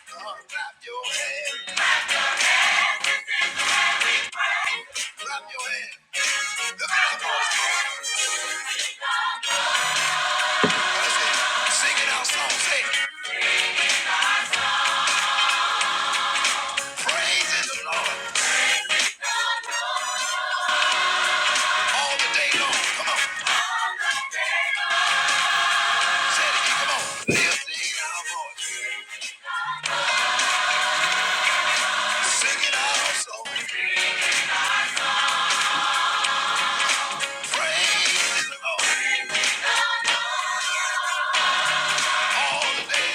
[SPEAKER 2] Come clap your hands. Clap your hands. The Cowboys Praise the Lord all the day long. Come on. Say it again. Come on. Lifting our voice. Singing our Praise the Lord all the day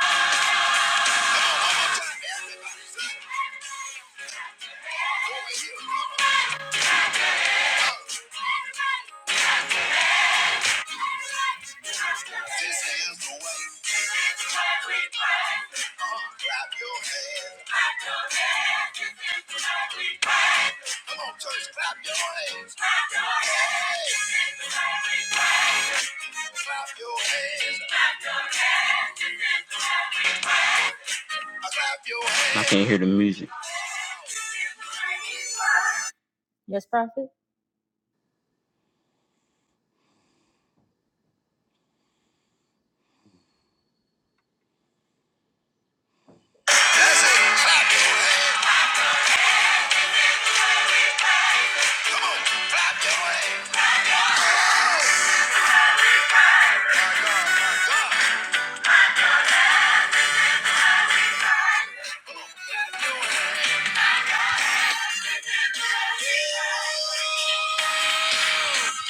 [SPEAKER 2] long. This is the way. This is the way we play. Uh, clap your Come on, church, clap your hands. Clap Clap your hands. Clap Clap your
[SPEAKER 5] I
[SPEAKER 2] hands.
[SPEAKER 5] can't hear the music.
[SPEAKER 2] Yes, Prophet. That's it. Clap your hands. Clap your hands. Come on, Clap your hands.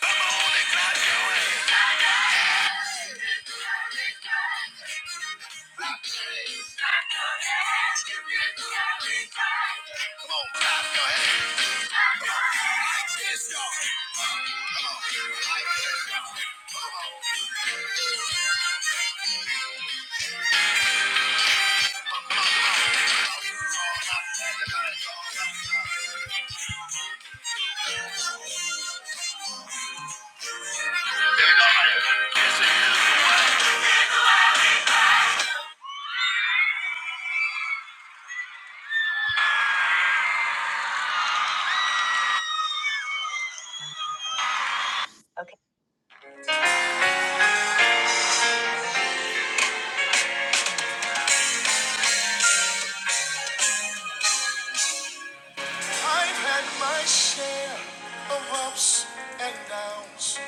[SPEAKER 2] Come on and clap your hands. Clap your hands. Clap your hands. Clap your hands. Give me a little hand. Clap your hands. Clap your hands like this, y'all. Come on. I've had my share of ups and downs,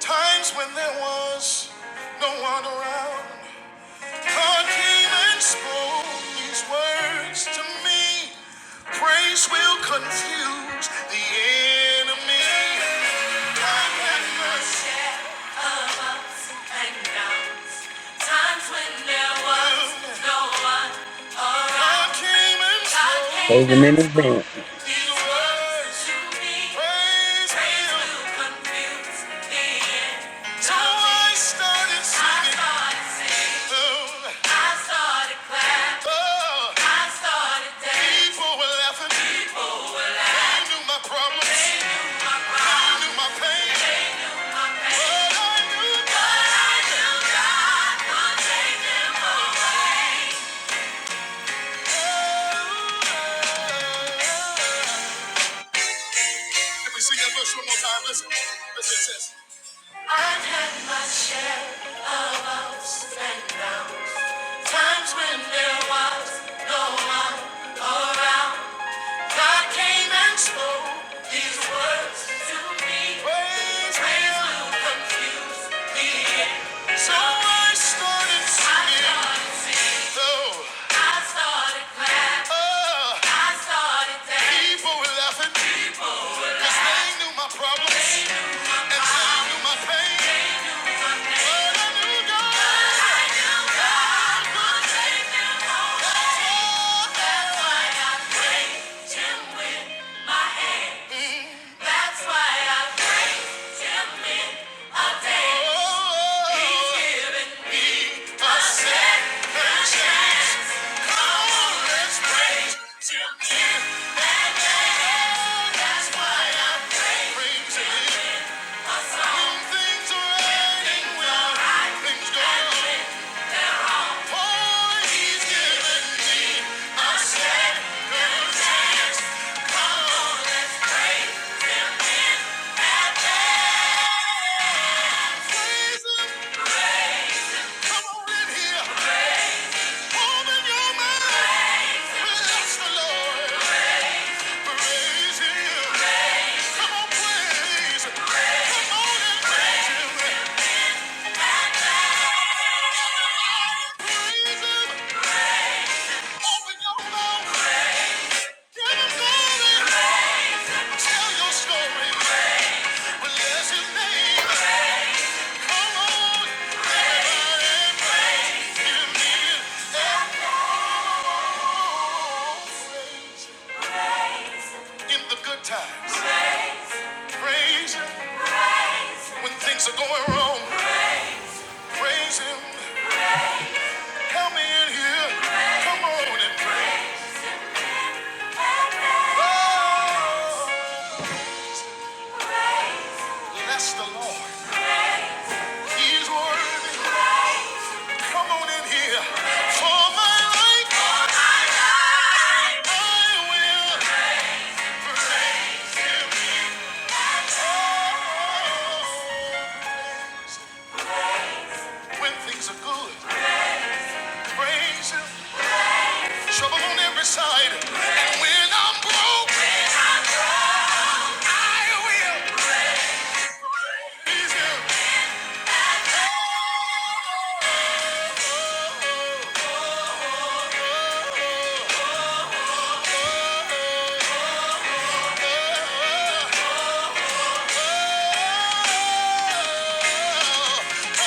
[SPEAKER 2] times when there was no one around. God came and spoke these words to me. Praise will confuse the enemy. God had mercy. God came and spoke
[SPEAKER 5] Praise the in advance.
[SPEAKER 2] these words. Praise will. So I started singing. Oh, oh, people were laughing. I knew my problems. I knew my pain. But I knew God. Let me sing that verse one more time. Listen. Listen. Listen. Times when there was no I came and spoke these words to me. Words will confuse the end. of I started singing. I started singing. Oh. I started clapping. Oh. I started dancing. People were laughing 'cause they knew my problems. They Things are right and well, things go right. Tell your story, bless his name. Come on, in the good times. Praise Him when things are going wrong. Praise Him. Help me in here. Come on and praise. Bless the Lord. He's worthy. Come on in here. For my life, I will praise Him. Oh, When things are good, praise Him. Trouble on every side. And when I'm broke, praise Him.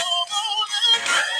[SPEAKER 2] Come on and praise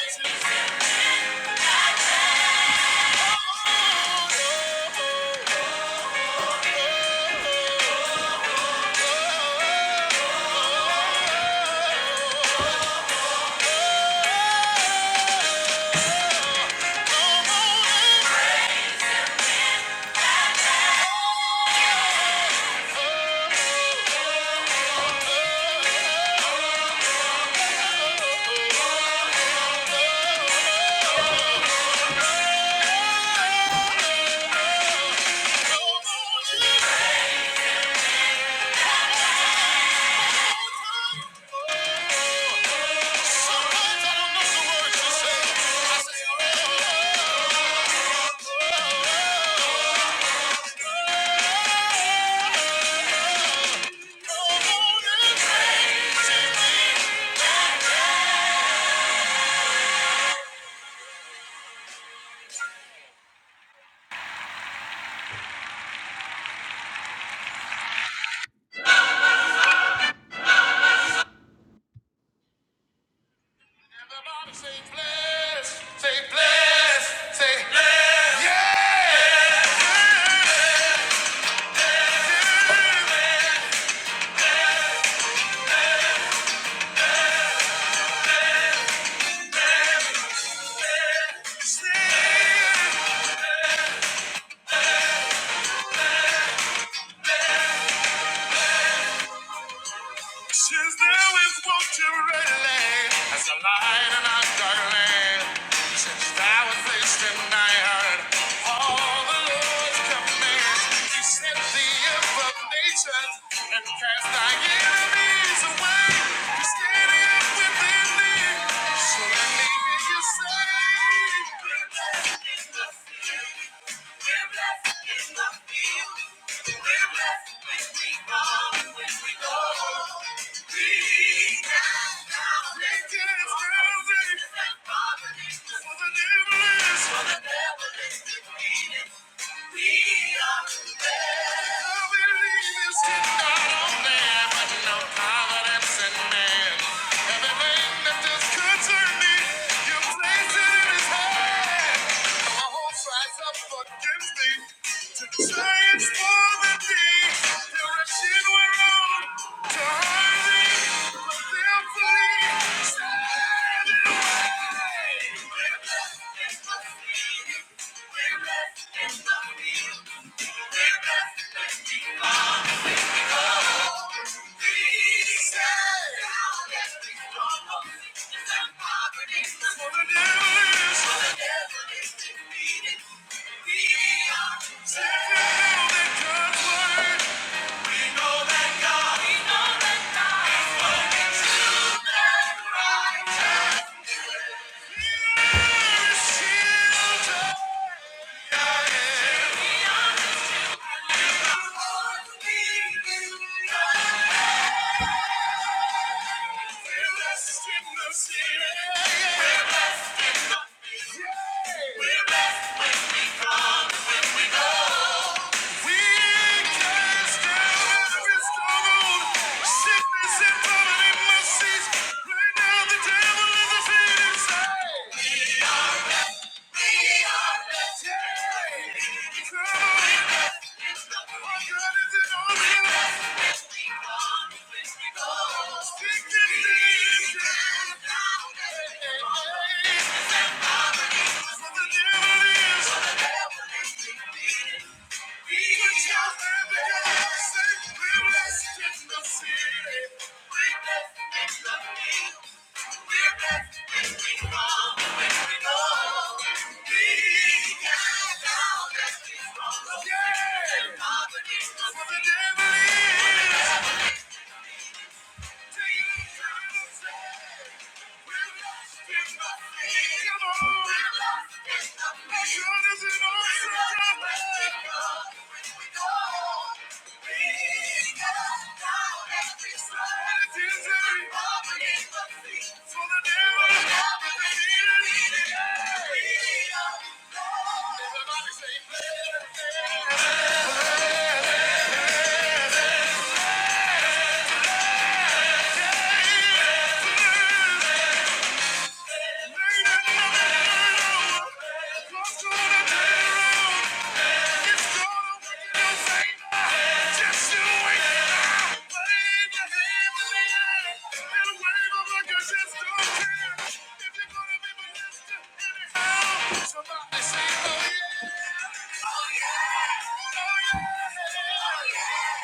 [SPEAKER 2] I Don't know the words, just sing it. Everybody say bless, say bless, say bless. Yeah! Yeah! Yeah! Yeah. Since there is one to relate as a light in our dark land. Since thou was placed in my heart, all the Lord's commands. He set the information and cast thy enemies away. He standing up within thee, so let me hear you say. We're blessed in the field. We're blessed in the field. We're blessed when we come when we go. We got mountains to climb and properties to For the devil for the devil defeated. We are blessed. I believe it's in God only, but no confidence in man. Everything that is concerning me, you place in His hand. My hope rise up against me. Giants for the deep. They're rushing to hiding, but they're we are saved because we're free. We're blessed when we come, when we go. Sickness and poverty must cease. Right now, the devil is a defeated. Thank you. Yeah. Thank you. Somebody say, oh yeah, oh yeah, oh yeah, oh yeah.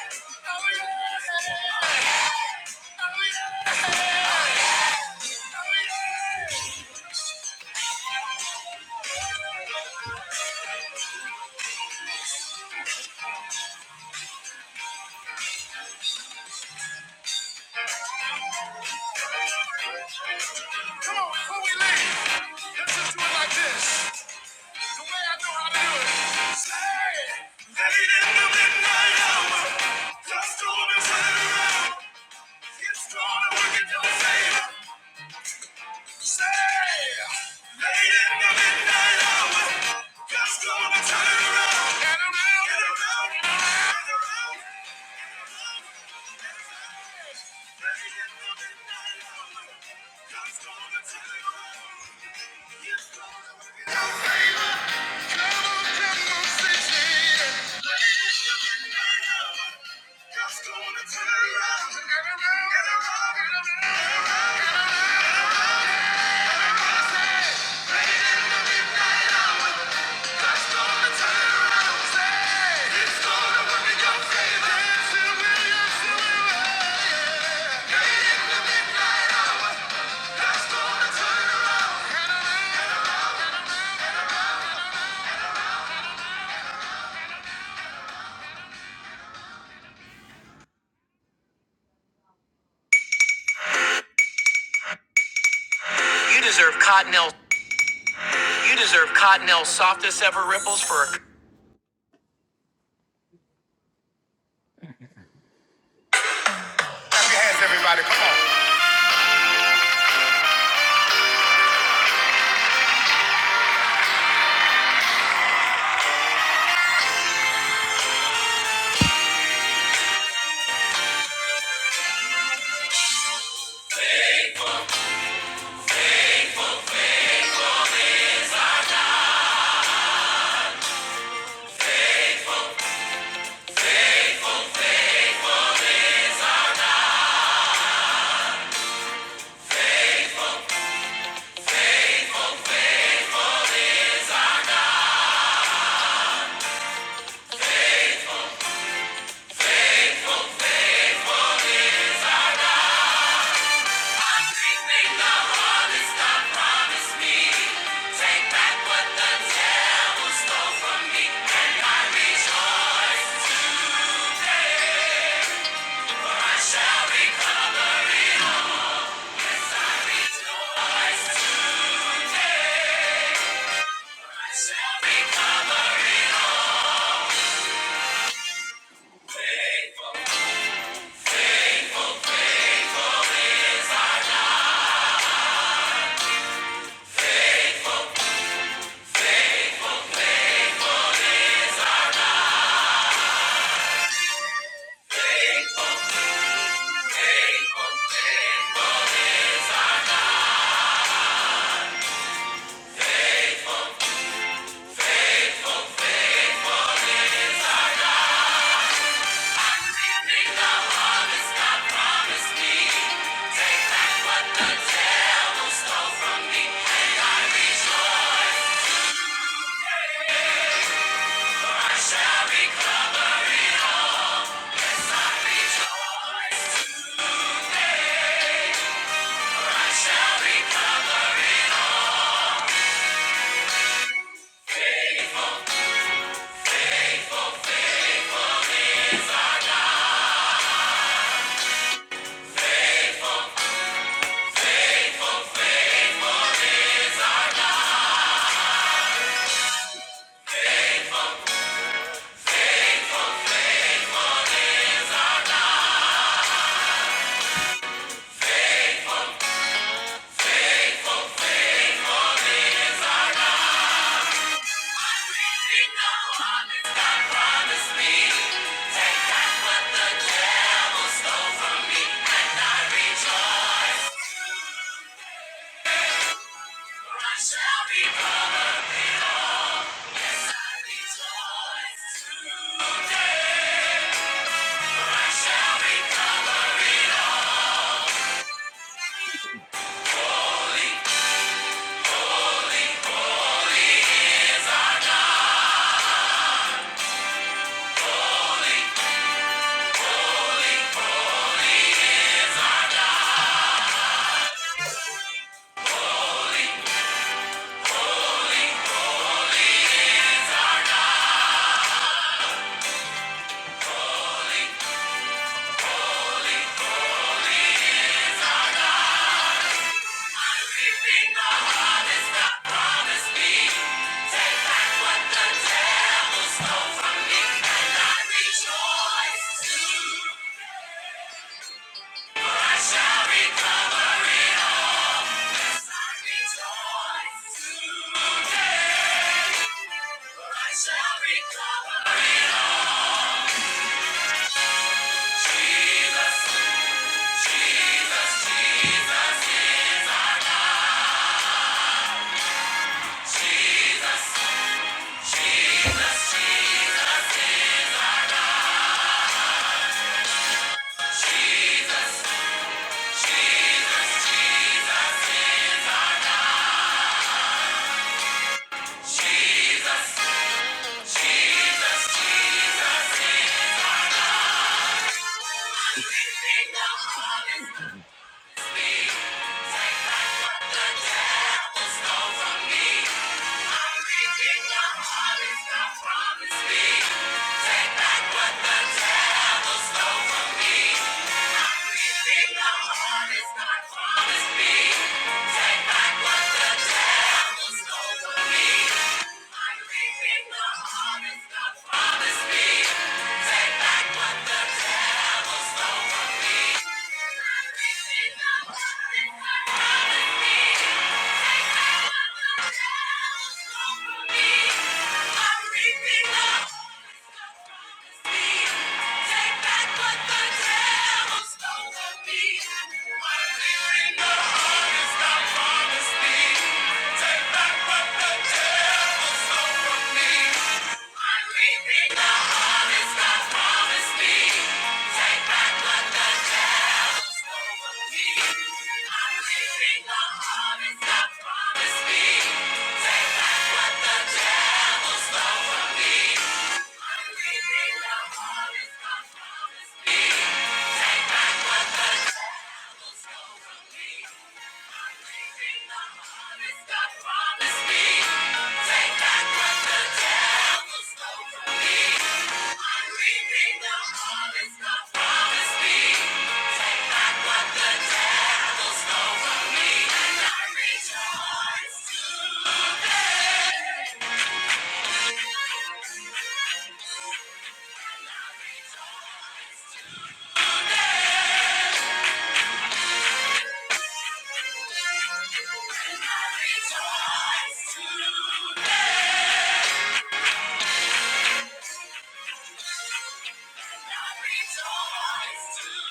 [SPEAKER 2] Come on, before we leave, let's just do it like this. The way I know how to do it. Say, late in the midnight hour, dust storm is turn around. It's gonna work in your favor. Say, late in the midnight hour, God's gonna turn it around. Get around, get around, get around, get around. Late in the midnight hour, God's gonna turn it around. He's gonna work it out, Come on, come on, say, yeah. Late in the midnight hour, God's gonna turn it around. Get around, get around, get around. You deserve Cottonelle. You deserve Cottonelle's softest ever ripples for a hands every month. Take back what the Shall recover it all. Thank you. Take back what the devil stole from me. I'm reaping the harvest God promised me. Take back what the devil stole from me. I'm reaping the harvest God promised me. Take back what the devil stole from me. Take back what the devil stole from me. Take back what the devil stole stole from from me. me. me. Take back what the devil stole from me. I'm I'm reaping reaping the the the the harvest harvest God God promised promised Take Take back back what what devil devil Rejoice today.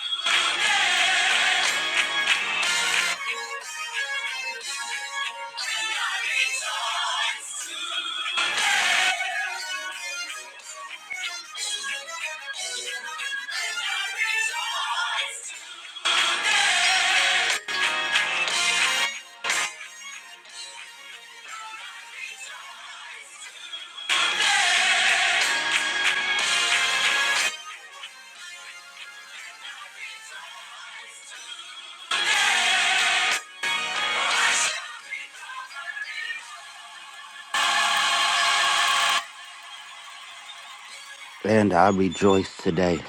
[SPEAKER 1] And I rejoice today,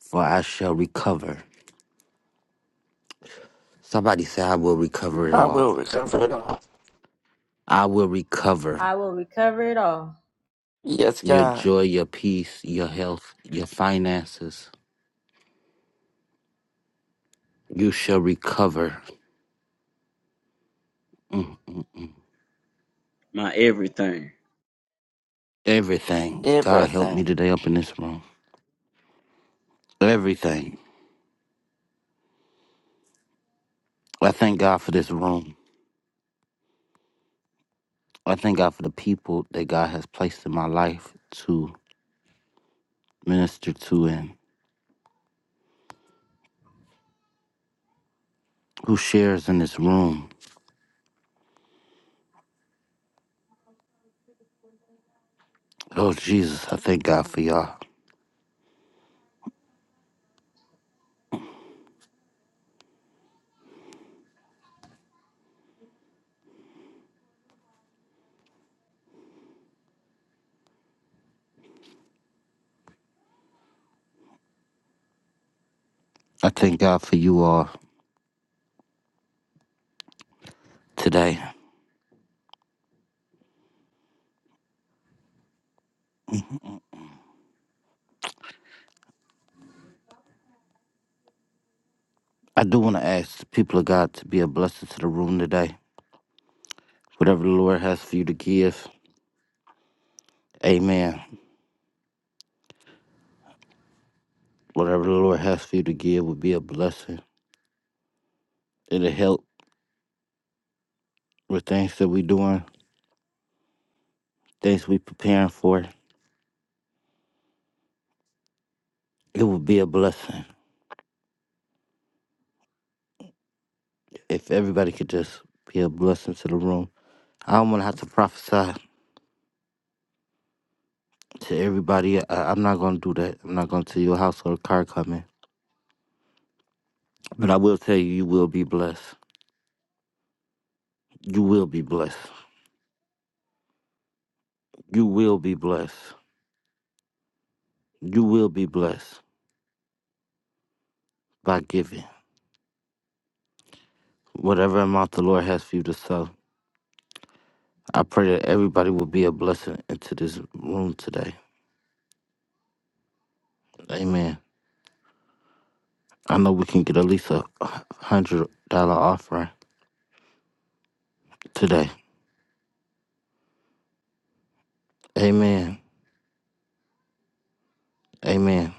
[SPEAKER 1] for I shall recover. Somebody say, I will recover it
[SPEAKER 4] I
[SPEAKER 1] all.
[SPEAKER 4] will recover it all.
[SPEAKER 1] I will recover
[SPEAKER 2] I will recover it all.
[SPEAKER 4] Yes,
[SPEAKER 1] your
[SPEAKER 4] God.
[SPEAKER 1] joy, your peace, your health, your finances. You shall recover mm,
[SPEAKER 5] My everything.
[SPEAKER 1] everything. God help
[SPEAKER 4] Everything.
[SPEAKER 1] me today up in this room. Everything. I thank God for this room. I thank God for the people that God has placed in my life to minister to and who shares in this room. Lord Jesus, I thank God for y'all. I thank God for you all today. I do want to ask the people of God to be a blessing to the room today. Whatever the Lord has for you to give, amen. Whatever the Lord has for you to give will be a blessing. It'll help with things that we're doing, things we're preparing for. It will be a blessing. If everybody could just be a blessing to the room. I don't want to have to prophesy to everybody. I, I'm not going to do that. I'm not going to tell you a house or a car coming. But I will tell you, you will be blessed. You will be blessed. You will be blessed. You will be blessed by giving. Whatever amount the Lord has for you to sell, I pray that everybody will be a blessing into this room today. Amen. I know we can get at least a hundred dollar offering today. Amen. Amen.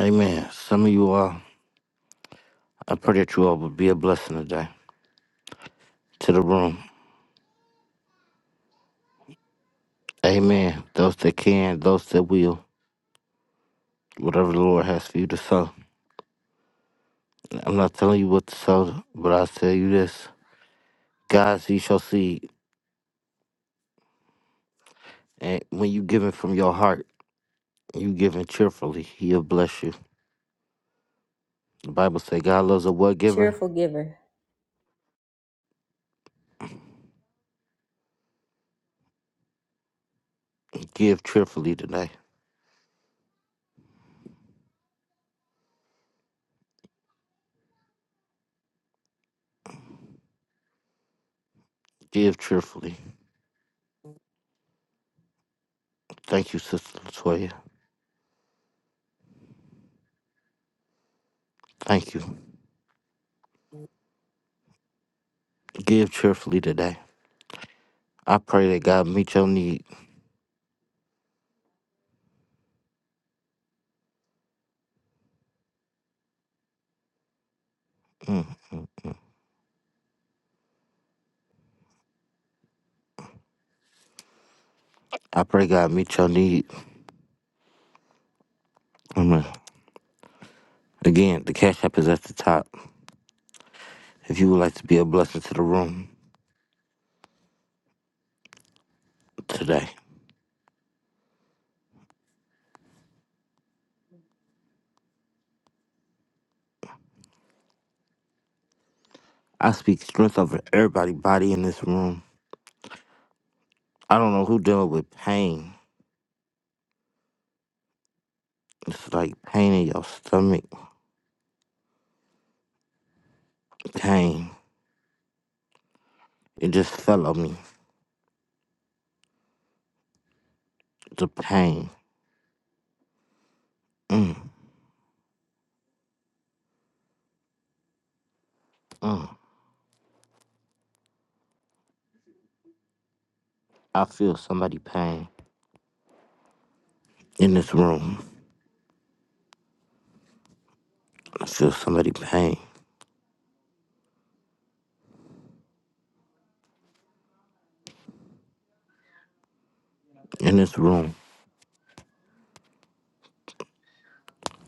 [SPEAKER 1] Amen. Some of you all, I pray that you all will be a blessing today to the room. Amen. Those that can, those that will, whatever the Lord has for you to sow. I'm not telling you what to sow, but I'll tell you this. God's you shall see. And when you giving from your heart, you giving cheerfully, he'll bless you. The Bible say God loves a what giver?
[SPEAKER 2] Cheerful giver.
[SPEAKER 1] Give cheerfully today. Give cheerfully. Thank you, Sister Latoya. Thank you. Give cheerfully today. I pray that God meet your need. Mm, mm. I pray God meet your need. Amen. Again, the cash app is at the top. If you would like to be a blessing to the room today, I speak strength over everybody body in this room. I don't know who dealing with pain. It's like pain in your stomach. Pain. It just fell on me. The pain. Mm, mm. I feel somebody pain in this room. I feel somebody pain in this room.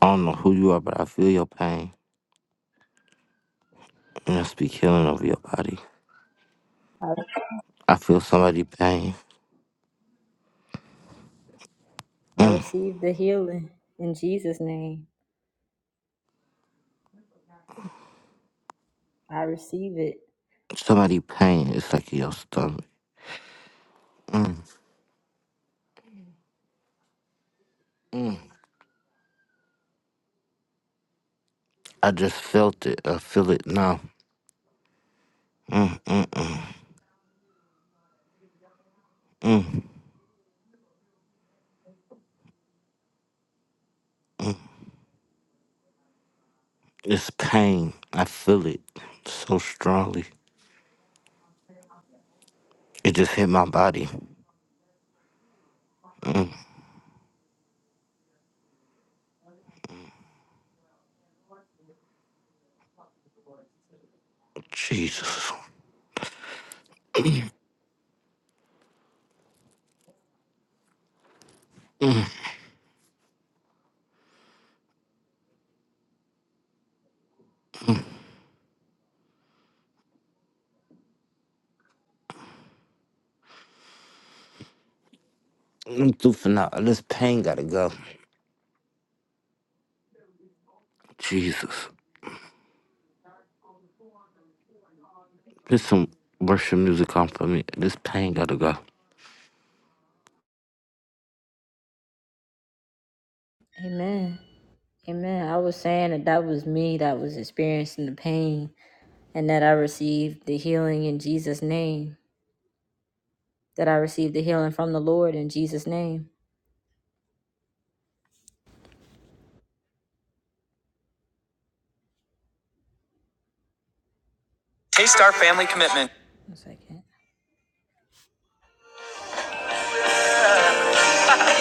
[SPEAKER 1] I don't know who you are, but I feel your pain. And I speak healing over your body. I feel somebody pain.
[SPEAKER 2] I receive the healing in Jesus' name. I receive it.
[SPEAKER 1] Somebody pain. It's like in your stomach. Mm, mm. I just felt it. I feel it now. Mm, mm, mm, mm. It's pain. I feel it so strongly. It just hit my body. Mm. Jesus. I'm through for now. This pain gotta go. Jesus. This some worship music on for me. This pain gotta go.
[SPEAKER 2] Amen. Amen. I was saying that that was me that was experiencing the pain and that I receive the healing in Jesus' name, that I receive the healing from the Lord in Jesus' name. Taste our family commitment. One second.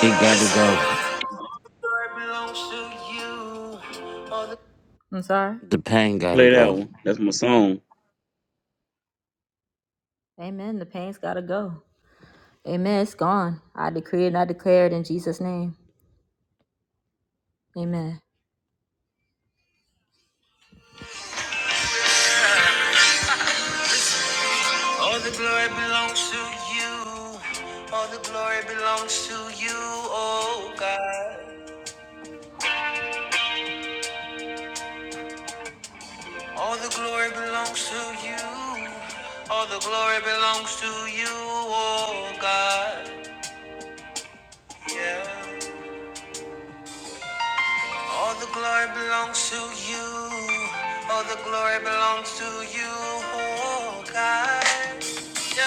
[SPEAKER 1] It gotta go.
[SPEAKER 2] I'm sorry.
[SPEAKER 1] The pain gotta
[SPEAKER 5] Play that
[SPEAKER 1] go.
[SPEAKER 5] one. That's my song.
[SPEAKER 2] Amen. The pain's got to go. Amen. It's gone. I decree it and I declare it in Jesus' name. Amen. All the glory belongs to you. All the glory belongs to you, oh God. All the glory belongs to you. All the glory belongs to you, oh God. Yeah. All the glory belongs to you. All the glory belongs to you, oh God. Yeah.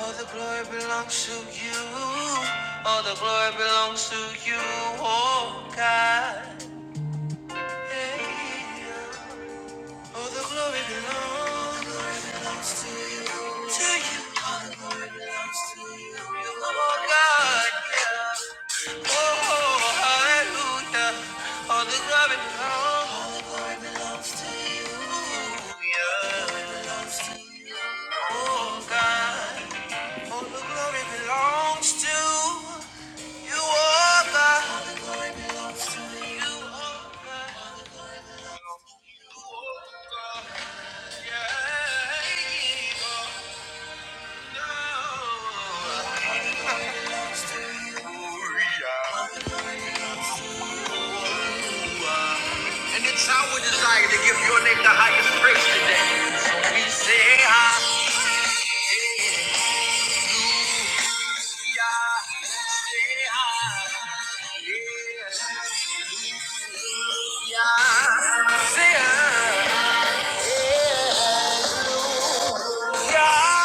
[SPEAKER 2] All the glory belongs to you. All the glory belongs to you, oh God. Yeah. All the glory belongs. Oh, hallelujah. All the glory belongs, oh God. All the glory belongs to, oh God. Yeah.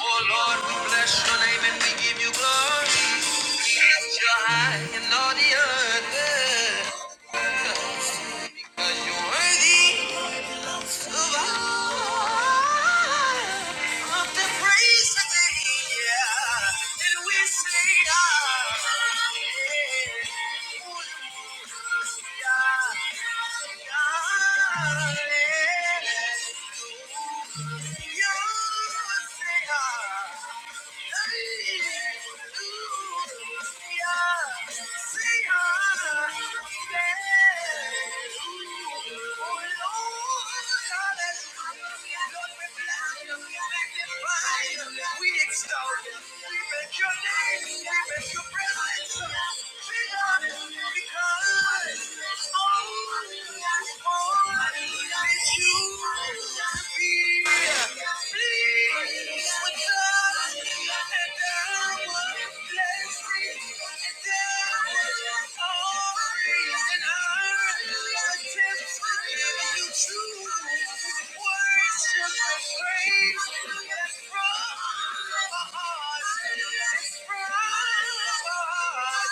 [SPEAKER 2] Oh Lord, we bless your name and we give you glory. You're high and all the earth. 'Cause you're worthy of the praise that we say, we extol you. We make your name. We make your presence. Be honored because, oh, oh, Praise from my heart.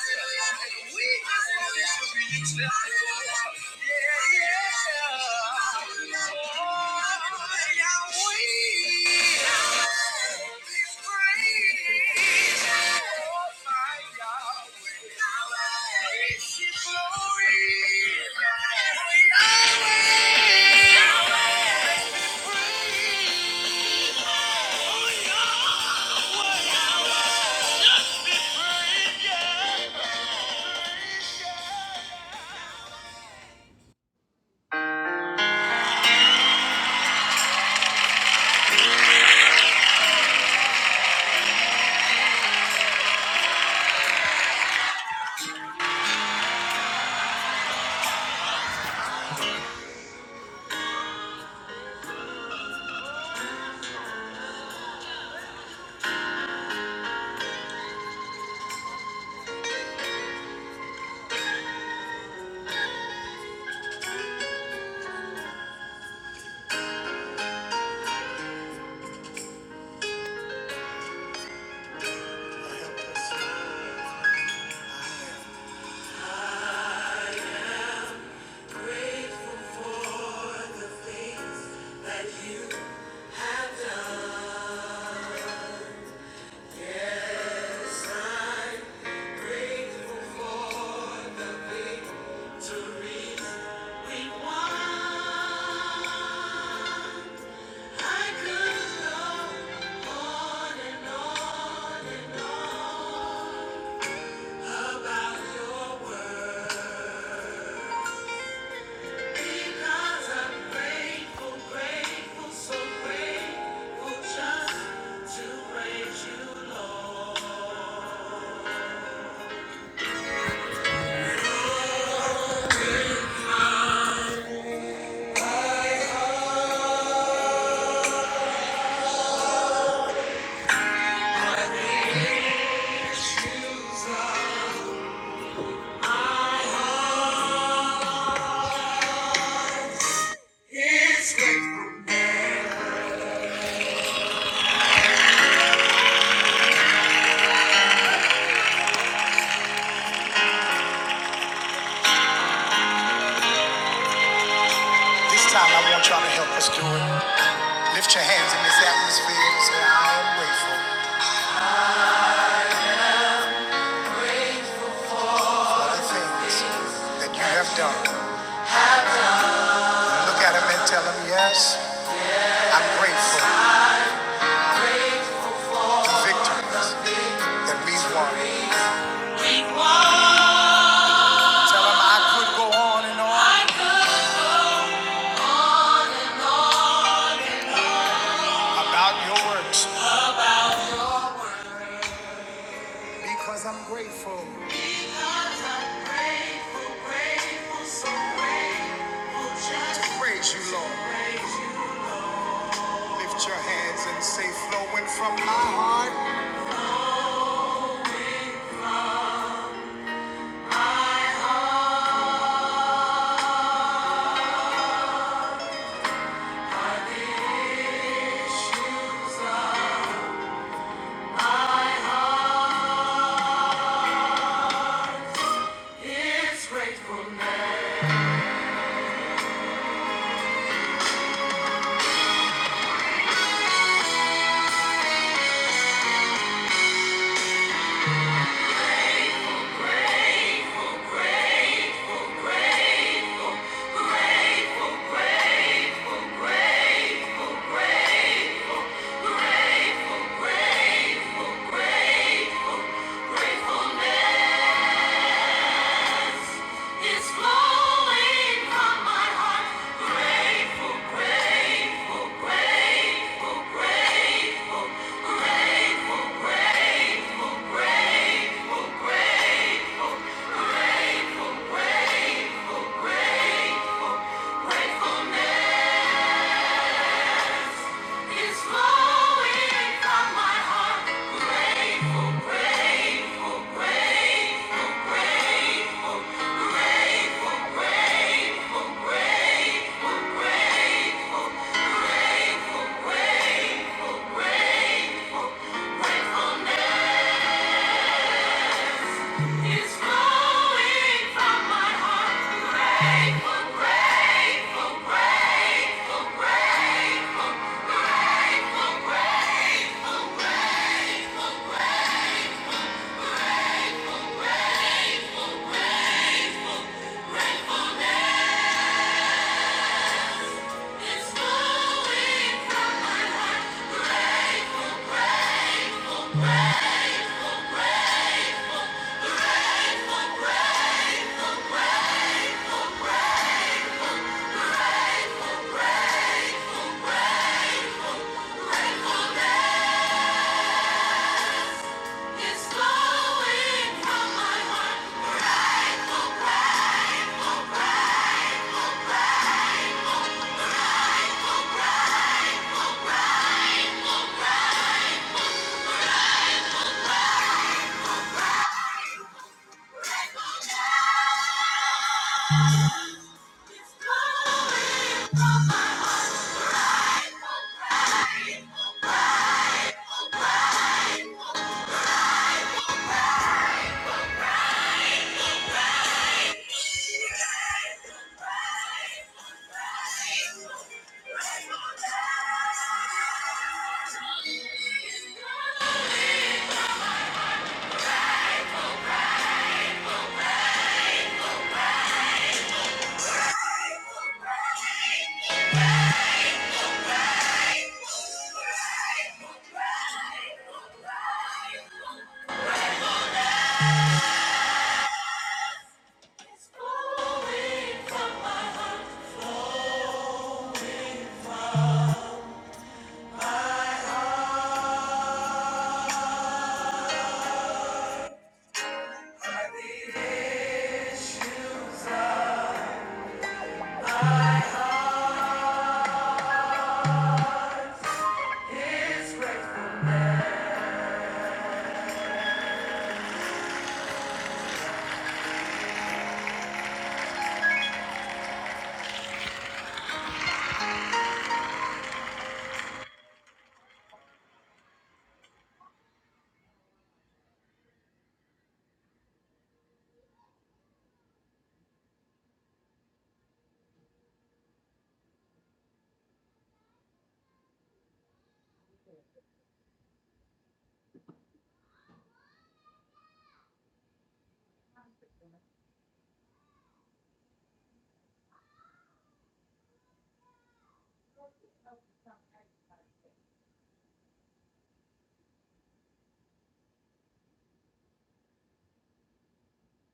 [SPEAKER 2] This time I want y'all to help us do it. Lift your hands in this atmosphere and say, I am grateful. things that you have done. Look at him and tell him, yes, I'm grateful for the victories that we've won. Tell him I could go on and on works because I'm grateful to praise you, Lord. Lift your hands and say, flowing from my heart. It's flowing from my heart. Grateful it's flowing from my heart.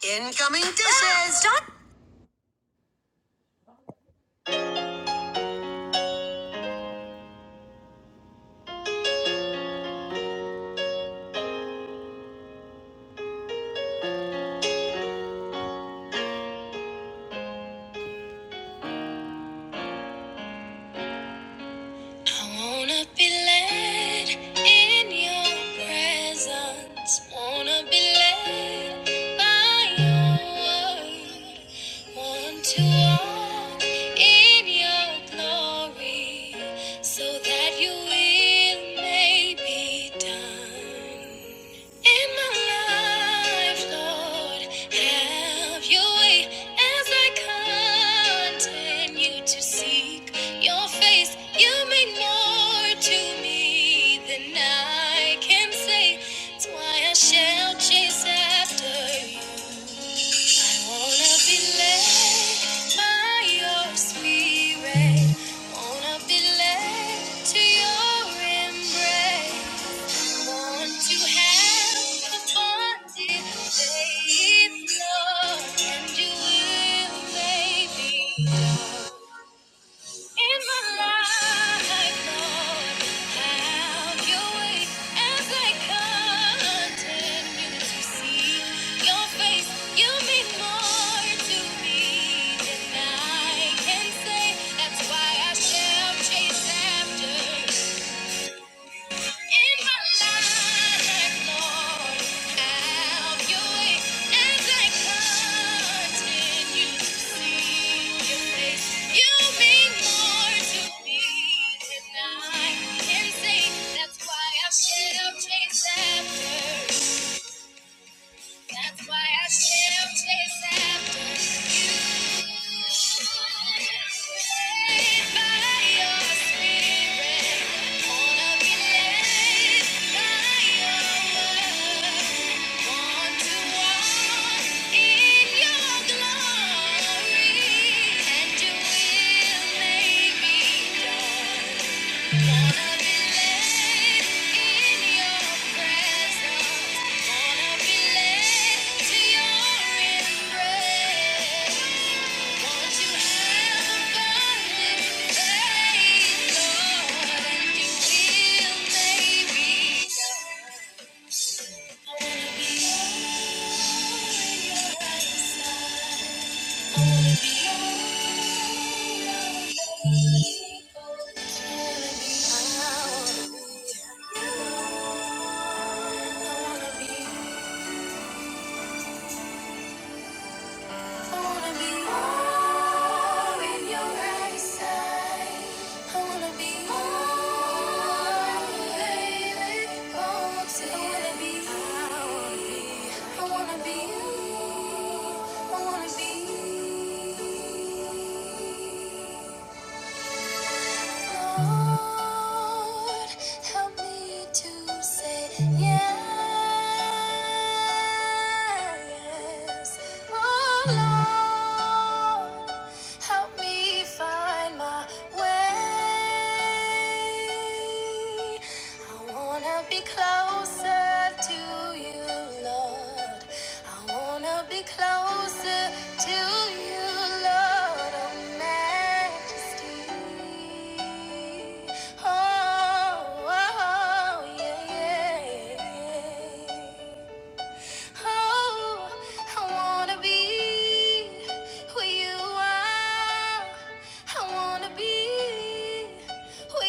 [SPEAKER 2] Incoming dishes. *laughs* Lord, have your way as I continue to seek your face. You mean more to me than I can say. Have your way as I continue to seek your face. You mean more to me than I can say. That's why I shall chase after. In my life, Lord, have your way as I continue to seek your face. You mean more to me than I can say. That's why I shall chase after that's why I still chase after you. Led by your spirit, wanna be led by your word. Want to walk in your glory, and your will may be done. I wanna be I wanna be you. I wanna be you. Lord, help me to say yes. Oh Lord, help me find my way. I wanna be closer to you, Lord. I wanna be closer to you, Lord, oh majesty. Oh, oh, yeah, yeah, yeah. Oh, I wanna be where you are. I wanna be. Oh,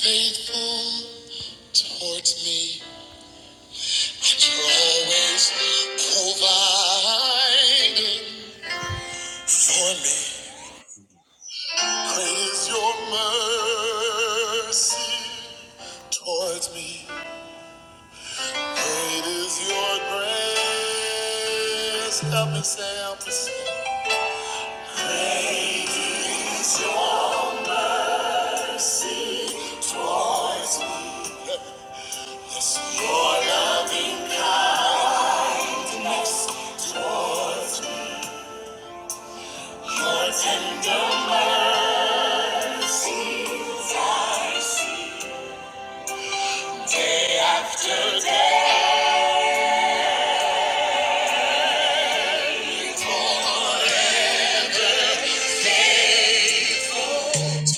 [SPEAKER 2] Faithful towards me. And you're always providing for me. Great is your mercy towards me. Great is your grace. Help me say, help me say. Is your sin towards me.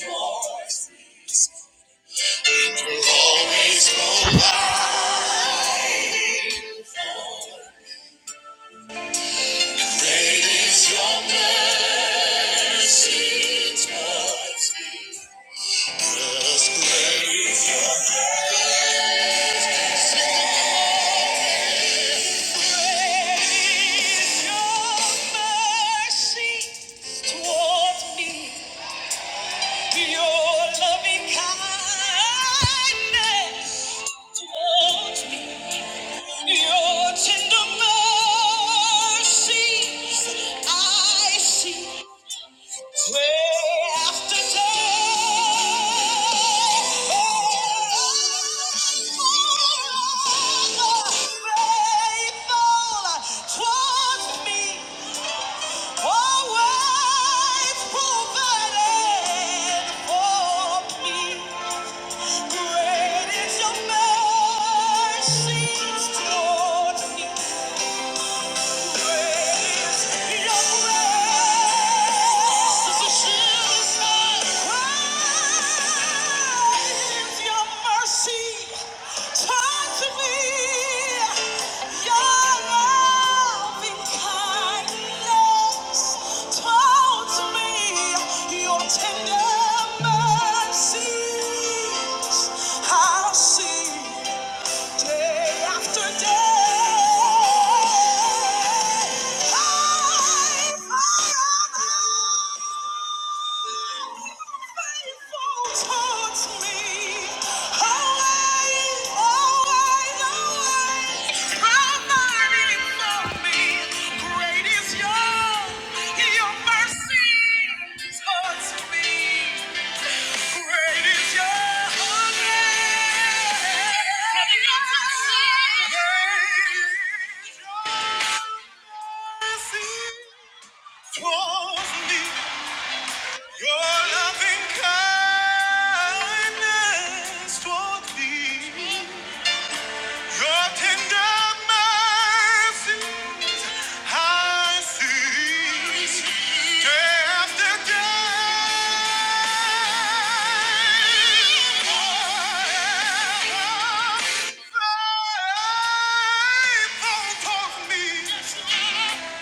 [SPEAKER 2] You're always providing. Great is your mercy towards me. Your tender mercies I see. Day after day, faithful towards me. Always provided for me. Great is your mercy towards me. Tender mercies, I'll see. Day after day, I faithful towards me. Always, always, always providing for me. Great is your your mercy towards me. Great is your mercy towards me. Your loving kindness toward me. Your tender mercies I see day after day. Faithful toward me.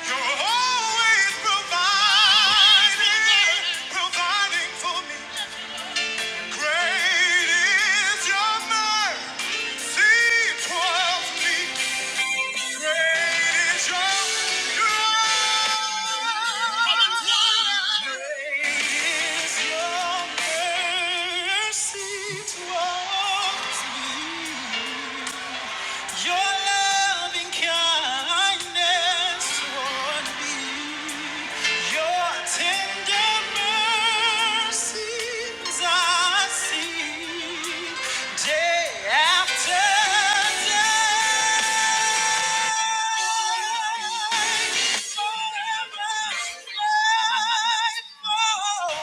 [SPEAKER 2] You're always providing, providing for me. Great is your mercy. Seems to be great is your love. Great is your mercy towards me. Your loving kindness toward me, your tender mercies I see day after day. Forever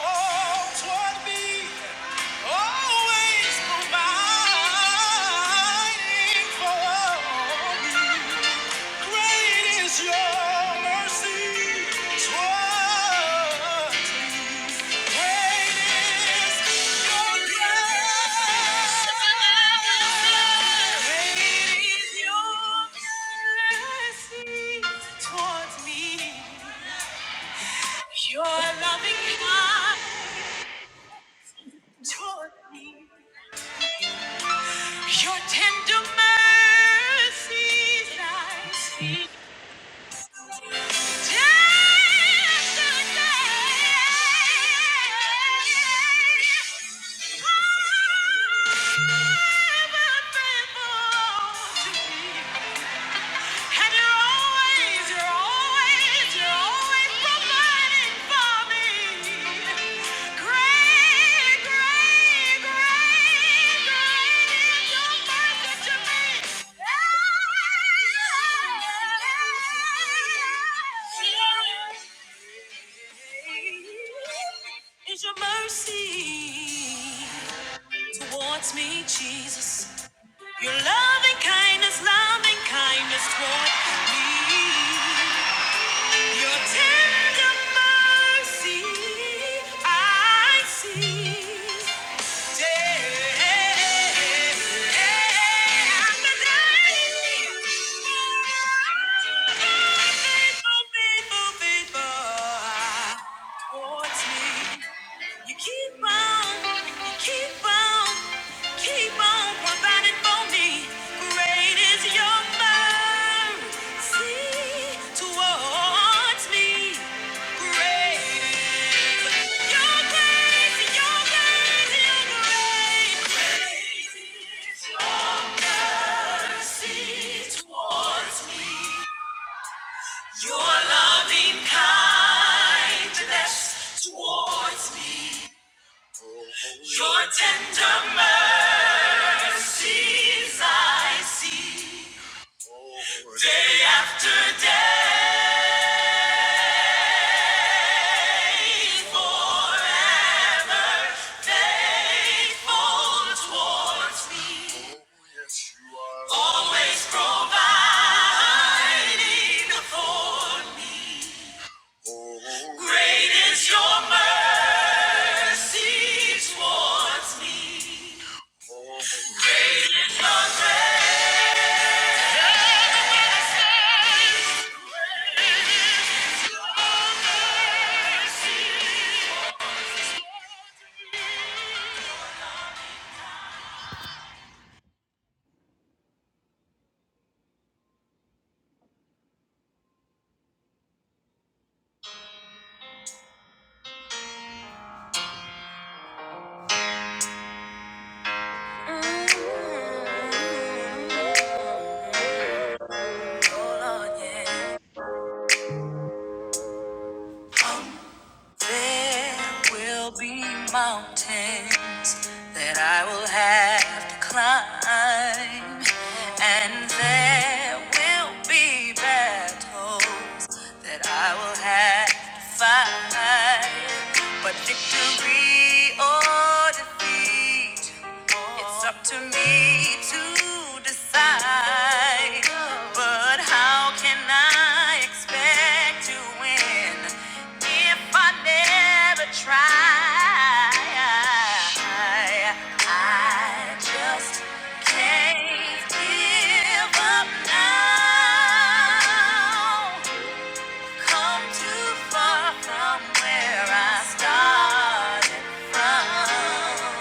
[SPEAKER 2] faithful toward me. Always providing for me. Great is your mercy toward me. Great is your grace. Great is Your mercy towards me. Your loving God toward me. Your tender mercies I see. Tender day, forever faithful to me. And you're always, you're always, you're always providing for me. Great, great, great, great is your mercy to me. Is your mercy towards me, Jesus. Your loving kindness, loving kindness toward me. Your tender mercy, I see. Yeah, I'm a dying Towards me, great. Your grace, your grace, your grace. towards. Your loving kindness towards me, your tender mercies I see day after day, always provides. Mm, oh yeah. There will be mountains that I will have to climb, and there will be battles that I will have to fight. But victory or defeat. It's up to me to decide, but how can I expect to win if I never try? I just can't give up now. Come too far from where I started from.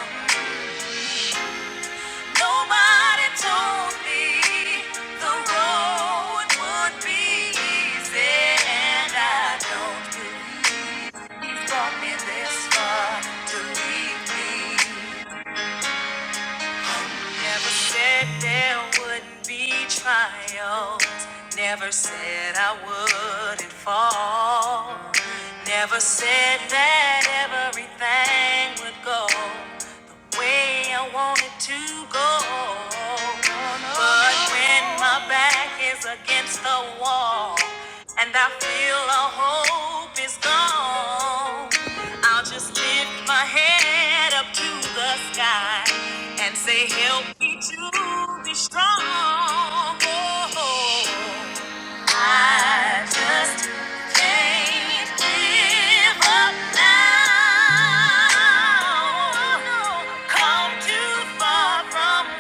[SPEAKER 2] Nobody told me the road would be easy, and I don't believe he brought me this far to leave me. Never said there wouldn't be trials. Never said I wouldn't fall. Never said that everything would go. way I wanted to go. But when my back is against the wall and I feel all hope is gone, I'll just lift my head up to the sky and say, Help me to be strong. Oh, I just can't give up now. Come too far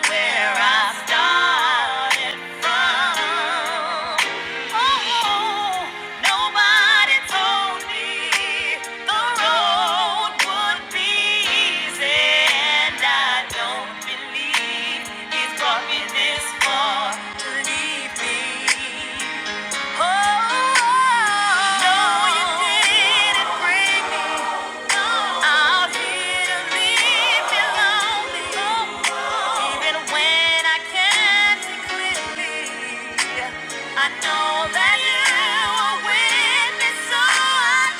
[SPEAKER 2] where I started from. Oh, nobody told me the road would be easy, and I don't believe he's brought me No, you didn't bring me out here to leave me lonely, even when I can't see clearly. I know that you are with me, so I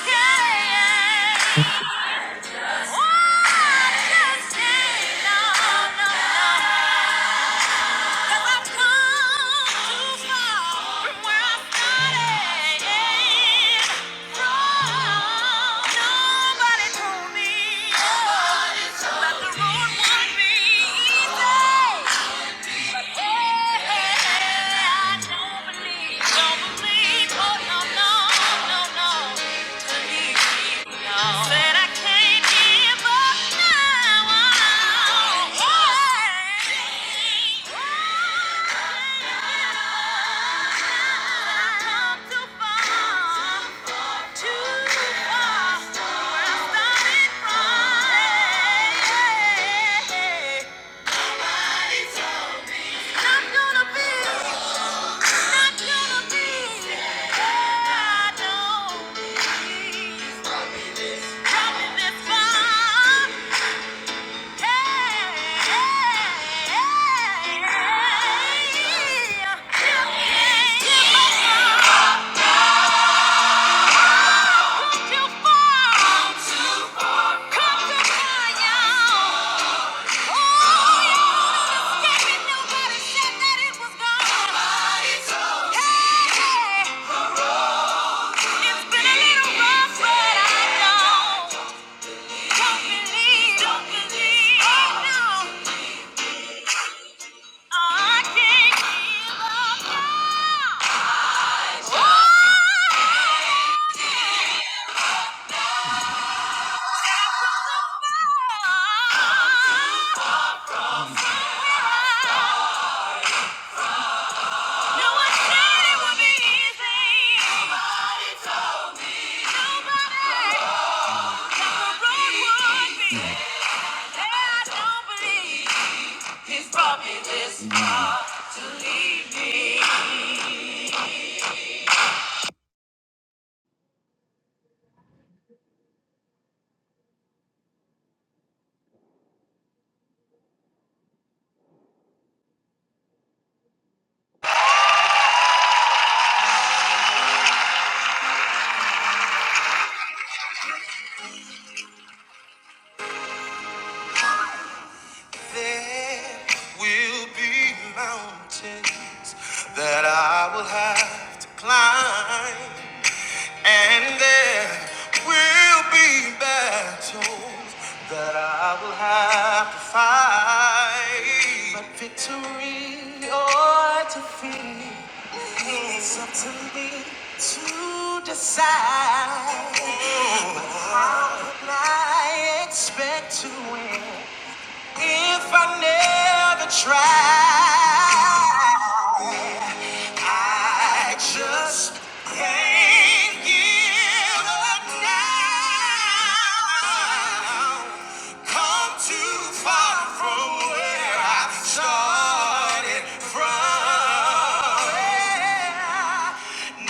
[SPEAKER 2] can't stay. No, no, no. no. 'Cause I've come too far from where I started from. Nobody told me the road would be easy. Yeah, I don't believe, oh no, no, no, no. But I can't give up now. I've come too far, too far from I started from. Nobody told not gonna be, not gonna be. I do Coming this far, yeah. Too far, come too far, y'all. Oh, y'all didn't escape it. Nobody said that it was gone. Hey, it's been a little rough, but I know. Don't believe, don't believe, oh no, I can't give up now. He's brought me this far to leave me. There will be mountains that I will have to climb, and there will be battles that I will have to fight. But victory or defeat, it's up to me to decide. But how can I expect to win? If I never try, I just can't give up now. Come too far from where I started from.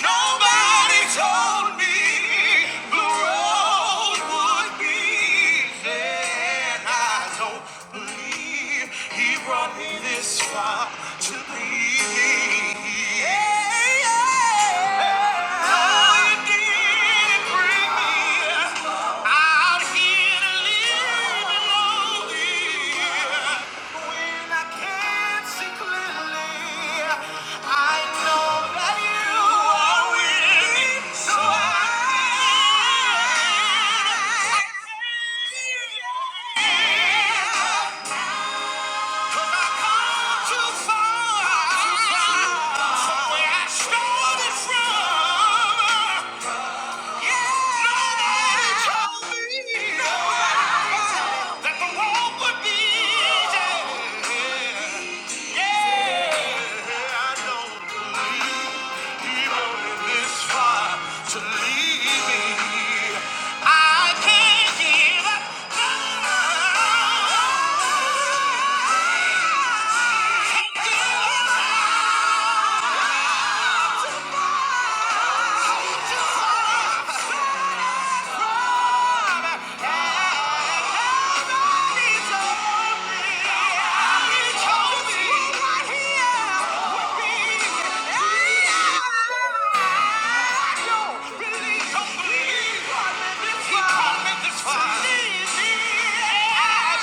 [SPEAKER 2] Nobody Somebody told me the road would be easy, and I don't believe he brought me this far to leave me. Yeah, yeah. No, he didn't bring me out here to live lonely. When I can't see clearly, I know that you are with me. So I, 'cause I come too far from where I started from. Nobody told me that the walk would be easy. don't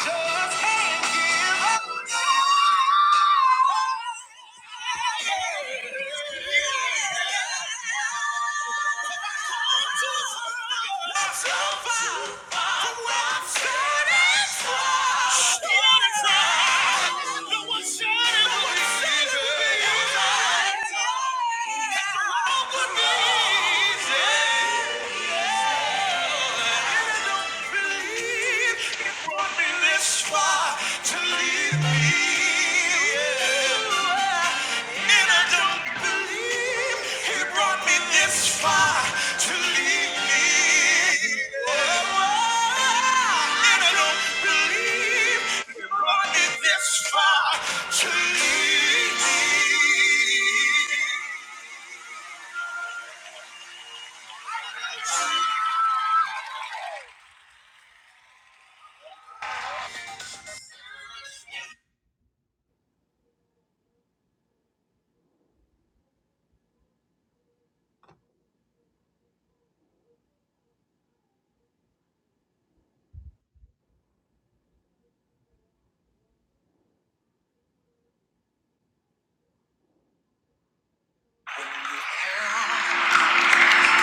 [SPEAKER 2] Believe.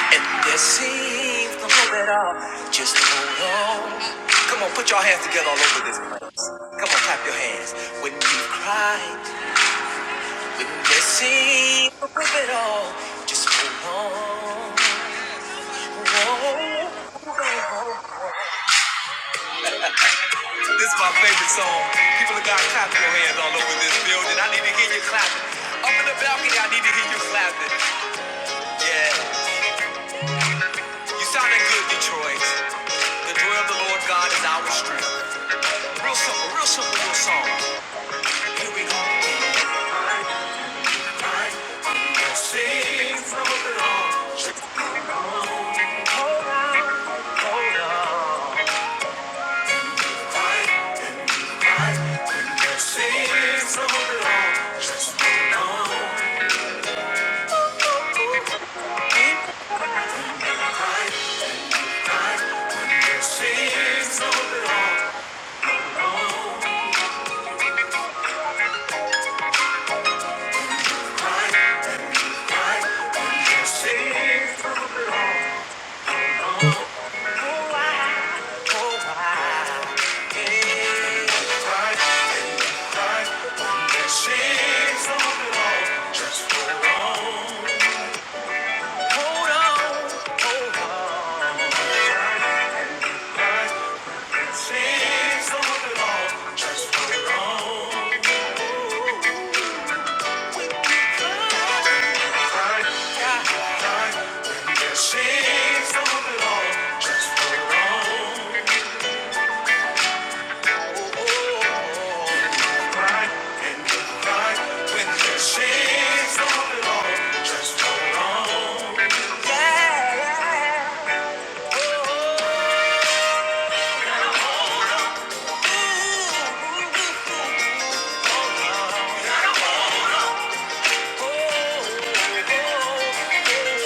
[SPEAKER 2] And there seems no Just hold on. Come on, put your hands together all over this place. Come on, clap your hands. When you cry, when you sing, hold on. This is my favorite song. People have got clapping your hands all over this building. I need to hear you clapping. Up in the balcony, I need to hear you clapping. Yeah, you sounding good, Detroit. The joy of the Lord God is our strength. Real simple, real simple little song.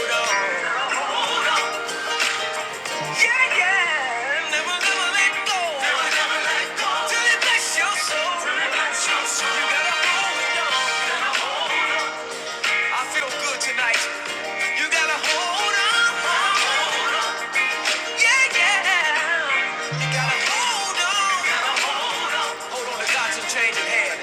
[SPEAKER 2] Hold on, hold on. Yeah, yeah. Never, never let go. Never, never let go. Till it bless your soul. Till it bless your soul. You gotta hold on. You gotta hold on. Yeah, yeah. You gotta hold on. hold on. Hold on to God's unchanging hand.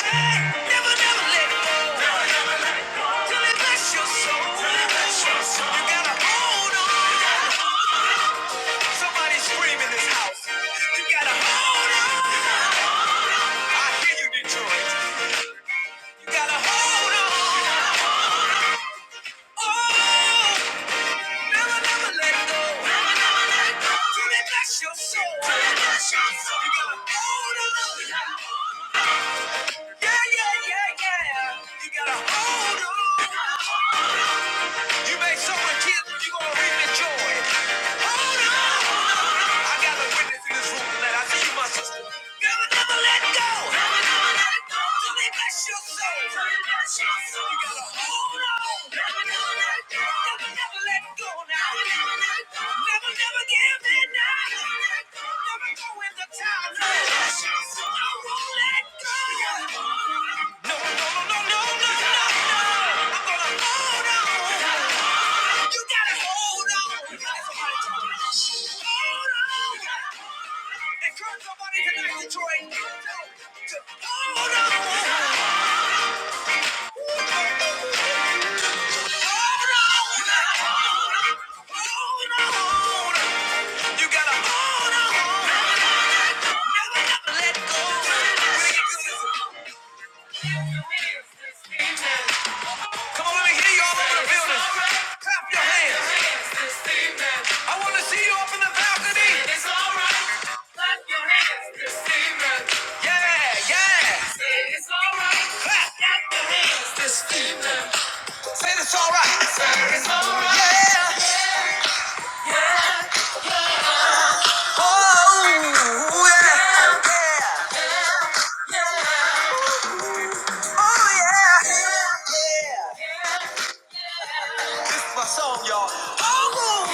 [SPEAKER 2] Hey, never, never let go. Never, never let go. Till it bless your soul. Till it bless your soul. You gotta hold on. Somebody scream in this house. You gotta hold on. I hear you, Detroit. Hold on. Never, never let go. Never, never let go. Till they bless your soul. Till they bless your soul. You gotta hold on. Yeah, yeah, yeah, yeah. You gotta hold on. You made someone kid, you gonna reap the joy. I got a witness in this room tonight. I see you, my sister. Never, never let go. Never, never let it go. Till they bless your soul. Till they bless your soul. You gotta hold on. Never, never let it go. Never, never let it go now. Never, never let it go. Never, never give in now. Never, let go. never throw in the towel. No. Till they bless your soul. I won't let go. You gotta hold on. No, no, no, no, no, no, no, no. no. I'm gonna hold you gotta hold on. You gotta Hold on. Encourage somebody tonight, Detroit. To hold on. Hold on. You gotta hold on. Hold on. You gotta hold on. Come on, let me hear you all over the building. Clap your hands. I want to see you up in the balcony. Yeah, yeah. Clap. Say it's all right. Yeah. Oh, yeah. Yeah. Oh, yeah. Yeah. This is my song, y'all. Oh.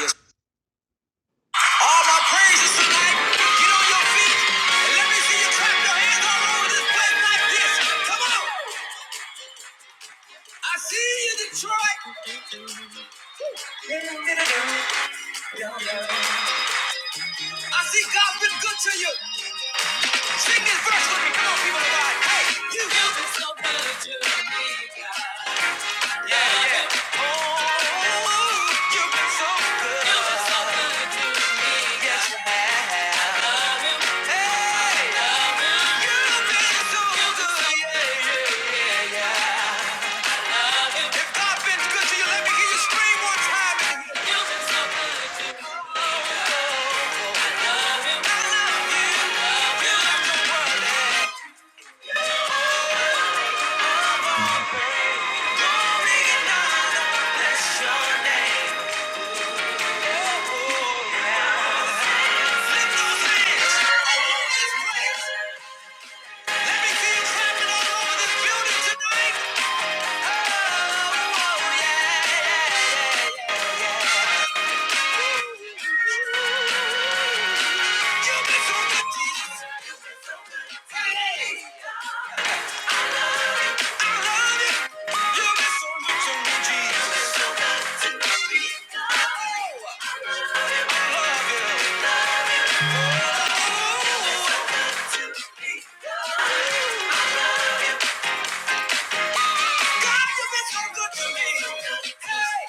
[SPEAKER 2] Yes. All my praises tonight. Get on your feet and let me see you clap your hands all over this place like this. Come on. I see you right. I see God's been good to you. Sing this verse with me. Come on, people of God. Hey, you. have been so good to me. Yeah. Oh, you've been so good. You've been so good to me. Yes. Hey, you've been so so good. Yeah, yeah. If God's been good to you, let me hear you scream one time.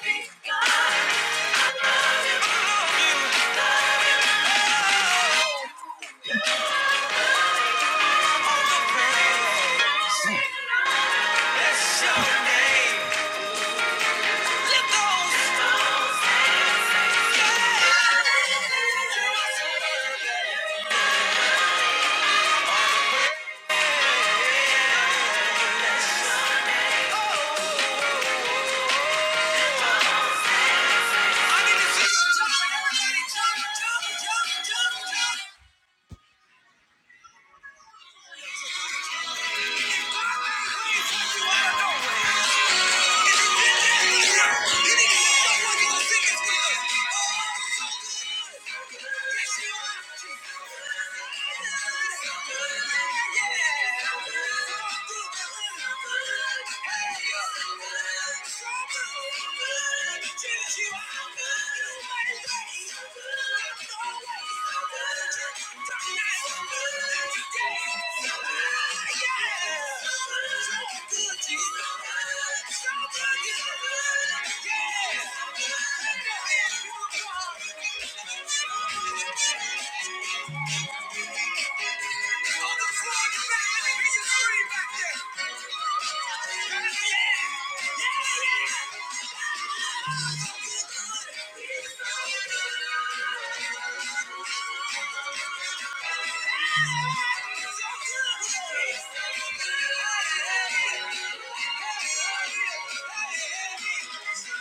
[SPEAKER 2] Hey! good. Yeah. Yeah, yeah.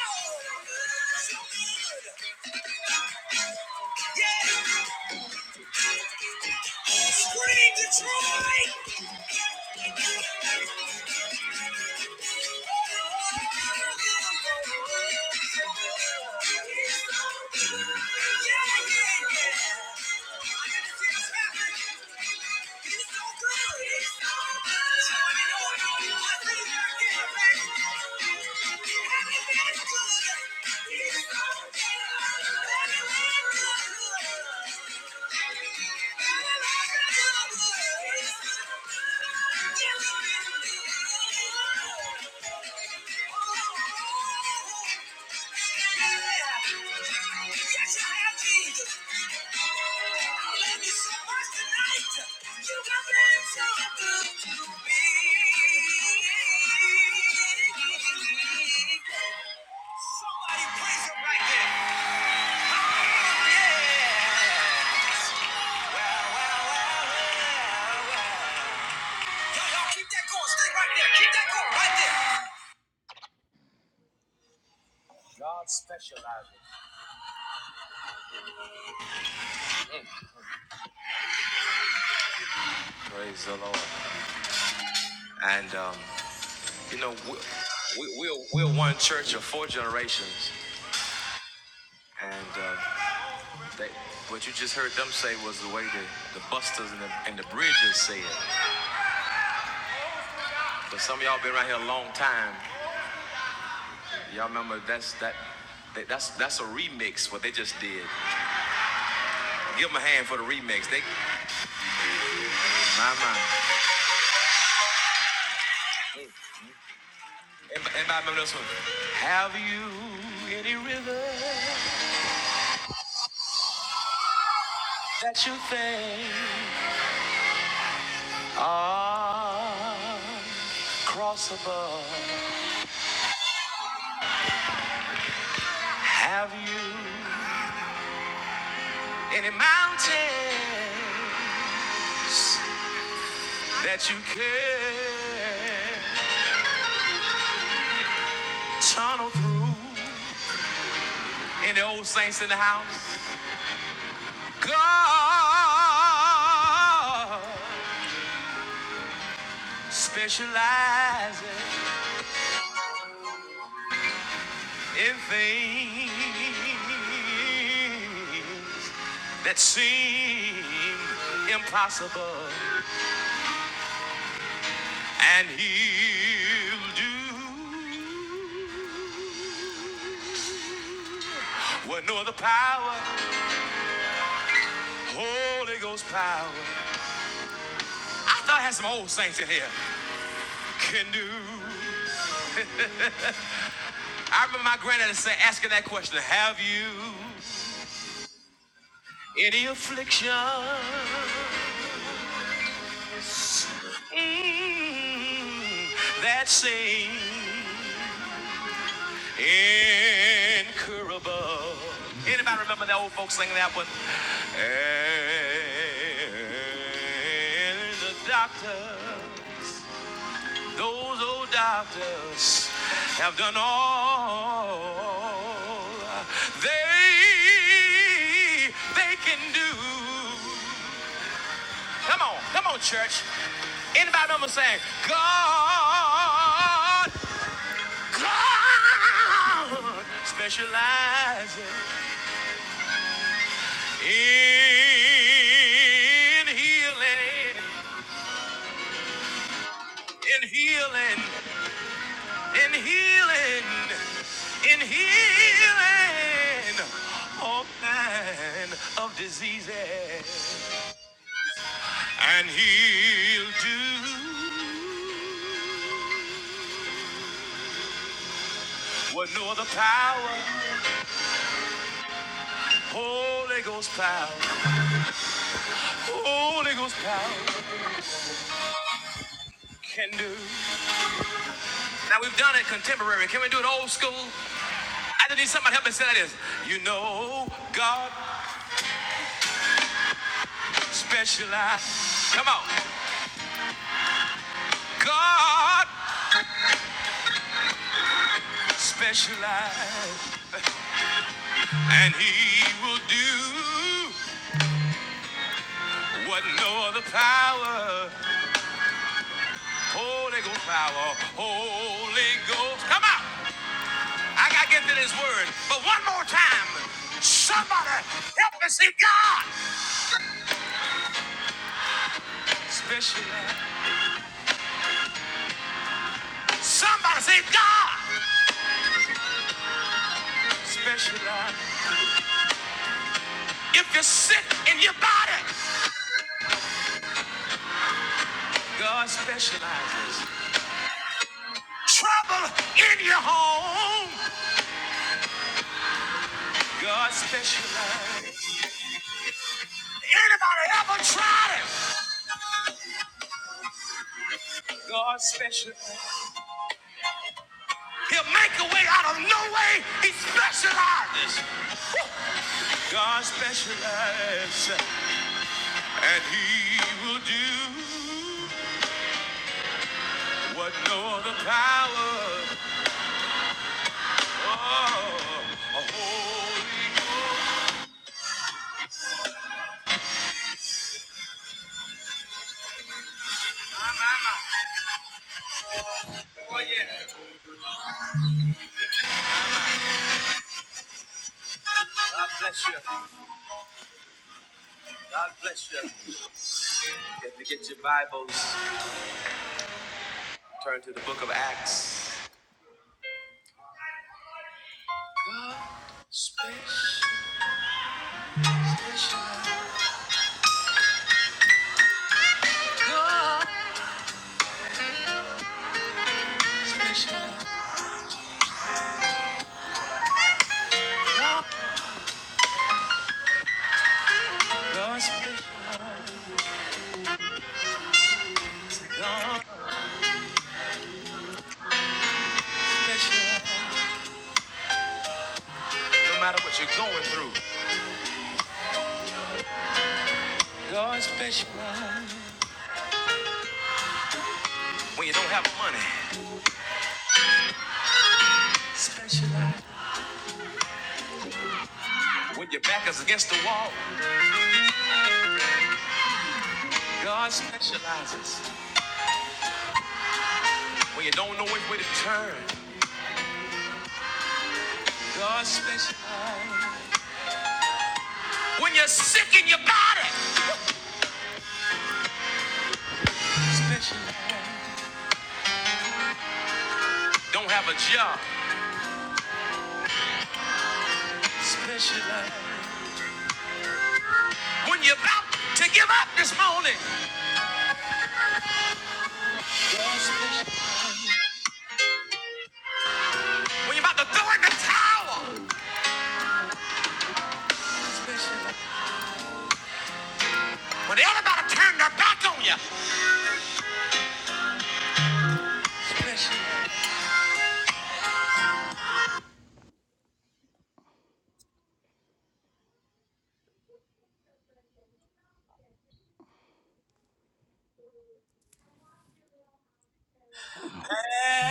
[SPEAKER 2] Oh, so good. Yeah! Scream Detroit! He's so good. Yes, you so have been so good to me. Somebody praise him right Y'all keep that going. Stay right there. Keep that going right there. Praise the Lord. And um, you know, we, we, we're, we're one church of four generations, and um, they, what you just heard them say was the way the, the Busters and the, and the Bridges say it. But some of y'all been around here a long time. Y'all remember that's that. that- That's that's a remix. What they just did. Give them a hand for the remix. They my my. Anybody, anybody remember this one? Have you any river that you think? Across above. Have you any mountain that you can tunnel through? Any old saints in the house? God specializes in things that seem impossible. and he'll do what no other power, Holy Ghost power. I thought I had some old saints in here can do. I remember my granddaddy say, asking that question, have you any affliction mm, that same? Incurable. Anybody remember the old folks singing that one? And the doctor, those old doctors have done all they they can do. Come on, come on, church. Anybody remember saying, God, God specializes In healing, in healing, in healing, in healing, all kind of diseases, and he'll do what no other power, Holy Ghost power, Holy Ghost power can do. Now we've done it contemporary. Can we do it old school? I just need somebody to help me say that is. You know, God specializes. Come on. God specializes. And he will do what no other power, Holy Ghost power, Holy Ghost. Come on. I got to get to this word. But one more time. Somebody help me see God specializes. Somebody say God specializes. If you're sick in your body, God specializes. Trouble in your home. God specializes. Anybody ever tried it? God specializes. He'll make a way out of no way. He specializes. God specializes. And he will do what no other power. Oh, a holy God. God bless you. God bless you. If you get your Bibles, turn to the book of Acts. No matter what you're going through, God specializes. When you don't have money, specializes. When your back is against the wall, God specializes. When you don't know which way to turn, God specializes. When you're sick in your body, specializes. Don't have a job, specializes. When you're about to give up this morning, when you're about to throw in the towel, when everybody turned their back on you,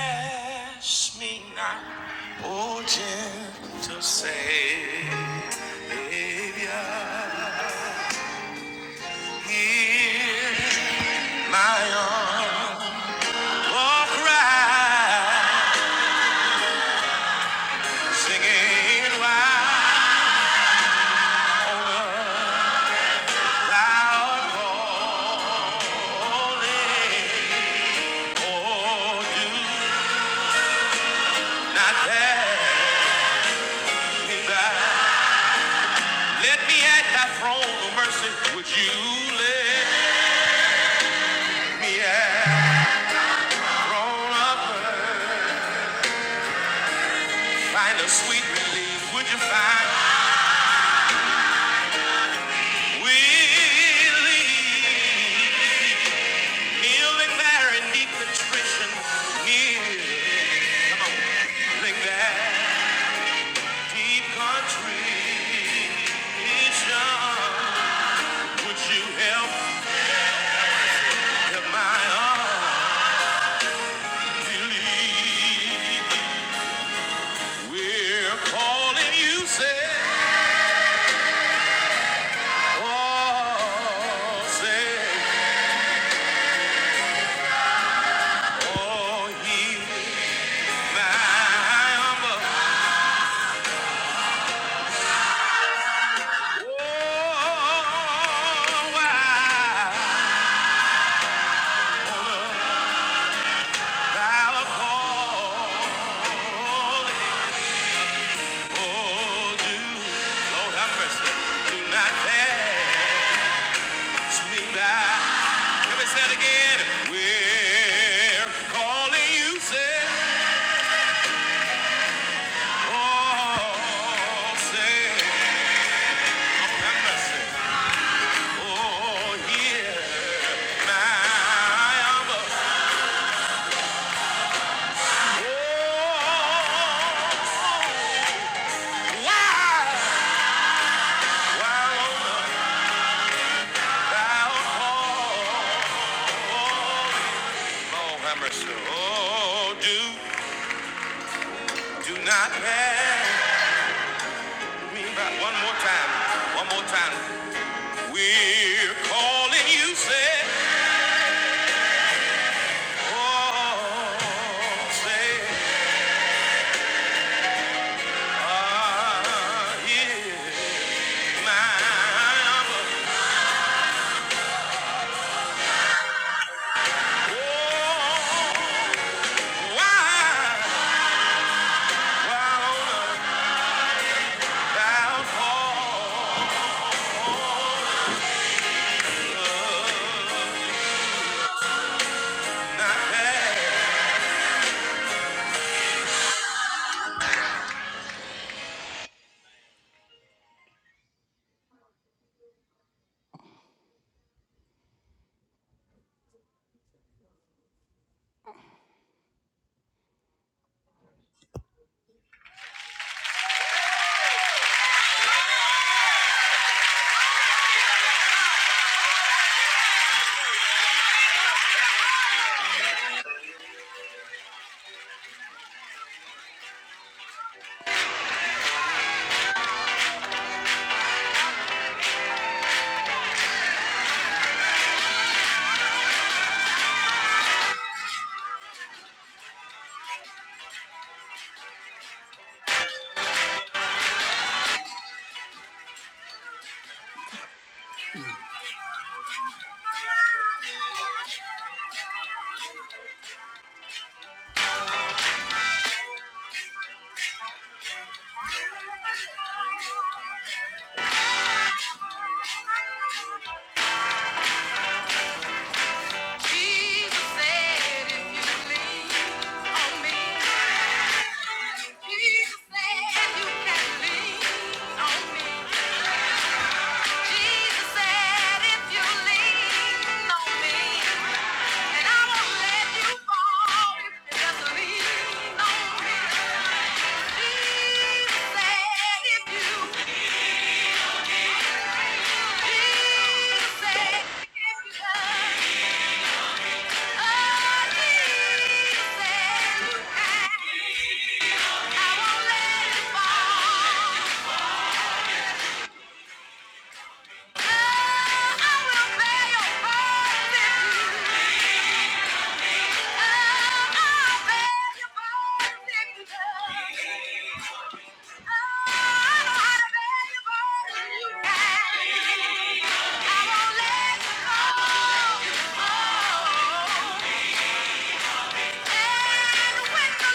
[SPEAKER 2] ask me not. Oh, gentle Savior, hear my humble cry, singing wild, loud call. Do not pass me by. Let me at Thy throne of mercy. Would you let me at thy throne of mercy? Find a sweet relief. Would you find relief? Kneeling there in deep contrition, kneeling Come on, feeling there, deep contrition. Would you help, help my unbelief? We're calling you, say, oh, say, oh, heal my humble. Oh, why thou call Oh, do, Lord have mercy, do not pass me by. Let me say it again. We're calling you, say, oh, say, Lord have mercy. Oh, hear my humble, Oh, why, why on the thou call? Oh, have mercy. Oh, do, do not pass. Right, One more time, one more time. We're calling you, say, oh, say, ah, yeah, my, oh, why, why, oh, thou fall not there? Jesus said, if you lean on me, Jesus said, you can lean on me. Jesus said, if you lean on me. And I won't let you fall if you just lean on me. Jesus said if you, Jesus said if you just, oh, you can. I won't let you fall. Oh, I will bear your burden. you when the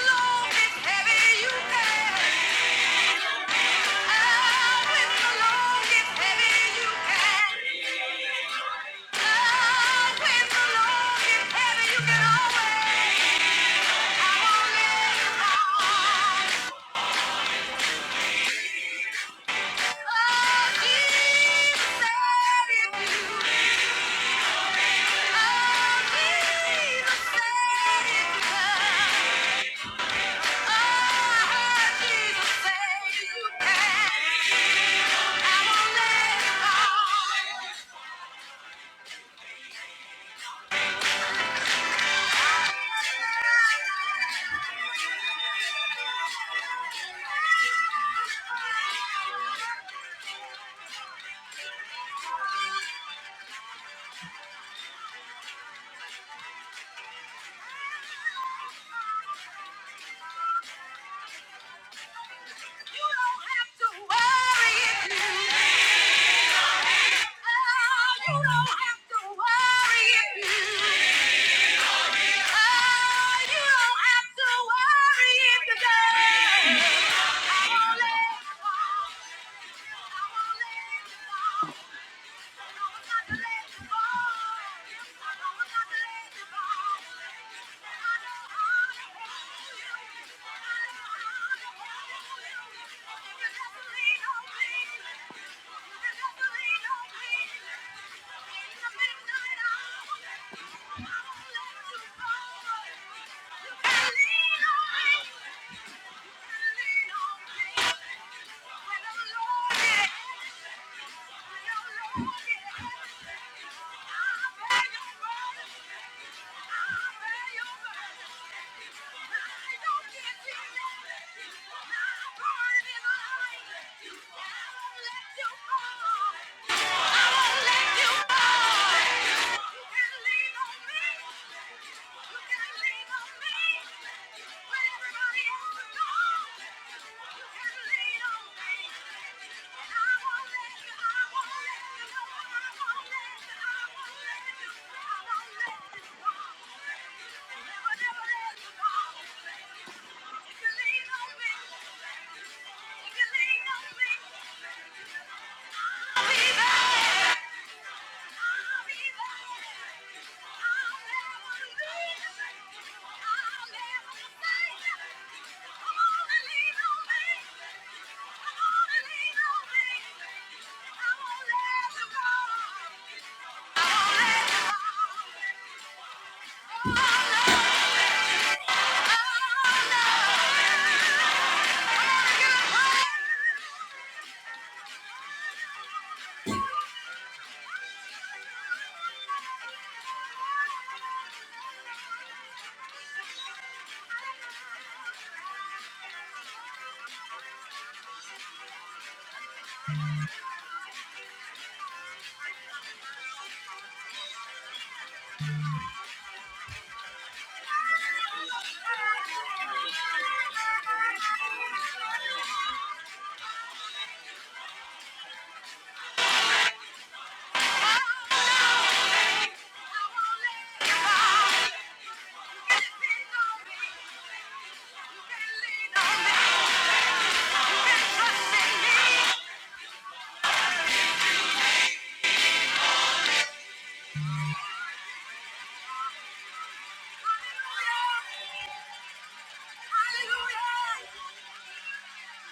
[SPEAKER 2] load is heavy, you can. Yeah. Yeah. Thank you. Let you fall. I won't let you fall. Thank you. Thank you. Hallelujah!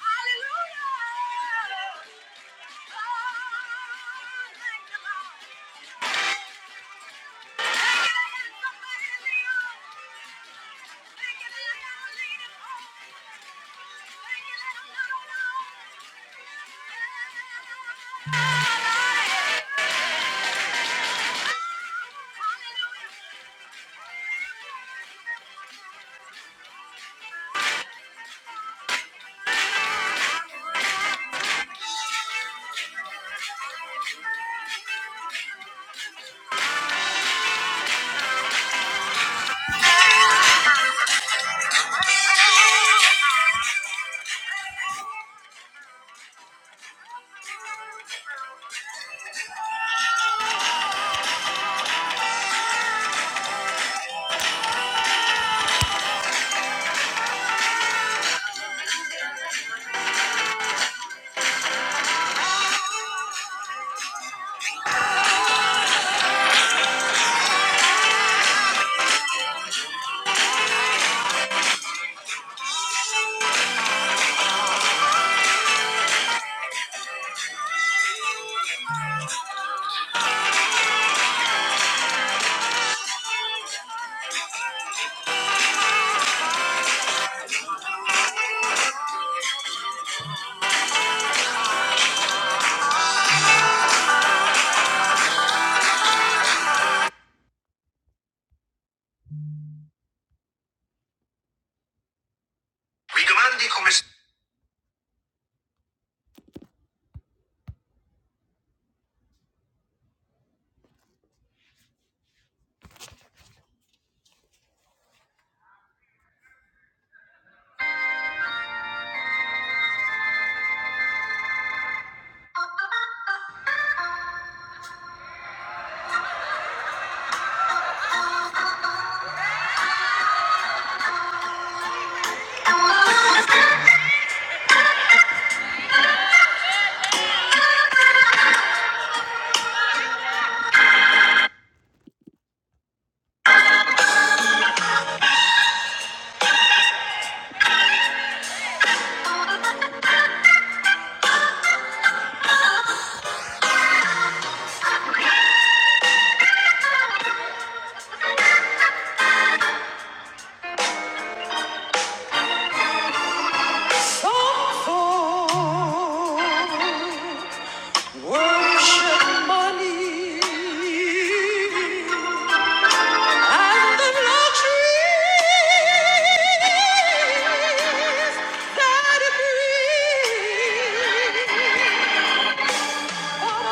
[SPEAKER 2] Hallelujah! Hallelujah. *laughs*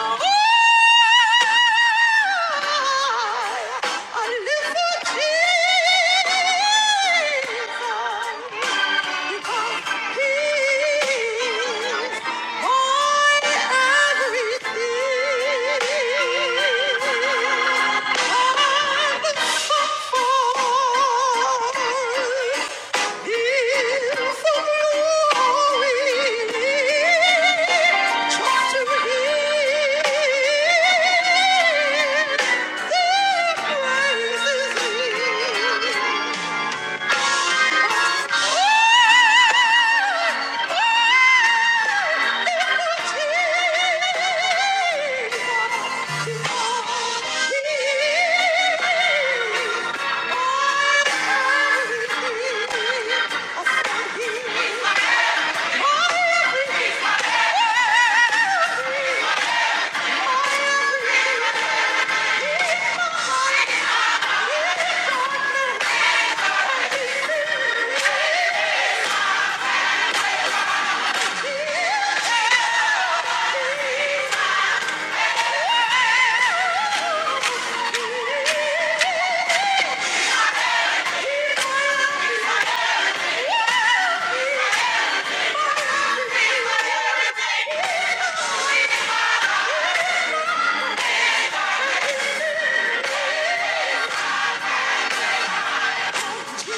[SPEAKER 2] Oh Thank you. Yeah!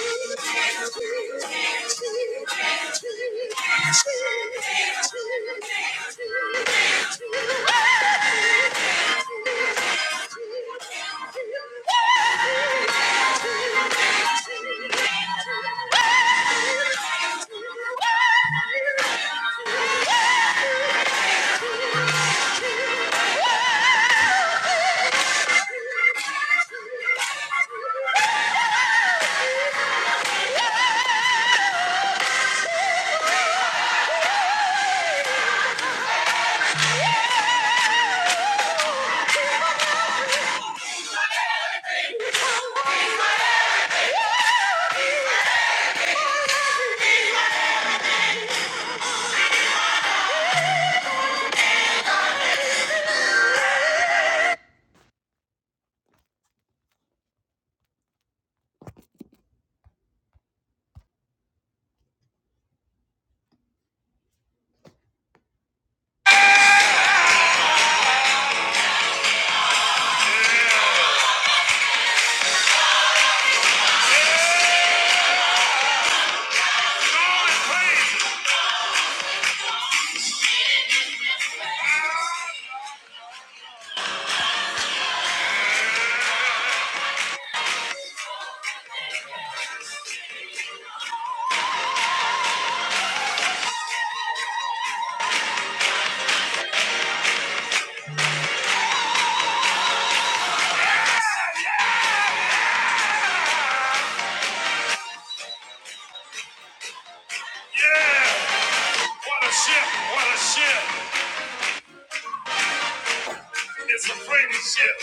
[SPEAKER 2] What a ship! What a ship! It's a friendship.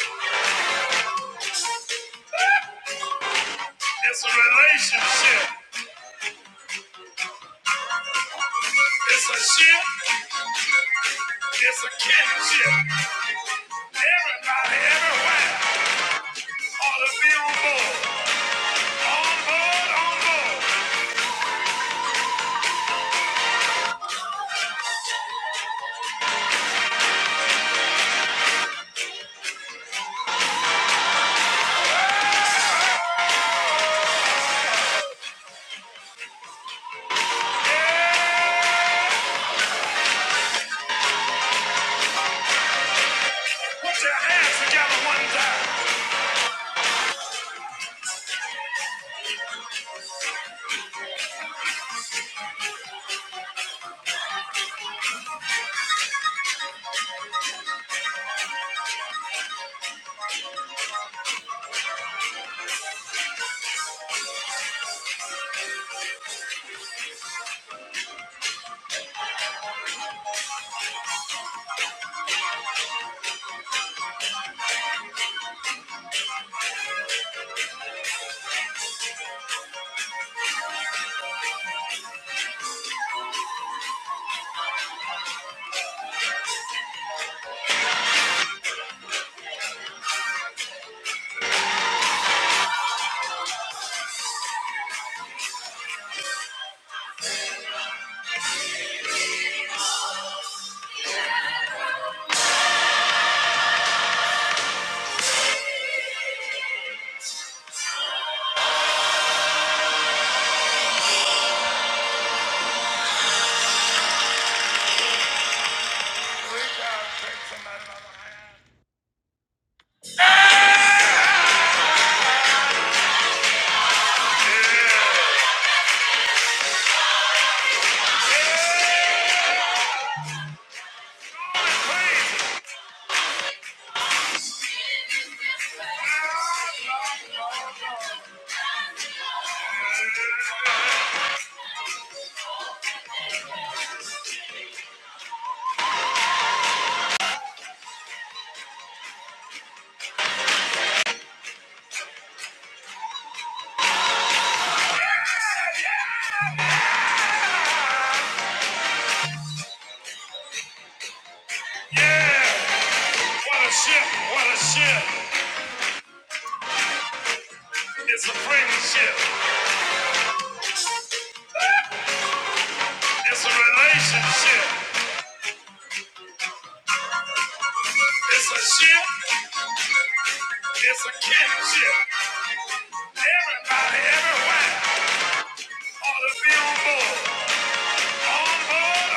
[SPEAKER 2] It's a relationship. It's a ship. It's a kinship. Everybody, everywhere, ought to be on board. On board, on board. Put your hands together one time. What a ship, what a ship. It's a friendship. It's a relationship. It's a ship. It's a kinship. Everybody, everywhere. All of you on board. On board,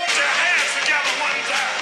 [SPEAKER 2] Put your hands together one time.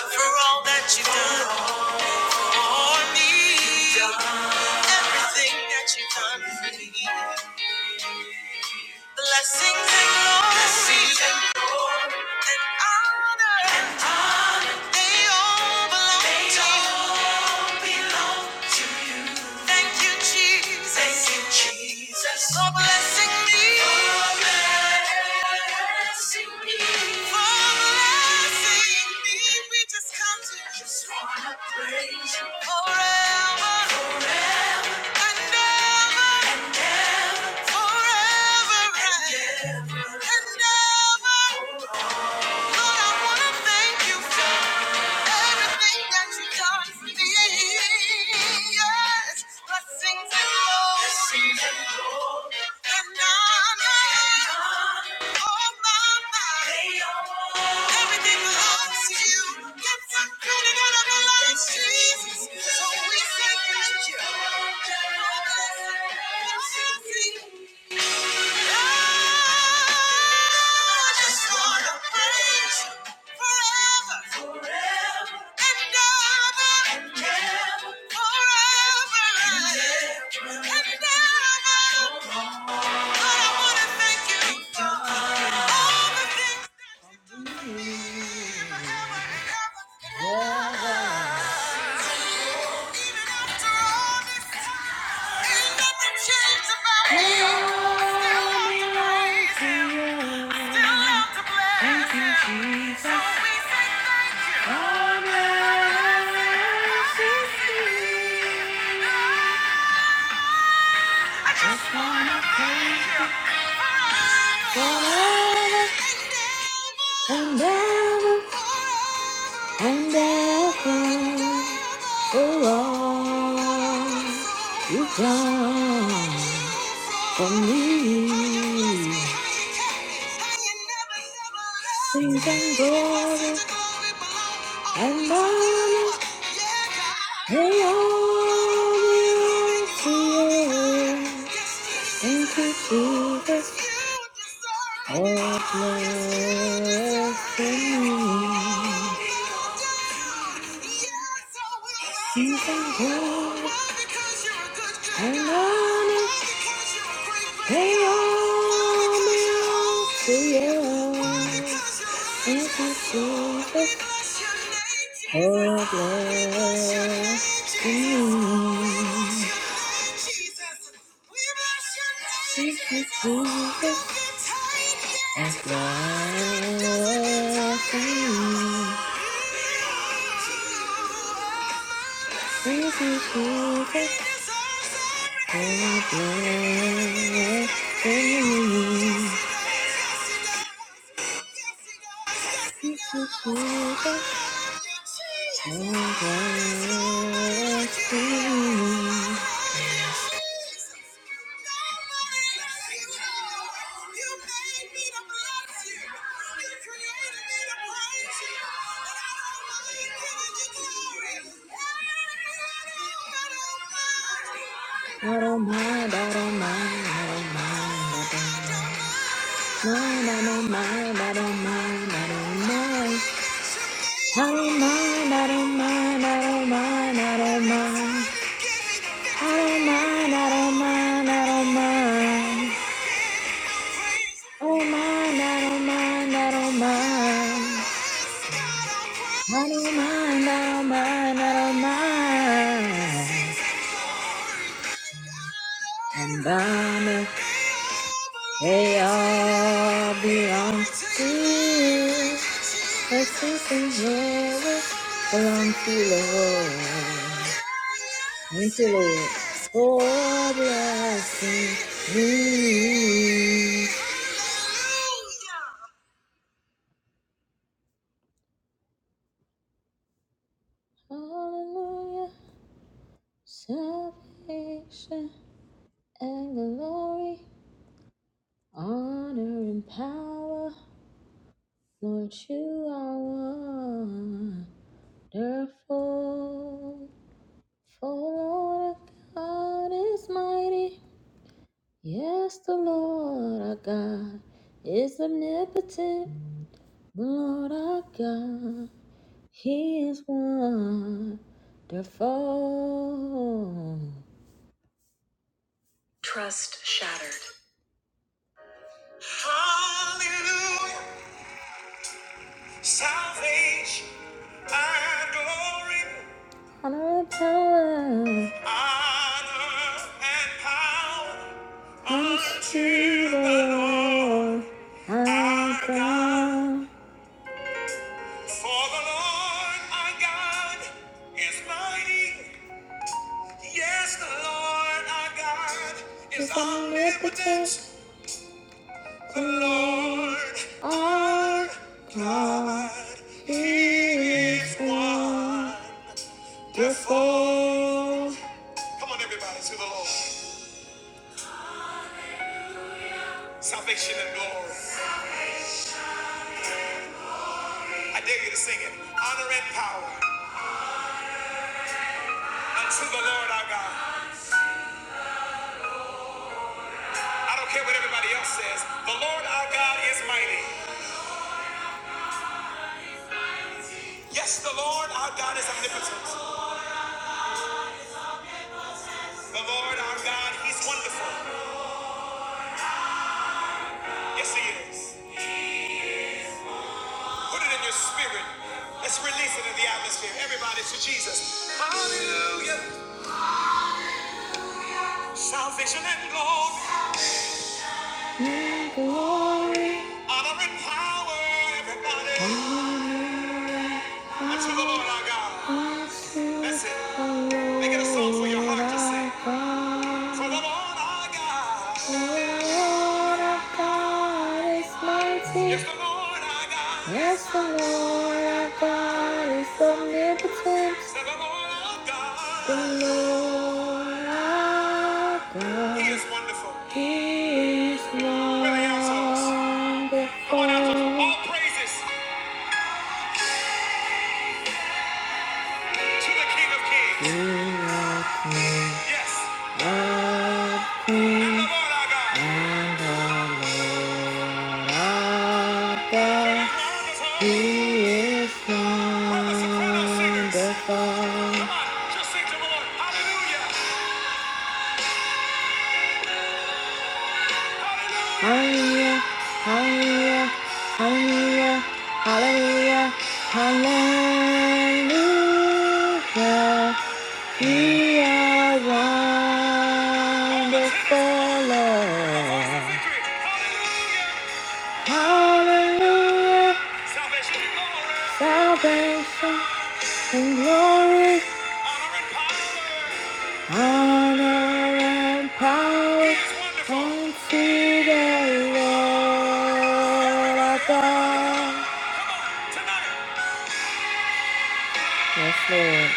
[SPEAKER 2] For all that you've done for me, everything that you've done for me. Blessings and glory. Blessings and glory belong to you. Thank you, Jesus. Thank you, Jesus. For blessing me. For blessing me. We just come to you. Just wanna praise you. Forever and ever. Forever and ever. And ever. Lord, I wanna thank you. Everything that you can be, yes, blessings and more. Blessings and glory, And honor. Oh, my, my. Everything belongs to you. Yes, i created out of your life, Jesus. So we say thank you. Thank you. Thank you, Jesus. and ever and ever for all you've done for me. Things and glory and honor, they all belong to you. Thank you, Jesus. Oh, bless me. Season good. And on it. They all belong to you. you're This is Jesus. Oh, bless you name. This is Jesus. And bless your name. Crazy Jesus, oh, glory, I don't mind, I don't mind, I don't mind, I don't mind. Mind, I don't mind, I don't mind, I don't mind. I don't mind, I don't mind, I don't mind, I don't mind. I don't mind, I don't mind, I don't mind. I don't mind, I don't mind, I don't mind. I don't mind, I don't mind, I don't mind. And Donna, they all belong to you. But this is yours, belong to the Lord. Thank you, Lord, for blessing me. Hallelujah. Salvation and glory, honor and power. Lord, you are wonderful. For Lord God is mighty. Yes, the Lord our God is omnipotent. The Lord our God, He is wonderful. Salvation and glory, honor and power, honor and power, Is our God. For the Lord our God is mighty. Yes, the Lord our God is omnipotent. The Lord our God, He is wonderful. Come on, everybody, to the Lord. Salvation and glory. I dare you to sing it. Honor and power unto the Lord our God. I don't care what everybody else says. The Lord our God is mighty. Yes, the Lord our God is omnipotent. The Lord our God, He's wonderful. Yes, He is. Put it in your spirit. Let's release it in the atmosphere. Everybody to Jesus. Hallelujah. Salvation and glory, honor and power. Everybody unto the Lord our God. That's it. Make it a song for your heart to sing. For the Lord our God. The Lord our God is Yes, mighty. Yes, the Lord our God. Yes, the Lord our God is omnipotent. the Lord our The God. The Lord our God. He is wonderful. He is Where Come on, outsoles. wonderful. All praises to the King of Kings. Yes, and the Lord our God. He is holy. From the soprano Hallelujah. Hallelujah. Hallelujah, We are All the tenors, wonderful, Lord. Hallelujah. Salvation and glory. Honor and power. honor and consider Yes, Lord.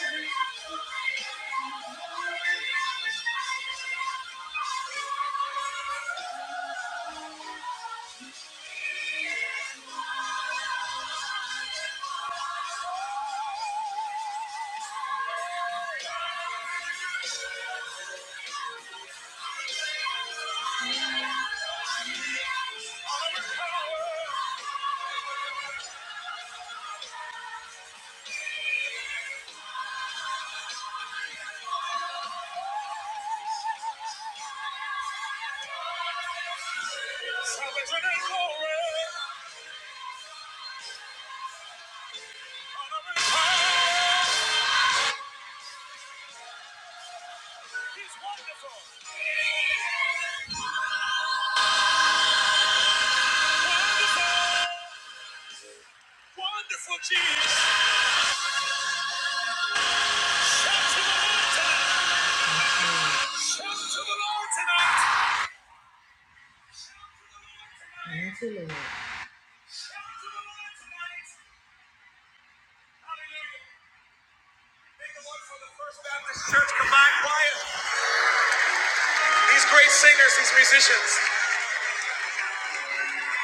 [SPEAKER 2] All the power. Salvation and glory, honor and power. He's wonderful, wonderful, wonderful Jesus. Shout to the Lord tonight. Shout to the Lord tonight. Thank Shout to the Lord tonight. Hallelujah. Make the one for the First Baptist Church Combined Choir. These great singers, these musicians.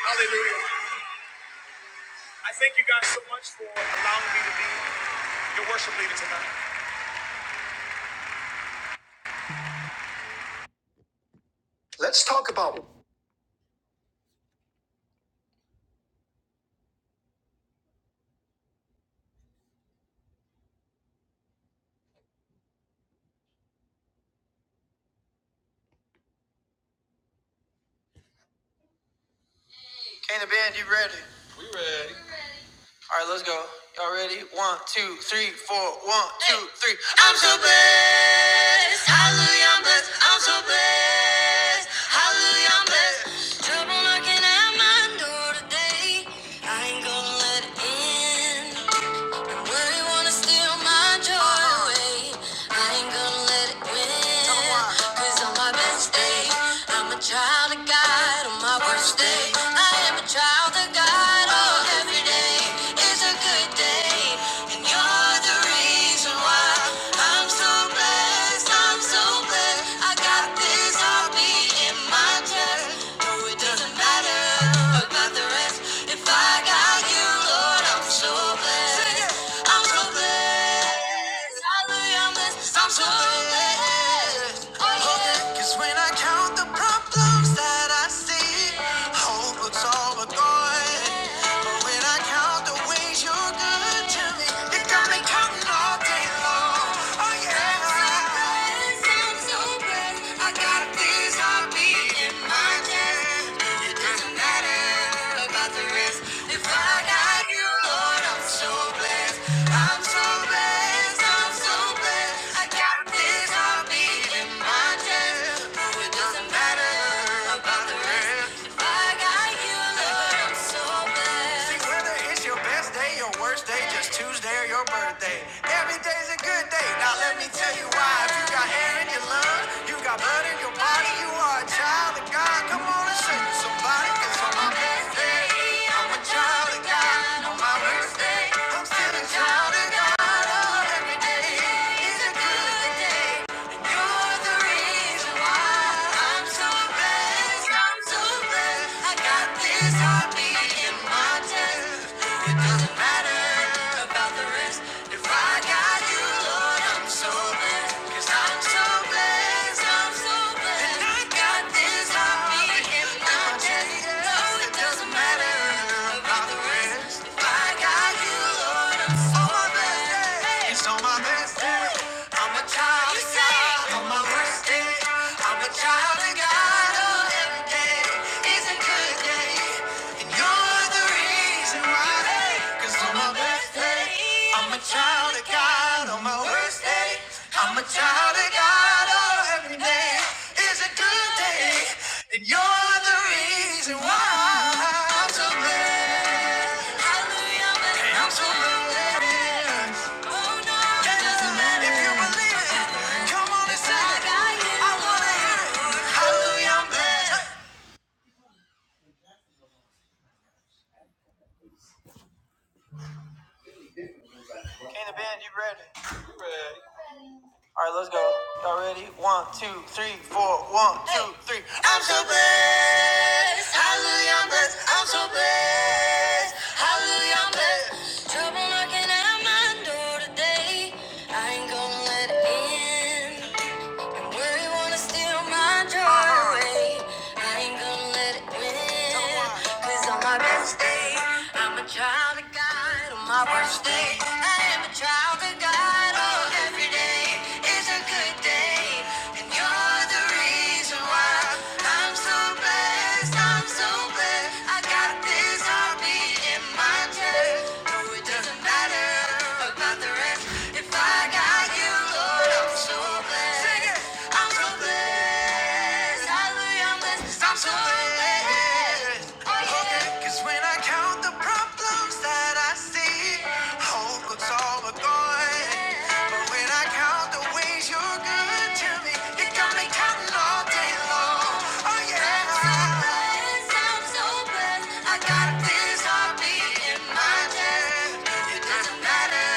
[SPEAKER 2] Hallelujah. I thank you guys so much for allowing me to be your worship leader tonight. two, three. I'm so blessed. Hallelujah, I'm blessed. I'm so blessed. Hallelujah, I'm blessed. Trouble knocking at my door today. I ain't gonna let it in. Worry wanna steal my joy away. I ain't gonna let it win. Cause on my best day, stay. I'm so blessed. We died up. If you're blessed, I'm so blessed. Hallelujah. I'm so lonely. Cause when I count the problems that I see, hope looks all but gone. But when I count the ways you're good to me, it got me counting all day long. Oh yeah. Sometimes I'm so blessed, I got things I beat my chest. It doesn't matter about the rest. If I got you, Lord, I'm so blessed. I'm so blessed. I'm so blessed. I No, so See, whether it's your best day, your worst day, just Tuesday or your birthday. Every day's a good day. Now let me tell you why. If you got air in your lungs, you got blood in your body, you are a child of God. Come on and sing to somebody, 'cause on my best day, I'm a child of God. On my worst day, I'm still a child of God. Oh, every day. It's a good day, you're the reason why I'm so blessed. I'm so blessed. I got this heartbeat in my chest. It doesn't matter about the rest. If I got you, Lord, I'm so blessed. 'Cause I'm so blessed. I'm so blessed. I got this heartbeat in my chest. No, it doesn't matter about the rest. If I got you, Lord, I'm so blessed. It's on my child of God on hey, every day. Is a good day. Lord, hallelujah. Hey, I'm so blessed. Oh, no. That doesn't matter if you believe it. It's like, I wanna hear it. All right, let's go. Y'all ready? One, two, three, four. I'm so blessed. Hallelujah, I'm blessed. I'm so blessed. Hallelujah, I'm blessed. Trouble knocking at my door today. I ain't gonna let it in. And worry wanna steal my joy away. I ain't gonna let it win. Cause on my best day, I'm a child of God. On my worst day, I am a child of God. Oh, every day is a good day. And you're the reason why so so blessed, I'm so blessed. I got this heartbeat in my chest. No, it doesn't matter about the rest. If I got you, Lord, I'm so blessed. I'm so blessed. I'm blessed. I'm so blessed. Oh, yeah. Okay, when I all the problems that I see, hope looks all but gone. But when I count the ways you're good to me, you got me counting all day long. Oh yeah. I'm so I'm so blessed. I got this heartbeat in my chest. It doesn't matter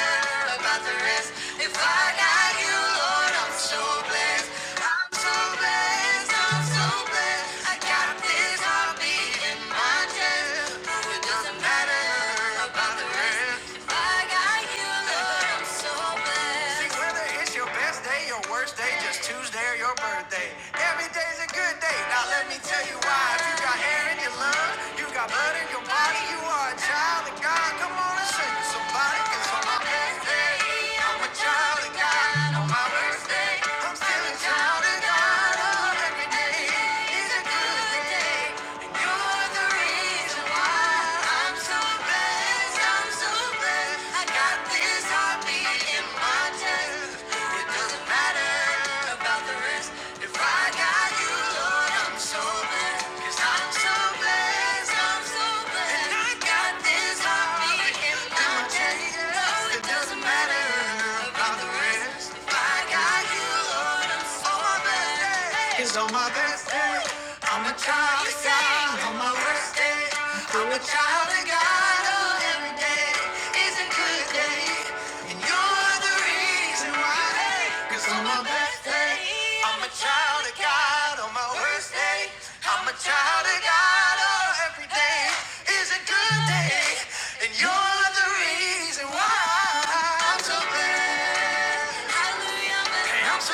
[SPEAKER 2] about the rest. If I got you, Lord, I'm so blessed. I'm so blessed. I'm so blessed. I got this heartbeat in my chest. No, it doesn't matter about the rest. If I got you, Lord, I'm so blessed. Sing really good. Now let me tell you why. If you got air in your body, you high. Come on and sing. It doesn't matter about the rest. If I got you, Lord, I'm so blessed. i I'm so blessed, I'm so blessed. I got this heartbeat in my chest. No, it doesn't matter about the rest. If I got you, Lord, I'm so blessed. Cause on my best day, I'm a child of God. On my worst day, I'm a child oh, you're the reason why, hey, I'm a child of God. On my worst day, I'm a child of God. Oh, every day is a good day. And you're the reason why I'm so blessed so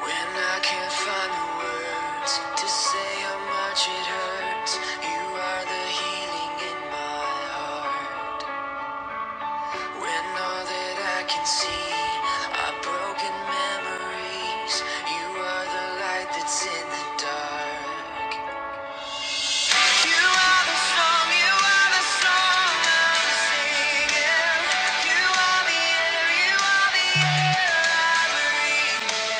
[SPEAKER 2] When I can't find the words to say how much it hurts, you are the healing in my heart. When all that I can see are broken memories, you are the light that's in the dark. You are the song, you are the song I'm singing. You are the air, you are the air I breathe.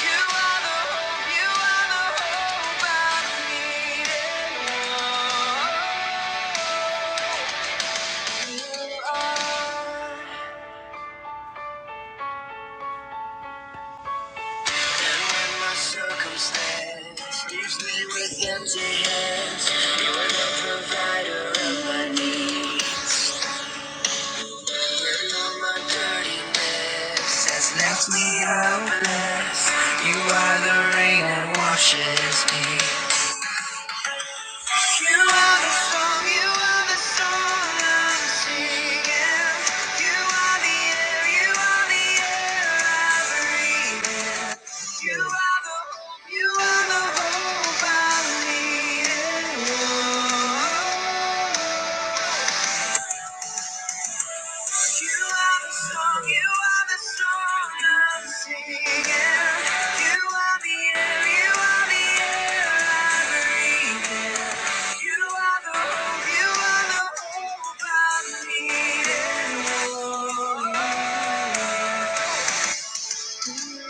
[SPEAKER 2] You are the hope, you are the hope I'm needing. You are. And when my circumstance leaves me with empty hands, you are the provider of my needs. left me helpless. You are the rain that washes me. You are the song, you are the song I'm singing. You are the air, you are the air I breathe. You are the hope, you are the hope I'm needing. Whoa. You are the song, you are the song I'm singing. You are the air, you are the air I breathe in. You are the hope, you are the hope I'm needing.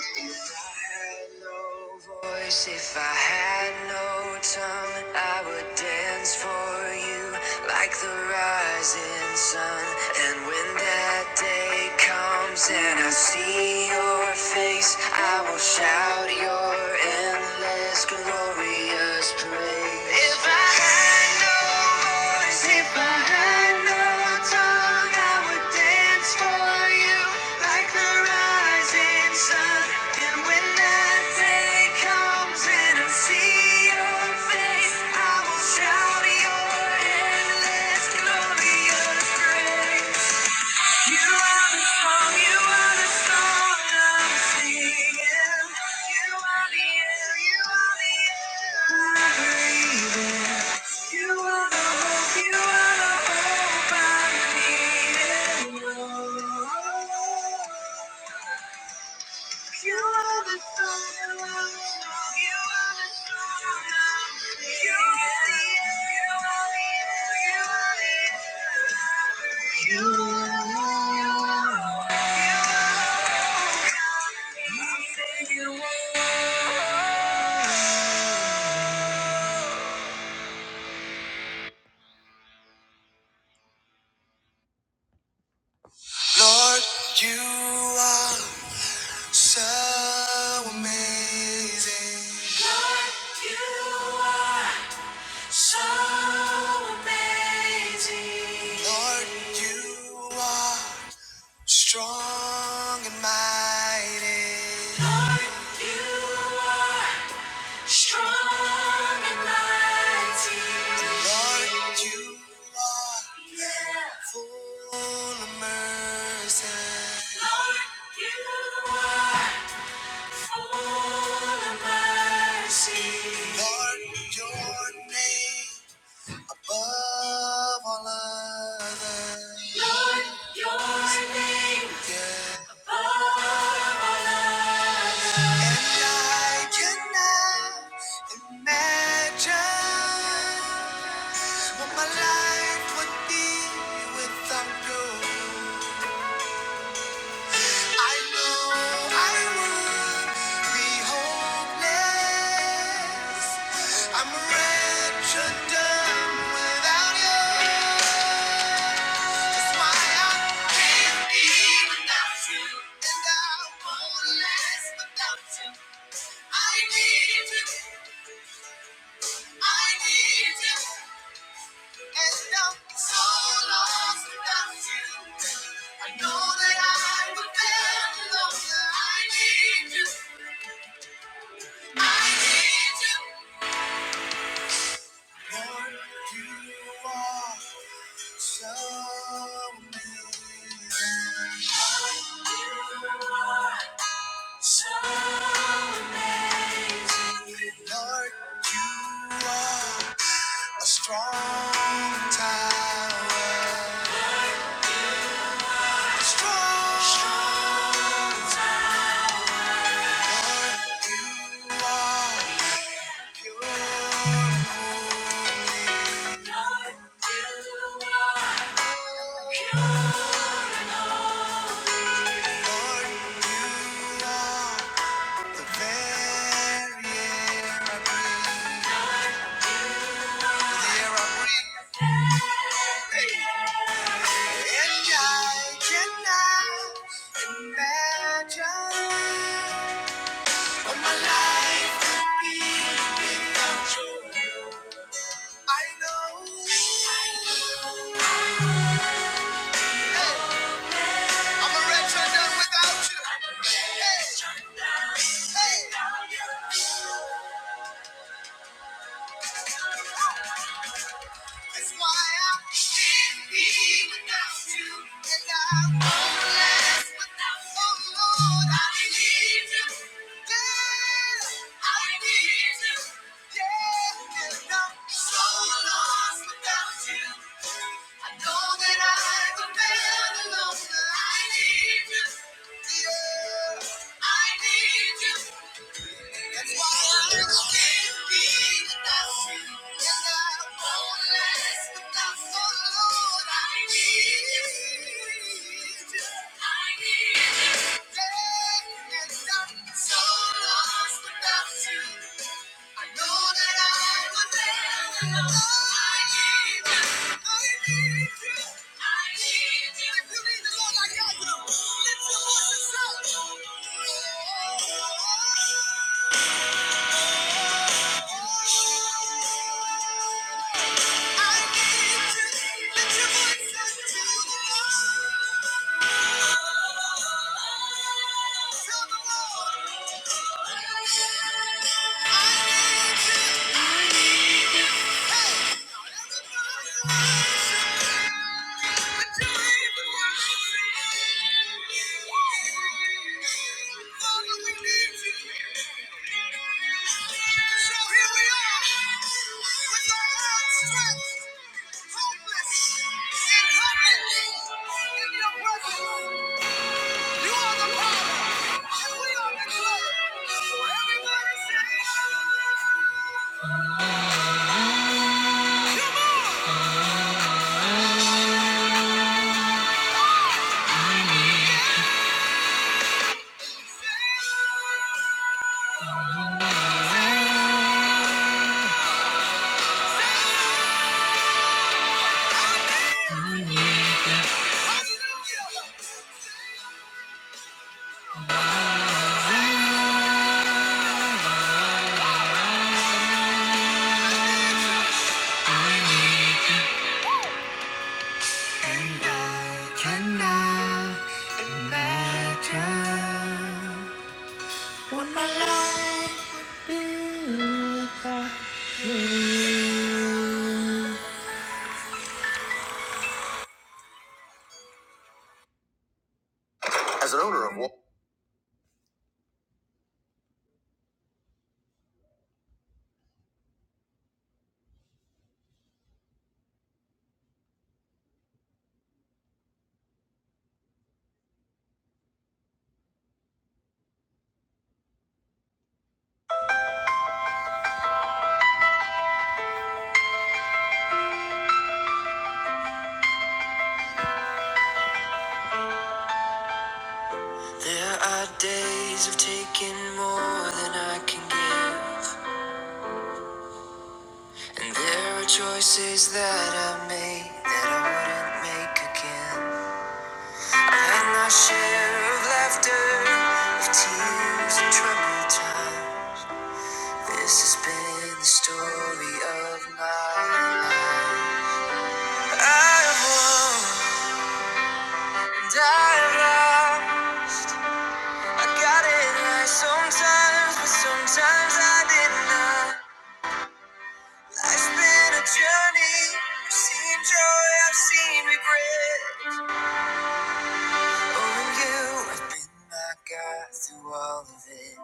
[SPEAKER 2] If I had no voice, if I had no tongue, I would dance for you like the rising sun. And when that day comes and I see your face, I will shout your endless, glorious praise. If I had no voice, if I had no tongue, I would dance for you like the rising sun. And when that day comes and I see your face, I will shout your endless glorious grace. You are the song, you are the song I'm singing. You are the air, you are the air I breathe in. You are the hope, you are the hope I'm needing. Oh, you are the song, you are the song, you are the song I'm singing. You are the air, you are the air, you are the air I breathe in. Lord, you are so amazing. You're so amazing. Lord, you are strong and mighty. Lord, you are strong and mighty. Lord, you are full of mercy. Lord, you are Lord, your name above all others. And I cannot imagine what my life would be without you. I know I would be hopeless. I'm wretched, dumb without you. Lord, you are. Show you are so amazing. Lord, you are a strong tower, Lord, you are pure. And I cannot imagine my life would be without you. I know. Hey, I'm a wretched man without you. Hey, hey. That's why I can't be without you, and I won't last without you, Lord. I need you, yeah. I need you, yeah. And I'm so lost without you. I know that I've been alone, but I need you, yeah. I need you. That's why I can't be you, I Lord Lift your voice and shout. Thank you. Come on! There are days of taking more than I can give. And I sometimes, but sometimes I did not. Life's been a journey. I've seen joy, I've seen regret. Oh, and you have been my guide through all of it.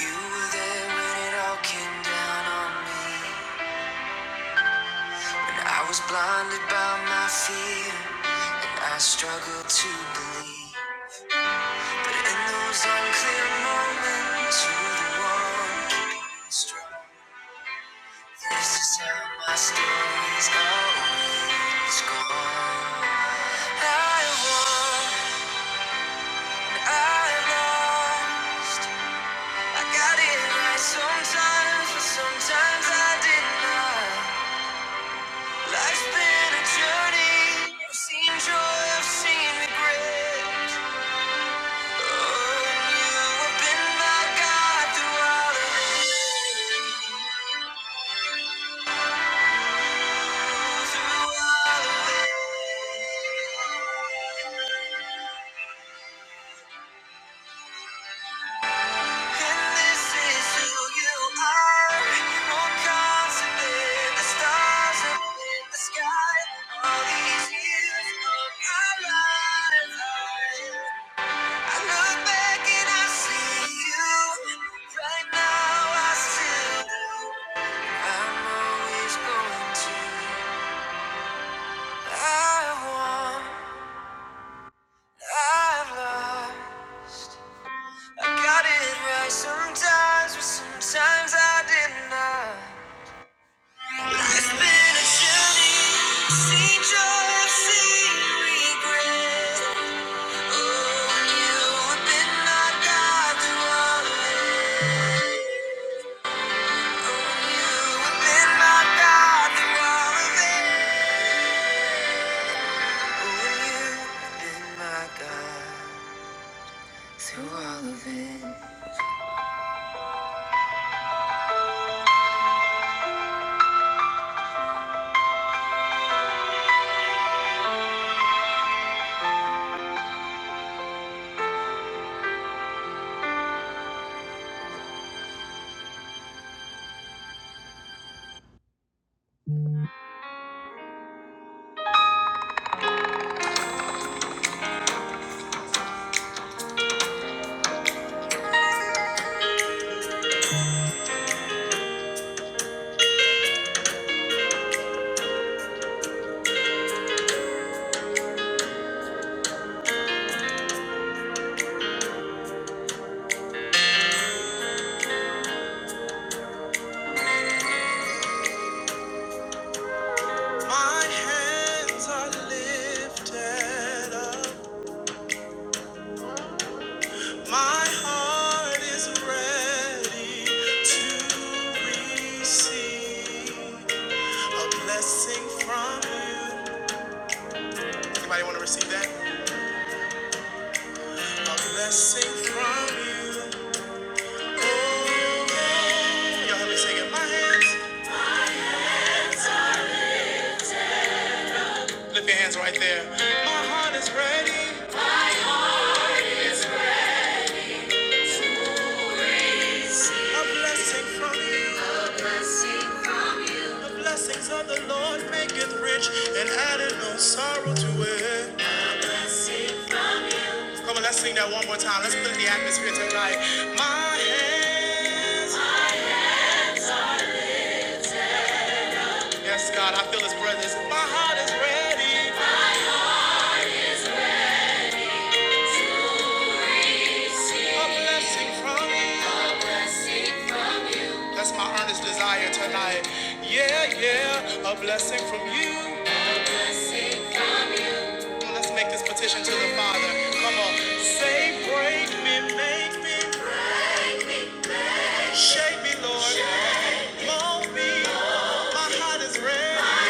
[SPEAKER 2] You were there when it all came down on me. And I was blinded by my fear. And I struggled to believe. In those unclear moments, you're the one keeping me strong. This is how my story's always gone. I won, I lost. I got it right sometimes, but sometimes I did not. Life's been a journey. I've seen joy, I've seen regret. Oh, and you have been my guide through all of it. You're not God, the one My hands are lifted up. My heart is ready to receive a blessing from you. Anybody want to receive that? A blessing from you. Oh, yeah. y'all help me sing it. My hands. Lift your hands right there. My heart is ready. A blessing from you. The blessings of the Lord maketh rich and added no sorrow to it. Come on, let's sing that one more time. Let's put in the atmosphere tonight. My hands, yes, God, I feel His presence. My heart is ready. A blessing from you. That's my earnest desire tonight. Yeah, yeah, a blessing from you. Let's make this petition to the Father. Come on, say, break me, make me, shape me, Lord, mold me. My heart is red,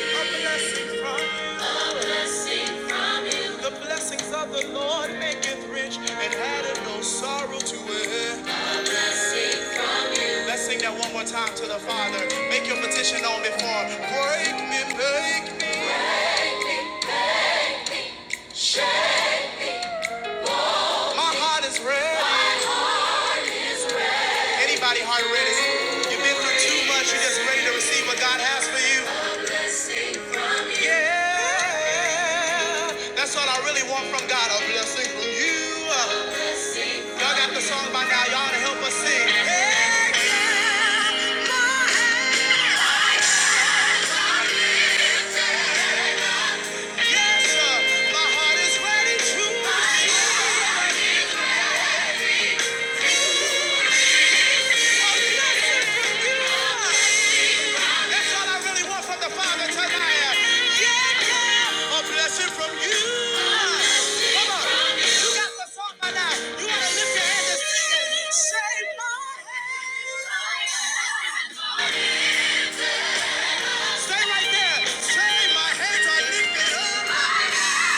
[SPEAKER 2] a blessing from you. The blessings of the Lord maketh rich and addeth no sorrow to it. Let's sing that one more time to the Father. Make your petition known before. Break me, make me. My heart is red, Anybody heart ready? You've been through too much. You're just ready to receive what God has for you. Yeah, that's what I really want from God. A blessing from you. Y'all got the song by now. Y'all to help us sing. Yes, sir. My heart is ready to receive. That's all I really want from the Father tonight. Yeah. A blessing from you. Come on. You got the song by now. You want to lift your hand and sing it. Save my hands. Stay right there. Say my hands are lifted. Everybody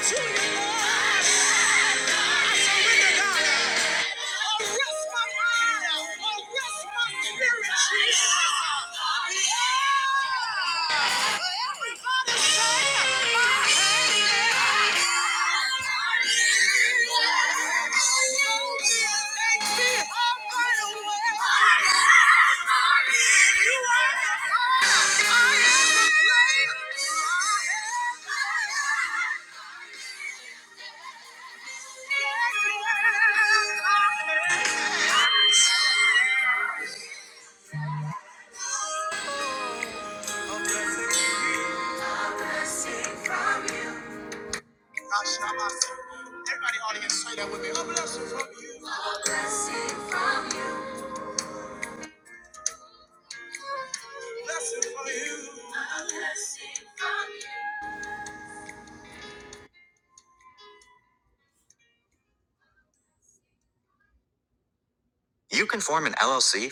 [SPEAKER 2] say, my hand Everybody in the audience say that with me. A blessing from you. A blessing from you. You can form an LLC.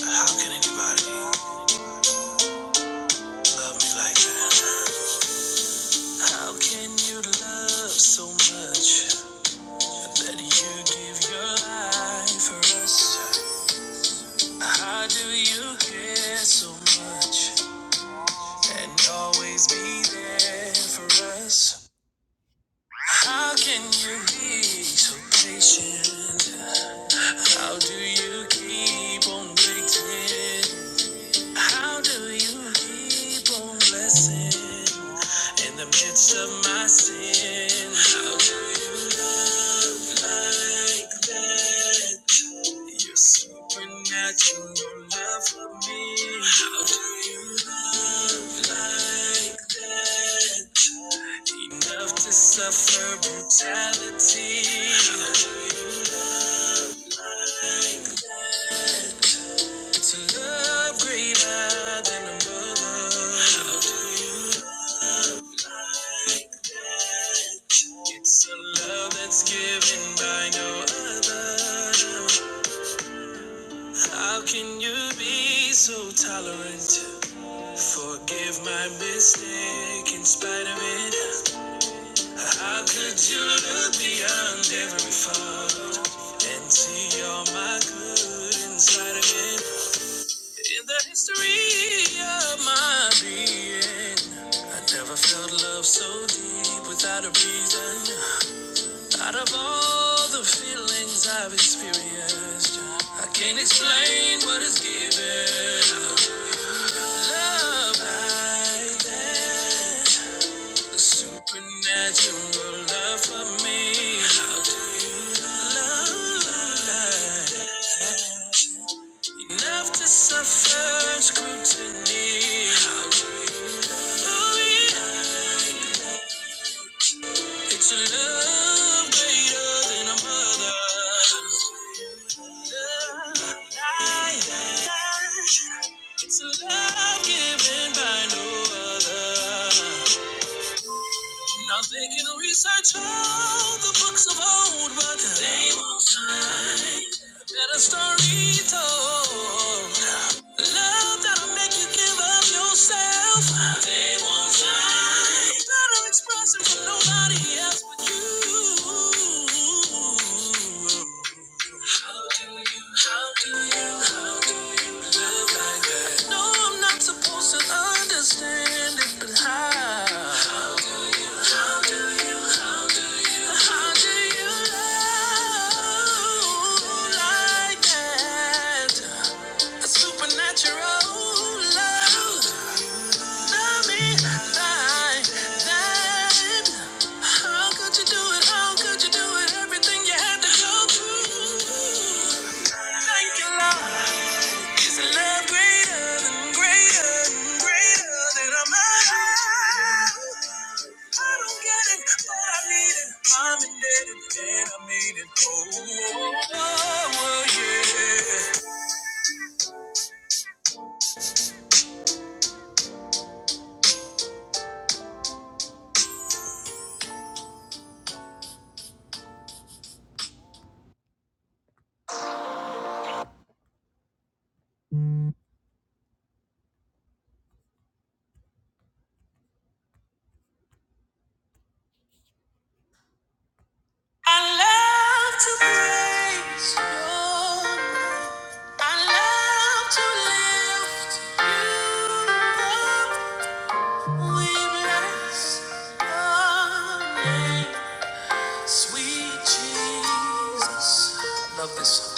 [SPEAKER 2] How can anybody love me like that? How can you love so much that you give your life for us? How do you care so much and always be there for us? How can you be so patient? How do you keep on waiting? How do you heap on blessing in the midst of my sin? How do you love like that? Your supernatural love for me. How do you love like that? Enough to suffer brutality. How To love greater than a mother. It's a love that's given by no other. How can you be so tolerant? Forgive my mistake in spite of it. How could you look beyond every fault and see all my good inside of it? In the history of my being, I never felt love so deep without a reason. Out of all the feelings I've experienced, I can't explain what it's given. That your love for me. It's a love given by no other. Now they can research all the books of old, but they won't find a better story told. Love that'll make you give up yourself. They won't find better expression from nobody else but you. How do you? No, I'm not supposed to understand it, but how? How do you? How do you love like that? A supernatural love. I love to praise your name. I love to lift you up. We bless your name, sweet Jesus. Love this song.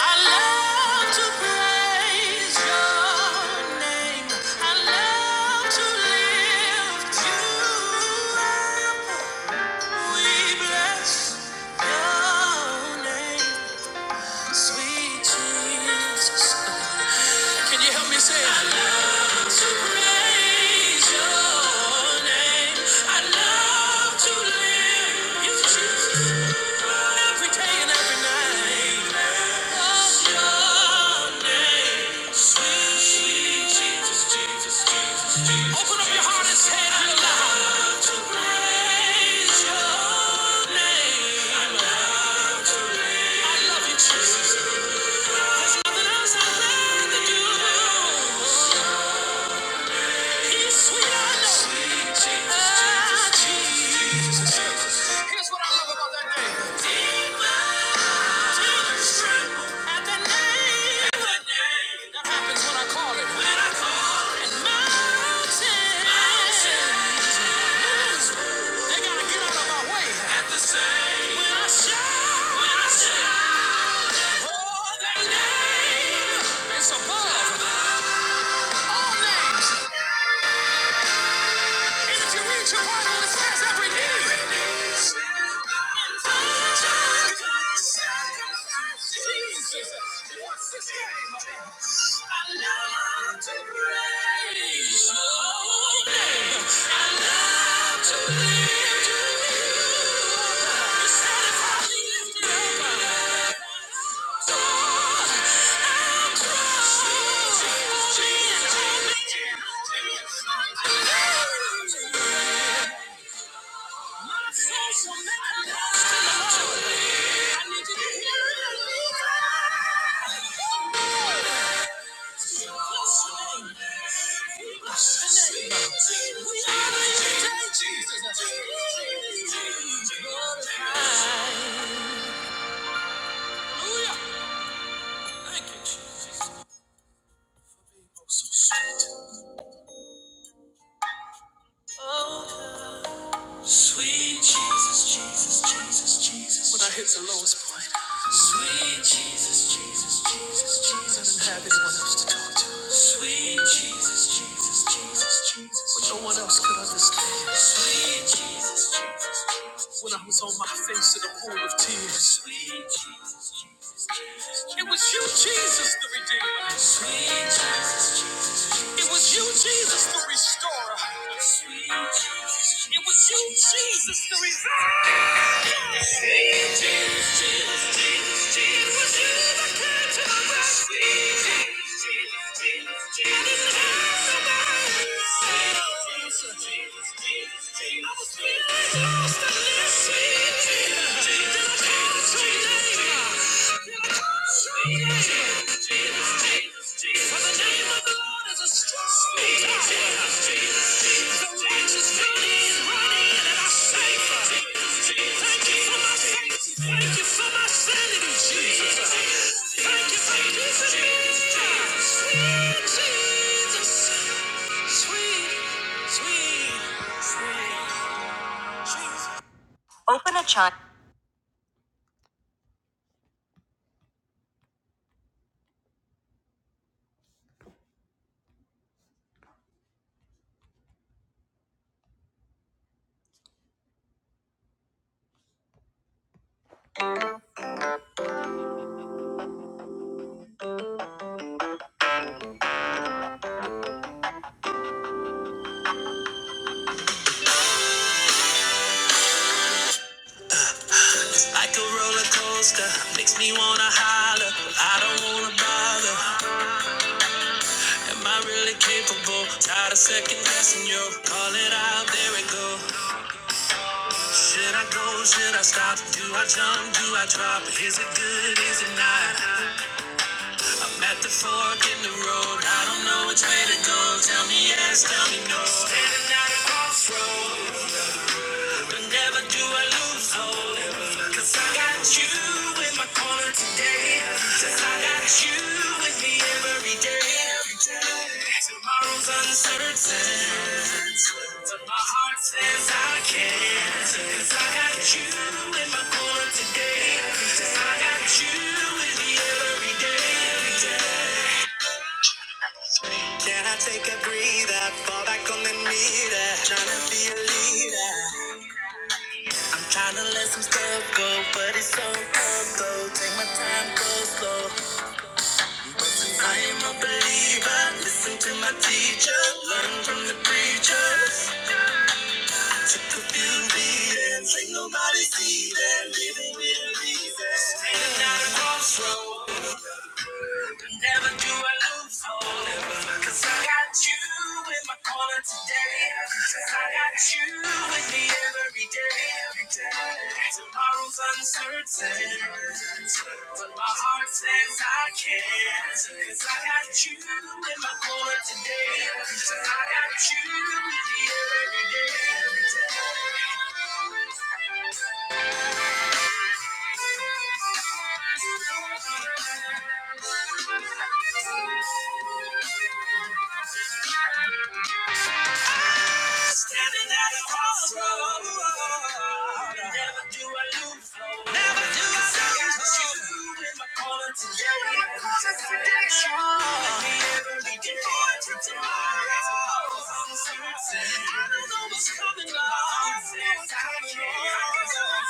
[SPEAKER 2] I love to praise your name. I love to lift you up. We bless your name, sweet Jesus. Can you help me say it? I love to praise your name. I love to live in Jesus every day and every night. Bless your name. Jesus, Jesus, Jesus, Jesus. Open up your heart and say it out loud. I love to praise your name. I love you, Jesus. Nothing else I love to do. Here's what I love about that name. Demons tremble at the name. That happens when I call it. When I call it. mountains- mountains They gotta get out of my way. When I shout that name, it's above all names. And if you read your Bible, it says every knee. Jesus, what's his name? I love to praise your name. I love to lift you up. Jesus, I love to praise Jesus. Hallelujah. Thank you, Jesus. Oh, Sweet Jesus, Jesus, Jesus, Jesus. When I hit the lowest point. Sweet Jesus, Jesus, Jesus, Jesus. I didn't have anyone else to talk to. Sweet Jesus, Jesus, Jesus, Jesus. I didn't have nobody. Sweet Jesus, Jesus, Jesus, Jesus. I was feeling lost and lost. Sweet Jesus, Jesus, Jesus, Jesus. Sweet Jesus, Jesus, Jesus, Jesus. For the name of the Lord is a strong tower. Like a roller coaster, makes me wanna holler. I don't wanna bother. Am I really capable? Tired of second guessing you. Call it out, there it go. Should I go? Should I stop? Do I jump? Do I drop? Is it good? Is it not? I'm at the fork in the road. I don't know which way to go. Tell me yes, tell me no. Standing at a crossroad. But never do I lose hope. 'Cause I got you in my corner today. 'Cause I got you with me every day. Every day. Tomorrow's uncertain. So my heart says I can't, can, 'cause I got you in my corner today. 'Cause I got you in the every day. Can I take a breather? Fall back on the meter. Tryna be a leader. I'm tryna let some stuff go, but it's so tough though. Take my time, go slow. I am a lead leader. Standing at a crossroad. Never do I lose hope. Cause I got you in my corner today. I got you with me every day. Tomorrow's uncertain. But my heart says I can. Cause I got you in my corner today today. I got you here every day. Every day. Standing at a crossroad. Never do I lose. Never do I got lose. you in my corner today. You in my corner today. Let me every day. Forward to tomorrow. Uncertain. I don't know what's coming up. I don't know what's coming on. I guess I'm a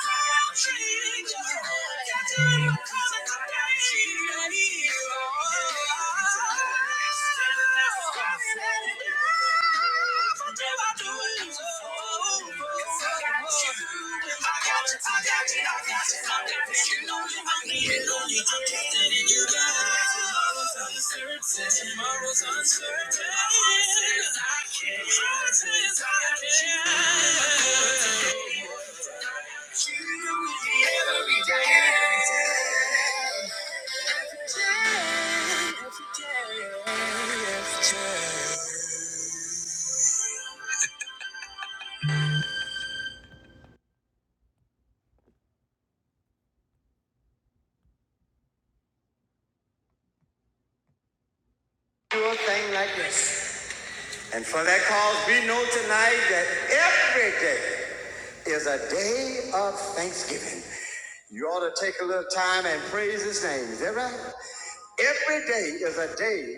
[SPEAKER 2] Got you in my corner today. Tomorrow's uncertain. I can't. Promises I can't. You every day. Do a thing like this. And for that cause, we know tonight that every day is a day of thanksgiving. You ought to take a little time and praise his name. Is that right? Every day is a day.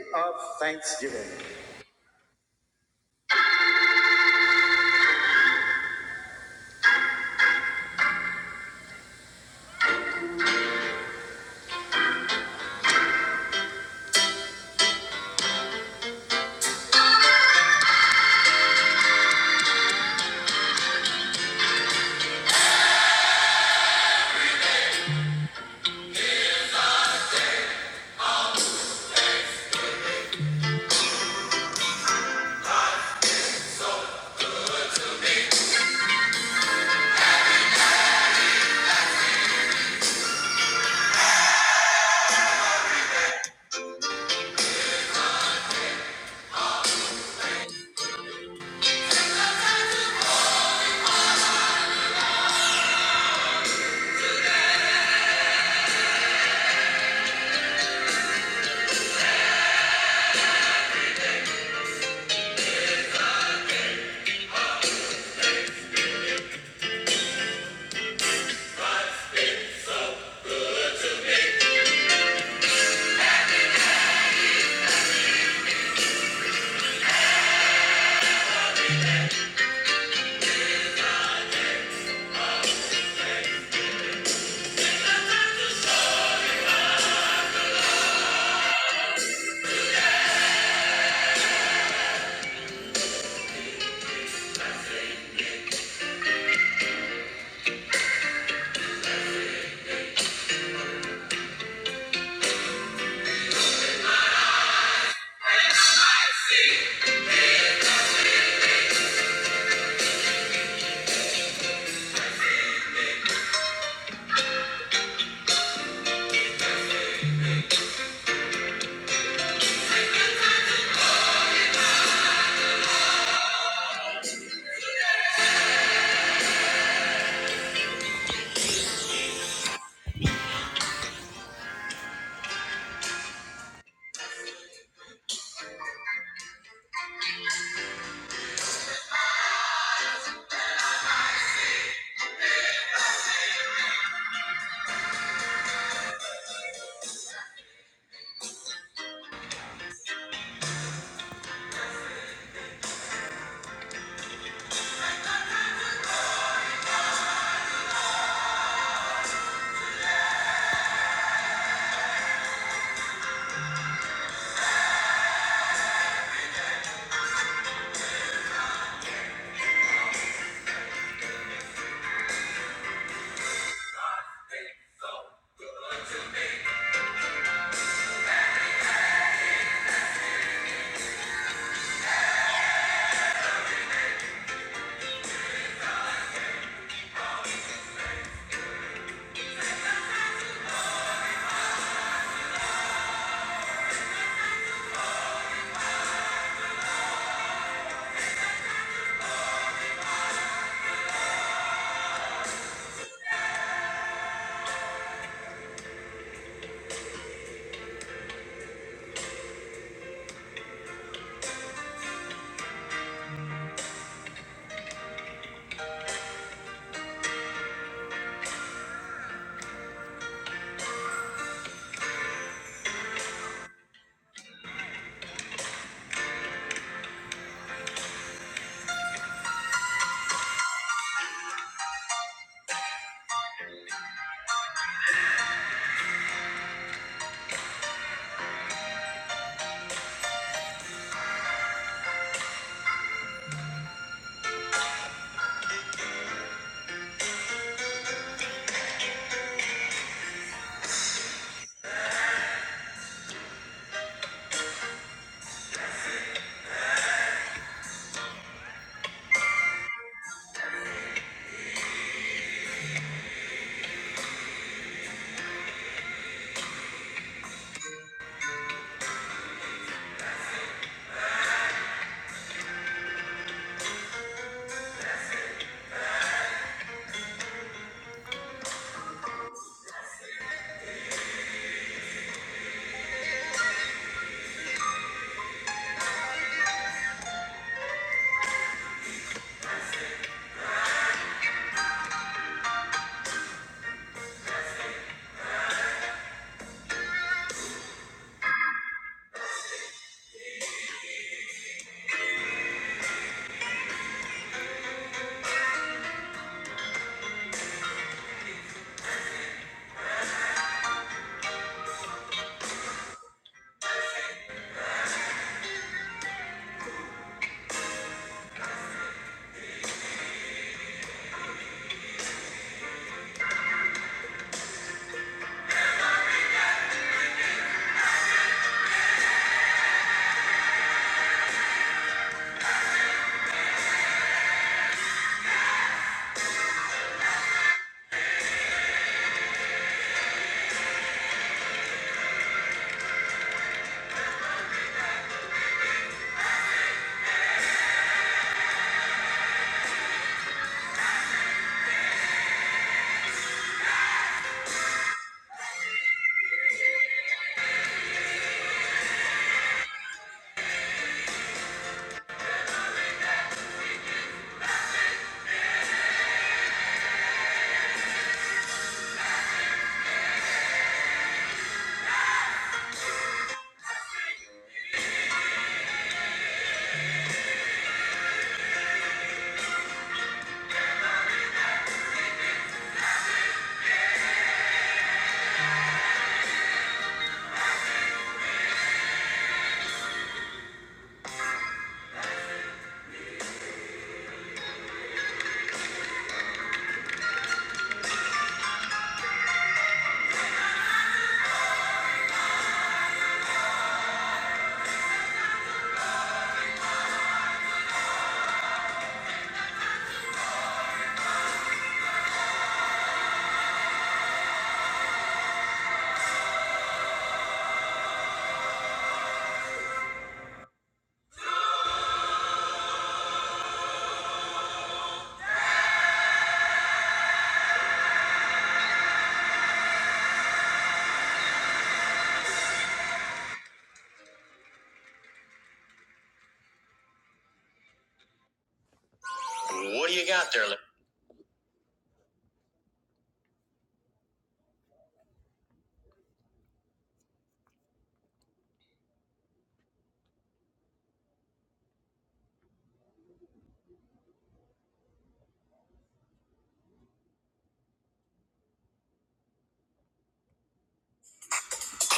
[SPEAKER 2] What do you got there?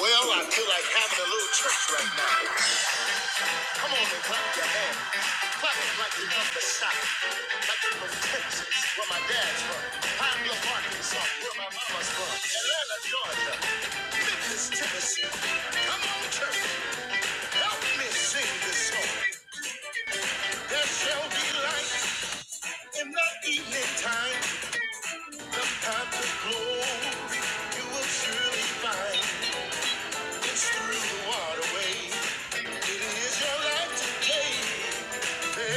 [SPEAKER 2] Well, I feel like having a little church right now. Come on and clap your hands. Clap it like you're from the south, Like you're from Texas, where my dad's from. I'm your Arkansas, where my mama's from. Atlanta, Georgia. Memphis, Tennessee. Come on, church, help me sing this song. There shall be light in the evening time. The path of glory you will surely find. It's through the waterway. It is your life today. Yeah. yeah.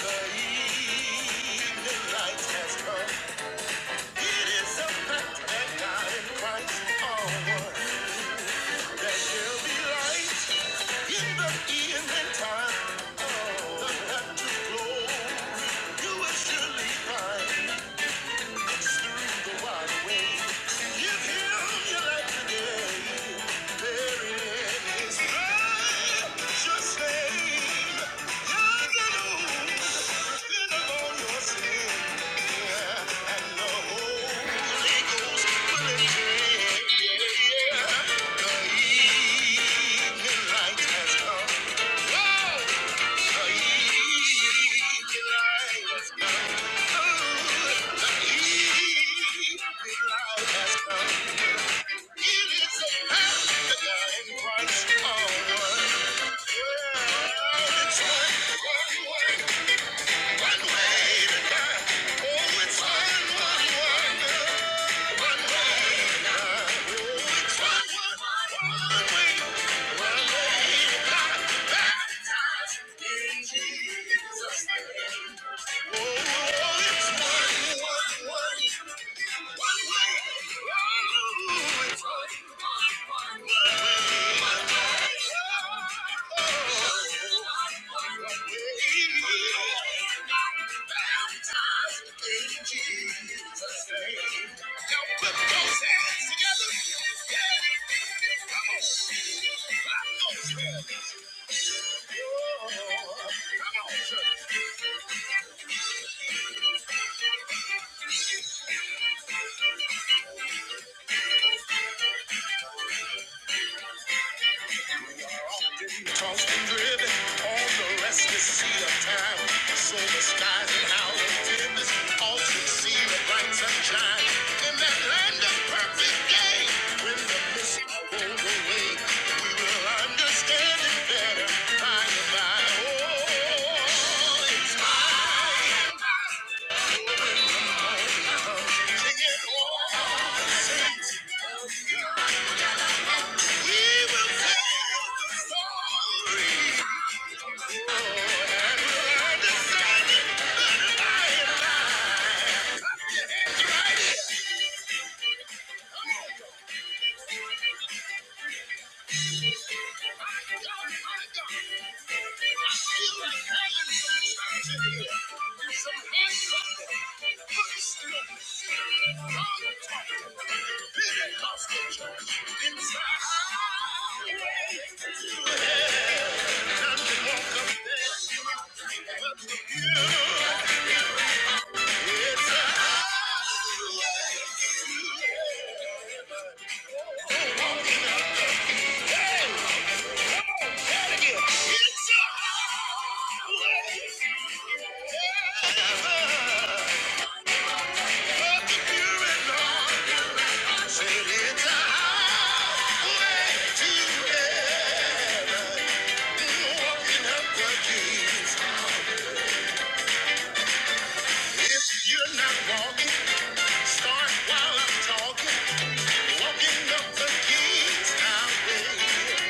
[SPEAKER 2] The evening light has come. Oh, now put those hands together. Yeah. Come on. Clap those hands. Oh, come on, Tossed and driven on the restless sea of time. So the skies and howling winds all should see the bright sunshine in that land of perfect day. When the mist rolls away, we will understand it better by and by. Oh, it's mine. Sing it all. We will sing the story. Yeah. If you're not walking, start while I'm talking. Walking up the keys highway.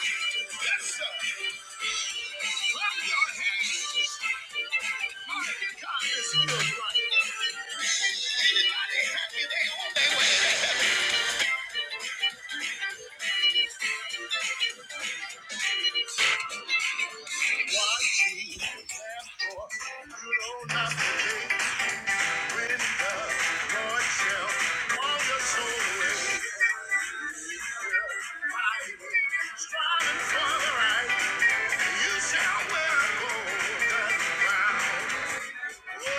[SPEAKER 2] Yes, sir. Clap your hands. Mighty God is good right Anybody happy they on their way? What you have for, you don't have to take the slave. fighting, for the right. You shall wear gold. Trumpets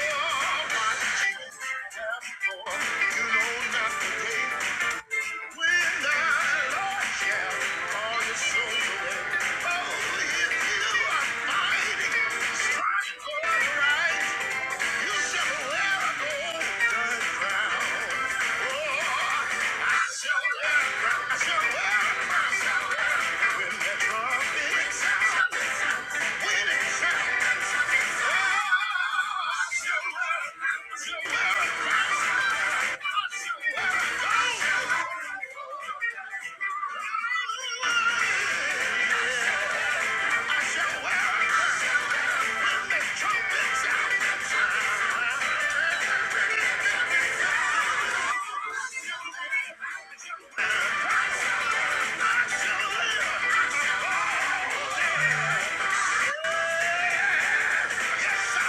[SPEAKER 2] out.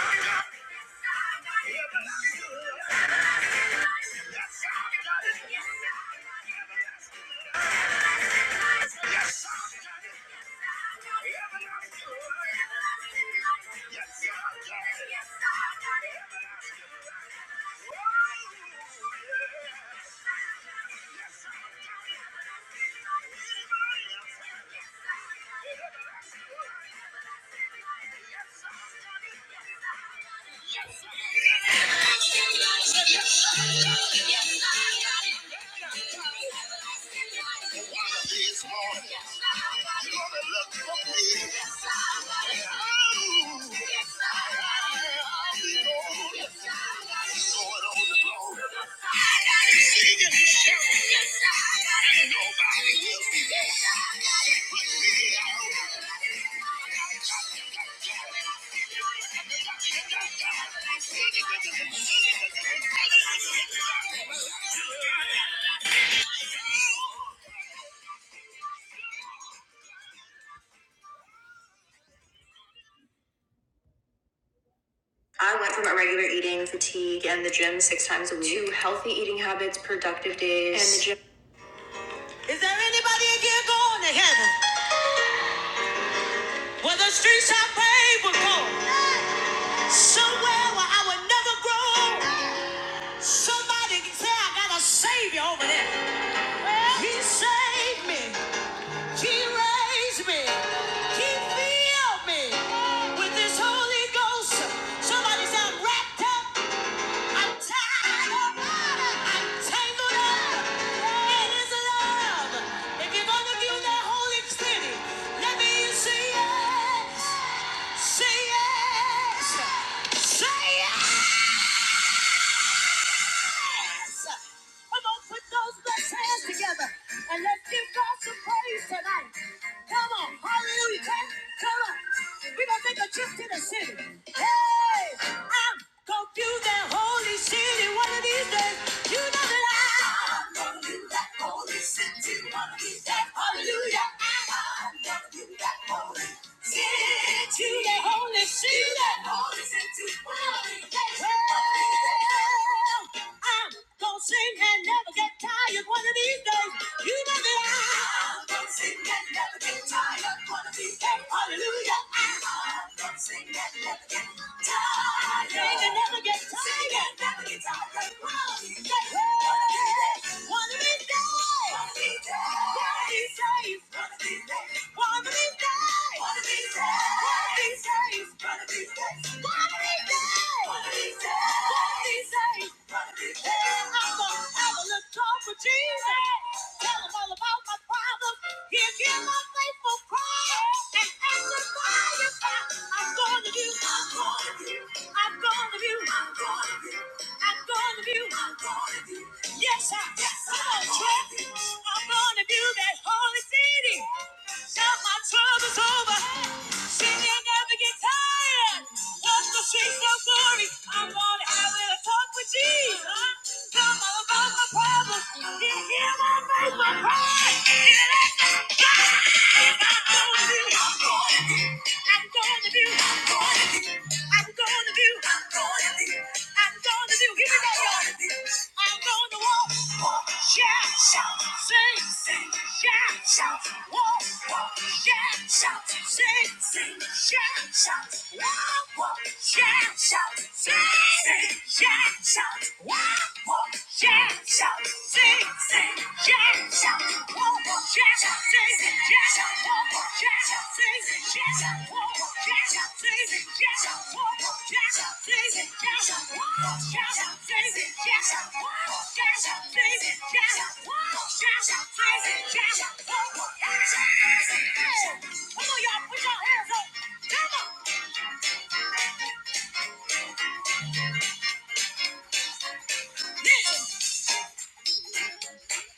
[SPEAKER 2] Yes, Yes, He's the weekend this times a week, two days. And the gym. Is there anybody in here going to heaven? Where the streets I paved would go. Somewhere where I would never grow. Somebody can say I got a savior over there. Well, he saved me. He raised me. He filled me with his Holy Ghost. Somebody said I'm wrapped up. I'm tangled up. I'm tangled up in His love. If you're gonna do that holy city, let me hear you say yes, say yes, say yes hands. Come on, put those blessed hands together and let's give God some praise tonight. Come on, hallelujah. Come on. We're gonna make a trip to the city. Hey, I'm gonna do that holy city one of these days. You know that I'm gonna do that holy city one of these days. Hallelujah. I'm gonna do that holy city. That holy city. That holy city. Well, I'm gonna sing and never get tired one of these days. You know that I'm gonna sing and never get tired one of these days. Hallelujah. I'm gonna sing and never get tired. Sing and never get tired. Sing and never get tired. One of these days. One of these days. One of these days. One of these days. One of these days. One of these days. One of these days. One of these days these days, one of these days, one of these days, one of these I'm gonna have a little talk with Jesus. Tell him all about my problems. Give him my faithful cry. And ask I'm going I'm going to do, I'm going to do, I'm going to do, I'm going to do, I'm going to do. Yes, I, yes, come on, Trent. I'm going to view that holy city. Till my trouble's over. She may never get tired of the streets of glory. I'm on the highway to talk with Jesus. Come all about my problems. He hear my faith, my cry. It ain't no God. I'm gonna do. I'm gonna do. I'm gonna do. I'm gonna do. I'm gonna do. I'm gonna do. I'm gonna do. Here we go, y'all. I'm gonna walk, walk, shout, shout sing, shout, shout, walk, walk, shout, shout, sing, sing, shout, shout, walk, walk, shout, shout, sing, sing, shout, shout, walk, walk, shout, shout, sing, sing, shout, shout, walk, walk, shout, sing, shout, shout, walk,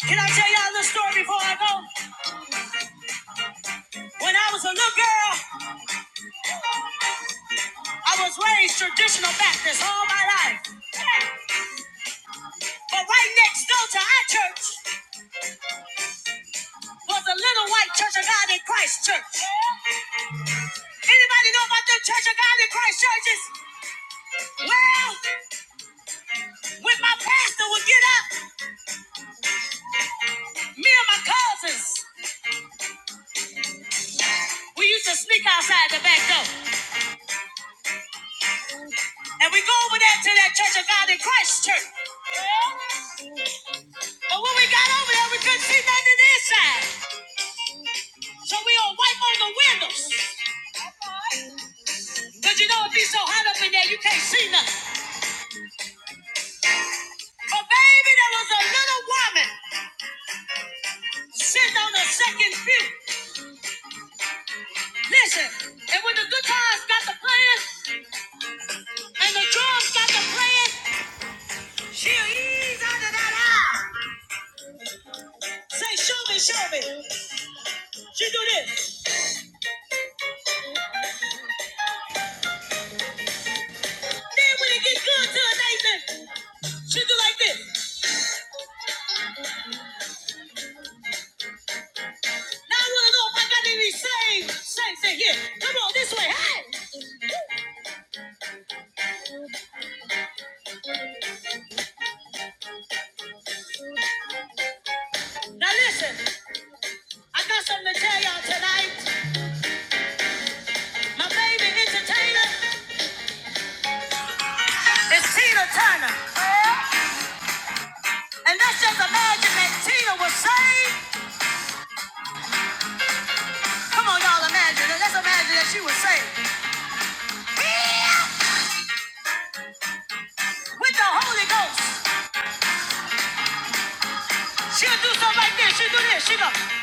[SPEAKER 2] can I tell y'all a little story before I go? When I was a little girl, I was raised traditional Baptist all my life. But right next door to our church was a little white church of God in Christ church. Anybody know about them Church of God in Christ churches? Well, when my pastor would get up, me and my cousins, we used to sneak outside the back door. And we go over there to that Church of God in Christ church. Yeah. But when we got over there, we couldn't see nothing inside. So we all wipe on the windows. Cause you know it be so hot up in there, you can't see nothing. But baby, there was a little woman sitting on the second pew. Listen, and when the guitars got to playing and the drums got to playing, She'll ease under that eye. Say, show me, show me. She do this. Then when it gets good to her Nathan, she do like this. Now I want to know if I got any saved saints in here. Come on, this way. Hey! Now listen, I got something to tell y'all tonight. My favorite entertainer is Tina Turner. And let's just imagine that Tina was saved. Come on, y'all, imagine it. Let's imagine that she was saved. With the Holy Ghost, she'll do something like this. She'll do this. She go. She'll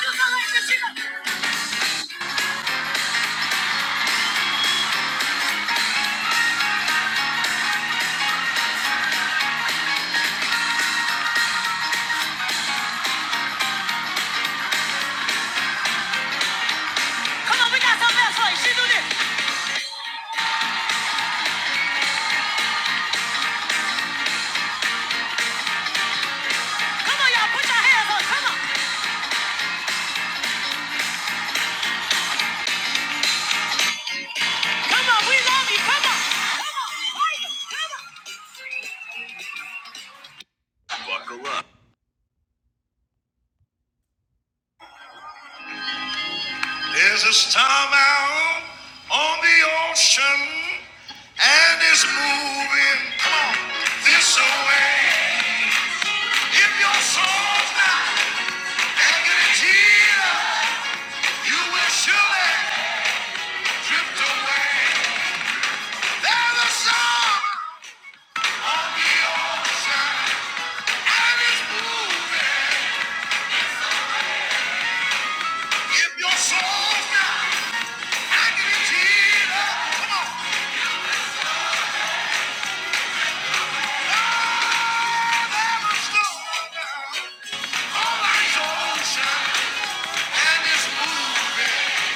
[SPEAKER 2] do something like this. She go. Come on, we got something else for you. She do this. Come on, y'all, put your hands up. Come on. Come on, we love you. Come on. Come on. There's a storm out on the ocean, and it's moving Come on, this way. If your soul's not anchored in Jesus, you will surely drift away. There's a storm on the ocean, and it's moving. If your soul's down, I give it to you. Come on. Have ever slowed down. All our souls shine and it's moving.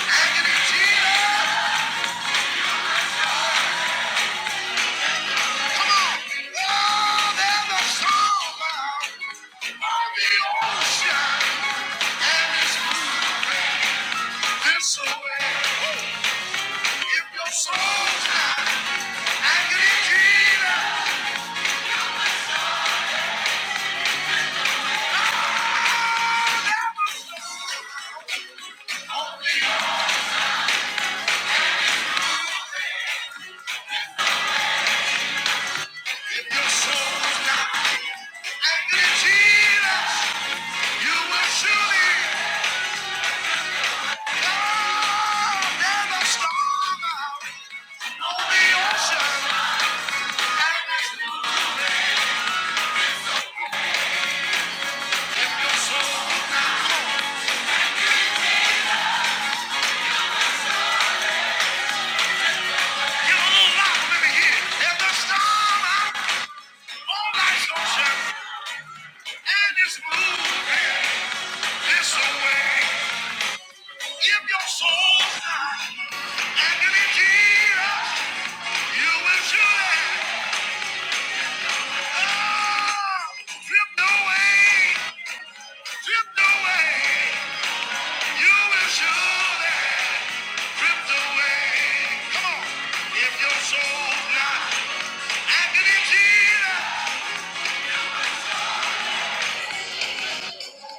[SPEAKER 2] I give it to you. Come on. Oh, there's a song out on the ocean and it's moving this way. If your soul's down, I give it to you. If your on the ocean. And if your soul is down, give a little loud in here. There's a on life's ocean, and it's moving this away. Give your soul time, and in Jesus, you will surely oh, drift away, drift away. You will surely drift away. Come on, if your soul's not in Jesus,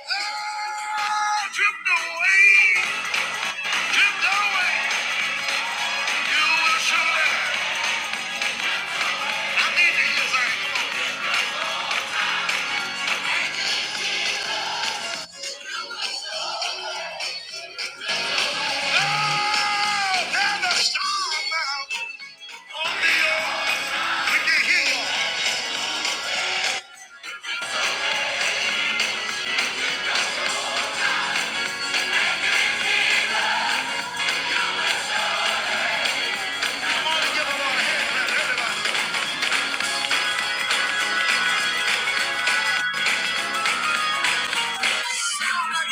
[SPEAKER 2] oh, drift away, drift away. You will surely. I need to hear that. Come on. like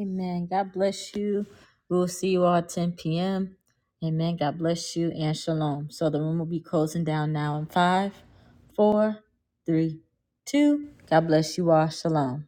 [SPEAKER 2] Amen. God bless you. We'll see you all at 10 p.m. Amen. God bless you and shalom. So the room will be closing down now in five, four, three, two. God bless you all. Shalom.